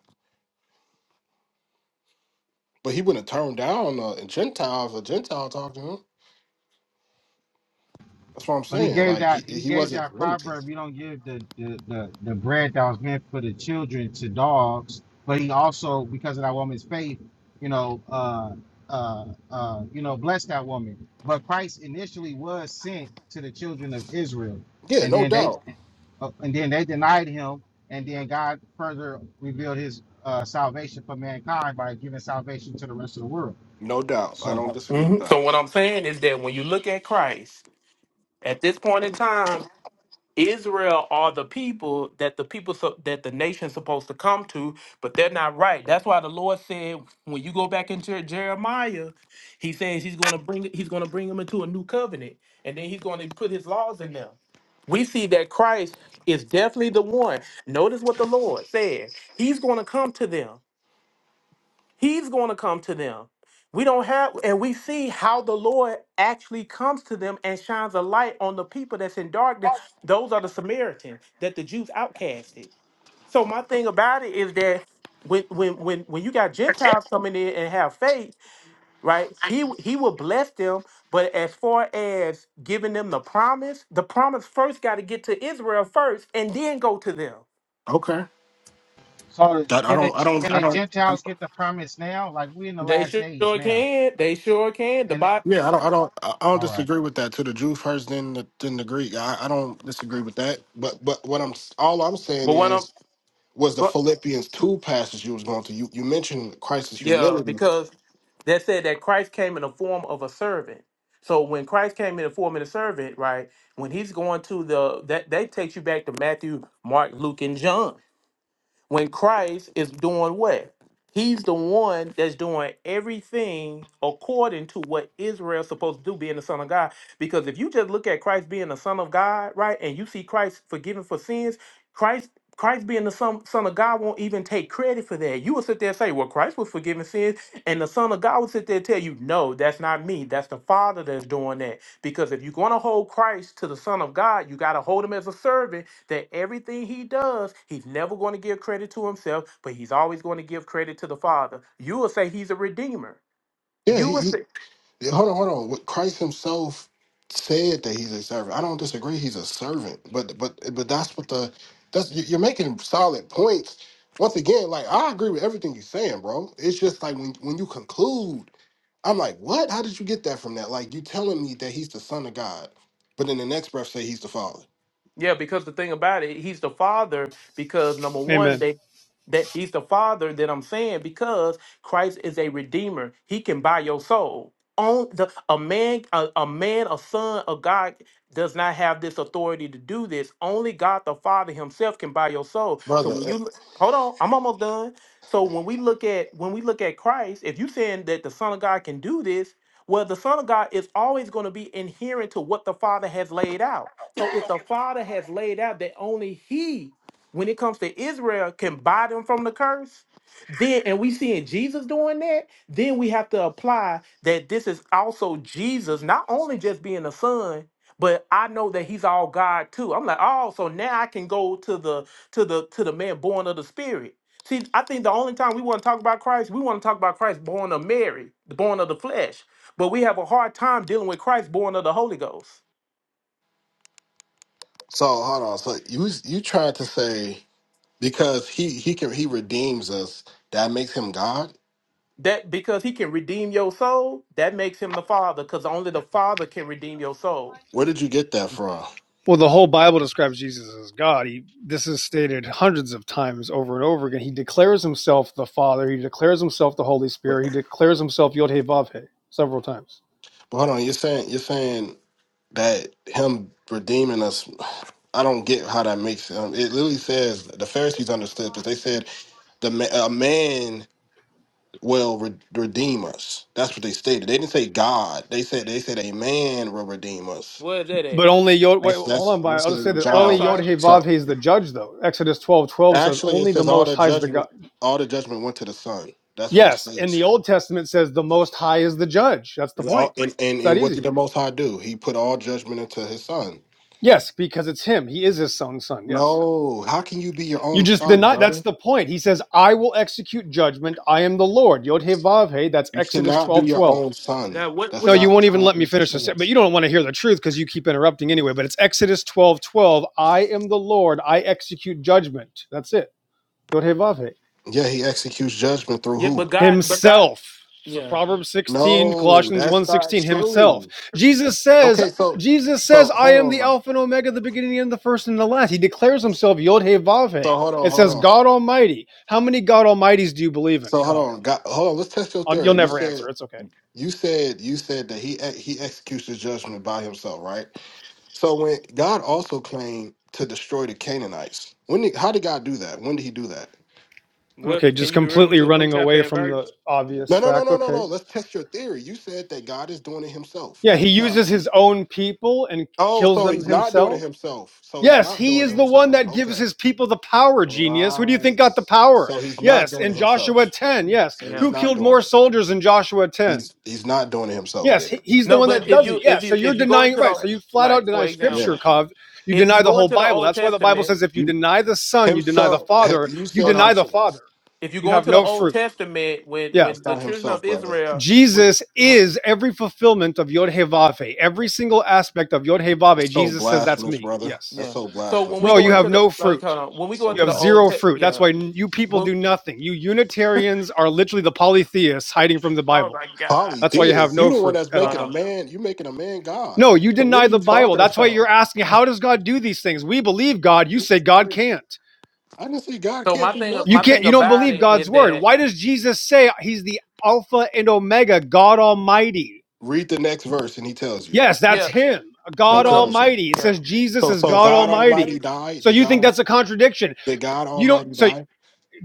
[SPEAKER 13] but he wouldn't turn down a, a Gentile if a Gentile talked to him. That's what I'm
[SPEAKER 14] But he
[SPEAKER 13] saying.
[SPEAKER 14] gave
[SPEAKER 13] Like
[SPEAKER 14] that
[SPEAKER 13] he
[SPEAKER 14] he
[SPEAKER 13] he
[SPEAKER 14] gave
[SPEAKER 13] wasn't
[SPEAKER 14] that
[SPEAKER 13] limited.
[SPEAKER 14] proverb. You don't give the the, the, the bread that was meant for the children to dogs. But he also, because of that woman's faith, you know, uh, uh, uh, you know, blessed that woman. But Christ initially was sent to the children of Israel,
[SPEAKER 13] Yeah,
[SPEAKER 14] and
[SPEAKER 13] no
[SPEAKER 14] then they
[SPEAKER 13] doubt,
[SPEAKER 14] uh, and then they denied him, and then God further revealed His uh, salvation for mankind by giving salvation to the rest of the world.
[SPEAKER 13] no doubt. I
[SPEAKER 14] So.
[SPEAKER 13] don't disagree with
[SPEAKER 5] Mhm.
[SPEAKER 13] that.
[SPEAKER 5] So what I'm saying is that when you look at Christ at this point in time. Israel are the people that the people so, that the nation's supposed to come to, but they're not right. That's why the Lord said when you go back into Jeremiah, He says He's going to bring He's going to bring them into a new covenant, and then He's going to put His laws in them. We see that Christ is definitely the one. Notice what the Lord said. He's going to come to them. He's going to come to them. We don't have, and we see how the Lord actually comes to them and shines a light on the people that's in darkness. Those are the Samaritans that the Jews outcasted. So my thing about it is that when when when when you got Gentiles coming in and have faith, right? He he will bless them, but as far as giving them the promise, the promise first got to get to Israel first, and then go to them.
[SPEAKER 13] Okay,
[SPEAKER 14] So is-
[SPEAKER 13] that I
[SPEAKER 14] can the
[SPEAKER 13] don't I
[SPEAKER 14] can
[SPEAKER 13] don't I
[SPEAKER 14] the
[SPEAKER 13] don't. I,
[SPEAKER 14] Gentiles get the promise now? Like we in the
[SPEAKER 5] They
[SPEAKER 14] last days
[SPEAKER 5] sure
[SPEAKER 14] now,
[SPEAKER 5] can. They sure can. The
[SPEAKER 14] and
[SPEAKER 5] Bible,
[SPEAKER 13] yeah, I don't, I don't, I I don't
[SPEAKER 14] all right.
[SPEAKER 13] disagree with that. To the Jew first, then the, then the Greek. I, I don't disagree with that. But, but what I'm, all I'm saying
[SPEAKER 5] but one
[SPEAKER 13] is,
[SPEAKER 5] of
[SPEAKER 13] was the Philippians two passage you was going to? You, you mentioned Christ's
[SPEAKER 5] Yeah,
[SPEAKER 13] humility.
[SPEAKER 5] because that said that Christ came in the form of a servant. So when Christ came in the form of a servant, right? When he's going to the that that takes you back to Matthew, Mark, Luke, and John. When Christ is doing what? He's the one that's doing everything according to what Israel's supposed to do, being the Son of God. Because if you just look at Christ being the Son of God, right, and you see Christ forgiving for sins, Christ Christ being the son, son of God won't even take credit for that. You will sit there and say, Well, Christ was forgiving sins, and the Son of God will sit there and tell you, No, that's not me. That's the Father that's doing that. Because if you're going to hold Christ to the Son of God, you got to hold him as a servant that everything he does, he's never going to give credit to himself, but he's always going to give credit to the Father. You will say he's a redeemer.
[SPEAKER 13] Yeah,
[SPEAKER 5] You
[SPEAKER 13] he,
[SPEAKER 5] will
[SPEAKER 13] he
[SPEAKER 5] say
[SPEAKER 13] Yeah, Hold on, hold on. What Christ Himself said that He's a servant. I don't disagree. He's a servant, but but but that's what the that's you- you're making solid points. Once again, like I agree with everything you're saying, bro. It's just like when when you conclude, I'm like, what? How did you get that from that? Like you telling me that He's the Son of God, but in the next breath say He's the Father,
[SPEAKER 5] Yeah, because the thing about it, he's the father because number one,
[SPEAKER 15] Amen.
[SPEAKER 5] they that he's the father that I'm saying because Christ is a redeemer. He can buy your soul. On the a man, a, a man, a son of God does not have this authority to do this. Only God the Father Himself can buy your soul. So
[SPEAKER 13] brother.
[SPEAKER 5] when
[SPEAKER 13] uh,
[SPEAKER 5] you hold on, I'm almost done. So when we look at when we look at Christ, if you're saying that the Son of God can do this, well, the Son of God is always going to be inherent to what the Father has laid out. So if the Father has laid out that only He, when it comes to Israel, can buy them from the curse, then and we seeing Jesus doing that, then we have to apply that this is also Jesus, not only just being the Son. But I know that he's all God too. I'm like, oh, so now I can go to the to the to the man born of the Spirit. See, I think the only time we want to talk about Christ, we want to talk about Christ born of Mary, the born of the flesh but we have a hard time dealing with Christ born of the Holy Ghost.
[SPEAKER 13] So hold on. So you you tried to say because he he can he redeems us that makes him God.
[SPEAKER 5] That because he can redeem your soul, that makes him the Father, because only the Father can redeem your soul.
[SPEAKER 13] Where did you get that from?
[SPEAKER 15] Well, the whole Bible describes Jesus as God. He, this is stated hundreds of times over and over again. He declares himself the Father. He declares himself the Holy Spirit. He declares himself Yod He Vav He several times.
[SPEAKER 13] But Hold on, you're saying you're saying that him redeeming us. I don't get how that makes um, it. Literally says the Pharisees understood because they said the ma- a man will re- redeem us. That's what they stated. They didn't say God. They said they said a man will redeem us.
[SPEAKER 5] Where is that
[SPEAKER 15] But
[SPEAKER 5] at?
[SPEAKER 15] only Yod. Wait,
[SPEAKER 13] That's
[SPEAKER 15] hold
[SPEAKER 13] that's
[SPEAKER 15] on, by
[SPEAKER 13] that's
[SPEAKER 15] I'll just say
[SPEAKER 13] in
[SPEAKER 15] that
[SPEAKER 5] Oh,
[SPEAKER 15] only
[SPEAKER 5] I'm
[SPEAKER 13] John.
[SPEAKER 15] Yod
[SPEAKER 5] sorry.
[SPEAKER 15] He Vav
[SPEAKER 13] So
[SPEAKER 15] He is the judge, though. Exodus twelve twelve says
[SPEAKER 13] actually, it
[SPEAKER 15] only the
[SPEAKER 13] says all
[SPEAKER 15] Most
[SPEAKER 13] the
[SPEAKER 15] High is the God.
[SPEAKER 13] judgment all the judgment went to the Son. That's what it
[SPEAKER 15] Yes, in the
[SPEAKER 13] states.
[SPEAKER 15] Old Testament says the Most High is the judge. That's the
[SPEAKER 13] And,
[SPEAKER 15] point.
[SPEAKER 13] all-
[SPEAKER 15] It's
[SPEAKER 13] and and
[SPEAKER 15] that
[SPEAKER 13] and what did
[SPEAKER 15] easy.
[SPEAKER 13] the Most High do? He put all judgment into His Son.
[SPEAKER 15] Yes, because it's Him. He is His Son's Son. Yes.
[SPEAKER 13] No, how can you be your
[SPEAKER 15] You
[SPEAKER 13] own
[SPEAKER 15] just
[SPEAKER 13] son,
[SPEAKER 15] deny. That's
[SPEAKER 13] brother?
[SPEAKER 15] the point. He says, "I will execute judgment. I am the Lord." Yod He Vav He. That's
[SPEAKER 13] You
[SPEAKER 15] Exodus
[SPEAKER 13] cannot be
[SPEAKER 15] twelve
[SPEAKER 13] your
[SPEAKER 15] twelve.
[SPEAKER 13] own son.
[SPEAKER 5] Now what what
[SPEAKER 13] That's
[SPEAKER 15] No,
[SPEAKER 5] the-
[SPEAKER 15] you
[SPEAKER 13] not.
[SPEAKER 15] won't
[SPEAKER 13] It's
[SPEAKER 5] uh,
[SPEAKER 15] even let
[SPEAKER 13] not
[SPEAKER 15] me
[SPEAKER 13] making
[SPEAKER 15] finish this.
[SPEAKER 5] Yeah,
[SPEAKER 15] But
[SPEAKER 13] sense.
[SPEAKER 15] you don't want to hear the truth because you keep interrupting anyway. But it's Exodus twelve twelve. I am the Lord. I execute judgment. That's it. Yod He Vav He.
[SPEAKER 13] Yeah, he executes judgment through
[SPEAKER 5] Yeah,
[SPEAKER 13] who?
[SPEAKER 5] but God but God
[SPEAKER 15] himself. So
[SPEAKER 5] yeah.
[SPEAKER 15] Proverbs 16,
[SPEAKER 13] No,
[SPEAKER 15] Colossians one
[SPEAKER 13] that's not
[SPEAKER 15] sixteen. himself.
[SPEAKER 13] true.
[SPEAKER 15] Jesus says,
[SPEAKER 13] Okay, so,
[SPEAKER 15] Jesus
[SPEAKER 13] so
[SPEAKER 15] says, I am the
[SPEAKER 13] hold on.
[SPEAKER 15] Alpha and Omega, the beginning and the first and the last. He declares himself Yod He Vav He.
[SPEAKER 13] So hold on,
[SPEAKER 15] It
[SPEAKER 13] hold
[SPEAKER 15] says
[SPEAKER 13] on.
[SPEAKER 15] God Almighty. How many God Almighties do you believe in,
[SPEAKER 13] So hold
[SPEAKER 15] Kav?
[SPEAKER 13] on. Got, hold on. Let's test your
[SPEAKER 15] Um, you'll
[SPEAKER 13] theory. You
[SPEAKER 15] never
[SPEAKER 13] said
[SPEAKER 15] answer. It's okay.
[SPEAKER 13] you said you said that he ex- he executes the judgment by himself, right? So when God also claimed to destroy the Canaanites, when did, how did God do that? When did he do that?
[SPEAKER 5] What
[SPEAKER 15] Okay,
[SPEAKER 5] can
[SPEAKER 15] just
[SPEAKER 5] you direct me
[SPEAKER 15] completely
[SPEAKER 5] to a book
[SPEAKER 15] running
[SPEAKER 5] chapter
[SPEAKER 15] away
[SPEAKER 5] and
[SPEAKER 15] from the
[SPEAKER 5] verse?
[SPEAKER 15] obvious
[SPEAKER 13] No, no, no,
[SPEAKER 15] fact.
[SPEAKER 13] no, no,
[SPEAKER 15] Okay.
[SPEAKER 13] no. Let's test your theory. You said that God is doing it himself
[SPEAKER 15] Yeah, he
[SPEAKER 13] every
[SPEAKER 15] uses
[SPEAKER 13] time.
[SPEAKER 15] his own people and
[SPEAKER 13] Oh,
[SPEAKER 15] kills
[SPEAKER 13] so
[SPEAKER 15] them
[SPEAKER 13] he's not doing
[SPEAKER 15] himself.
[SPEAKER 13] it himself. So he's
[SPEAKER 15] Yes,
[SPEAKER 13] not
[SPEAKER 15] he
[SPEAKER 13] doing it
[SPEAKER 15] is the one
[SPEAKER 13] himself.
[SPEAKER 15] that gives
[SPEAKER 13] Okay.
[SPEAKER 15] his people the power,
[SPEAKER 13] All
[SPEAKER 15] genius. Who do you
[SPEAKER 13] right.
[SPEAKER 15] think got the power?
[SPEAKER 13] So he's not
[SPEAKER 15] Yes,
[SPEAKER 13] doing
[SPEAKER 15] in
[SPEAKER 13] it himself.
[SPEAKER 15] Joshua 10. Yes.
[SPEAKER 13] So he's
[SPEAKER 5] Yeah.
[SPEAKER 15] Who
[SPEAKER 13] not
[SPEAKER 15] killed
[SPEAKER 13] doing
[SPEAKER 15] more
[SPEAKER 13] it.
[SPEAKER 15] soldiers in Joshua 10?
[SPEAKER 13] He's he's not doing it himself,
[SPEAKER 15] Yes, he-
[SPEAKER 13] David.
[SPEAKER 15] he's the
[SPEAKER 5] No,
[SPEAKER 15] one
[SPEAKER 13] Uh,
[SPEAKER 5] but
[SPEAKER 15] that
[SPEAKER 5] if
[SPEAKER 15] does it.
[SPEAKER 5] you if
[SPEAKER 15] Yes. So
[SPEAKER 5] you
[SPEAKER 15] you're
[SPEAKER 5] if you go
[SPEAKER 15] denying,
[SPEAKER 5] into
[SPEAKER 15] right.
[SPEAKER 5] the
[SPEAKER 15] So
[SPEAKER 13] Right.
[SPEAKER 15] you flat out
[SPEAKER 5] like for
[SPEAKER 15] deny
[SPEAKER 13] Yeah.
[SPEAKER 15] scripture,
[SPEAKER 5] example,
[SPEAKER 15] Kav. You
[SPEAKER 5] if you
[SPEAKER 15] deny the
[SPEAKER 5] go
[SPEAKER 15] whole
[SPEAKER 5] into the
[SPEAKER 15] Bible.
[SPEAKER 5] Old
[SPEAKER 15] That's why the Bible
[SPEAKER 5] Testament,
[SPEAKER 15] says if you
[SPEAKER 13] You-
[SPEAKER 15] deny the Son, you deny the
[SPEAKER 13] Himself.
[SPEAKER 15] Father,
[SPEAKER 13] he- You
[SPEAKER 15] you
[SPEAKER 13] said
[SPEAKER 5] hold on.
[SPEAKER 15] deny the
[SPEAKER 13] himself.
[SPEAKER 15] Father.
[SPEAKER 5] If you
[SPEAKER 15] You
[SPEAKER 5] go
[SPEAKER 15] have
[SPEAKER 5] into the
[SPEAKER 15] no
[SPEAKER 5] Old
[SPEAKER 15] fruit.
[SPEAKER 5] Testament when
[SPEAKER 15] Yeah.
[SPEAKER 13] That's
[SPEAKER 5] when the
[SPEAKER 13] not
[SPEAKER 5] children
[SPEAKER 13] himself,
[SPEAKER 5] of
[SPEAKER 13] brother.
[SPEAKER 5] Israel when,
[SPEAKER 15] Jesus is every fulfillment of Yod Hevave. Every single aspect of Yod Hevave,
[SPEAKER 13] That's so
[SPEAKER 15] Jesus says, that's
[SPEAKER 13] blasphemous,
[SPEAKER 15] me.
[SPEAKER 13] brother.
[SPEAKER 15] Yes.
[SPEAKER 13] That's
[SPEAKER 5] Yeah.
[SPEAKER 13] so
[SPEAKER 5] So
[SPEAKER 13] blasphemous.
[SPEAKER 5] when we
[SPEAKER 13] That's
[SPEAKER 15] Bro,
[SPEAKER 5] go
[SPEAKER 15] you have
[SPEAKER 13] crazy.
[SPEAKER 5] into the
[SPEAKER 15] no
[SPEAKER 5] like,
[SPEAKER 15] fruit.
[SPEAKER 5] hold on. when we go
[SPEAKER 13] So
[SPEAKER 15] You
[SPEAKER 5] into
[SPEAKER 15] have
[SPEAKER 5] the
[SPEAKER 13] blasphemous.
[SPEAKER 5] old
[SPEAKER 15] zero
[SPEAKER 5] te-
[SPEAKER 15] fruit. That's
[SPEAKER 5] yeah.
[SPEAKER 15] why you people do
[SPEAKER 5] Well,
[SPEAKER 15] nothing. You Unitarians are literally the polytheists hiding from the
[SPEAKER 5] oh
[SPEAKER 15] Bible.
[SPEAKER 5] my god.
[SPEAKER 13] Polly
[SPEAKER 15] That's why you have
[SPEAKER 13] Diaz, you
[SPEAKER 15] no
[SPEAKER 13] the one
[SPEAKER 15] fruit
[SPEAKER 13] that's
[SPEAKER 15] at
[SPEAKER 5] Oh
[SPEAKER 13] making
[SPEAKER 15] all.
[SPEAKER 13] a
[SPEAKER 5] no.
[SPEAKER 13] man. You making a man God.
[SPEAKER 15] No, you
[SPEAKER 13] what
[SPEAKER 15] deny
[SPEAKER 13] are
[SPEAKER 15] the
[SPEAKER 13] you
[SPEAKER 15] Bible.
[SPEAKER 13] talking
[SPEAKER 15] That's why
[SPEAKER 13] about?
[SPEAKER 15] you're asking, how does God do these things? We believe God. You
[SPEAKER 13] This
[SPEAKER 15] say
[SPEAKER 13] is
[SPEAKER 15] God
[SPEAKER 13] crazy.
[SPEAKER 15] can't.
[SPEAKER 13] I didn't see God
[SPEAKER 5] So
[SPEAKER 13] can't
[SPEAKER 5] my
[SPEAKER 13] do
[SPEAKER 5] thing
[SPEAKER 15] You
[SPEAKER 5] my
[SPEAKER 13] nothing.
[SPEAKER 15] can't.
[SPEAKER 13] What
[SPEAKER 5] thing
[SPEAKER 13] are
[SPEAKER 15] You
[SPEAKER 13] you
[SPEAKER 15] don't
[SPEAKER 5] about
[SPEAKER 13] talking
[SPEAKER 15] believe
[SPEAKER 13] about?
[SPEAKER 5] it
[SPEAKER 15] God's
[SPEAKER 5] is
[SPEAKER 15] word.
[SPEAKER 5] that
[SPEAKER 15] Why does Jesus say He's the Alpha and Omega, God Almighty?
[SPEAKER 13] Read the next verse, and he tells you.
[SPEAKER 15] Yes, that's
[SPEAKER 5] yeah.
[SPEAKER 15] Him,
[SPEAKER 5] So
[SPEAKER 13] He
[SPEAKER 15] God
[SPEAKER 5] when I'm
[SPEAKER 13] tells you.
[SPEAKER 15] Almighty. It
[SPEAKER 5] yeah.
[SPEAKER 15] says Jesus
[SPEAKER 13] So,
[SPEAKER 15] is
[SPEAKER 13] so
[SPEAKER 15] God
[SPEAKER 13] God Almighty
[SPEAKER 15] Almighty.
[SPEAKER 13] died.
[SPEAKER 15] So
[SPEAKER 13] Did
[SPEAKER 15] you
[SPEAKER 13] God?
[SPEAKER 15] think that's
[SPEAKER 13] Al-
[SPEAKER 15] a contradiction?
[SPEAKER 13] Did God
[SPEAKER 15] You don't.
[SPEAKER 13] Almighty
[SPEAKER 15] So
[SPEAKER 13] die?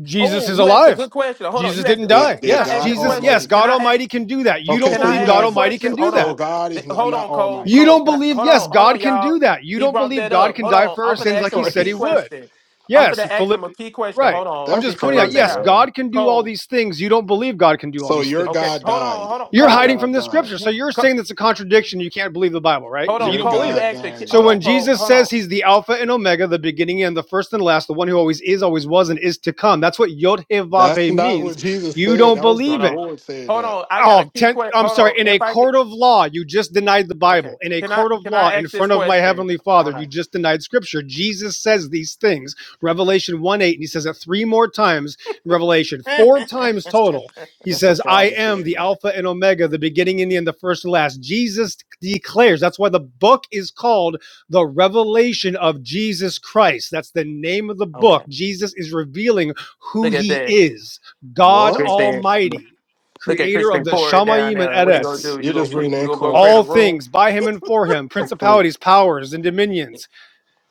[SPEAKER 15] Jesus
[SPEAKER 5] Oh,
[SPEAKER 15] is
[SPEAKER 5] you asked a
[SPEAKER 15] alive.
[SPEAKER 5] good question. Hold on.
[SPEAKER 15] Jesus
[SPEAKER 5] You asked.
[SPEAKER 15] didn't
[SPEAKER 5] Uh,
[SPEAKER 13] Did,
[SPEAKER 15] die.
[SPEAKER 5] can
[SPEAKER 13] did
[SPEAKER 5] I
[SPEAKER 15] Yes,
[SPEAKER 5] ask
[SPEAKER 13] God
[SPEAKER 5] this
[SPEAKER 15] Jesus,
[SPEAKER 5] question?
[SPEAKER 15] yes,
[SPEAKER 13] Almighty?
[SPEAKER 5] Can
[SPEAKER 15] God
[SPEAKER 5] I ask?
[SPEAKER 15] Almighty can do that. You don't
[SPEAKER 13] Okay,
[SPEAKER 5] Can
[SPEAKER 13] so
[SPEAKER 5] I
[SPEAKER 15] believe
[SPEAKER 13] you
[SPEAKER 5] ask
[SPEAKER 15] God
[SPEAKER 5] this
[SPEAKER 13] have.
[SPEAKER 15] Almighty
[SPEAKER 5] question?
[SPEAKER 15] can
[SPEAKER 13] So,
[SPEAKER 15] do
[SPEAKER 5] Hold
[SPEAKER 13] so
[SPEAKER 15] that.
[SPEAKER 5] on.
[SPEAKER 13] God
[SPEAKER 5] Th-
[SPEAKER 13] is not,
[SPEAKER 5] Hold
[SPEAKER 13] not
[SPEAKER 5] on, Cole.
[SPEAKER 13] Almighty.
[SPEAKER 15] You
[SPEAKER 13] Then
[SPEAKER 5] Cole.
[SPEAKER 15] don't
[SPEAKER 5] Can I?
[SPEAKER 15] believe,
[SPEAKER 5] Hold
[SPEAKER 15] yes,
[SPEAKER 5] on. Hold
[SPEAKER 15] God
[SPEAKER 5] on,
[SPEAKER 15] can
[SPEAKER 5] y'all.
[SPEAKER 15] do that. You
[SPEAKER 5] He
[SPEAKER 15] don't
[SPEAKER 5] brought
[SPEAKER 15] believe
[SPEAKER 5] that
[SPEAKER 15] God
[SPEAKER 5] up.
[SPEAKER 15] can
[SPEAKER 5] Hold
[SPEAKER 15] die
[SPEAKER 5] on.
[SPEAKER 15] for our
[SPEAKER 5] I'm gonna
[SPEAKER 13] that's
[SPEAKER 15] sins
[SPEAKER 5] ask
[SPEAKER 15] like he
[SPEAKER 5] him a
[SPEAKER 15] said
[SPEAKER 5] key
[SPEAKER 15] he
[SPEAKER 13] crazy.
[SPEAKER 15] would.
[SPEAKER 5] question. I'm gonna
[SPEAKER 15] Yes,
[SPEAKER 5] ask him
[SPEAKER 15] Philip,
[SPEAKER 5] a key question.
[SPEAKER 15] right.
[SPEAKER 5] Hold on.
[SPEAKER 15] I'm
[SPEAKER 13] That's
[SPEAKER 15] just
[SPEAKER 5] Since you
[SPEAKER 15] pointing out,
[SPEAKER 5] brought
[SPEAKER 13] crazy,
[SPEAKER 5] that
[SPEAKER 15] yes,
[SPEAKER 5] out,
[SPEAKER 13] man.
[SPEAKER 15] God can do all
[SPEAKER 5] Cole.
[SPEAKER 15] these things. You don't believe God can do all
[SPEAKER 13] So
[SPEAKER 15] these
[SPEAKER 13] your
[SPEAKER 15] things.
[SPEAKER 5] Okay.
[SPEAKER 13] God
[SPEAKER 5] Hold on.
[SPEAKER 13] died.
[SPEAKER 5] Hold on,
[SPEAKER 15] You're
[SPEAKER 13] Your
[SPEAKER 15] hiding
[SPEAKER 5] Cole.
[SPEAKER 15] from
[SPEAKER 13] God
[SPEAKER 15] the
[SPEAKER 13] died.
[SPEAKER 15] scripture. So you're saying that's a contradiction. You can't believe the Bible, right?
[SPEAKER 5] Hold
[SPEAKER 15] So
[SPEAKER 5] on,
[SPEAKER 15] you
[SPEAKER 13] Your
[SPEAKER 15] don't
[SPEAKER 5] Cole.
[SPEAKER 15] believe
[SPEAKER 5] You
[SPEAKER 15] it.
[SPEAKER 13] God
[SPEAKER 5] asked a key.
[SPEAKER 13] died,
[SPEAKER 15] So
[SPEAKER 5] Hold
[SPEAKER 13] brother.
[SPEAKER 15] when
[SPEAKER 5] on, Cole.
[SPEAKER 15] Jesus
[SPEAKER 5] Hold on.
[SPEAKER 15] says he's the Alpha and Omega, the beginning and the first and last, the one who always is, always was, and is to come, that's what Yod Heh Vav
[SPEAKER 13] That's
[SPEAKER 15] Heh
[SPEAKER 13] not what
[SPEAKER 15] means.
[SPEAKER 13] Jesus
[SPEAKER 15] You
[SPEAKER 13] said.
[SPEAKER 15] don't
[SPEAKER 13] That was the
[SPEAKER 5] Hold
[SPEAKER 15] believe it
[SPEAKER 5] on.
[SPEAKER 13] Lord saying
[SPEAKER 5] Hold
[SPEAKER 13] that.
[SPEAKER 5] on. I got a
[SPEAKER 15] oh,
[SPEAKER 5] key
[SPEAKER 15] ten,
[SPEAKER 5] question.
[SPEAKER 15] I'm
[SPEAKER 5] Hold
[SPEAKER 15] sorry.
[SPEAKER 5] on.
[SPEAKER 15] In a
[SPEAKER 5] If I could.
[SPEAKER 15] court of law, you just denied the
[SPEAKER 5] Okay.
[SPEAKER 15] Bible. In a
[SPEAKER 5] Can I
[SPEAKER 15] court of
[SPEAKER 5] can
[SPEAKER 15] law,
[SPEAKER 5] I
[SPEAKER 15] in
[SPEAKER 5] ask this
[SPEAKER 15] front of my
[SPEAKER 5] question?
[SPEAKER 15] heavenly Father,
[SPEAKER 5] Hold
[SPEAKER 15] you
[SPEAKER 5] on.
[SPEAKER 15] just denied Scripture. Jesus says these things. Revelation one eight, and he says it three more times. In Revelation four times total. He
[SPEAKER 13] That's the
[SPEAKER 15] says, "I
[SPEAKER 13] Father
[SPEAKER 15] am
[SPEAKER 13] saying
[SPEAKER 15] the
[SPEAKER 13] that.
[SPEAKER 15] Alpha and Omega, the beginning and the end, the first and last." Jesus declares. That's why the book is called the Revelation of Jesus Christ. That's the name of the book.
[SPEAKER 5] okay.
[SPEAKER 15] Jesus is revealing who
[SPEAKER 5] Look at
[SPEAKER 15] He
[SPEAKER 5] that,
[SPEAKER 15] is, God
[SPEAKER 13] What?
[SPEAKER 5] Christian. Look
[SPEAKER 15] Almighty
[SPEAKER 5] at
[SPEAKER 15] creator of
[SPEAKER 5] Christian
[SPEAKER 15] the
[SPEAKER 5] Corey down
[SPEAKER 15] Shamayim and
[SPEAKER 5] there. What he
[SPEAKER 13] That's
[SPEAKER 5] gonna
[SPEAKER 13] it.
[SPEAKER 15] Eretz,
[SPEAKER 5] do? You
[SPEAKER 13] you're
[SPEAKER 5] go.
[SPEAKER 13] just
[SPEAKER 5] cr-
[SPEAKER 13] reading
[SPEAKER 5] You
[SPEAKER 13] that
[SPEAKER 5] gonna go
[SPEAKER 13] quote.
[SPEAKER 5] create a
[SPEAKER 15] all
[SPEAKER 5] room?
[SPEAKER 15] things by him and for him,
[SPEAKER 13] that quote.
[SPEAKER 15] principalities, powers, and dominions,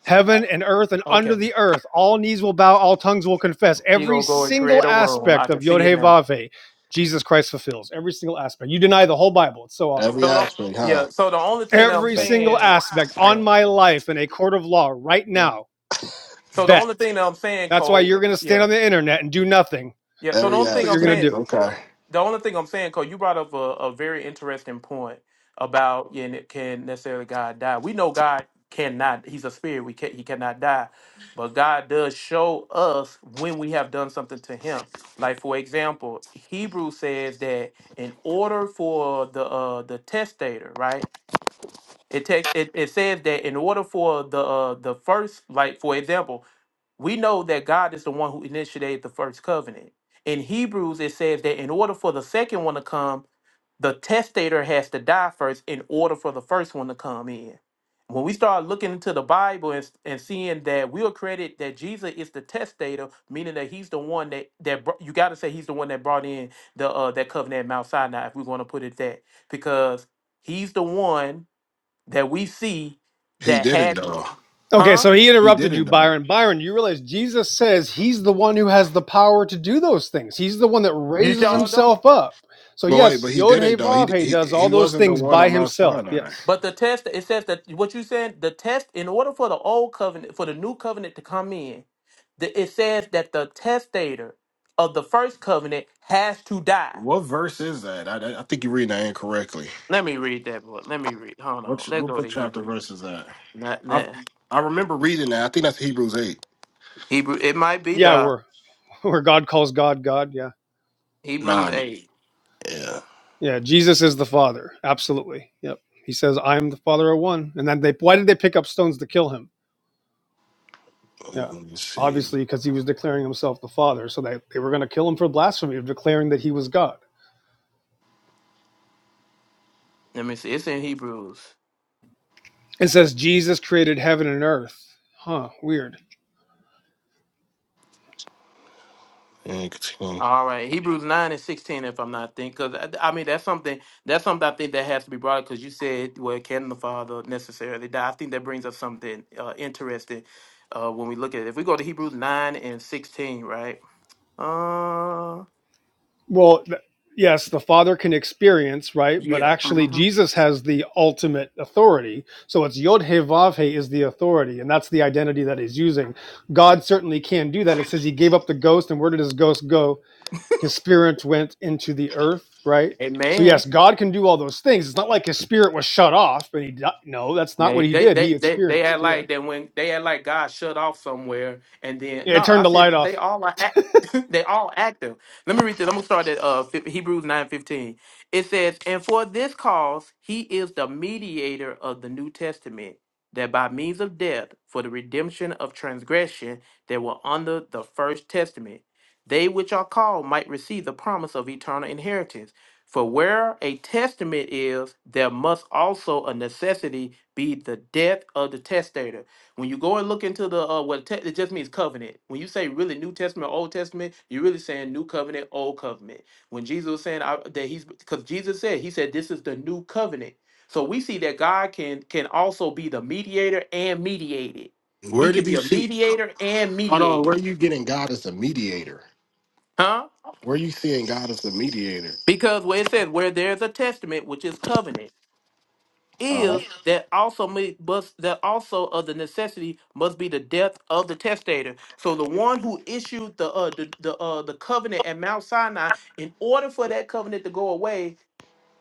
[SPEAKER 15] heaven and earth and under
[SPEAKER 5] Okay.
[SPEAKER 15] the earth, all knees will bow, all tongues will confess.
[SPEAKER 5] You
[SPEAKER 15] Every
[SPEAKER 5] gonna go and create
[SPEAKER 15] single
[SPEAKER 5] a room? I
[SPEAKER 15] aspect
[SPEAKER 5] can
[SPEAKER 15] of Yod
[SPEAKER 5] see it
[SPEAKER 15] Hey
[SPEAKER 5] now.
[SPEAKER 15] Vav Hey, Jesus Christ fulfills. Every single aspect. You deny the whole Bible. It's so
[SPEAKER 13] Every
[SPEAKER 5] So
[SPEAKER 15] obvious.
[SPEAKER 5] don't.
[SPEAKER 13] aspect, huh?
[SPEAKER 5] Yeah. So the only thing that I'm
[SPEAKER 15] Every single
[SPEAKER 5] saying.
[SPEAKER 15] aspect on
[SPEAKER 5] Yeah.
[SPEAKER 15] my life in a court of law right
[SPEAKER 5] Yeah.
[SPEAKER 15] now.
[SPEAKER 5] So the
[SPEAKER 15] Bet.
[SPEAKER 5] only thing that I'm saying,
[SPEAKER 15] That's why
[SPEAKER 5] Cole.
[SPEAKER 15] you're going to stand
[SPEAKER 5] Yeah.
[SPEAKER 15] on the internet and do nothing.
[SPEAKER 5] Yeah. So the
[SPEAKER 13] Every
[SPEAKER 5] only
[SPEAKER 15] That's
[SPEAKER 5] thing
[SPEAKER 15] what
[SPEAKER 5] I'm
[SPEAKER 15] you're going
[SPEAKER 5] saying.
[SPEAKER 15] to
[SPEAKER 13] aspect.
[SPEAKER 15] do.
[SPEAKER 13] Okay.
[SPEAKER 5] the only thing I'm saying, Cole, you brought up a, a very interesting point about yeah, ne- can necessarily God die? We know God cannot. He's a spirit. We can not He cannot die, but God does show us when we have done something to Him. Like for example, Hebrews says that in order for the uh, the testator, right? It takes it, it says that in order for the uh, the first, like for example, we know that God is the one who initiated the first covenant. In Hebrews, it says that in order for the second one to come, the testator has to die first in order for the first one to come in. When we start looking into the Bible and, and seeing that we are credited that Jesus is the testator, meaning that he's the one that that br- you got to say he's the one that brought in the uh, that covenant at Mount Sinai, if we're going to put it that, because he's the one that we see
[SPEAKER 13] He
[SPEAKER 5] that
[SPEAKER 13] didn't
[SPEAKER 5] had,
[SPEAKER 13] though.
[SPEAKER 15] Okay,
[SPEAKER 5] huh?
[SPEAKER 15] so he
[SPEAKER 13] He
[SPEAKER 15] interrupted you,
[SPEAKER 13] didn't though.
[SPEAKER 15] Byron. Byron, you realize Jesus says he's the one who has the power to do those things. He's the one that
[SPEAKER 5] You
[SPEAKER 15] raises
[SPEAKER 5] sure don't.
[SPEAKER 15] himself up. So
[SPEAKER 13] But wait,
[SPEAKER 15] yes,
[SPEAKER 13] but he
[SPEAKER 15] Yod Hey
[SPEAKER 13] didn't though. He
[SPEAKER 15] Vav Hey
[SPEAKER 13] he
[SPEAKER 15] does
[SPEAKER 13] he
[SPEAKER 15] all those
[SPEAKER 13] wasn't the
[SPEAKER 15] things
[SPEAKER 13] one
[SPEAKER 15] by
[SPEAKER 13] on Mount
[SPEAKER 15] himself.
[SPEAKER 13] Sinai.
[SPEAKER 15] Yes.
[SPEAKER 5] But the test, it says that what you said, the test, in order for the old covenant, for the new covenant to come in, the, it says that the testator of the first covenant has to die.
[SPEAKER 13] What verse is that? I, I think you're reading that incorrectly.
[SPEAKER 5] Let me read that book. Let me read. Hold
[SPEAKER 13] What
[SPEAKER 5] on.
[SPEAKER 13] ch-
[SPEAKER 5] Let's
[SPEAKER 13] what
[SPEAKER 5] go
[SPEAKER 13] book
[SPEAKER 5] to
[SPEAKER 13] chapter
[SPEAKER 5] Hebrew.
[SPEAKER 13] verse is that?
[SPEAKER 5] Not,
[SPEAKER 13] I
[SPEAKER 5] not
[SPEAKER 13] I remember reading that. I think that's Hebrews eight.
[SPEAKER 5] Hebrew. It might be
[SPEAKER 15] Yeah,
[SPEAKER 5] the
[SPEAKER 15] where where God calls God God. Yeah.
[SPEAKER 5] Hebrews
[SPEAKER 13] Nine.
[SPEAKER 5] eight.
[SPEAKER 13] Yeah.
[SPEAKER 15] Yeah. Jesus is the Father. Absolutely. Yep. He says, I am the Father of one. And then they why did they pick up stones to kill him? Yeah.
[SPEAKER 13] Let me see.
[SPEAKER 15] Obviously, because he was declaring himself the Father. So they, they were gonna kill him for blasphemy of declaring that he was God.
[SPEAKER 5] Let me see. It's in Hebrews.
[SPEAKER 15] It says Jesus created heaven and earth. Huh, weird.
[SPEAKER 13] And continue.
[SPEAKER 5] All right, Hebrews nine and sixteen, if I'm not thinking, because I, I mean that's something that's something I think that has to be brought up because you said, well, can the father necessarily die? I think that brings up something uh, interesting uh, when we look at it. If we go to Hebrews nine and sixteen, right? Uh,
[SPEAKER 15] Well, th- yes, the Father can experience, right? But
[SPEAKER 5] yeah,
[SPEAKER 15] actually,
[SPEAKER 5] hmm
[SPEAKER 15] Jesus has the ultimate authority. So it's Yod He Vav He is the authority, and that's the identity that he's using.
[SPEAKER 5] yeah,
[SPEAKER 15] God certainly can do that. It says he gave up the ghost, and where did his ghost go? His spirit went into the earth, right? So
[SPEAKER 5] Amen.
[SPEAKER 15] yes, God can do all those things. It's not like his spirit was shut off, and he di- no, that's not what
[SPEAKER 5] They,
[SPEAKER 15] he
[SPEAKER 5] they
[SPEAKER 15] did.
[SPEAKER 5] they
[SPEAKER 15] He
[SPEAKER 5] they they
[SPEAKER 15] experienced,
[SPEAKER 5] had
[SPEAKER 15] yeah.
[SPEAKER 5] like that when they had like God shut off somewhere and then
[SPEAKER 15] Yeah, it
[SPEAKER 5] no
[SPEAKER 15] turned
[SPEAKER 5] I
[SPEAKER 15] the
[SPEAKER 5] said
[SPEAKER 15] light off.
[SPEAKER 5] they all are act, they all active. Let me read this. I'm gonna start at uh fif- Hebrews nine fifteen. It says, "And for this cause he is the mediator of the New Testament, that by means of death for the redemption of transgression that were under the first testament, they which are called might receive the promise of eternal inheritance." For where a testament is, there must also a necessity be the death of the testator. When you go and look into the uh, what te- it just means covenant. When you say really New Testament, Old Testament, you're really saying New Covenant, Old Covenant. When Jesus was saying I, that he's because Jesus said he said this is the New Covenant. So we see that God can can also be the mediator and mediated. He
[SPEAKER 13] Where
[SPEAKER 5] can
[SPEAKER 13] did
[SPEAKER 5] be
[SPEAKER 13] you
[SPEAKER 5] a
[SPEAKER 13] see?
[SPEAKER 5] mediator and
[SPEAKER 13] Hold on. Where
[SPEAKER 5] mediated,
[SPEAKER 13] are you getting God as a mediator?
[SPEAKER 5] huh?
[SPEAKER 13] Where are you seeing God as the mediator?
[SPEAKER 5] Because where it says where there's a testament, which is covenant.
[SPEAKER 13] Uh-huh.
[SPEAKER 5] is that also may, must that also of the necessity must be the death of the testator. So the one who issued the uh, the the, uh, the covenant at Mount Sinai, in order for that covenant to go away,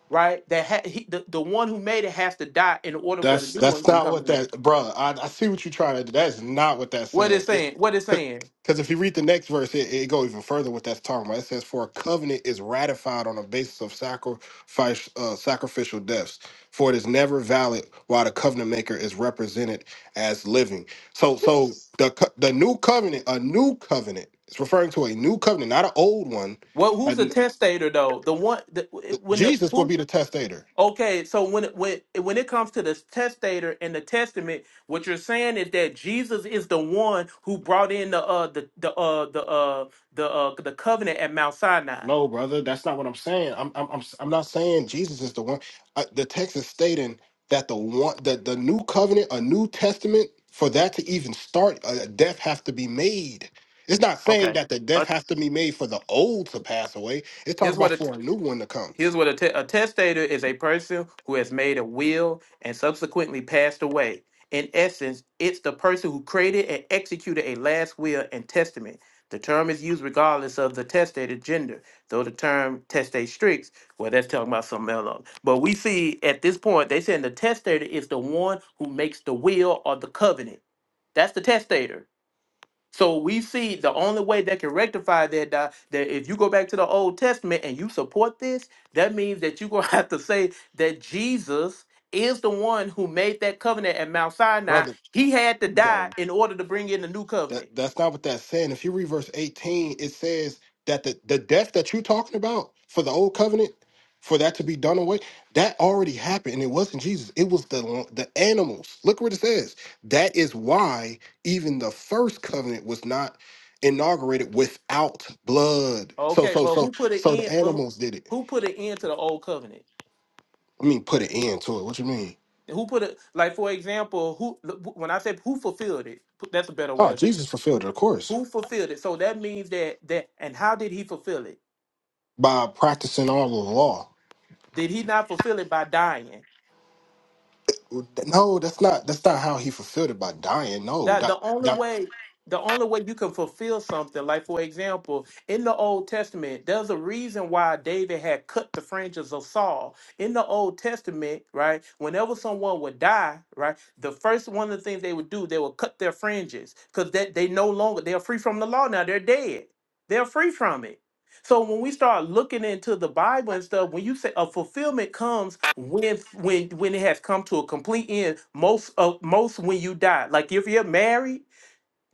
[SPEAKER 5] right? That ha- he, the the one who made it has to die in order for the
[SPEAKER 13] That's
[SPEAKER 5] new one
[SPEAKER 13] that's
[SPEAKER 5] to
[SPEAKER 13] not
[SPEAKER 5] come
[SPEAKER 13] what
[SPEAKER 5] in.
[SPEAKER 13] that, bro. I, I see what you're trying to do. That's not what that's
[SPEAKER 5] What
[SPEAKER 13] saying.
[SPEAKER 5] is
[SPEAKER 13] It,
[SPEAKER 5] saying? What is saying?
[SPEAKER 13] because if you read the next verse, it, it go even further what that's talking about. It says, "For a covenant is ratified on the basis of sacrifice, uh, sacrificial deaths. For it is never valid while the covenant maker is represented as living." So, so the co- the new covenant, a new covenant, it's referring to a new covenant, not an old one.
[SPEAKER 5] What who's
[SPEAKER 13] Like
[SPEAKER 5] the testator though? The one the, when the
[SPEAKER 13] Jesus will
[SPEAKER 5] who
[SPEAKER 13] be the testator.
[SPEAKER 5] Okay, so when it- when when it comes to the testator in the testament, what you're saying is that Jesus is the one who brought in the uh the the uh the uh the uh the covenant at Mount Sinai.
[SPEAKER 13] No, brother, that's not what I'm saying. I'm I'm I'm, I'm not saying Jesus is the one. Uh, the text is stating that the one that the new covenant, a new testament, for that to even start, a death has to be made. It's not saying
[SPEAKER 5] Okay.
[SPEAKER 13] that the
[SPEAKER 5] Uh,
[SPEAKER 13] death has to be made for the old to pass away. It's talking
[SPEAKER 5] here's what
[SPEAKER 13] about
[SPEAKER 5] the
[SPEAKER 13] for a new one to come,
[SPEAKER 5] Here's what a, te- a testator is a person who has made a will and subsequently passed away. In essence, it's the person who created and executed a last will and testament. The term is used regardless of the testator's gender, though the term testate stricts, well, that's talking about something else. But we see at this point, they saying the testator is the one who makes the will or the covenant. That's the testator. So we see the only way that can rectify that Doc, that if you go back to the Old Testament and you support this, that means that you're gonna have to say that Jesus is the one who made that covenant at Mount Sinai.
[SPEAKER 13] brother.
[SPEAKER 5] He had to
[SPEAKER 13] You got to
[SPEAKER 5] die in order to bring in the new
[SPEAKER 13] That
[SPEAKER 5] covenant.
[SPEAKER 13] that's not what that's saying. If you read verse 18, it says that the, the death that you're talking about for the old covenant, for that to be done away, that already happened. And it wasn't Jesus. It was the the animals. Look what it says. That is why even the first covenant was not inaugurated without blood. So
[SPEAKER 5] Okay,
[SPEAKER 13] so
[SPEAKER 5] but
[SPEAKER 13] so
[SPEAKER 5] who put an
[SPEAKER 13] so the
[SPEAKER 5] end? But
[SPEAKER 13] animals did it.
[SPEAKER 5] who put an end to the old covenant?
[SPEAKER 13] I mean put an end to it. What you mean?
[SPEAKER 5] Who put it? Like for example, who when I said who fulfilled it? That's a better way
[SPEAKER 13] Oh,
[SPEAKER 5] of saying
[SPEAKER 13] Jesus fulfilled it, of course,
[SPEAKER 5] who fulfilled it. So that means that that and how did he fulfill it?
[SPEAKER 13] by practicing all of the law.
[SPEAKER 5] Did he not fulfill it by dying?
[SPEAKER 13] No, that's not that's not how he fulfilled it by dying. No,
[SPEAKER 5] That
[SPEAKER 13] that
[SPEAKER 5] the only
[SPEAKER 13] that
[SPEAKER 5] way the only way you can fulfill something, like for example, in the Old Testament, there's a reason why David had cut the fringes of Saul. In the Old Testament, right, whenever someone would die, right, the first one of the things they would do, they would cut their fringes because that they no longer they're free from the law now. They're dead. They're free from it. So when we start looking into the Bible and stuff, when you say a fulfillment comes when when when it has come to a complete end, most of most when you die. Like if you're married,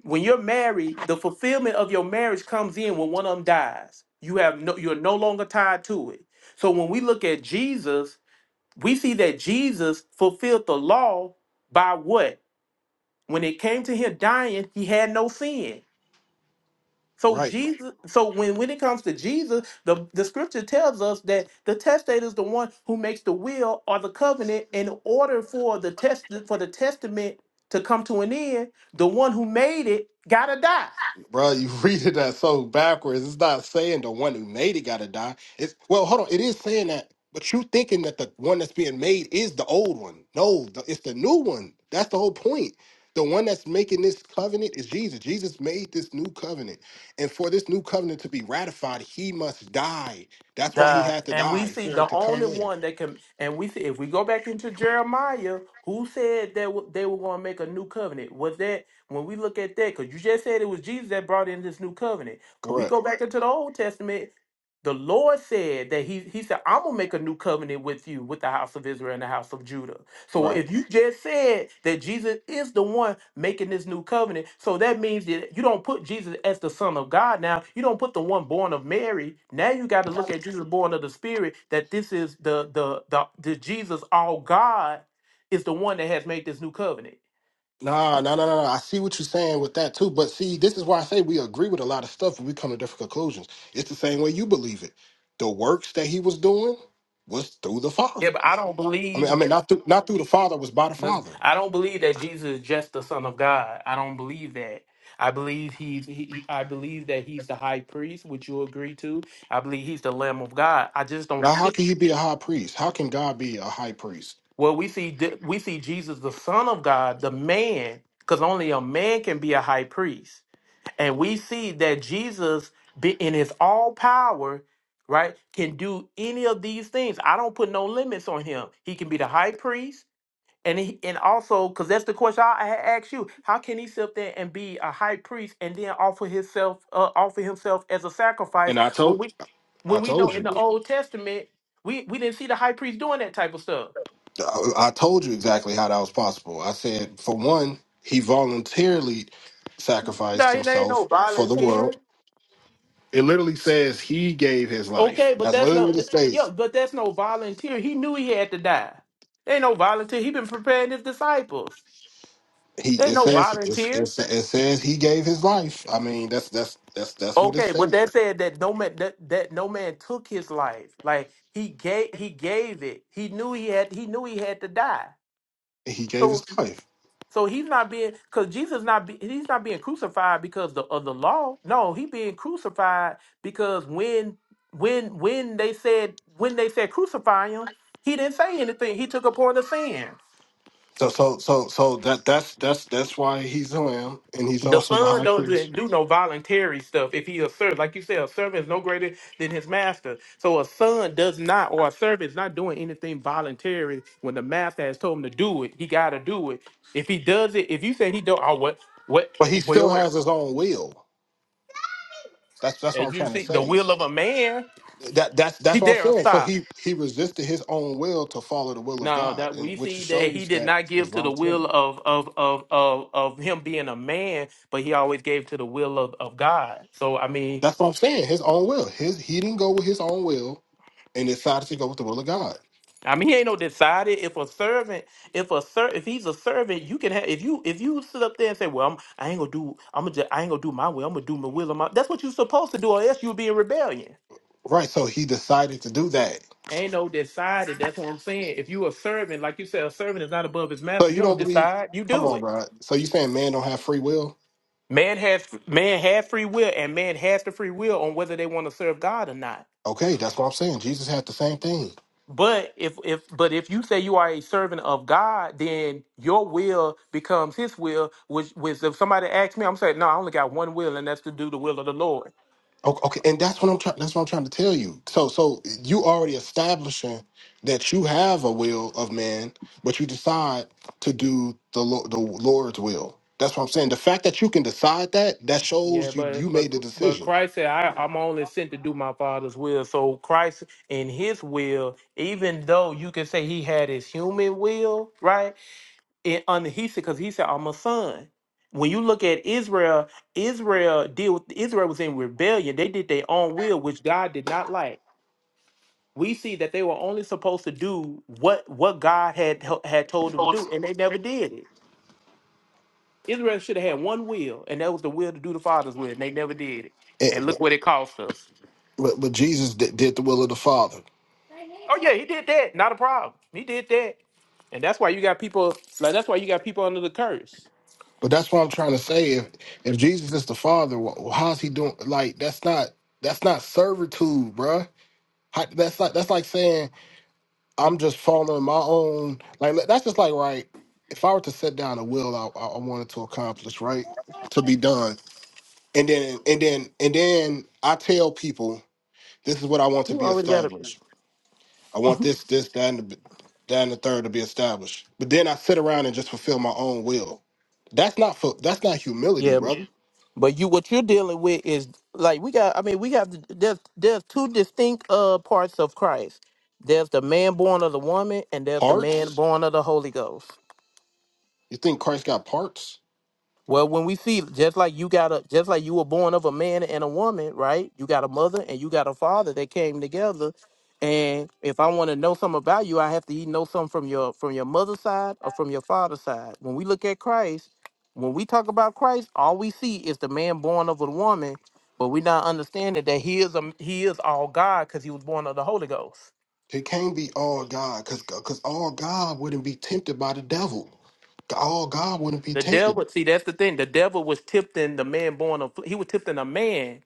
[SPEAKER 5] when you're married, the fulfillment of your marriage comes in when one of them dies. You have no you're no longer tied to it. So when we look at Jesus, we see that Jesus fulfilled the law by what? When it came to him dying, he had no sin. So
[SPEAKER 13] right,
[SPEAKER 5] Jesus, so when when it comes to Jesus, the, the scripture tells us that the testator is the one who makes the will or the covenant in order for the test for the testament to come to an end, the one who made it gotta die.
[SPEAKER 13] bro. You reading that so backwards. It's not saying the one who made it got to die. It's well, hold on. It is saying that, but you thinking that the one that's being made is the old one. No, the, it's the new one. That's the whole point. The one that's making this covenant is Jesus. Jesus made this new covenant, and for this new covenant to be ratified, he must die. That's why he
[SPEAKER 5] The,
[SPEAKER 13] had to
[SPEAKER 5] and we
[SPEAKER 13] die
[SPEAKER 5] see
[SPEAKER 13] for
[SPEAKER 5] the
[SPEAKER 13] it to come
[SPEAKER 5] only
[SPEAKER 13] in.
[SPEAKER 5] one that can, and we see if we go back into Jeremiah, who said that w- they were going to make a new covenant? Was that when we look at that? Because you just said it was Jesus that brought in this new covenant. When we
[SPEAKER 13] Correct.
[SPEAKER 5] go back into the Old Testament, the Lord said that He He said, "I'm gonna make a new covenant with you, with the house of Israel and the house of Judah." So
[SPEAKER 13] Right.
[SPEAKER 5] if you just said that Jesus is the one making this new covenant, so that means that you don't put Jesus as the Son of God now. You don't put the one born of Mary. Now you got to look at Jesus born of the Spirit. That this is the the the, the Jesus all God is the one that has made this new covenant.
[SPEAKER 13] Nah, nah, nah, nah. nah. I see what you're saying with that too. But see, this is why I say we agree with a lot of stuff and we come to different conclusions. It's the same way you believe it. The works that he was doing was through the
[SPEAKER 5] Yeah,
[SPEAKER 13] Father.
[SPEAKER 5] but I don't
[SPEAKER 13] I mean, I
[SPEAKER 5] believe
[SPEAKER 13] mean, not through, not through the Father, it was by the
[SPEAKER 5] that's-
[SPEAKER 13] Father.
[SPEAKER 5] I don't believe that Jesus is just the Son of God. I don't believe that. I believe he's he, he- I believe that he's the high priest, which you agree to. I believe he's the Lamb of God. I just don't
[SPEAKER 13] Now,
[SPEAKER 5] see.
[SPEAKER 13] how can he be a high priest? How can God be a high priest?
[SPEAKER 5] Well, we see we see Jesus, the Son of God, the man, because only a man can be a high priest, and we see that Jesus, be in his all power, right, can do any of these things. I don't put no limits on him. He can be the high priest, and he, and also because that's the question I had asked you: How can he sit there and be a high priest and then offer himself uh, offer himself as a sacrifice
[SPEAKER 13] And I
[SPEAKER 5] when
[SPEAKER 13] told,
[SPEAKER 5] we
[SPEAKER 13] I
[SPEAKER 5] when we know
[SPEAKER 13] told
[SPEAKER 5] in
[SPEAKER 13] you,
[SPEAKER 5] the Old Testament we we didn't see the high priest doing that type of stuff.
[SPEAKER 13] I, I told you exactly how that was possible. I said, for one, he voluntarily sacrificed
[SPEAKER 5] Nah, he ain't no
[SPEAKER 13] himself for the
[SPEAKER 5] volunteer.
[SPEAKER 13] world. It literally says he gave his life.
[SPEAKER 5] Okay, but
[SPEAKER 13] That's
[SPEAKER 5] that's
[SPEAKER 13] literally
[SPEAKER 5] no
[SPEAKER 13] what it
[SPEAKER 5] th-
[SPEAKER 13] states.
[SPEAKER 5] yo, but that's no volunteer. He knew he had to die. Ain't no volunteer. He been preparing his disciples.
[SPEAKER 13] He
[SPEAKER 5] They ain't
[SPEAKER 13] it
[SPEAKER 5] no
[SPEAKER 13] says it's,
[SPEAKER 5] volunteer.
[SPEAKER 13] it's, it says he gave his life. I mean, that's that's that's that's what it
[SPEAKER 5] Okay, but
[SPEAKER 13] says.
[SPEAKER 5] that said that no man that, that no man took his life. Like he gave he gave it. He knew he had he knew he had to die.
[SPEAKER 13] He gave
[SPEAKER 5] So
[SPEAKER 13] his life.
[SPEAKER 5] So he's not being because Jesus not be, he's not being crucified because the, of the law. No, he being crucified because when when when they said when they said crucify him, he didn't say anything. He took upon the sin.
[SPEAKER 13] So so so so that that's that's that's why he's the lamb, and he's
[SPEAKER 5] The
[SPEAKER 13] also the
[SPEAKER 5] son
[SPEAKER 13] high
[SPEAKER 5] doesn't
[SPEAKER 13] priest.
[SPEAKER 5] do no voluntary stuff if he a servant. Like you said, a servant is no greater than his master. So a son does not, or a servant is not doing anything voluntary. When the master has told him to do it, he got to do it. If he does it, if you say he don't, oh what, what?
[SPEAKER 13] But he still
[SPEAKER 5] Well,
[SPEAKER 13] has his own will. That's that's what
[SPEAKER 5] As
[SPEAKER 13] I'm
[SPEAKER 5] you
[SPEAKER 13] trying to
[SPEAKER 5] see, the
[SPEAKER 13] say.
[SPEAKER 5] will of a man,
[SPEAKER 13] That that's
[SPEAKER 5] he
[SPEAKER 13] that's what I'm
[SPEAKER 5] dare
[SPEAKER 13] saying. So
[SPEAKER 5] stop.
[SPEAKER 13] he he resisted his own will to follow the will of
[SPEAKER 5] Now
[SPEAKER 13] God,
[SPEAKER 5] that
[SPEAKER 13] and
[SPEAKER 5] we
[SPEAKER 13] which
[SPEAKER 5] see that he
[SPEAKER 13] shows
[SPEAKER 5] did
[SPEAKER 13] that
[SPEAKER 5] not
[SPEAKER 13] it's
[SPEAKER 5] give to the will
[SPEAKER 13] voluntary.
[SPEAKER 5] of of of of, of him being a man, but he always gave to the will of, of God. So I mean,
[SPEAKER 13] That's what I'm saying. His own will. His he didn't go with his own will and decided to go with the will of God.
[SPEAKER 5] I mean, he ain't no decided. If a servant, if a ser, if he's a servant, you can have. If you if you sit up there and say, "Well, I'm, I ain't gonna do, I'm gonna, I ain't gonna do my will. I'm gonna do my will of my." That's what you're supposed to do, or else you'll be in rebellion.
[SPEAKER 13] Right. So he decided to do that
[SPEAKER 5] Ain't no decided. That's what I'm saying. If you a servant, like you said, a servant is not above his
[SPEAKER 13] So
[SPEAKER 5] master. You
[SPEAKER 13] you don't
[SPEAKER 5] don't
[SPEAKER 13] believe?
[SPEAKER 5] decide. You
[SPEAKER 13] Come
[SPEAKER 5] do
[SPEAKER 13] on,
[SPEAKER 5] it.
[SPEAKER 13] bro. So you saying man don't have free will?
[SPEAKER 5] Man has man had free will, and man has the free will on whether they want to serve God or not.
[SPEAKER 13] Okay, that's what I'm saying. Jesus had the same thing.
[SPEAKER 5] But if if but if you say you are a servant of God, then your will becomes His will. Which which if somebody asks me, I'm saying no, I only got one will, and that's to do the will of the Lord.
[SPEAKER 13] Okay, okay, and that's what I'm trying. That's what I'm trying to tell you. So, so you already establishing that you have a will of man, but you decide to do the Lo- the Lord's will. That's what I'm saying. The fact that you can decide that that
[SPEAKER 5] Yeah,
[SPEAKER 13] shows you you
[SPEAKER 5] but but
[SPEAKER 13] made the
[SPEAKER 5] but
[SPEAKER 13] decision.
[SPEAKER 5] Christ said, I, "I'm only sent to do my Father's will." So Christ, in His will, even though you can say He had His human will, right? And under he said, because he said, I'm a son. When you look at Israel, Israel deal with Israel was in rebellion. They did their own will, which God did not like. We see that they were only supposed to do what what God had had told them to do, and they never did it. Israel should have had one will, and that was the will to do the Father's will, and they never did it. And
[SPEAKER 13] And,
[SPEAKER 5] look what it cost us.
[SPEAKER 13] but, but Jesus did, did the will of the Father.
[SPEAKER 5] Oh yeah, he did that. Not a problem. He did that, and that's why you got people. Like that's why you got people under the curse.
[SPEAKER 13] But that's what I'm trying to say. If if Jesus is the Father, wh- how's he doing? Like that's not that's not servitude, bruh. How, that's not that's like saying I'm
[SPEAKER 5] Because
[SPEAKER 13] just following my own. Like that's just like right. If I were to set down a will I, I I wanted to accomplish, right, to be done, and then and then and then I tell people this is what I want to
[SPEAKER 5] you
[SPEAKER 13] be
[SPEAKER 5] always got
[SPEAKER 13] established.
[SPEAKER 5] a.
[SPEAKER 13] I want this this that and the, that and the third to be established. But then I sit around and just fulfill my own will. That's not fu- that's not humility, brother.
[SPEAKER 5] But you, what you're dealing with is like we got. I mean, we have there's there's two distinct uh parts of Christ. There's the man born of the woman, and there's the man
[SPEAKER 13] Parts?
[SPEAKER 5] born of the Holy Ghost.
[SPEAKER 13] You think Christ got parts?
[SPEAKER 5] Well, when we see just like you got a just like you were born of a man and a woman, right? You got a mother and you got a father that came together. And if I want to know something about you, I have to either know something from your from your mother's side or from your father's side. When we look at Christ, when we talk about Christ, all we see is the man born of a woman, but we're not understanding that he is a he is all God because he was born of the Holy Ghost.
[SPEAKER 13] He can't be all God, cause cause all God wouldn't be tempted by the devil. All God wouldn't be
[SPEAKER 5] The
[SPEAKER 13] tempted.
[SPEAKER 5] devil, see, that's the thing. The devil was tipped in the man born of he was tipped in a man.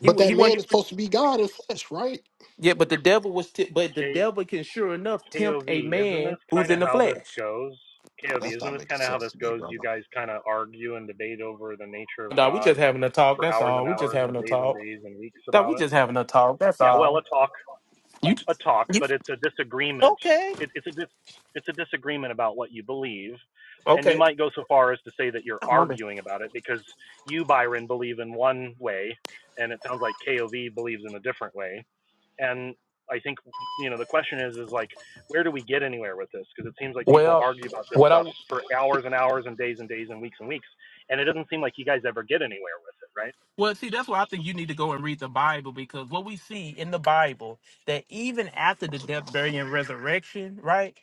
[SPEAKER 5] He
[SPEAKER 13] But
[SPEAKER 5] wa- he
[SPEAKER 13] that
[SPEAKER 5] wasn't
[SPEAKER 13] man is supposed to be God in flesh, right?
[SPEAKER 5] Yeah, but the devil was, t- but the
[SPEAKER 16] K
[SPEAKER 5] devil can sure enough tempt
[SPEAKER 16] KOV,
[SPEAKER 5] a
[SPEAKER 16] isn't
[SPEAKER 5] man
[SPEAKER 16] this
[SPEAKER 5] who's
[SPEAKER 16] kind of
[SPEAKER 5] in the
[SPEAKER 16] how this
[SPEAKER 5] flesh.
[SPEAKER 16] goes? KOV,
[SPEAKER 13] That's
[SPEAKER 16] isn't
[SPEAKER 13] not
[SPEAKER 16] this
[SPEAKER 13] making
[SPEAKER 16] kind of how
[SPEAKER 13] sense
[SPEAKER 16] this
[SPEAKER 13] to me,
[SPEAKER 16] goes? You
[SPEAKER 13] brother.
[SPEAKER 16] guys kind of argue and debate over the nature of
[SPEAKER 5] Nah, we
[SPEAKER 16] God
[SPEAKER 5] just having a talk.
[SPEAKER 16] for
[SPEAKER 5] That's
[SPEAKER 16] hours and
[SPEAKER 5] all. We just
[SPEAKER 16] hours and
[SPEAKER 5] having a
[SPEAKER 16] days and
[SPEAKER 5] talk.
[SPEAKER 16] days and weeks
[SPEAKER 5] Nah,
[SPEAKER 16] about
[SPEAKER 5] we
[SPEAKER 16] it.
[SPEAKER 5] just having a talk. That's
[SPEAKER 16] Yeah, well, a
[SPEAKER 5] all.
[SPEAKER 16] talk,
[SPEAKER 5] You,
[SPEAKER 16] a talk,
[SPEAKER 5] you
[SPEAKER 16] but it's a disagreement.
[SPEAKER 5] okay?
[SPEAKER 16] It, it's a dis, it's a disagreement about what you believe, and you
[SPEAKER 5] Okay.
[SPEAKER 16] might go so far as to say that you're arguing about it because you, Byron, believe in one way, and it sounds like KOV believes in a different way and I think you know the question is is like where do we get anywhere with this? Because it seems like people
[SPEAKER 5] Well,
[SPEAKER 16] argue about this
[SPEAKER 5] what I
[SPEAKER 16] stuff for hours and hours and days and days and weeks and weeks, and it doesn't seem like you guys ever get anywhere with it, right?
[SPEAKER 5] Well, see, that's why I think you need to go and read the Bible because what we see in the Bible that even after the death, burial, and resurrection, right?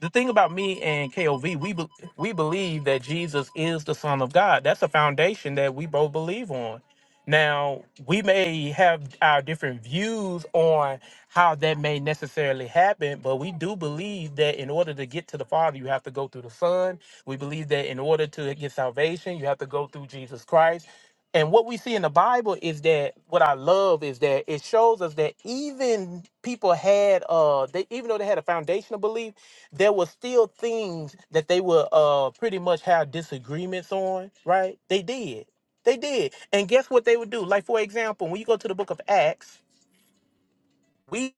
[SPEAKER 5] The thing about me and KOV, we be, we believe that Jesus is the Son of God. That's a foundation that we both believe on. Now, we may have our different views on how that may necessarily happen, but we do believe that in order to get to the Father, you have to go through the Son. We believe that in order to get salvation, you have to go through Jesus Christ. And what we see in the Bible is that what I love is that it shows us that even people had uh they even though they had a foundational belief, there were still things that they would uh pretty much have disagreements on, right? They did. They did. And guess what they would do? Like for example, when you go to the book of Acts, we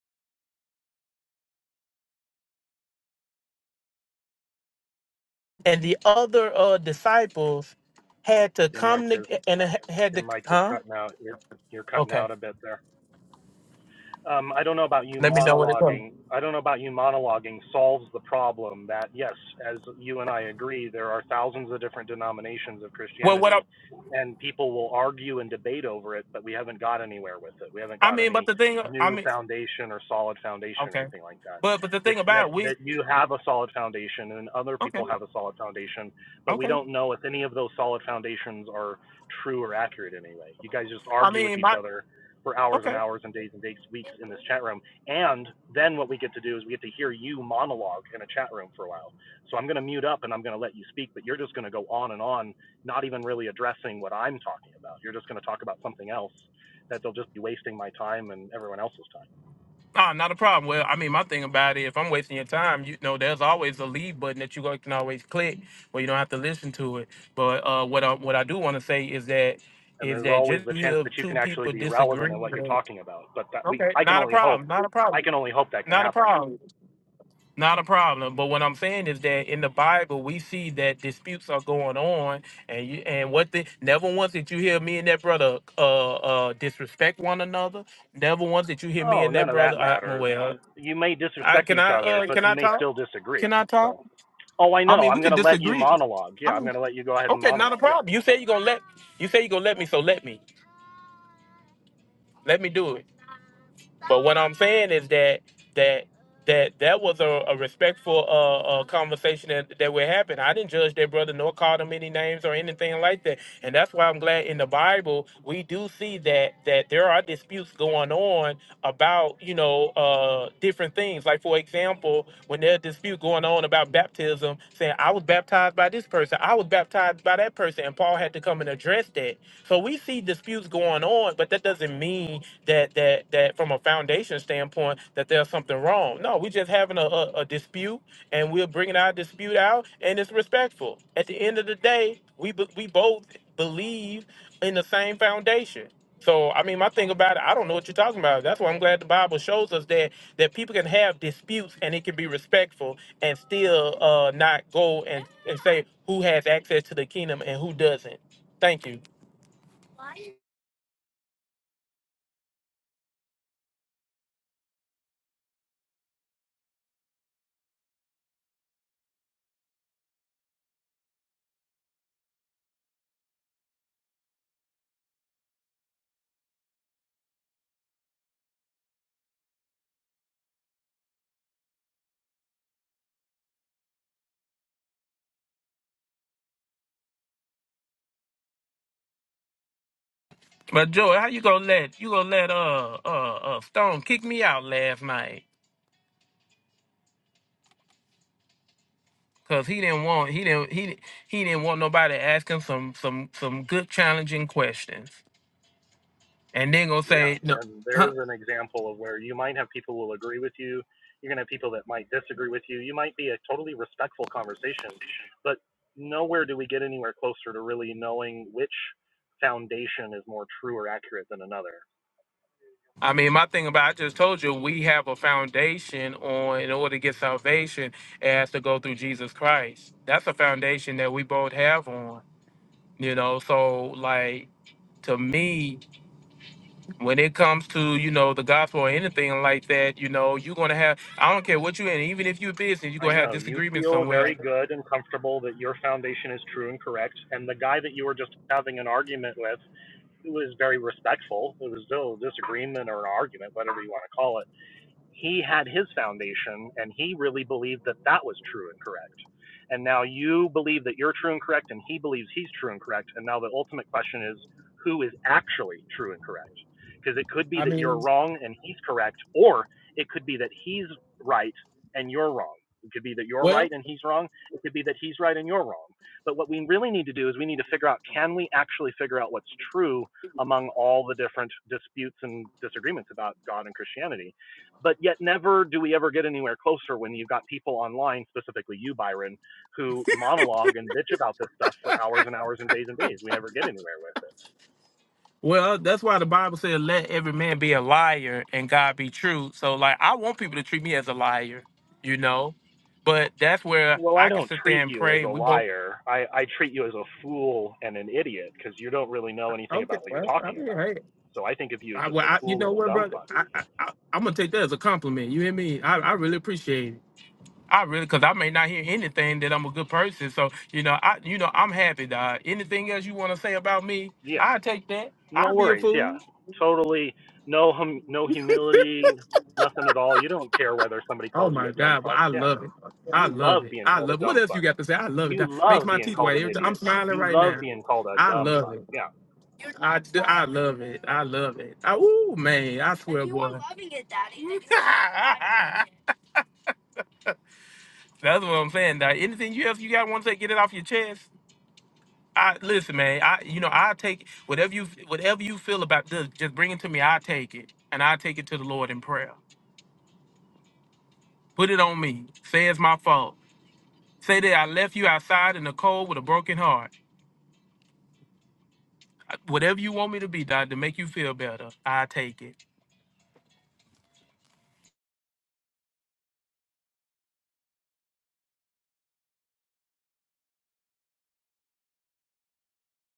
[SPEAKER 5] and the other uh disciples had to
[SPEAKER 16] Your mic
[SPEAKER 5] come
[SPEAKER 16] is
[SPEAKER 5] to and had
[SPEAKER 16] your
[SPEAKER 5] to
[SPEAKER 16] mic is
[SPEAKER 5] huh?
[SPEAKER 16] cutting out. You're you're cutting
[SPEAKER 5] Okay.
[SPEAKER 16] out a bit there. um, I don't know about you
[SPEAKER 5] Let me know what it was.
[SPEAKER 16] monologuing. I don't know about you monologuing solves the problem that yes, as you and I agree, there are thousands of different denominations of
[SPEAKER 5] Well what I
[SPEAKER 16] Christianity, and people will argue and debate over it, but we haven't got anywhere with it. We haven't
[SPEAKER 5] I
[SPEAKER 16] got
[SPEAKER 5] mean but
[SPEAKER 16] any
[SPEAKER 5] the thing I
[SPEAKER 16] new
[SPEAKER 5] mean
[SPEAKER 16] foundation or solid foundation or
[SPEAKER 5] okay.
[SPEAKER 16] anything like that.
[SPEAKER 5] But but the
[SPEAKER 16] It's
[SPEAKER 5] thing
[SPEAKER 16] that
[SPEAKER 5] about it, we
[SPEAKER 16] that you have a solid foundation and other
[SPEAKER 5] okay,
[SPEAKER 16] people have a solid foundation, but we
[SPEAKER 5] okay.
[SPEAKER 16] don't know if any of those solid foundations are true or accurate anyway. You guys just
[SPEAKER 5] I
[SPEAKER 16] argue with
[SPEAKER 5] mean,
[SPEAKER 16] each
[SPEAKER 5] my
[SPEAKER 16] other for hours and
[SPEAKER 5] okay,
[SPEAKER 16] hours and days and days, weeks in this chat room. And then what we get to do is we get to hear you monologue in a chat room for a while. So I'm going to mute up and I'm going to let you speak, but you're just going to go on and on, not even really addressing what I'm talking about. You're just going to talk about something else that they'll just be wasting my time and everyone else's time.
[SPEAKER 5] ah, not a problem. Well, I mean, my thing about it, if I'm wasting your time, you know, there's always a leave button that you go- can always click, where you don't have to listen to it. But uh, what I what I do want to say is that
[SPEAKER 16] And
[SPEAKER 5] is
[SPEAKER 16] there's
[SPEAKER 5] that
[SPEAKER 16] always
[SPEAKER 5] just
[SPEAKER 16] the
[SPEAKER 5] to
[SPEAKER 16] chance
[SPEAKER 5] hear
[SPEAKER 16] that you
[SPEAKER 5] two
[SPEAKER 16] can actually
[SPEAKER 5] people
[SPEAKER 16] be relevant
[SPEAKER 5] disagree.
[SPEAKER 16] in what you're
[SPEAKER 5] then-
[SPEAKER 16] talking about, but that we
[SPEAKER 5] Okay,
[SPEAKER 16] I can
[SPEAKER 5] not a
[SPEAKER 16] only hope.
[SPEAKER 5] problem. Not a
[SPEAKER 16] I
[SPEAKER 5] problem.
[SPEAKER 16] can only hope that can
[SPEAKER 5] Not a
[SPEAKER 16] happen.
[SPEAKER 5] problem. Not a problem. But what I'm saying is that in the Bible, we see that disputes are going on, and you, and what the never once did you hear me and that brother uh uh disrespect one another. Never once did you hear me
[SPEAKER 16] Oh,
[SPEAKER 5] and
[SPEAKER 16] none
[SPEAKER 5] that
[SPEAKER 16] of
[SPEAKER 5] brother.
[SPEAKER 16] that
[SPEAKER 5] I,
[SPEAKER 16] matters.
[SPEAKER 5] well,
[SPEAKER 16] You may
[SPEAKER 5] I
[SPEAKER 16] disrespect
[SPEAKER 5] can
[SPEAKER 16] each
[SPEAKER 5] I
[SPEAKER 16] other,
[SPEAKER 5] uh
[SPEAKER 16] but
[SPEAKER 5] can
[SPEAKER 16] you
[SPEAKER 5] I
[SPEAKER 16] may
[SPEAKER 5] talk?
[SPEAKER 16] still disagree.
[SPEAKER 5] Can I
[SPEAKER 16] So
[SPEAKER 5] talk?
[SPEAKER 16] Oh, I
[SPEAKER 5] I
[SPEAKER 16] know.
[SPEAKER 5] mean,
[SPEAKER 16] I'm
[SPEAKER 5] we
[SPEAKER 16] going
[SPEAKER 5] can
[SPEAKER 16] to let you
[SPEAKER 5] disagree.
[SPEAKER 16] monologue.
[SPEAKER 5] I
[SPEAKER 16] Yeah, I'm
[SPEAKER 5] mean,
[SPEAKER 16] going to let you go ahead and
[SPEAKER 5] okay, not a
[SPEAKER 16] monologue. Yeah.
[SPEAKER 5] problem. You say you're gonna let you say you're gonna let me, so let me let me do it. But what I'm saying is that that that that was a, a respectful uh, uh, conversation that, that would happen. I didn't judge that brother nor call him any names or anything like that. And that's why I'm glad in the Bible we do see that that there are disputes going on about you know uh different things like for example when there's dispute going on about baptism saying i was baptized by this person i was baptized by that person and paul had to come and address that so we see disputes going on but that doesn't mean that that that from a foundation standpoint that there's something wrong no we're just having a, a, a dispute and we're bringing our dispute out and it's respectful at the end of the day we bo- we both believe in the same foundation. So I mean, my thing about it, I don't know what you're talking about. That's why I'm glad the Bible shows us that that people can have disputes and it can be respectful and still uh, not go and, and say who has access to the kingdom and who doesn't. Thank you. But Joey, how you gonna let you gonna let uh uh, uh Stone kick me out last night? Cause he didn't want he didn't he did he didn't want nobody asking some some some good challenging questions, and then gonna
[SPEAKER 16] Yeah.
[SPEAKER 5] say no,
[SPEAKER 16] And
[SPEAKER 5] huh?
[SPEAKER 16] there's an example of where you might have people who will agree with you. You're going to have people that might disagree with you. You might be a totally respectful conversation, but nowhere do we get anywhere closer to really knowing which foundation is more true or accurate than another.
[SPEAKER 5] I mean, my thing about I just told you we have a foundation on in order to get salvation, it has to go through Jesus Christ. That's a foundation that we both have on, you know. So like to me, when it comes to, you know, the gospel or anything like that, you know, you're gonna have I don't care what you in, even if you're business, you're
[SPEAKER 16] I
[SPEAKER 5] gonna have
[SPEAKER 16] know you
[SPEAKER 5] disagreements
[SPEAKER 16] feel
[SPEAKER 5] somewhere.
[SPEAKER 16] very good and comfortable that your foundation is true and correct, and the guy that you were just having an argument with it was very respectful. It was no disagreement or an argument, whatever you want to call it he had his foundation and he really believed that that was true and correct. And now you believe that you're true and correct, and he believes he's true and correct. And now the ultimate question is who is actually true and correct? Because it could be that you're wrong and he's correct, or it could be that he's right and you're wrong. It could be that you're right and he's wrong. It could be that he's right and you're wrong. But what we really need to do is we need to figure out can we actually figure out what's true among all the different disputes and disagreements about God and Christianity? but yet never do we ever get anywhere closer when you've got people online, specifically you, Byron, who monologue and bitch about this stuff for hours and hours and days and days. We never get anywhere with it.
[SPEAKER 5] Well, that's why the Bible says, "Let every man be a liar and God be true." So, like, I want people to treat me as a liar, you know. But that's where
[SPEAKER 16] Well, I
[SPEAKER 5] I can
[SPEAKER 16] don't
[SPEAKER 5] sit there
[SPEAKER 16] treat
[SPEAKER 5] and
[SPEAKER 16] you as
[SPEAKER 5] pray,
[SPEAKER 16] a
[SPEAKER 5] and we both.
[SPEAKER 16] liar. I, I treat you as a fool and an idiot because you don't really know anything
[SPEAKER 5] Okay,
[SPEAKER 16] about what you're
[SPEAKER 5] well, I
[SPEAKER 16] talking
[SPEAKER 5] mean,
[SPEAKER 16] about.
[SPEAKER 5] hey,
[SPEAKER 16] So I think of you as
[SPEAKER 5] I,
[SPEAKER 16] just
[SPEAKER 5] well,
[SPEAKER 16] a
[SPEAKER 5] I, you
[SPEAKER 16] fool
[SPEAKER 5] know
[SPEAKER 16] and a
[SPEAKER 5] what,
[SPEAKER 16] dumb
[SPEAKER 5] brother?
[SPEAKER 16] fuck.
[SPEAKER 5] I, I, I, I'm gonna take that as a compliment. You hear me? I, I really appreciate it. I really, cause I may not hear anything that I'm a good person. So, you know, I, you know, I'm happy, dog. Anything else you want to say about me?
[SPEAKER 16] Yeah,
[SPEAKER 5] I take that.
[SPEAKER 16] no
[SPEAKER 5] I'll be a
[SPEAKER 16] worries. Yeah,
[SPEAKER 5] fool.
[SPEAKER 16] totally. No, hum- no humility, nothing at all. You don't care whether somebody
[SPEAKER 5] Oh
[SPEAKER 16] calls you
[SPEAKER 5] my
[SPEAKER 16] a dumb
[SPEAKER 5] God! Well,
[SPEAKER 16] fuck.
[SPEAKER 5] I
[SPEAKER 16] Yeah,
[SPEAKER 5] love it. I
[SPEAKER 16] you
[SPEAKER 5] love
[SPEAKER 16] love
[SPEAKER 5] it.
[SPEAKER 16] being
[SPEAKER 5] I
[SPEAKER 16] called a
[SPEAKER 5] love it. What
[SPEAKER 16] dumb
[SPEAKER 5] else you
[SPEAKER 16] fuck.
[SPEAKER 5] got to say? I love it.
[SPEAKER 16] You
[SPEAKER 5] That Makes
[SPEAKER 16] love
[SPEAKER 5] my
[SPEAKER 16] being
[SPEAKER 5] teeth
[SPEAKER 16] called
[SPEAKER 5] white.
[SPEAKER 16] an
[SPEAKER 5] Every time I'm
[SPEAKER 16] idiot.
[SPEAKER 5] smiling
[SPEAKER 16] You
[SPEAKER 5] right
[SPEAKER 16] love
[SPEAKER 5] now.
[SPEAKER 16] being called a
[SPEAKER 5] I
[SPEAKER 16] dumb
[SPEAKER 5] love
[SPEAKER 16] fuck.
[SPEAKER 5] it.
[SPEAKER 16] Yeah.
[SPEAKER 5] I, d- I love it. I love it. I, ooh man, I swear, you boy. Are loving it, Daddy? That's what I'm saying. Daddy. Anything you else you got want to get it off your chest? I listen, man. I you know I take whatever you whatever you feel about this. Just bring it to me. I take it and I take it to the Lord in prayer. Put it on me. Say it's my fault. Say that I left you outside in the cold with a broken heart. Whatever you want me to be, dog, to make you feel better, I take it.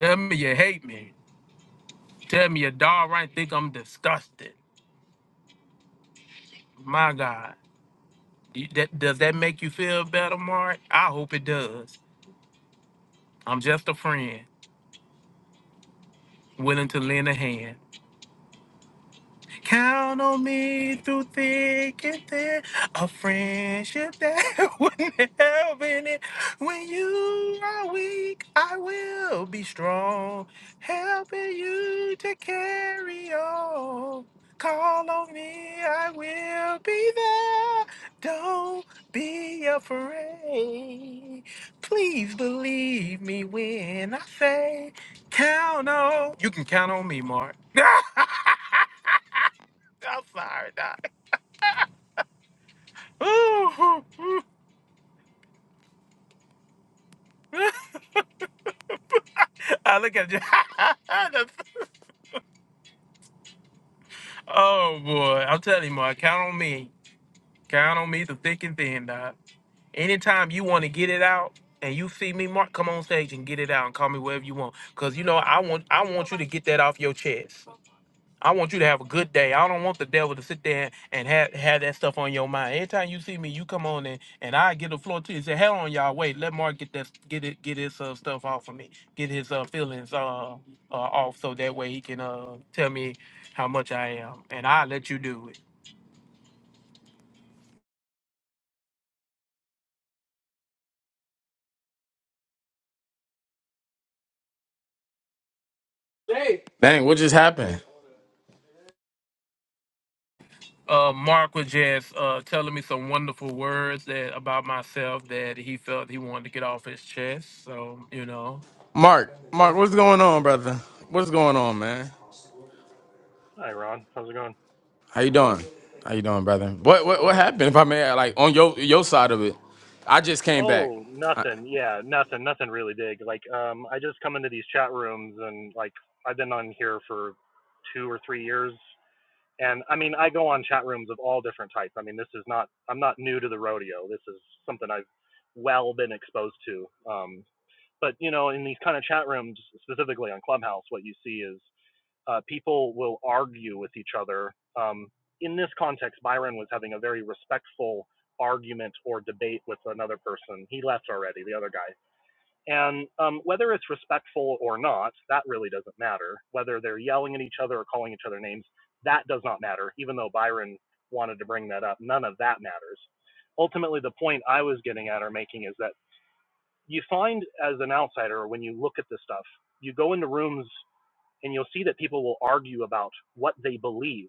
[SPEAKER 5] Tell me you hate me. Tell me you downright think I'm disgusted. My God. You- That, does that make you feel better, Mark? I hope it does. I'm just a friend, willing to lend a hand. Count on me through thick and thin. A friendship that wouldn't help in it. When you are weak, I will be strong, helping you to carry on. Call on me, I will be there. Don't be afraid. Please believe me when I say, count on. You can count on me, Mark. I'm sorry, Doc. I look at you. That's- oh boy, I'm telling you, Mark, count on me. Count on me to thick and thin, Doc. Anytime you want to get it out and you see me, Mark, come on stage and get it out and call me wherever you want. Cause you know I want I want you to get that off your chest. I want you to have a good day. I don't want the devil to sit there and have, have that stuff on your mind. Anytime you see me, you come on in and I get the floor to you. Say, hell on y'all, wait, let Mark get that get it get his uh, stuff off of me. Get his uh, feelings uh, uh off so that way he can uh tell me how much I am. And I let you do it.
[SPEAKER 12] Dang, what just happened?
[SPEAKER 5] uh, Mark was just uh, telling me some wonderful words that about myself that he felt he wanted to get off his chest. So you know,
[SPEAKER 12] Mark, Mark, what's going on, brother? What's going on, man?
[SPEAKER 16] Hi, Ron. How's it going?
[SPEAKER 12] How you doing? How you doing, brother? What what
[SPEAKER 16] All
[SPEAKER 12] what
[SPEAKER 16] right.
[SPEAKER 12] happened? If I may, like on your your side of it, I just came back.
[SPEAKER 16] Oh,
[SPEAKER 12] I,
[SPEAKER 16] nothing. Yeah, nothing. Nothing really big. Like, um, I just come into these chat rooms and like I've been on here for two or three years, and I mean I go on chat rooms of all different types. I mean this is not I'm not new to the rodeo. This is something I've well been exposed to. Um, but you know, in these kind of chat rooms, specifically on Clubhouse, what you see is uh, people will argue with each other. Um, in this context, Byron was having a very respectful argument or debate with another person. He left already, the other guy. And um, whether it's respectful or not, that really doesn't matter. Whether they're yelling at each other or calling each other names, that does not matter, even though Byron wanted to bring that up. None of that matters. Ultimately, the point I was getting at or making is that you find as an outsider, when you look at this stuff, you go into rooms and you'll see that people will argue about what they believe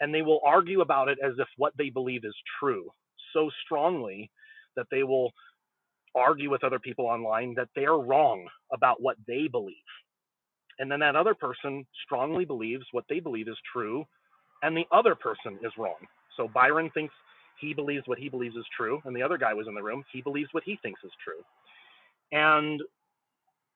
[SPEAKER 16] and they will argue about it as if what they believe is true so strongly that they will argue with other people online that they are wrong about what they believe and then that other person strongly believes what they believe is true and the other person is wrong so byron thinks he believes what he believes is true and the other guy was in the room he believes what he thinks is true and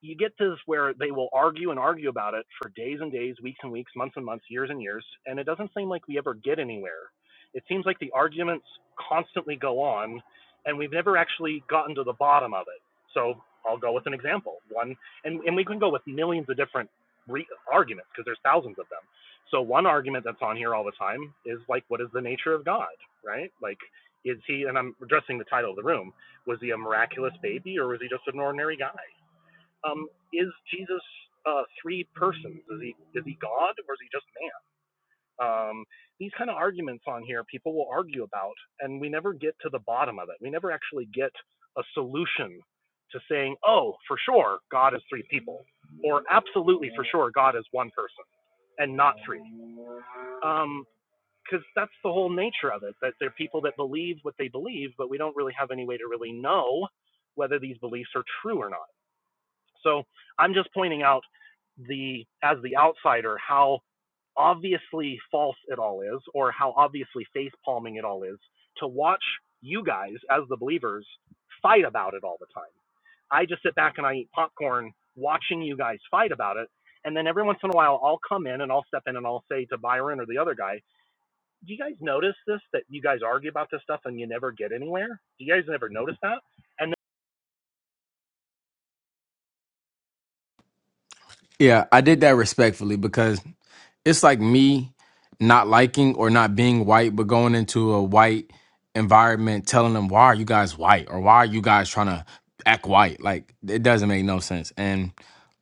[SPEAKER 16] you get to this where they will argue and argue about it for days and days, weeks and weeks, months and months, years and years, and it doesn't seem like we ever get anywhere. It seems like the arguments constantly go on, and we've never actually gotten to the bottom of it. So I'll go with an example. One, and, and we can go with millions of different re- arguments because there's thousands of them. So one argument that's on here all the time is like, what is the nature of God, right? Like, is he? And I'm addressing the title of the room. Was he a miraculous baby, or was he just an ordinary guy? um, is Jesus uh, three persons? Is he is he God or is he just man? Um, these kind of arguments on here, people will argue about, and we never get to the bottom of it. We never actually get a solution to saying, oh, for sure, God is three people, or absolutely for sure, God is one person and not three. Um, because that's the whole nature of it that they're people that believe what they believe, but we don't really have any way to really know whether these beliefs are true or not. So I'm just pointing out the as the outsider how obviously false it all is, or how obviously face palming it all is, to watch you guys as the believers fight about it all the time. I just sit back and I eat popcorn watching you guys fight about it. And then every once in a while, I'll come in and I'll step in and I'll say to Byron or the other guy, Do you guys notice this? That you guys argue about this stuff and you never get anywhere? Do you guys never notice that? And
[SPEAKER 12] yeah, I did that respectfully because it's like me not liking or not being white, but going into a white environment, telling them why are you guys white or why are you guys trying to act white? Like it doesn't make no sense. And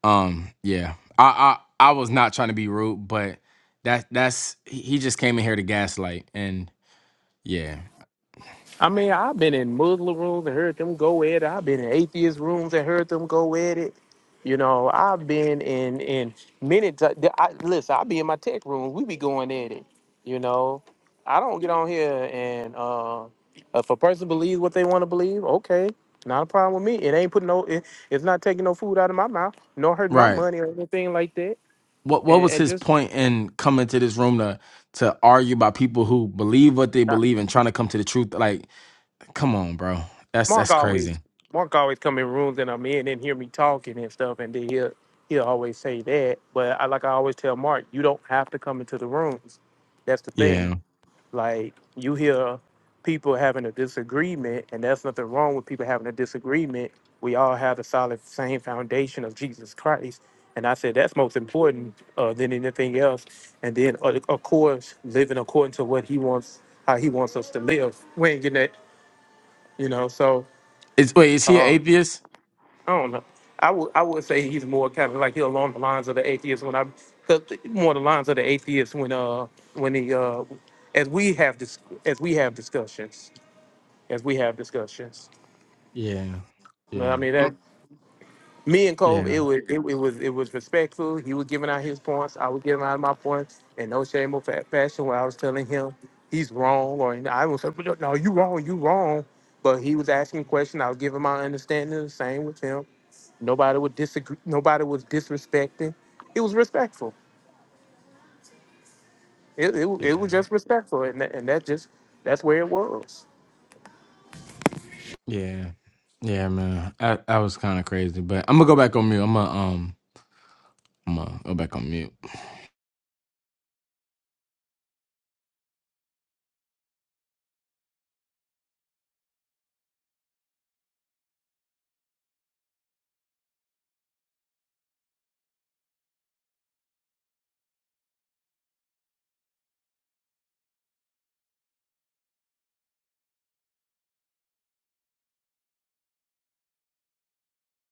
[SPEAKER 12] um, yeah, I I, I was not trying to be rude, but that that's he he just came in here to gaslight, and yeah,
[SPEAKER 5] I mean, I've been in Muslim rooms and heard them go at it. I've been in atheist rooms and heard them go at it. You know, I've been in in many. T- I, listen, I be in my tech room. We be going at it. You know, I don't get on here and uh, if a person believes what they want to believe, okay, not a problem with me. It ain't putting no. It, it's not taking no food out of my mouth, nor hurting my
[SPEAKER 12] right.
[SPEAKER 5] money or anything like that.
[SPEAKER 12] What what
[SPEAKER 5] And,
[SPEAKER 12] was
[SPEAKER 5] and
[SPEAKER 12] his
[SPEAKER 5] just
[SPEAKER 12] point in coming to this room to to argue about people who believe what they believe and trying to come to the truth? Like, come on, bro. That's
[SPEAKER 5] Mark
[SPEAKER 12] that's crazy.
[SPEAKER 5] always Mark always come in rooms and I'm in and hear me talking and stuff and then he'll he'll always say that. But I like I always tell Mark, you don't have to come into the rooms. That's the
[SPEAKER 12] Yeah.
[SPEAKER 5] thing. Like you hear people having a disagreement and there's nothing wrong with people having a disagreement. We all have the solid same foundation of Jesus Christ. And I said that's most important uh, than anything else. And then uh, of course living according to what he wants how he wants us to live. We ain't getting that, you know, so
[SPEAKER 12] Is wait, is he an
[SPEAKER 5] um,
[SPEAKER 12] atheist?
[SPEAKER 5] I don't know. I would I would say he's more kind of like he along the lines of the atheist when I cause more the lines of the atheist when uh when he uh as we have dis- as we have discussions as we have discussions.
[SPEAKER 12] Yeah.
[SPEAKER 5] You know what
[SPEAKER 12] Yeah.
[SPEAKER 5] I mean
[SPEAKER 12] Mm.
[SPEAKER 5] that me and Cole
[SPEAKER 12] Yeah.
[SPEAKER 5] it was it, it was it was respectful. He was giving out his points. I was giving out my points in no shameful fa- fashion Where I was telling him he's wrong or I was like, no you wrong you wrong. But he was asking questions. I was giving my understanding the same with him Nobody would disagree. Nobody was disrespecting. It was respectful. It, it, wa-
[SPEAKER 12] Yeah.
[SPEAKER 5] it was just respectful, and that, and that just that's where it was.
[SPEAKER 12] Yeah. Yeah, man. That that was kind of crazy. But I'm gonna go back on mute. I'm gonna um I'm gonna go back on mute.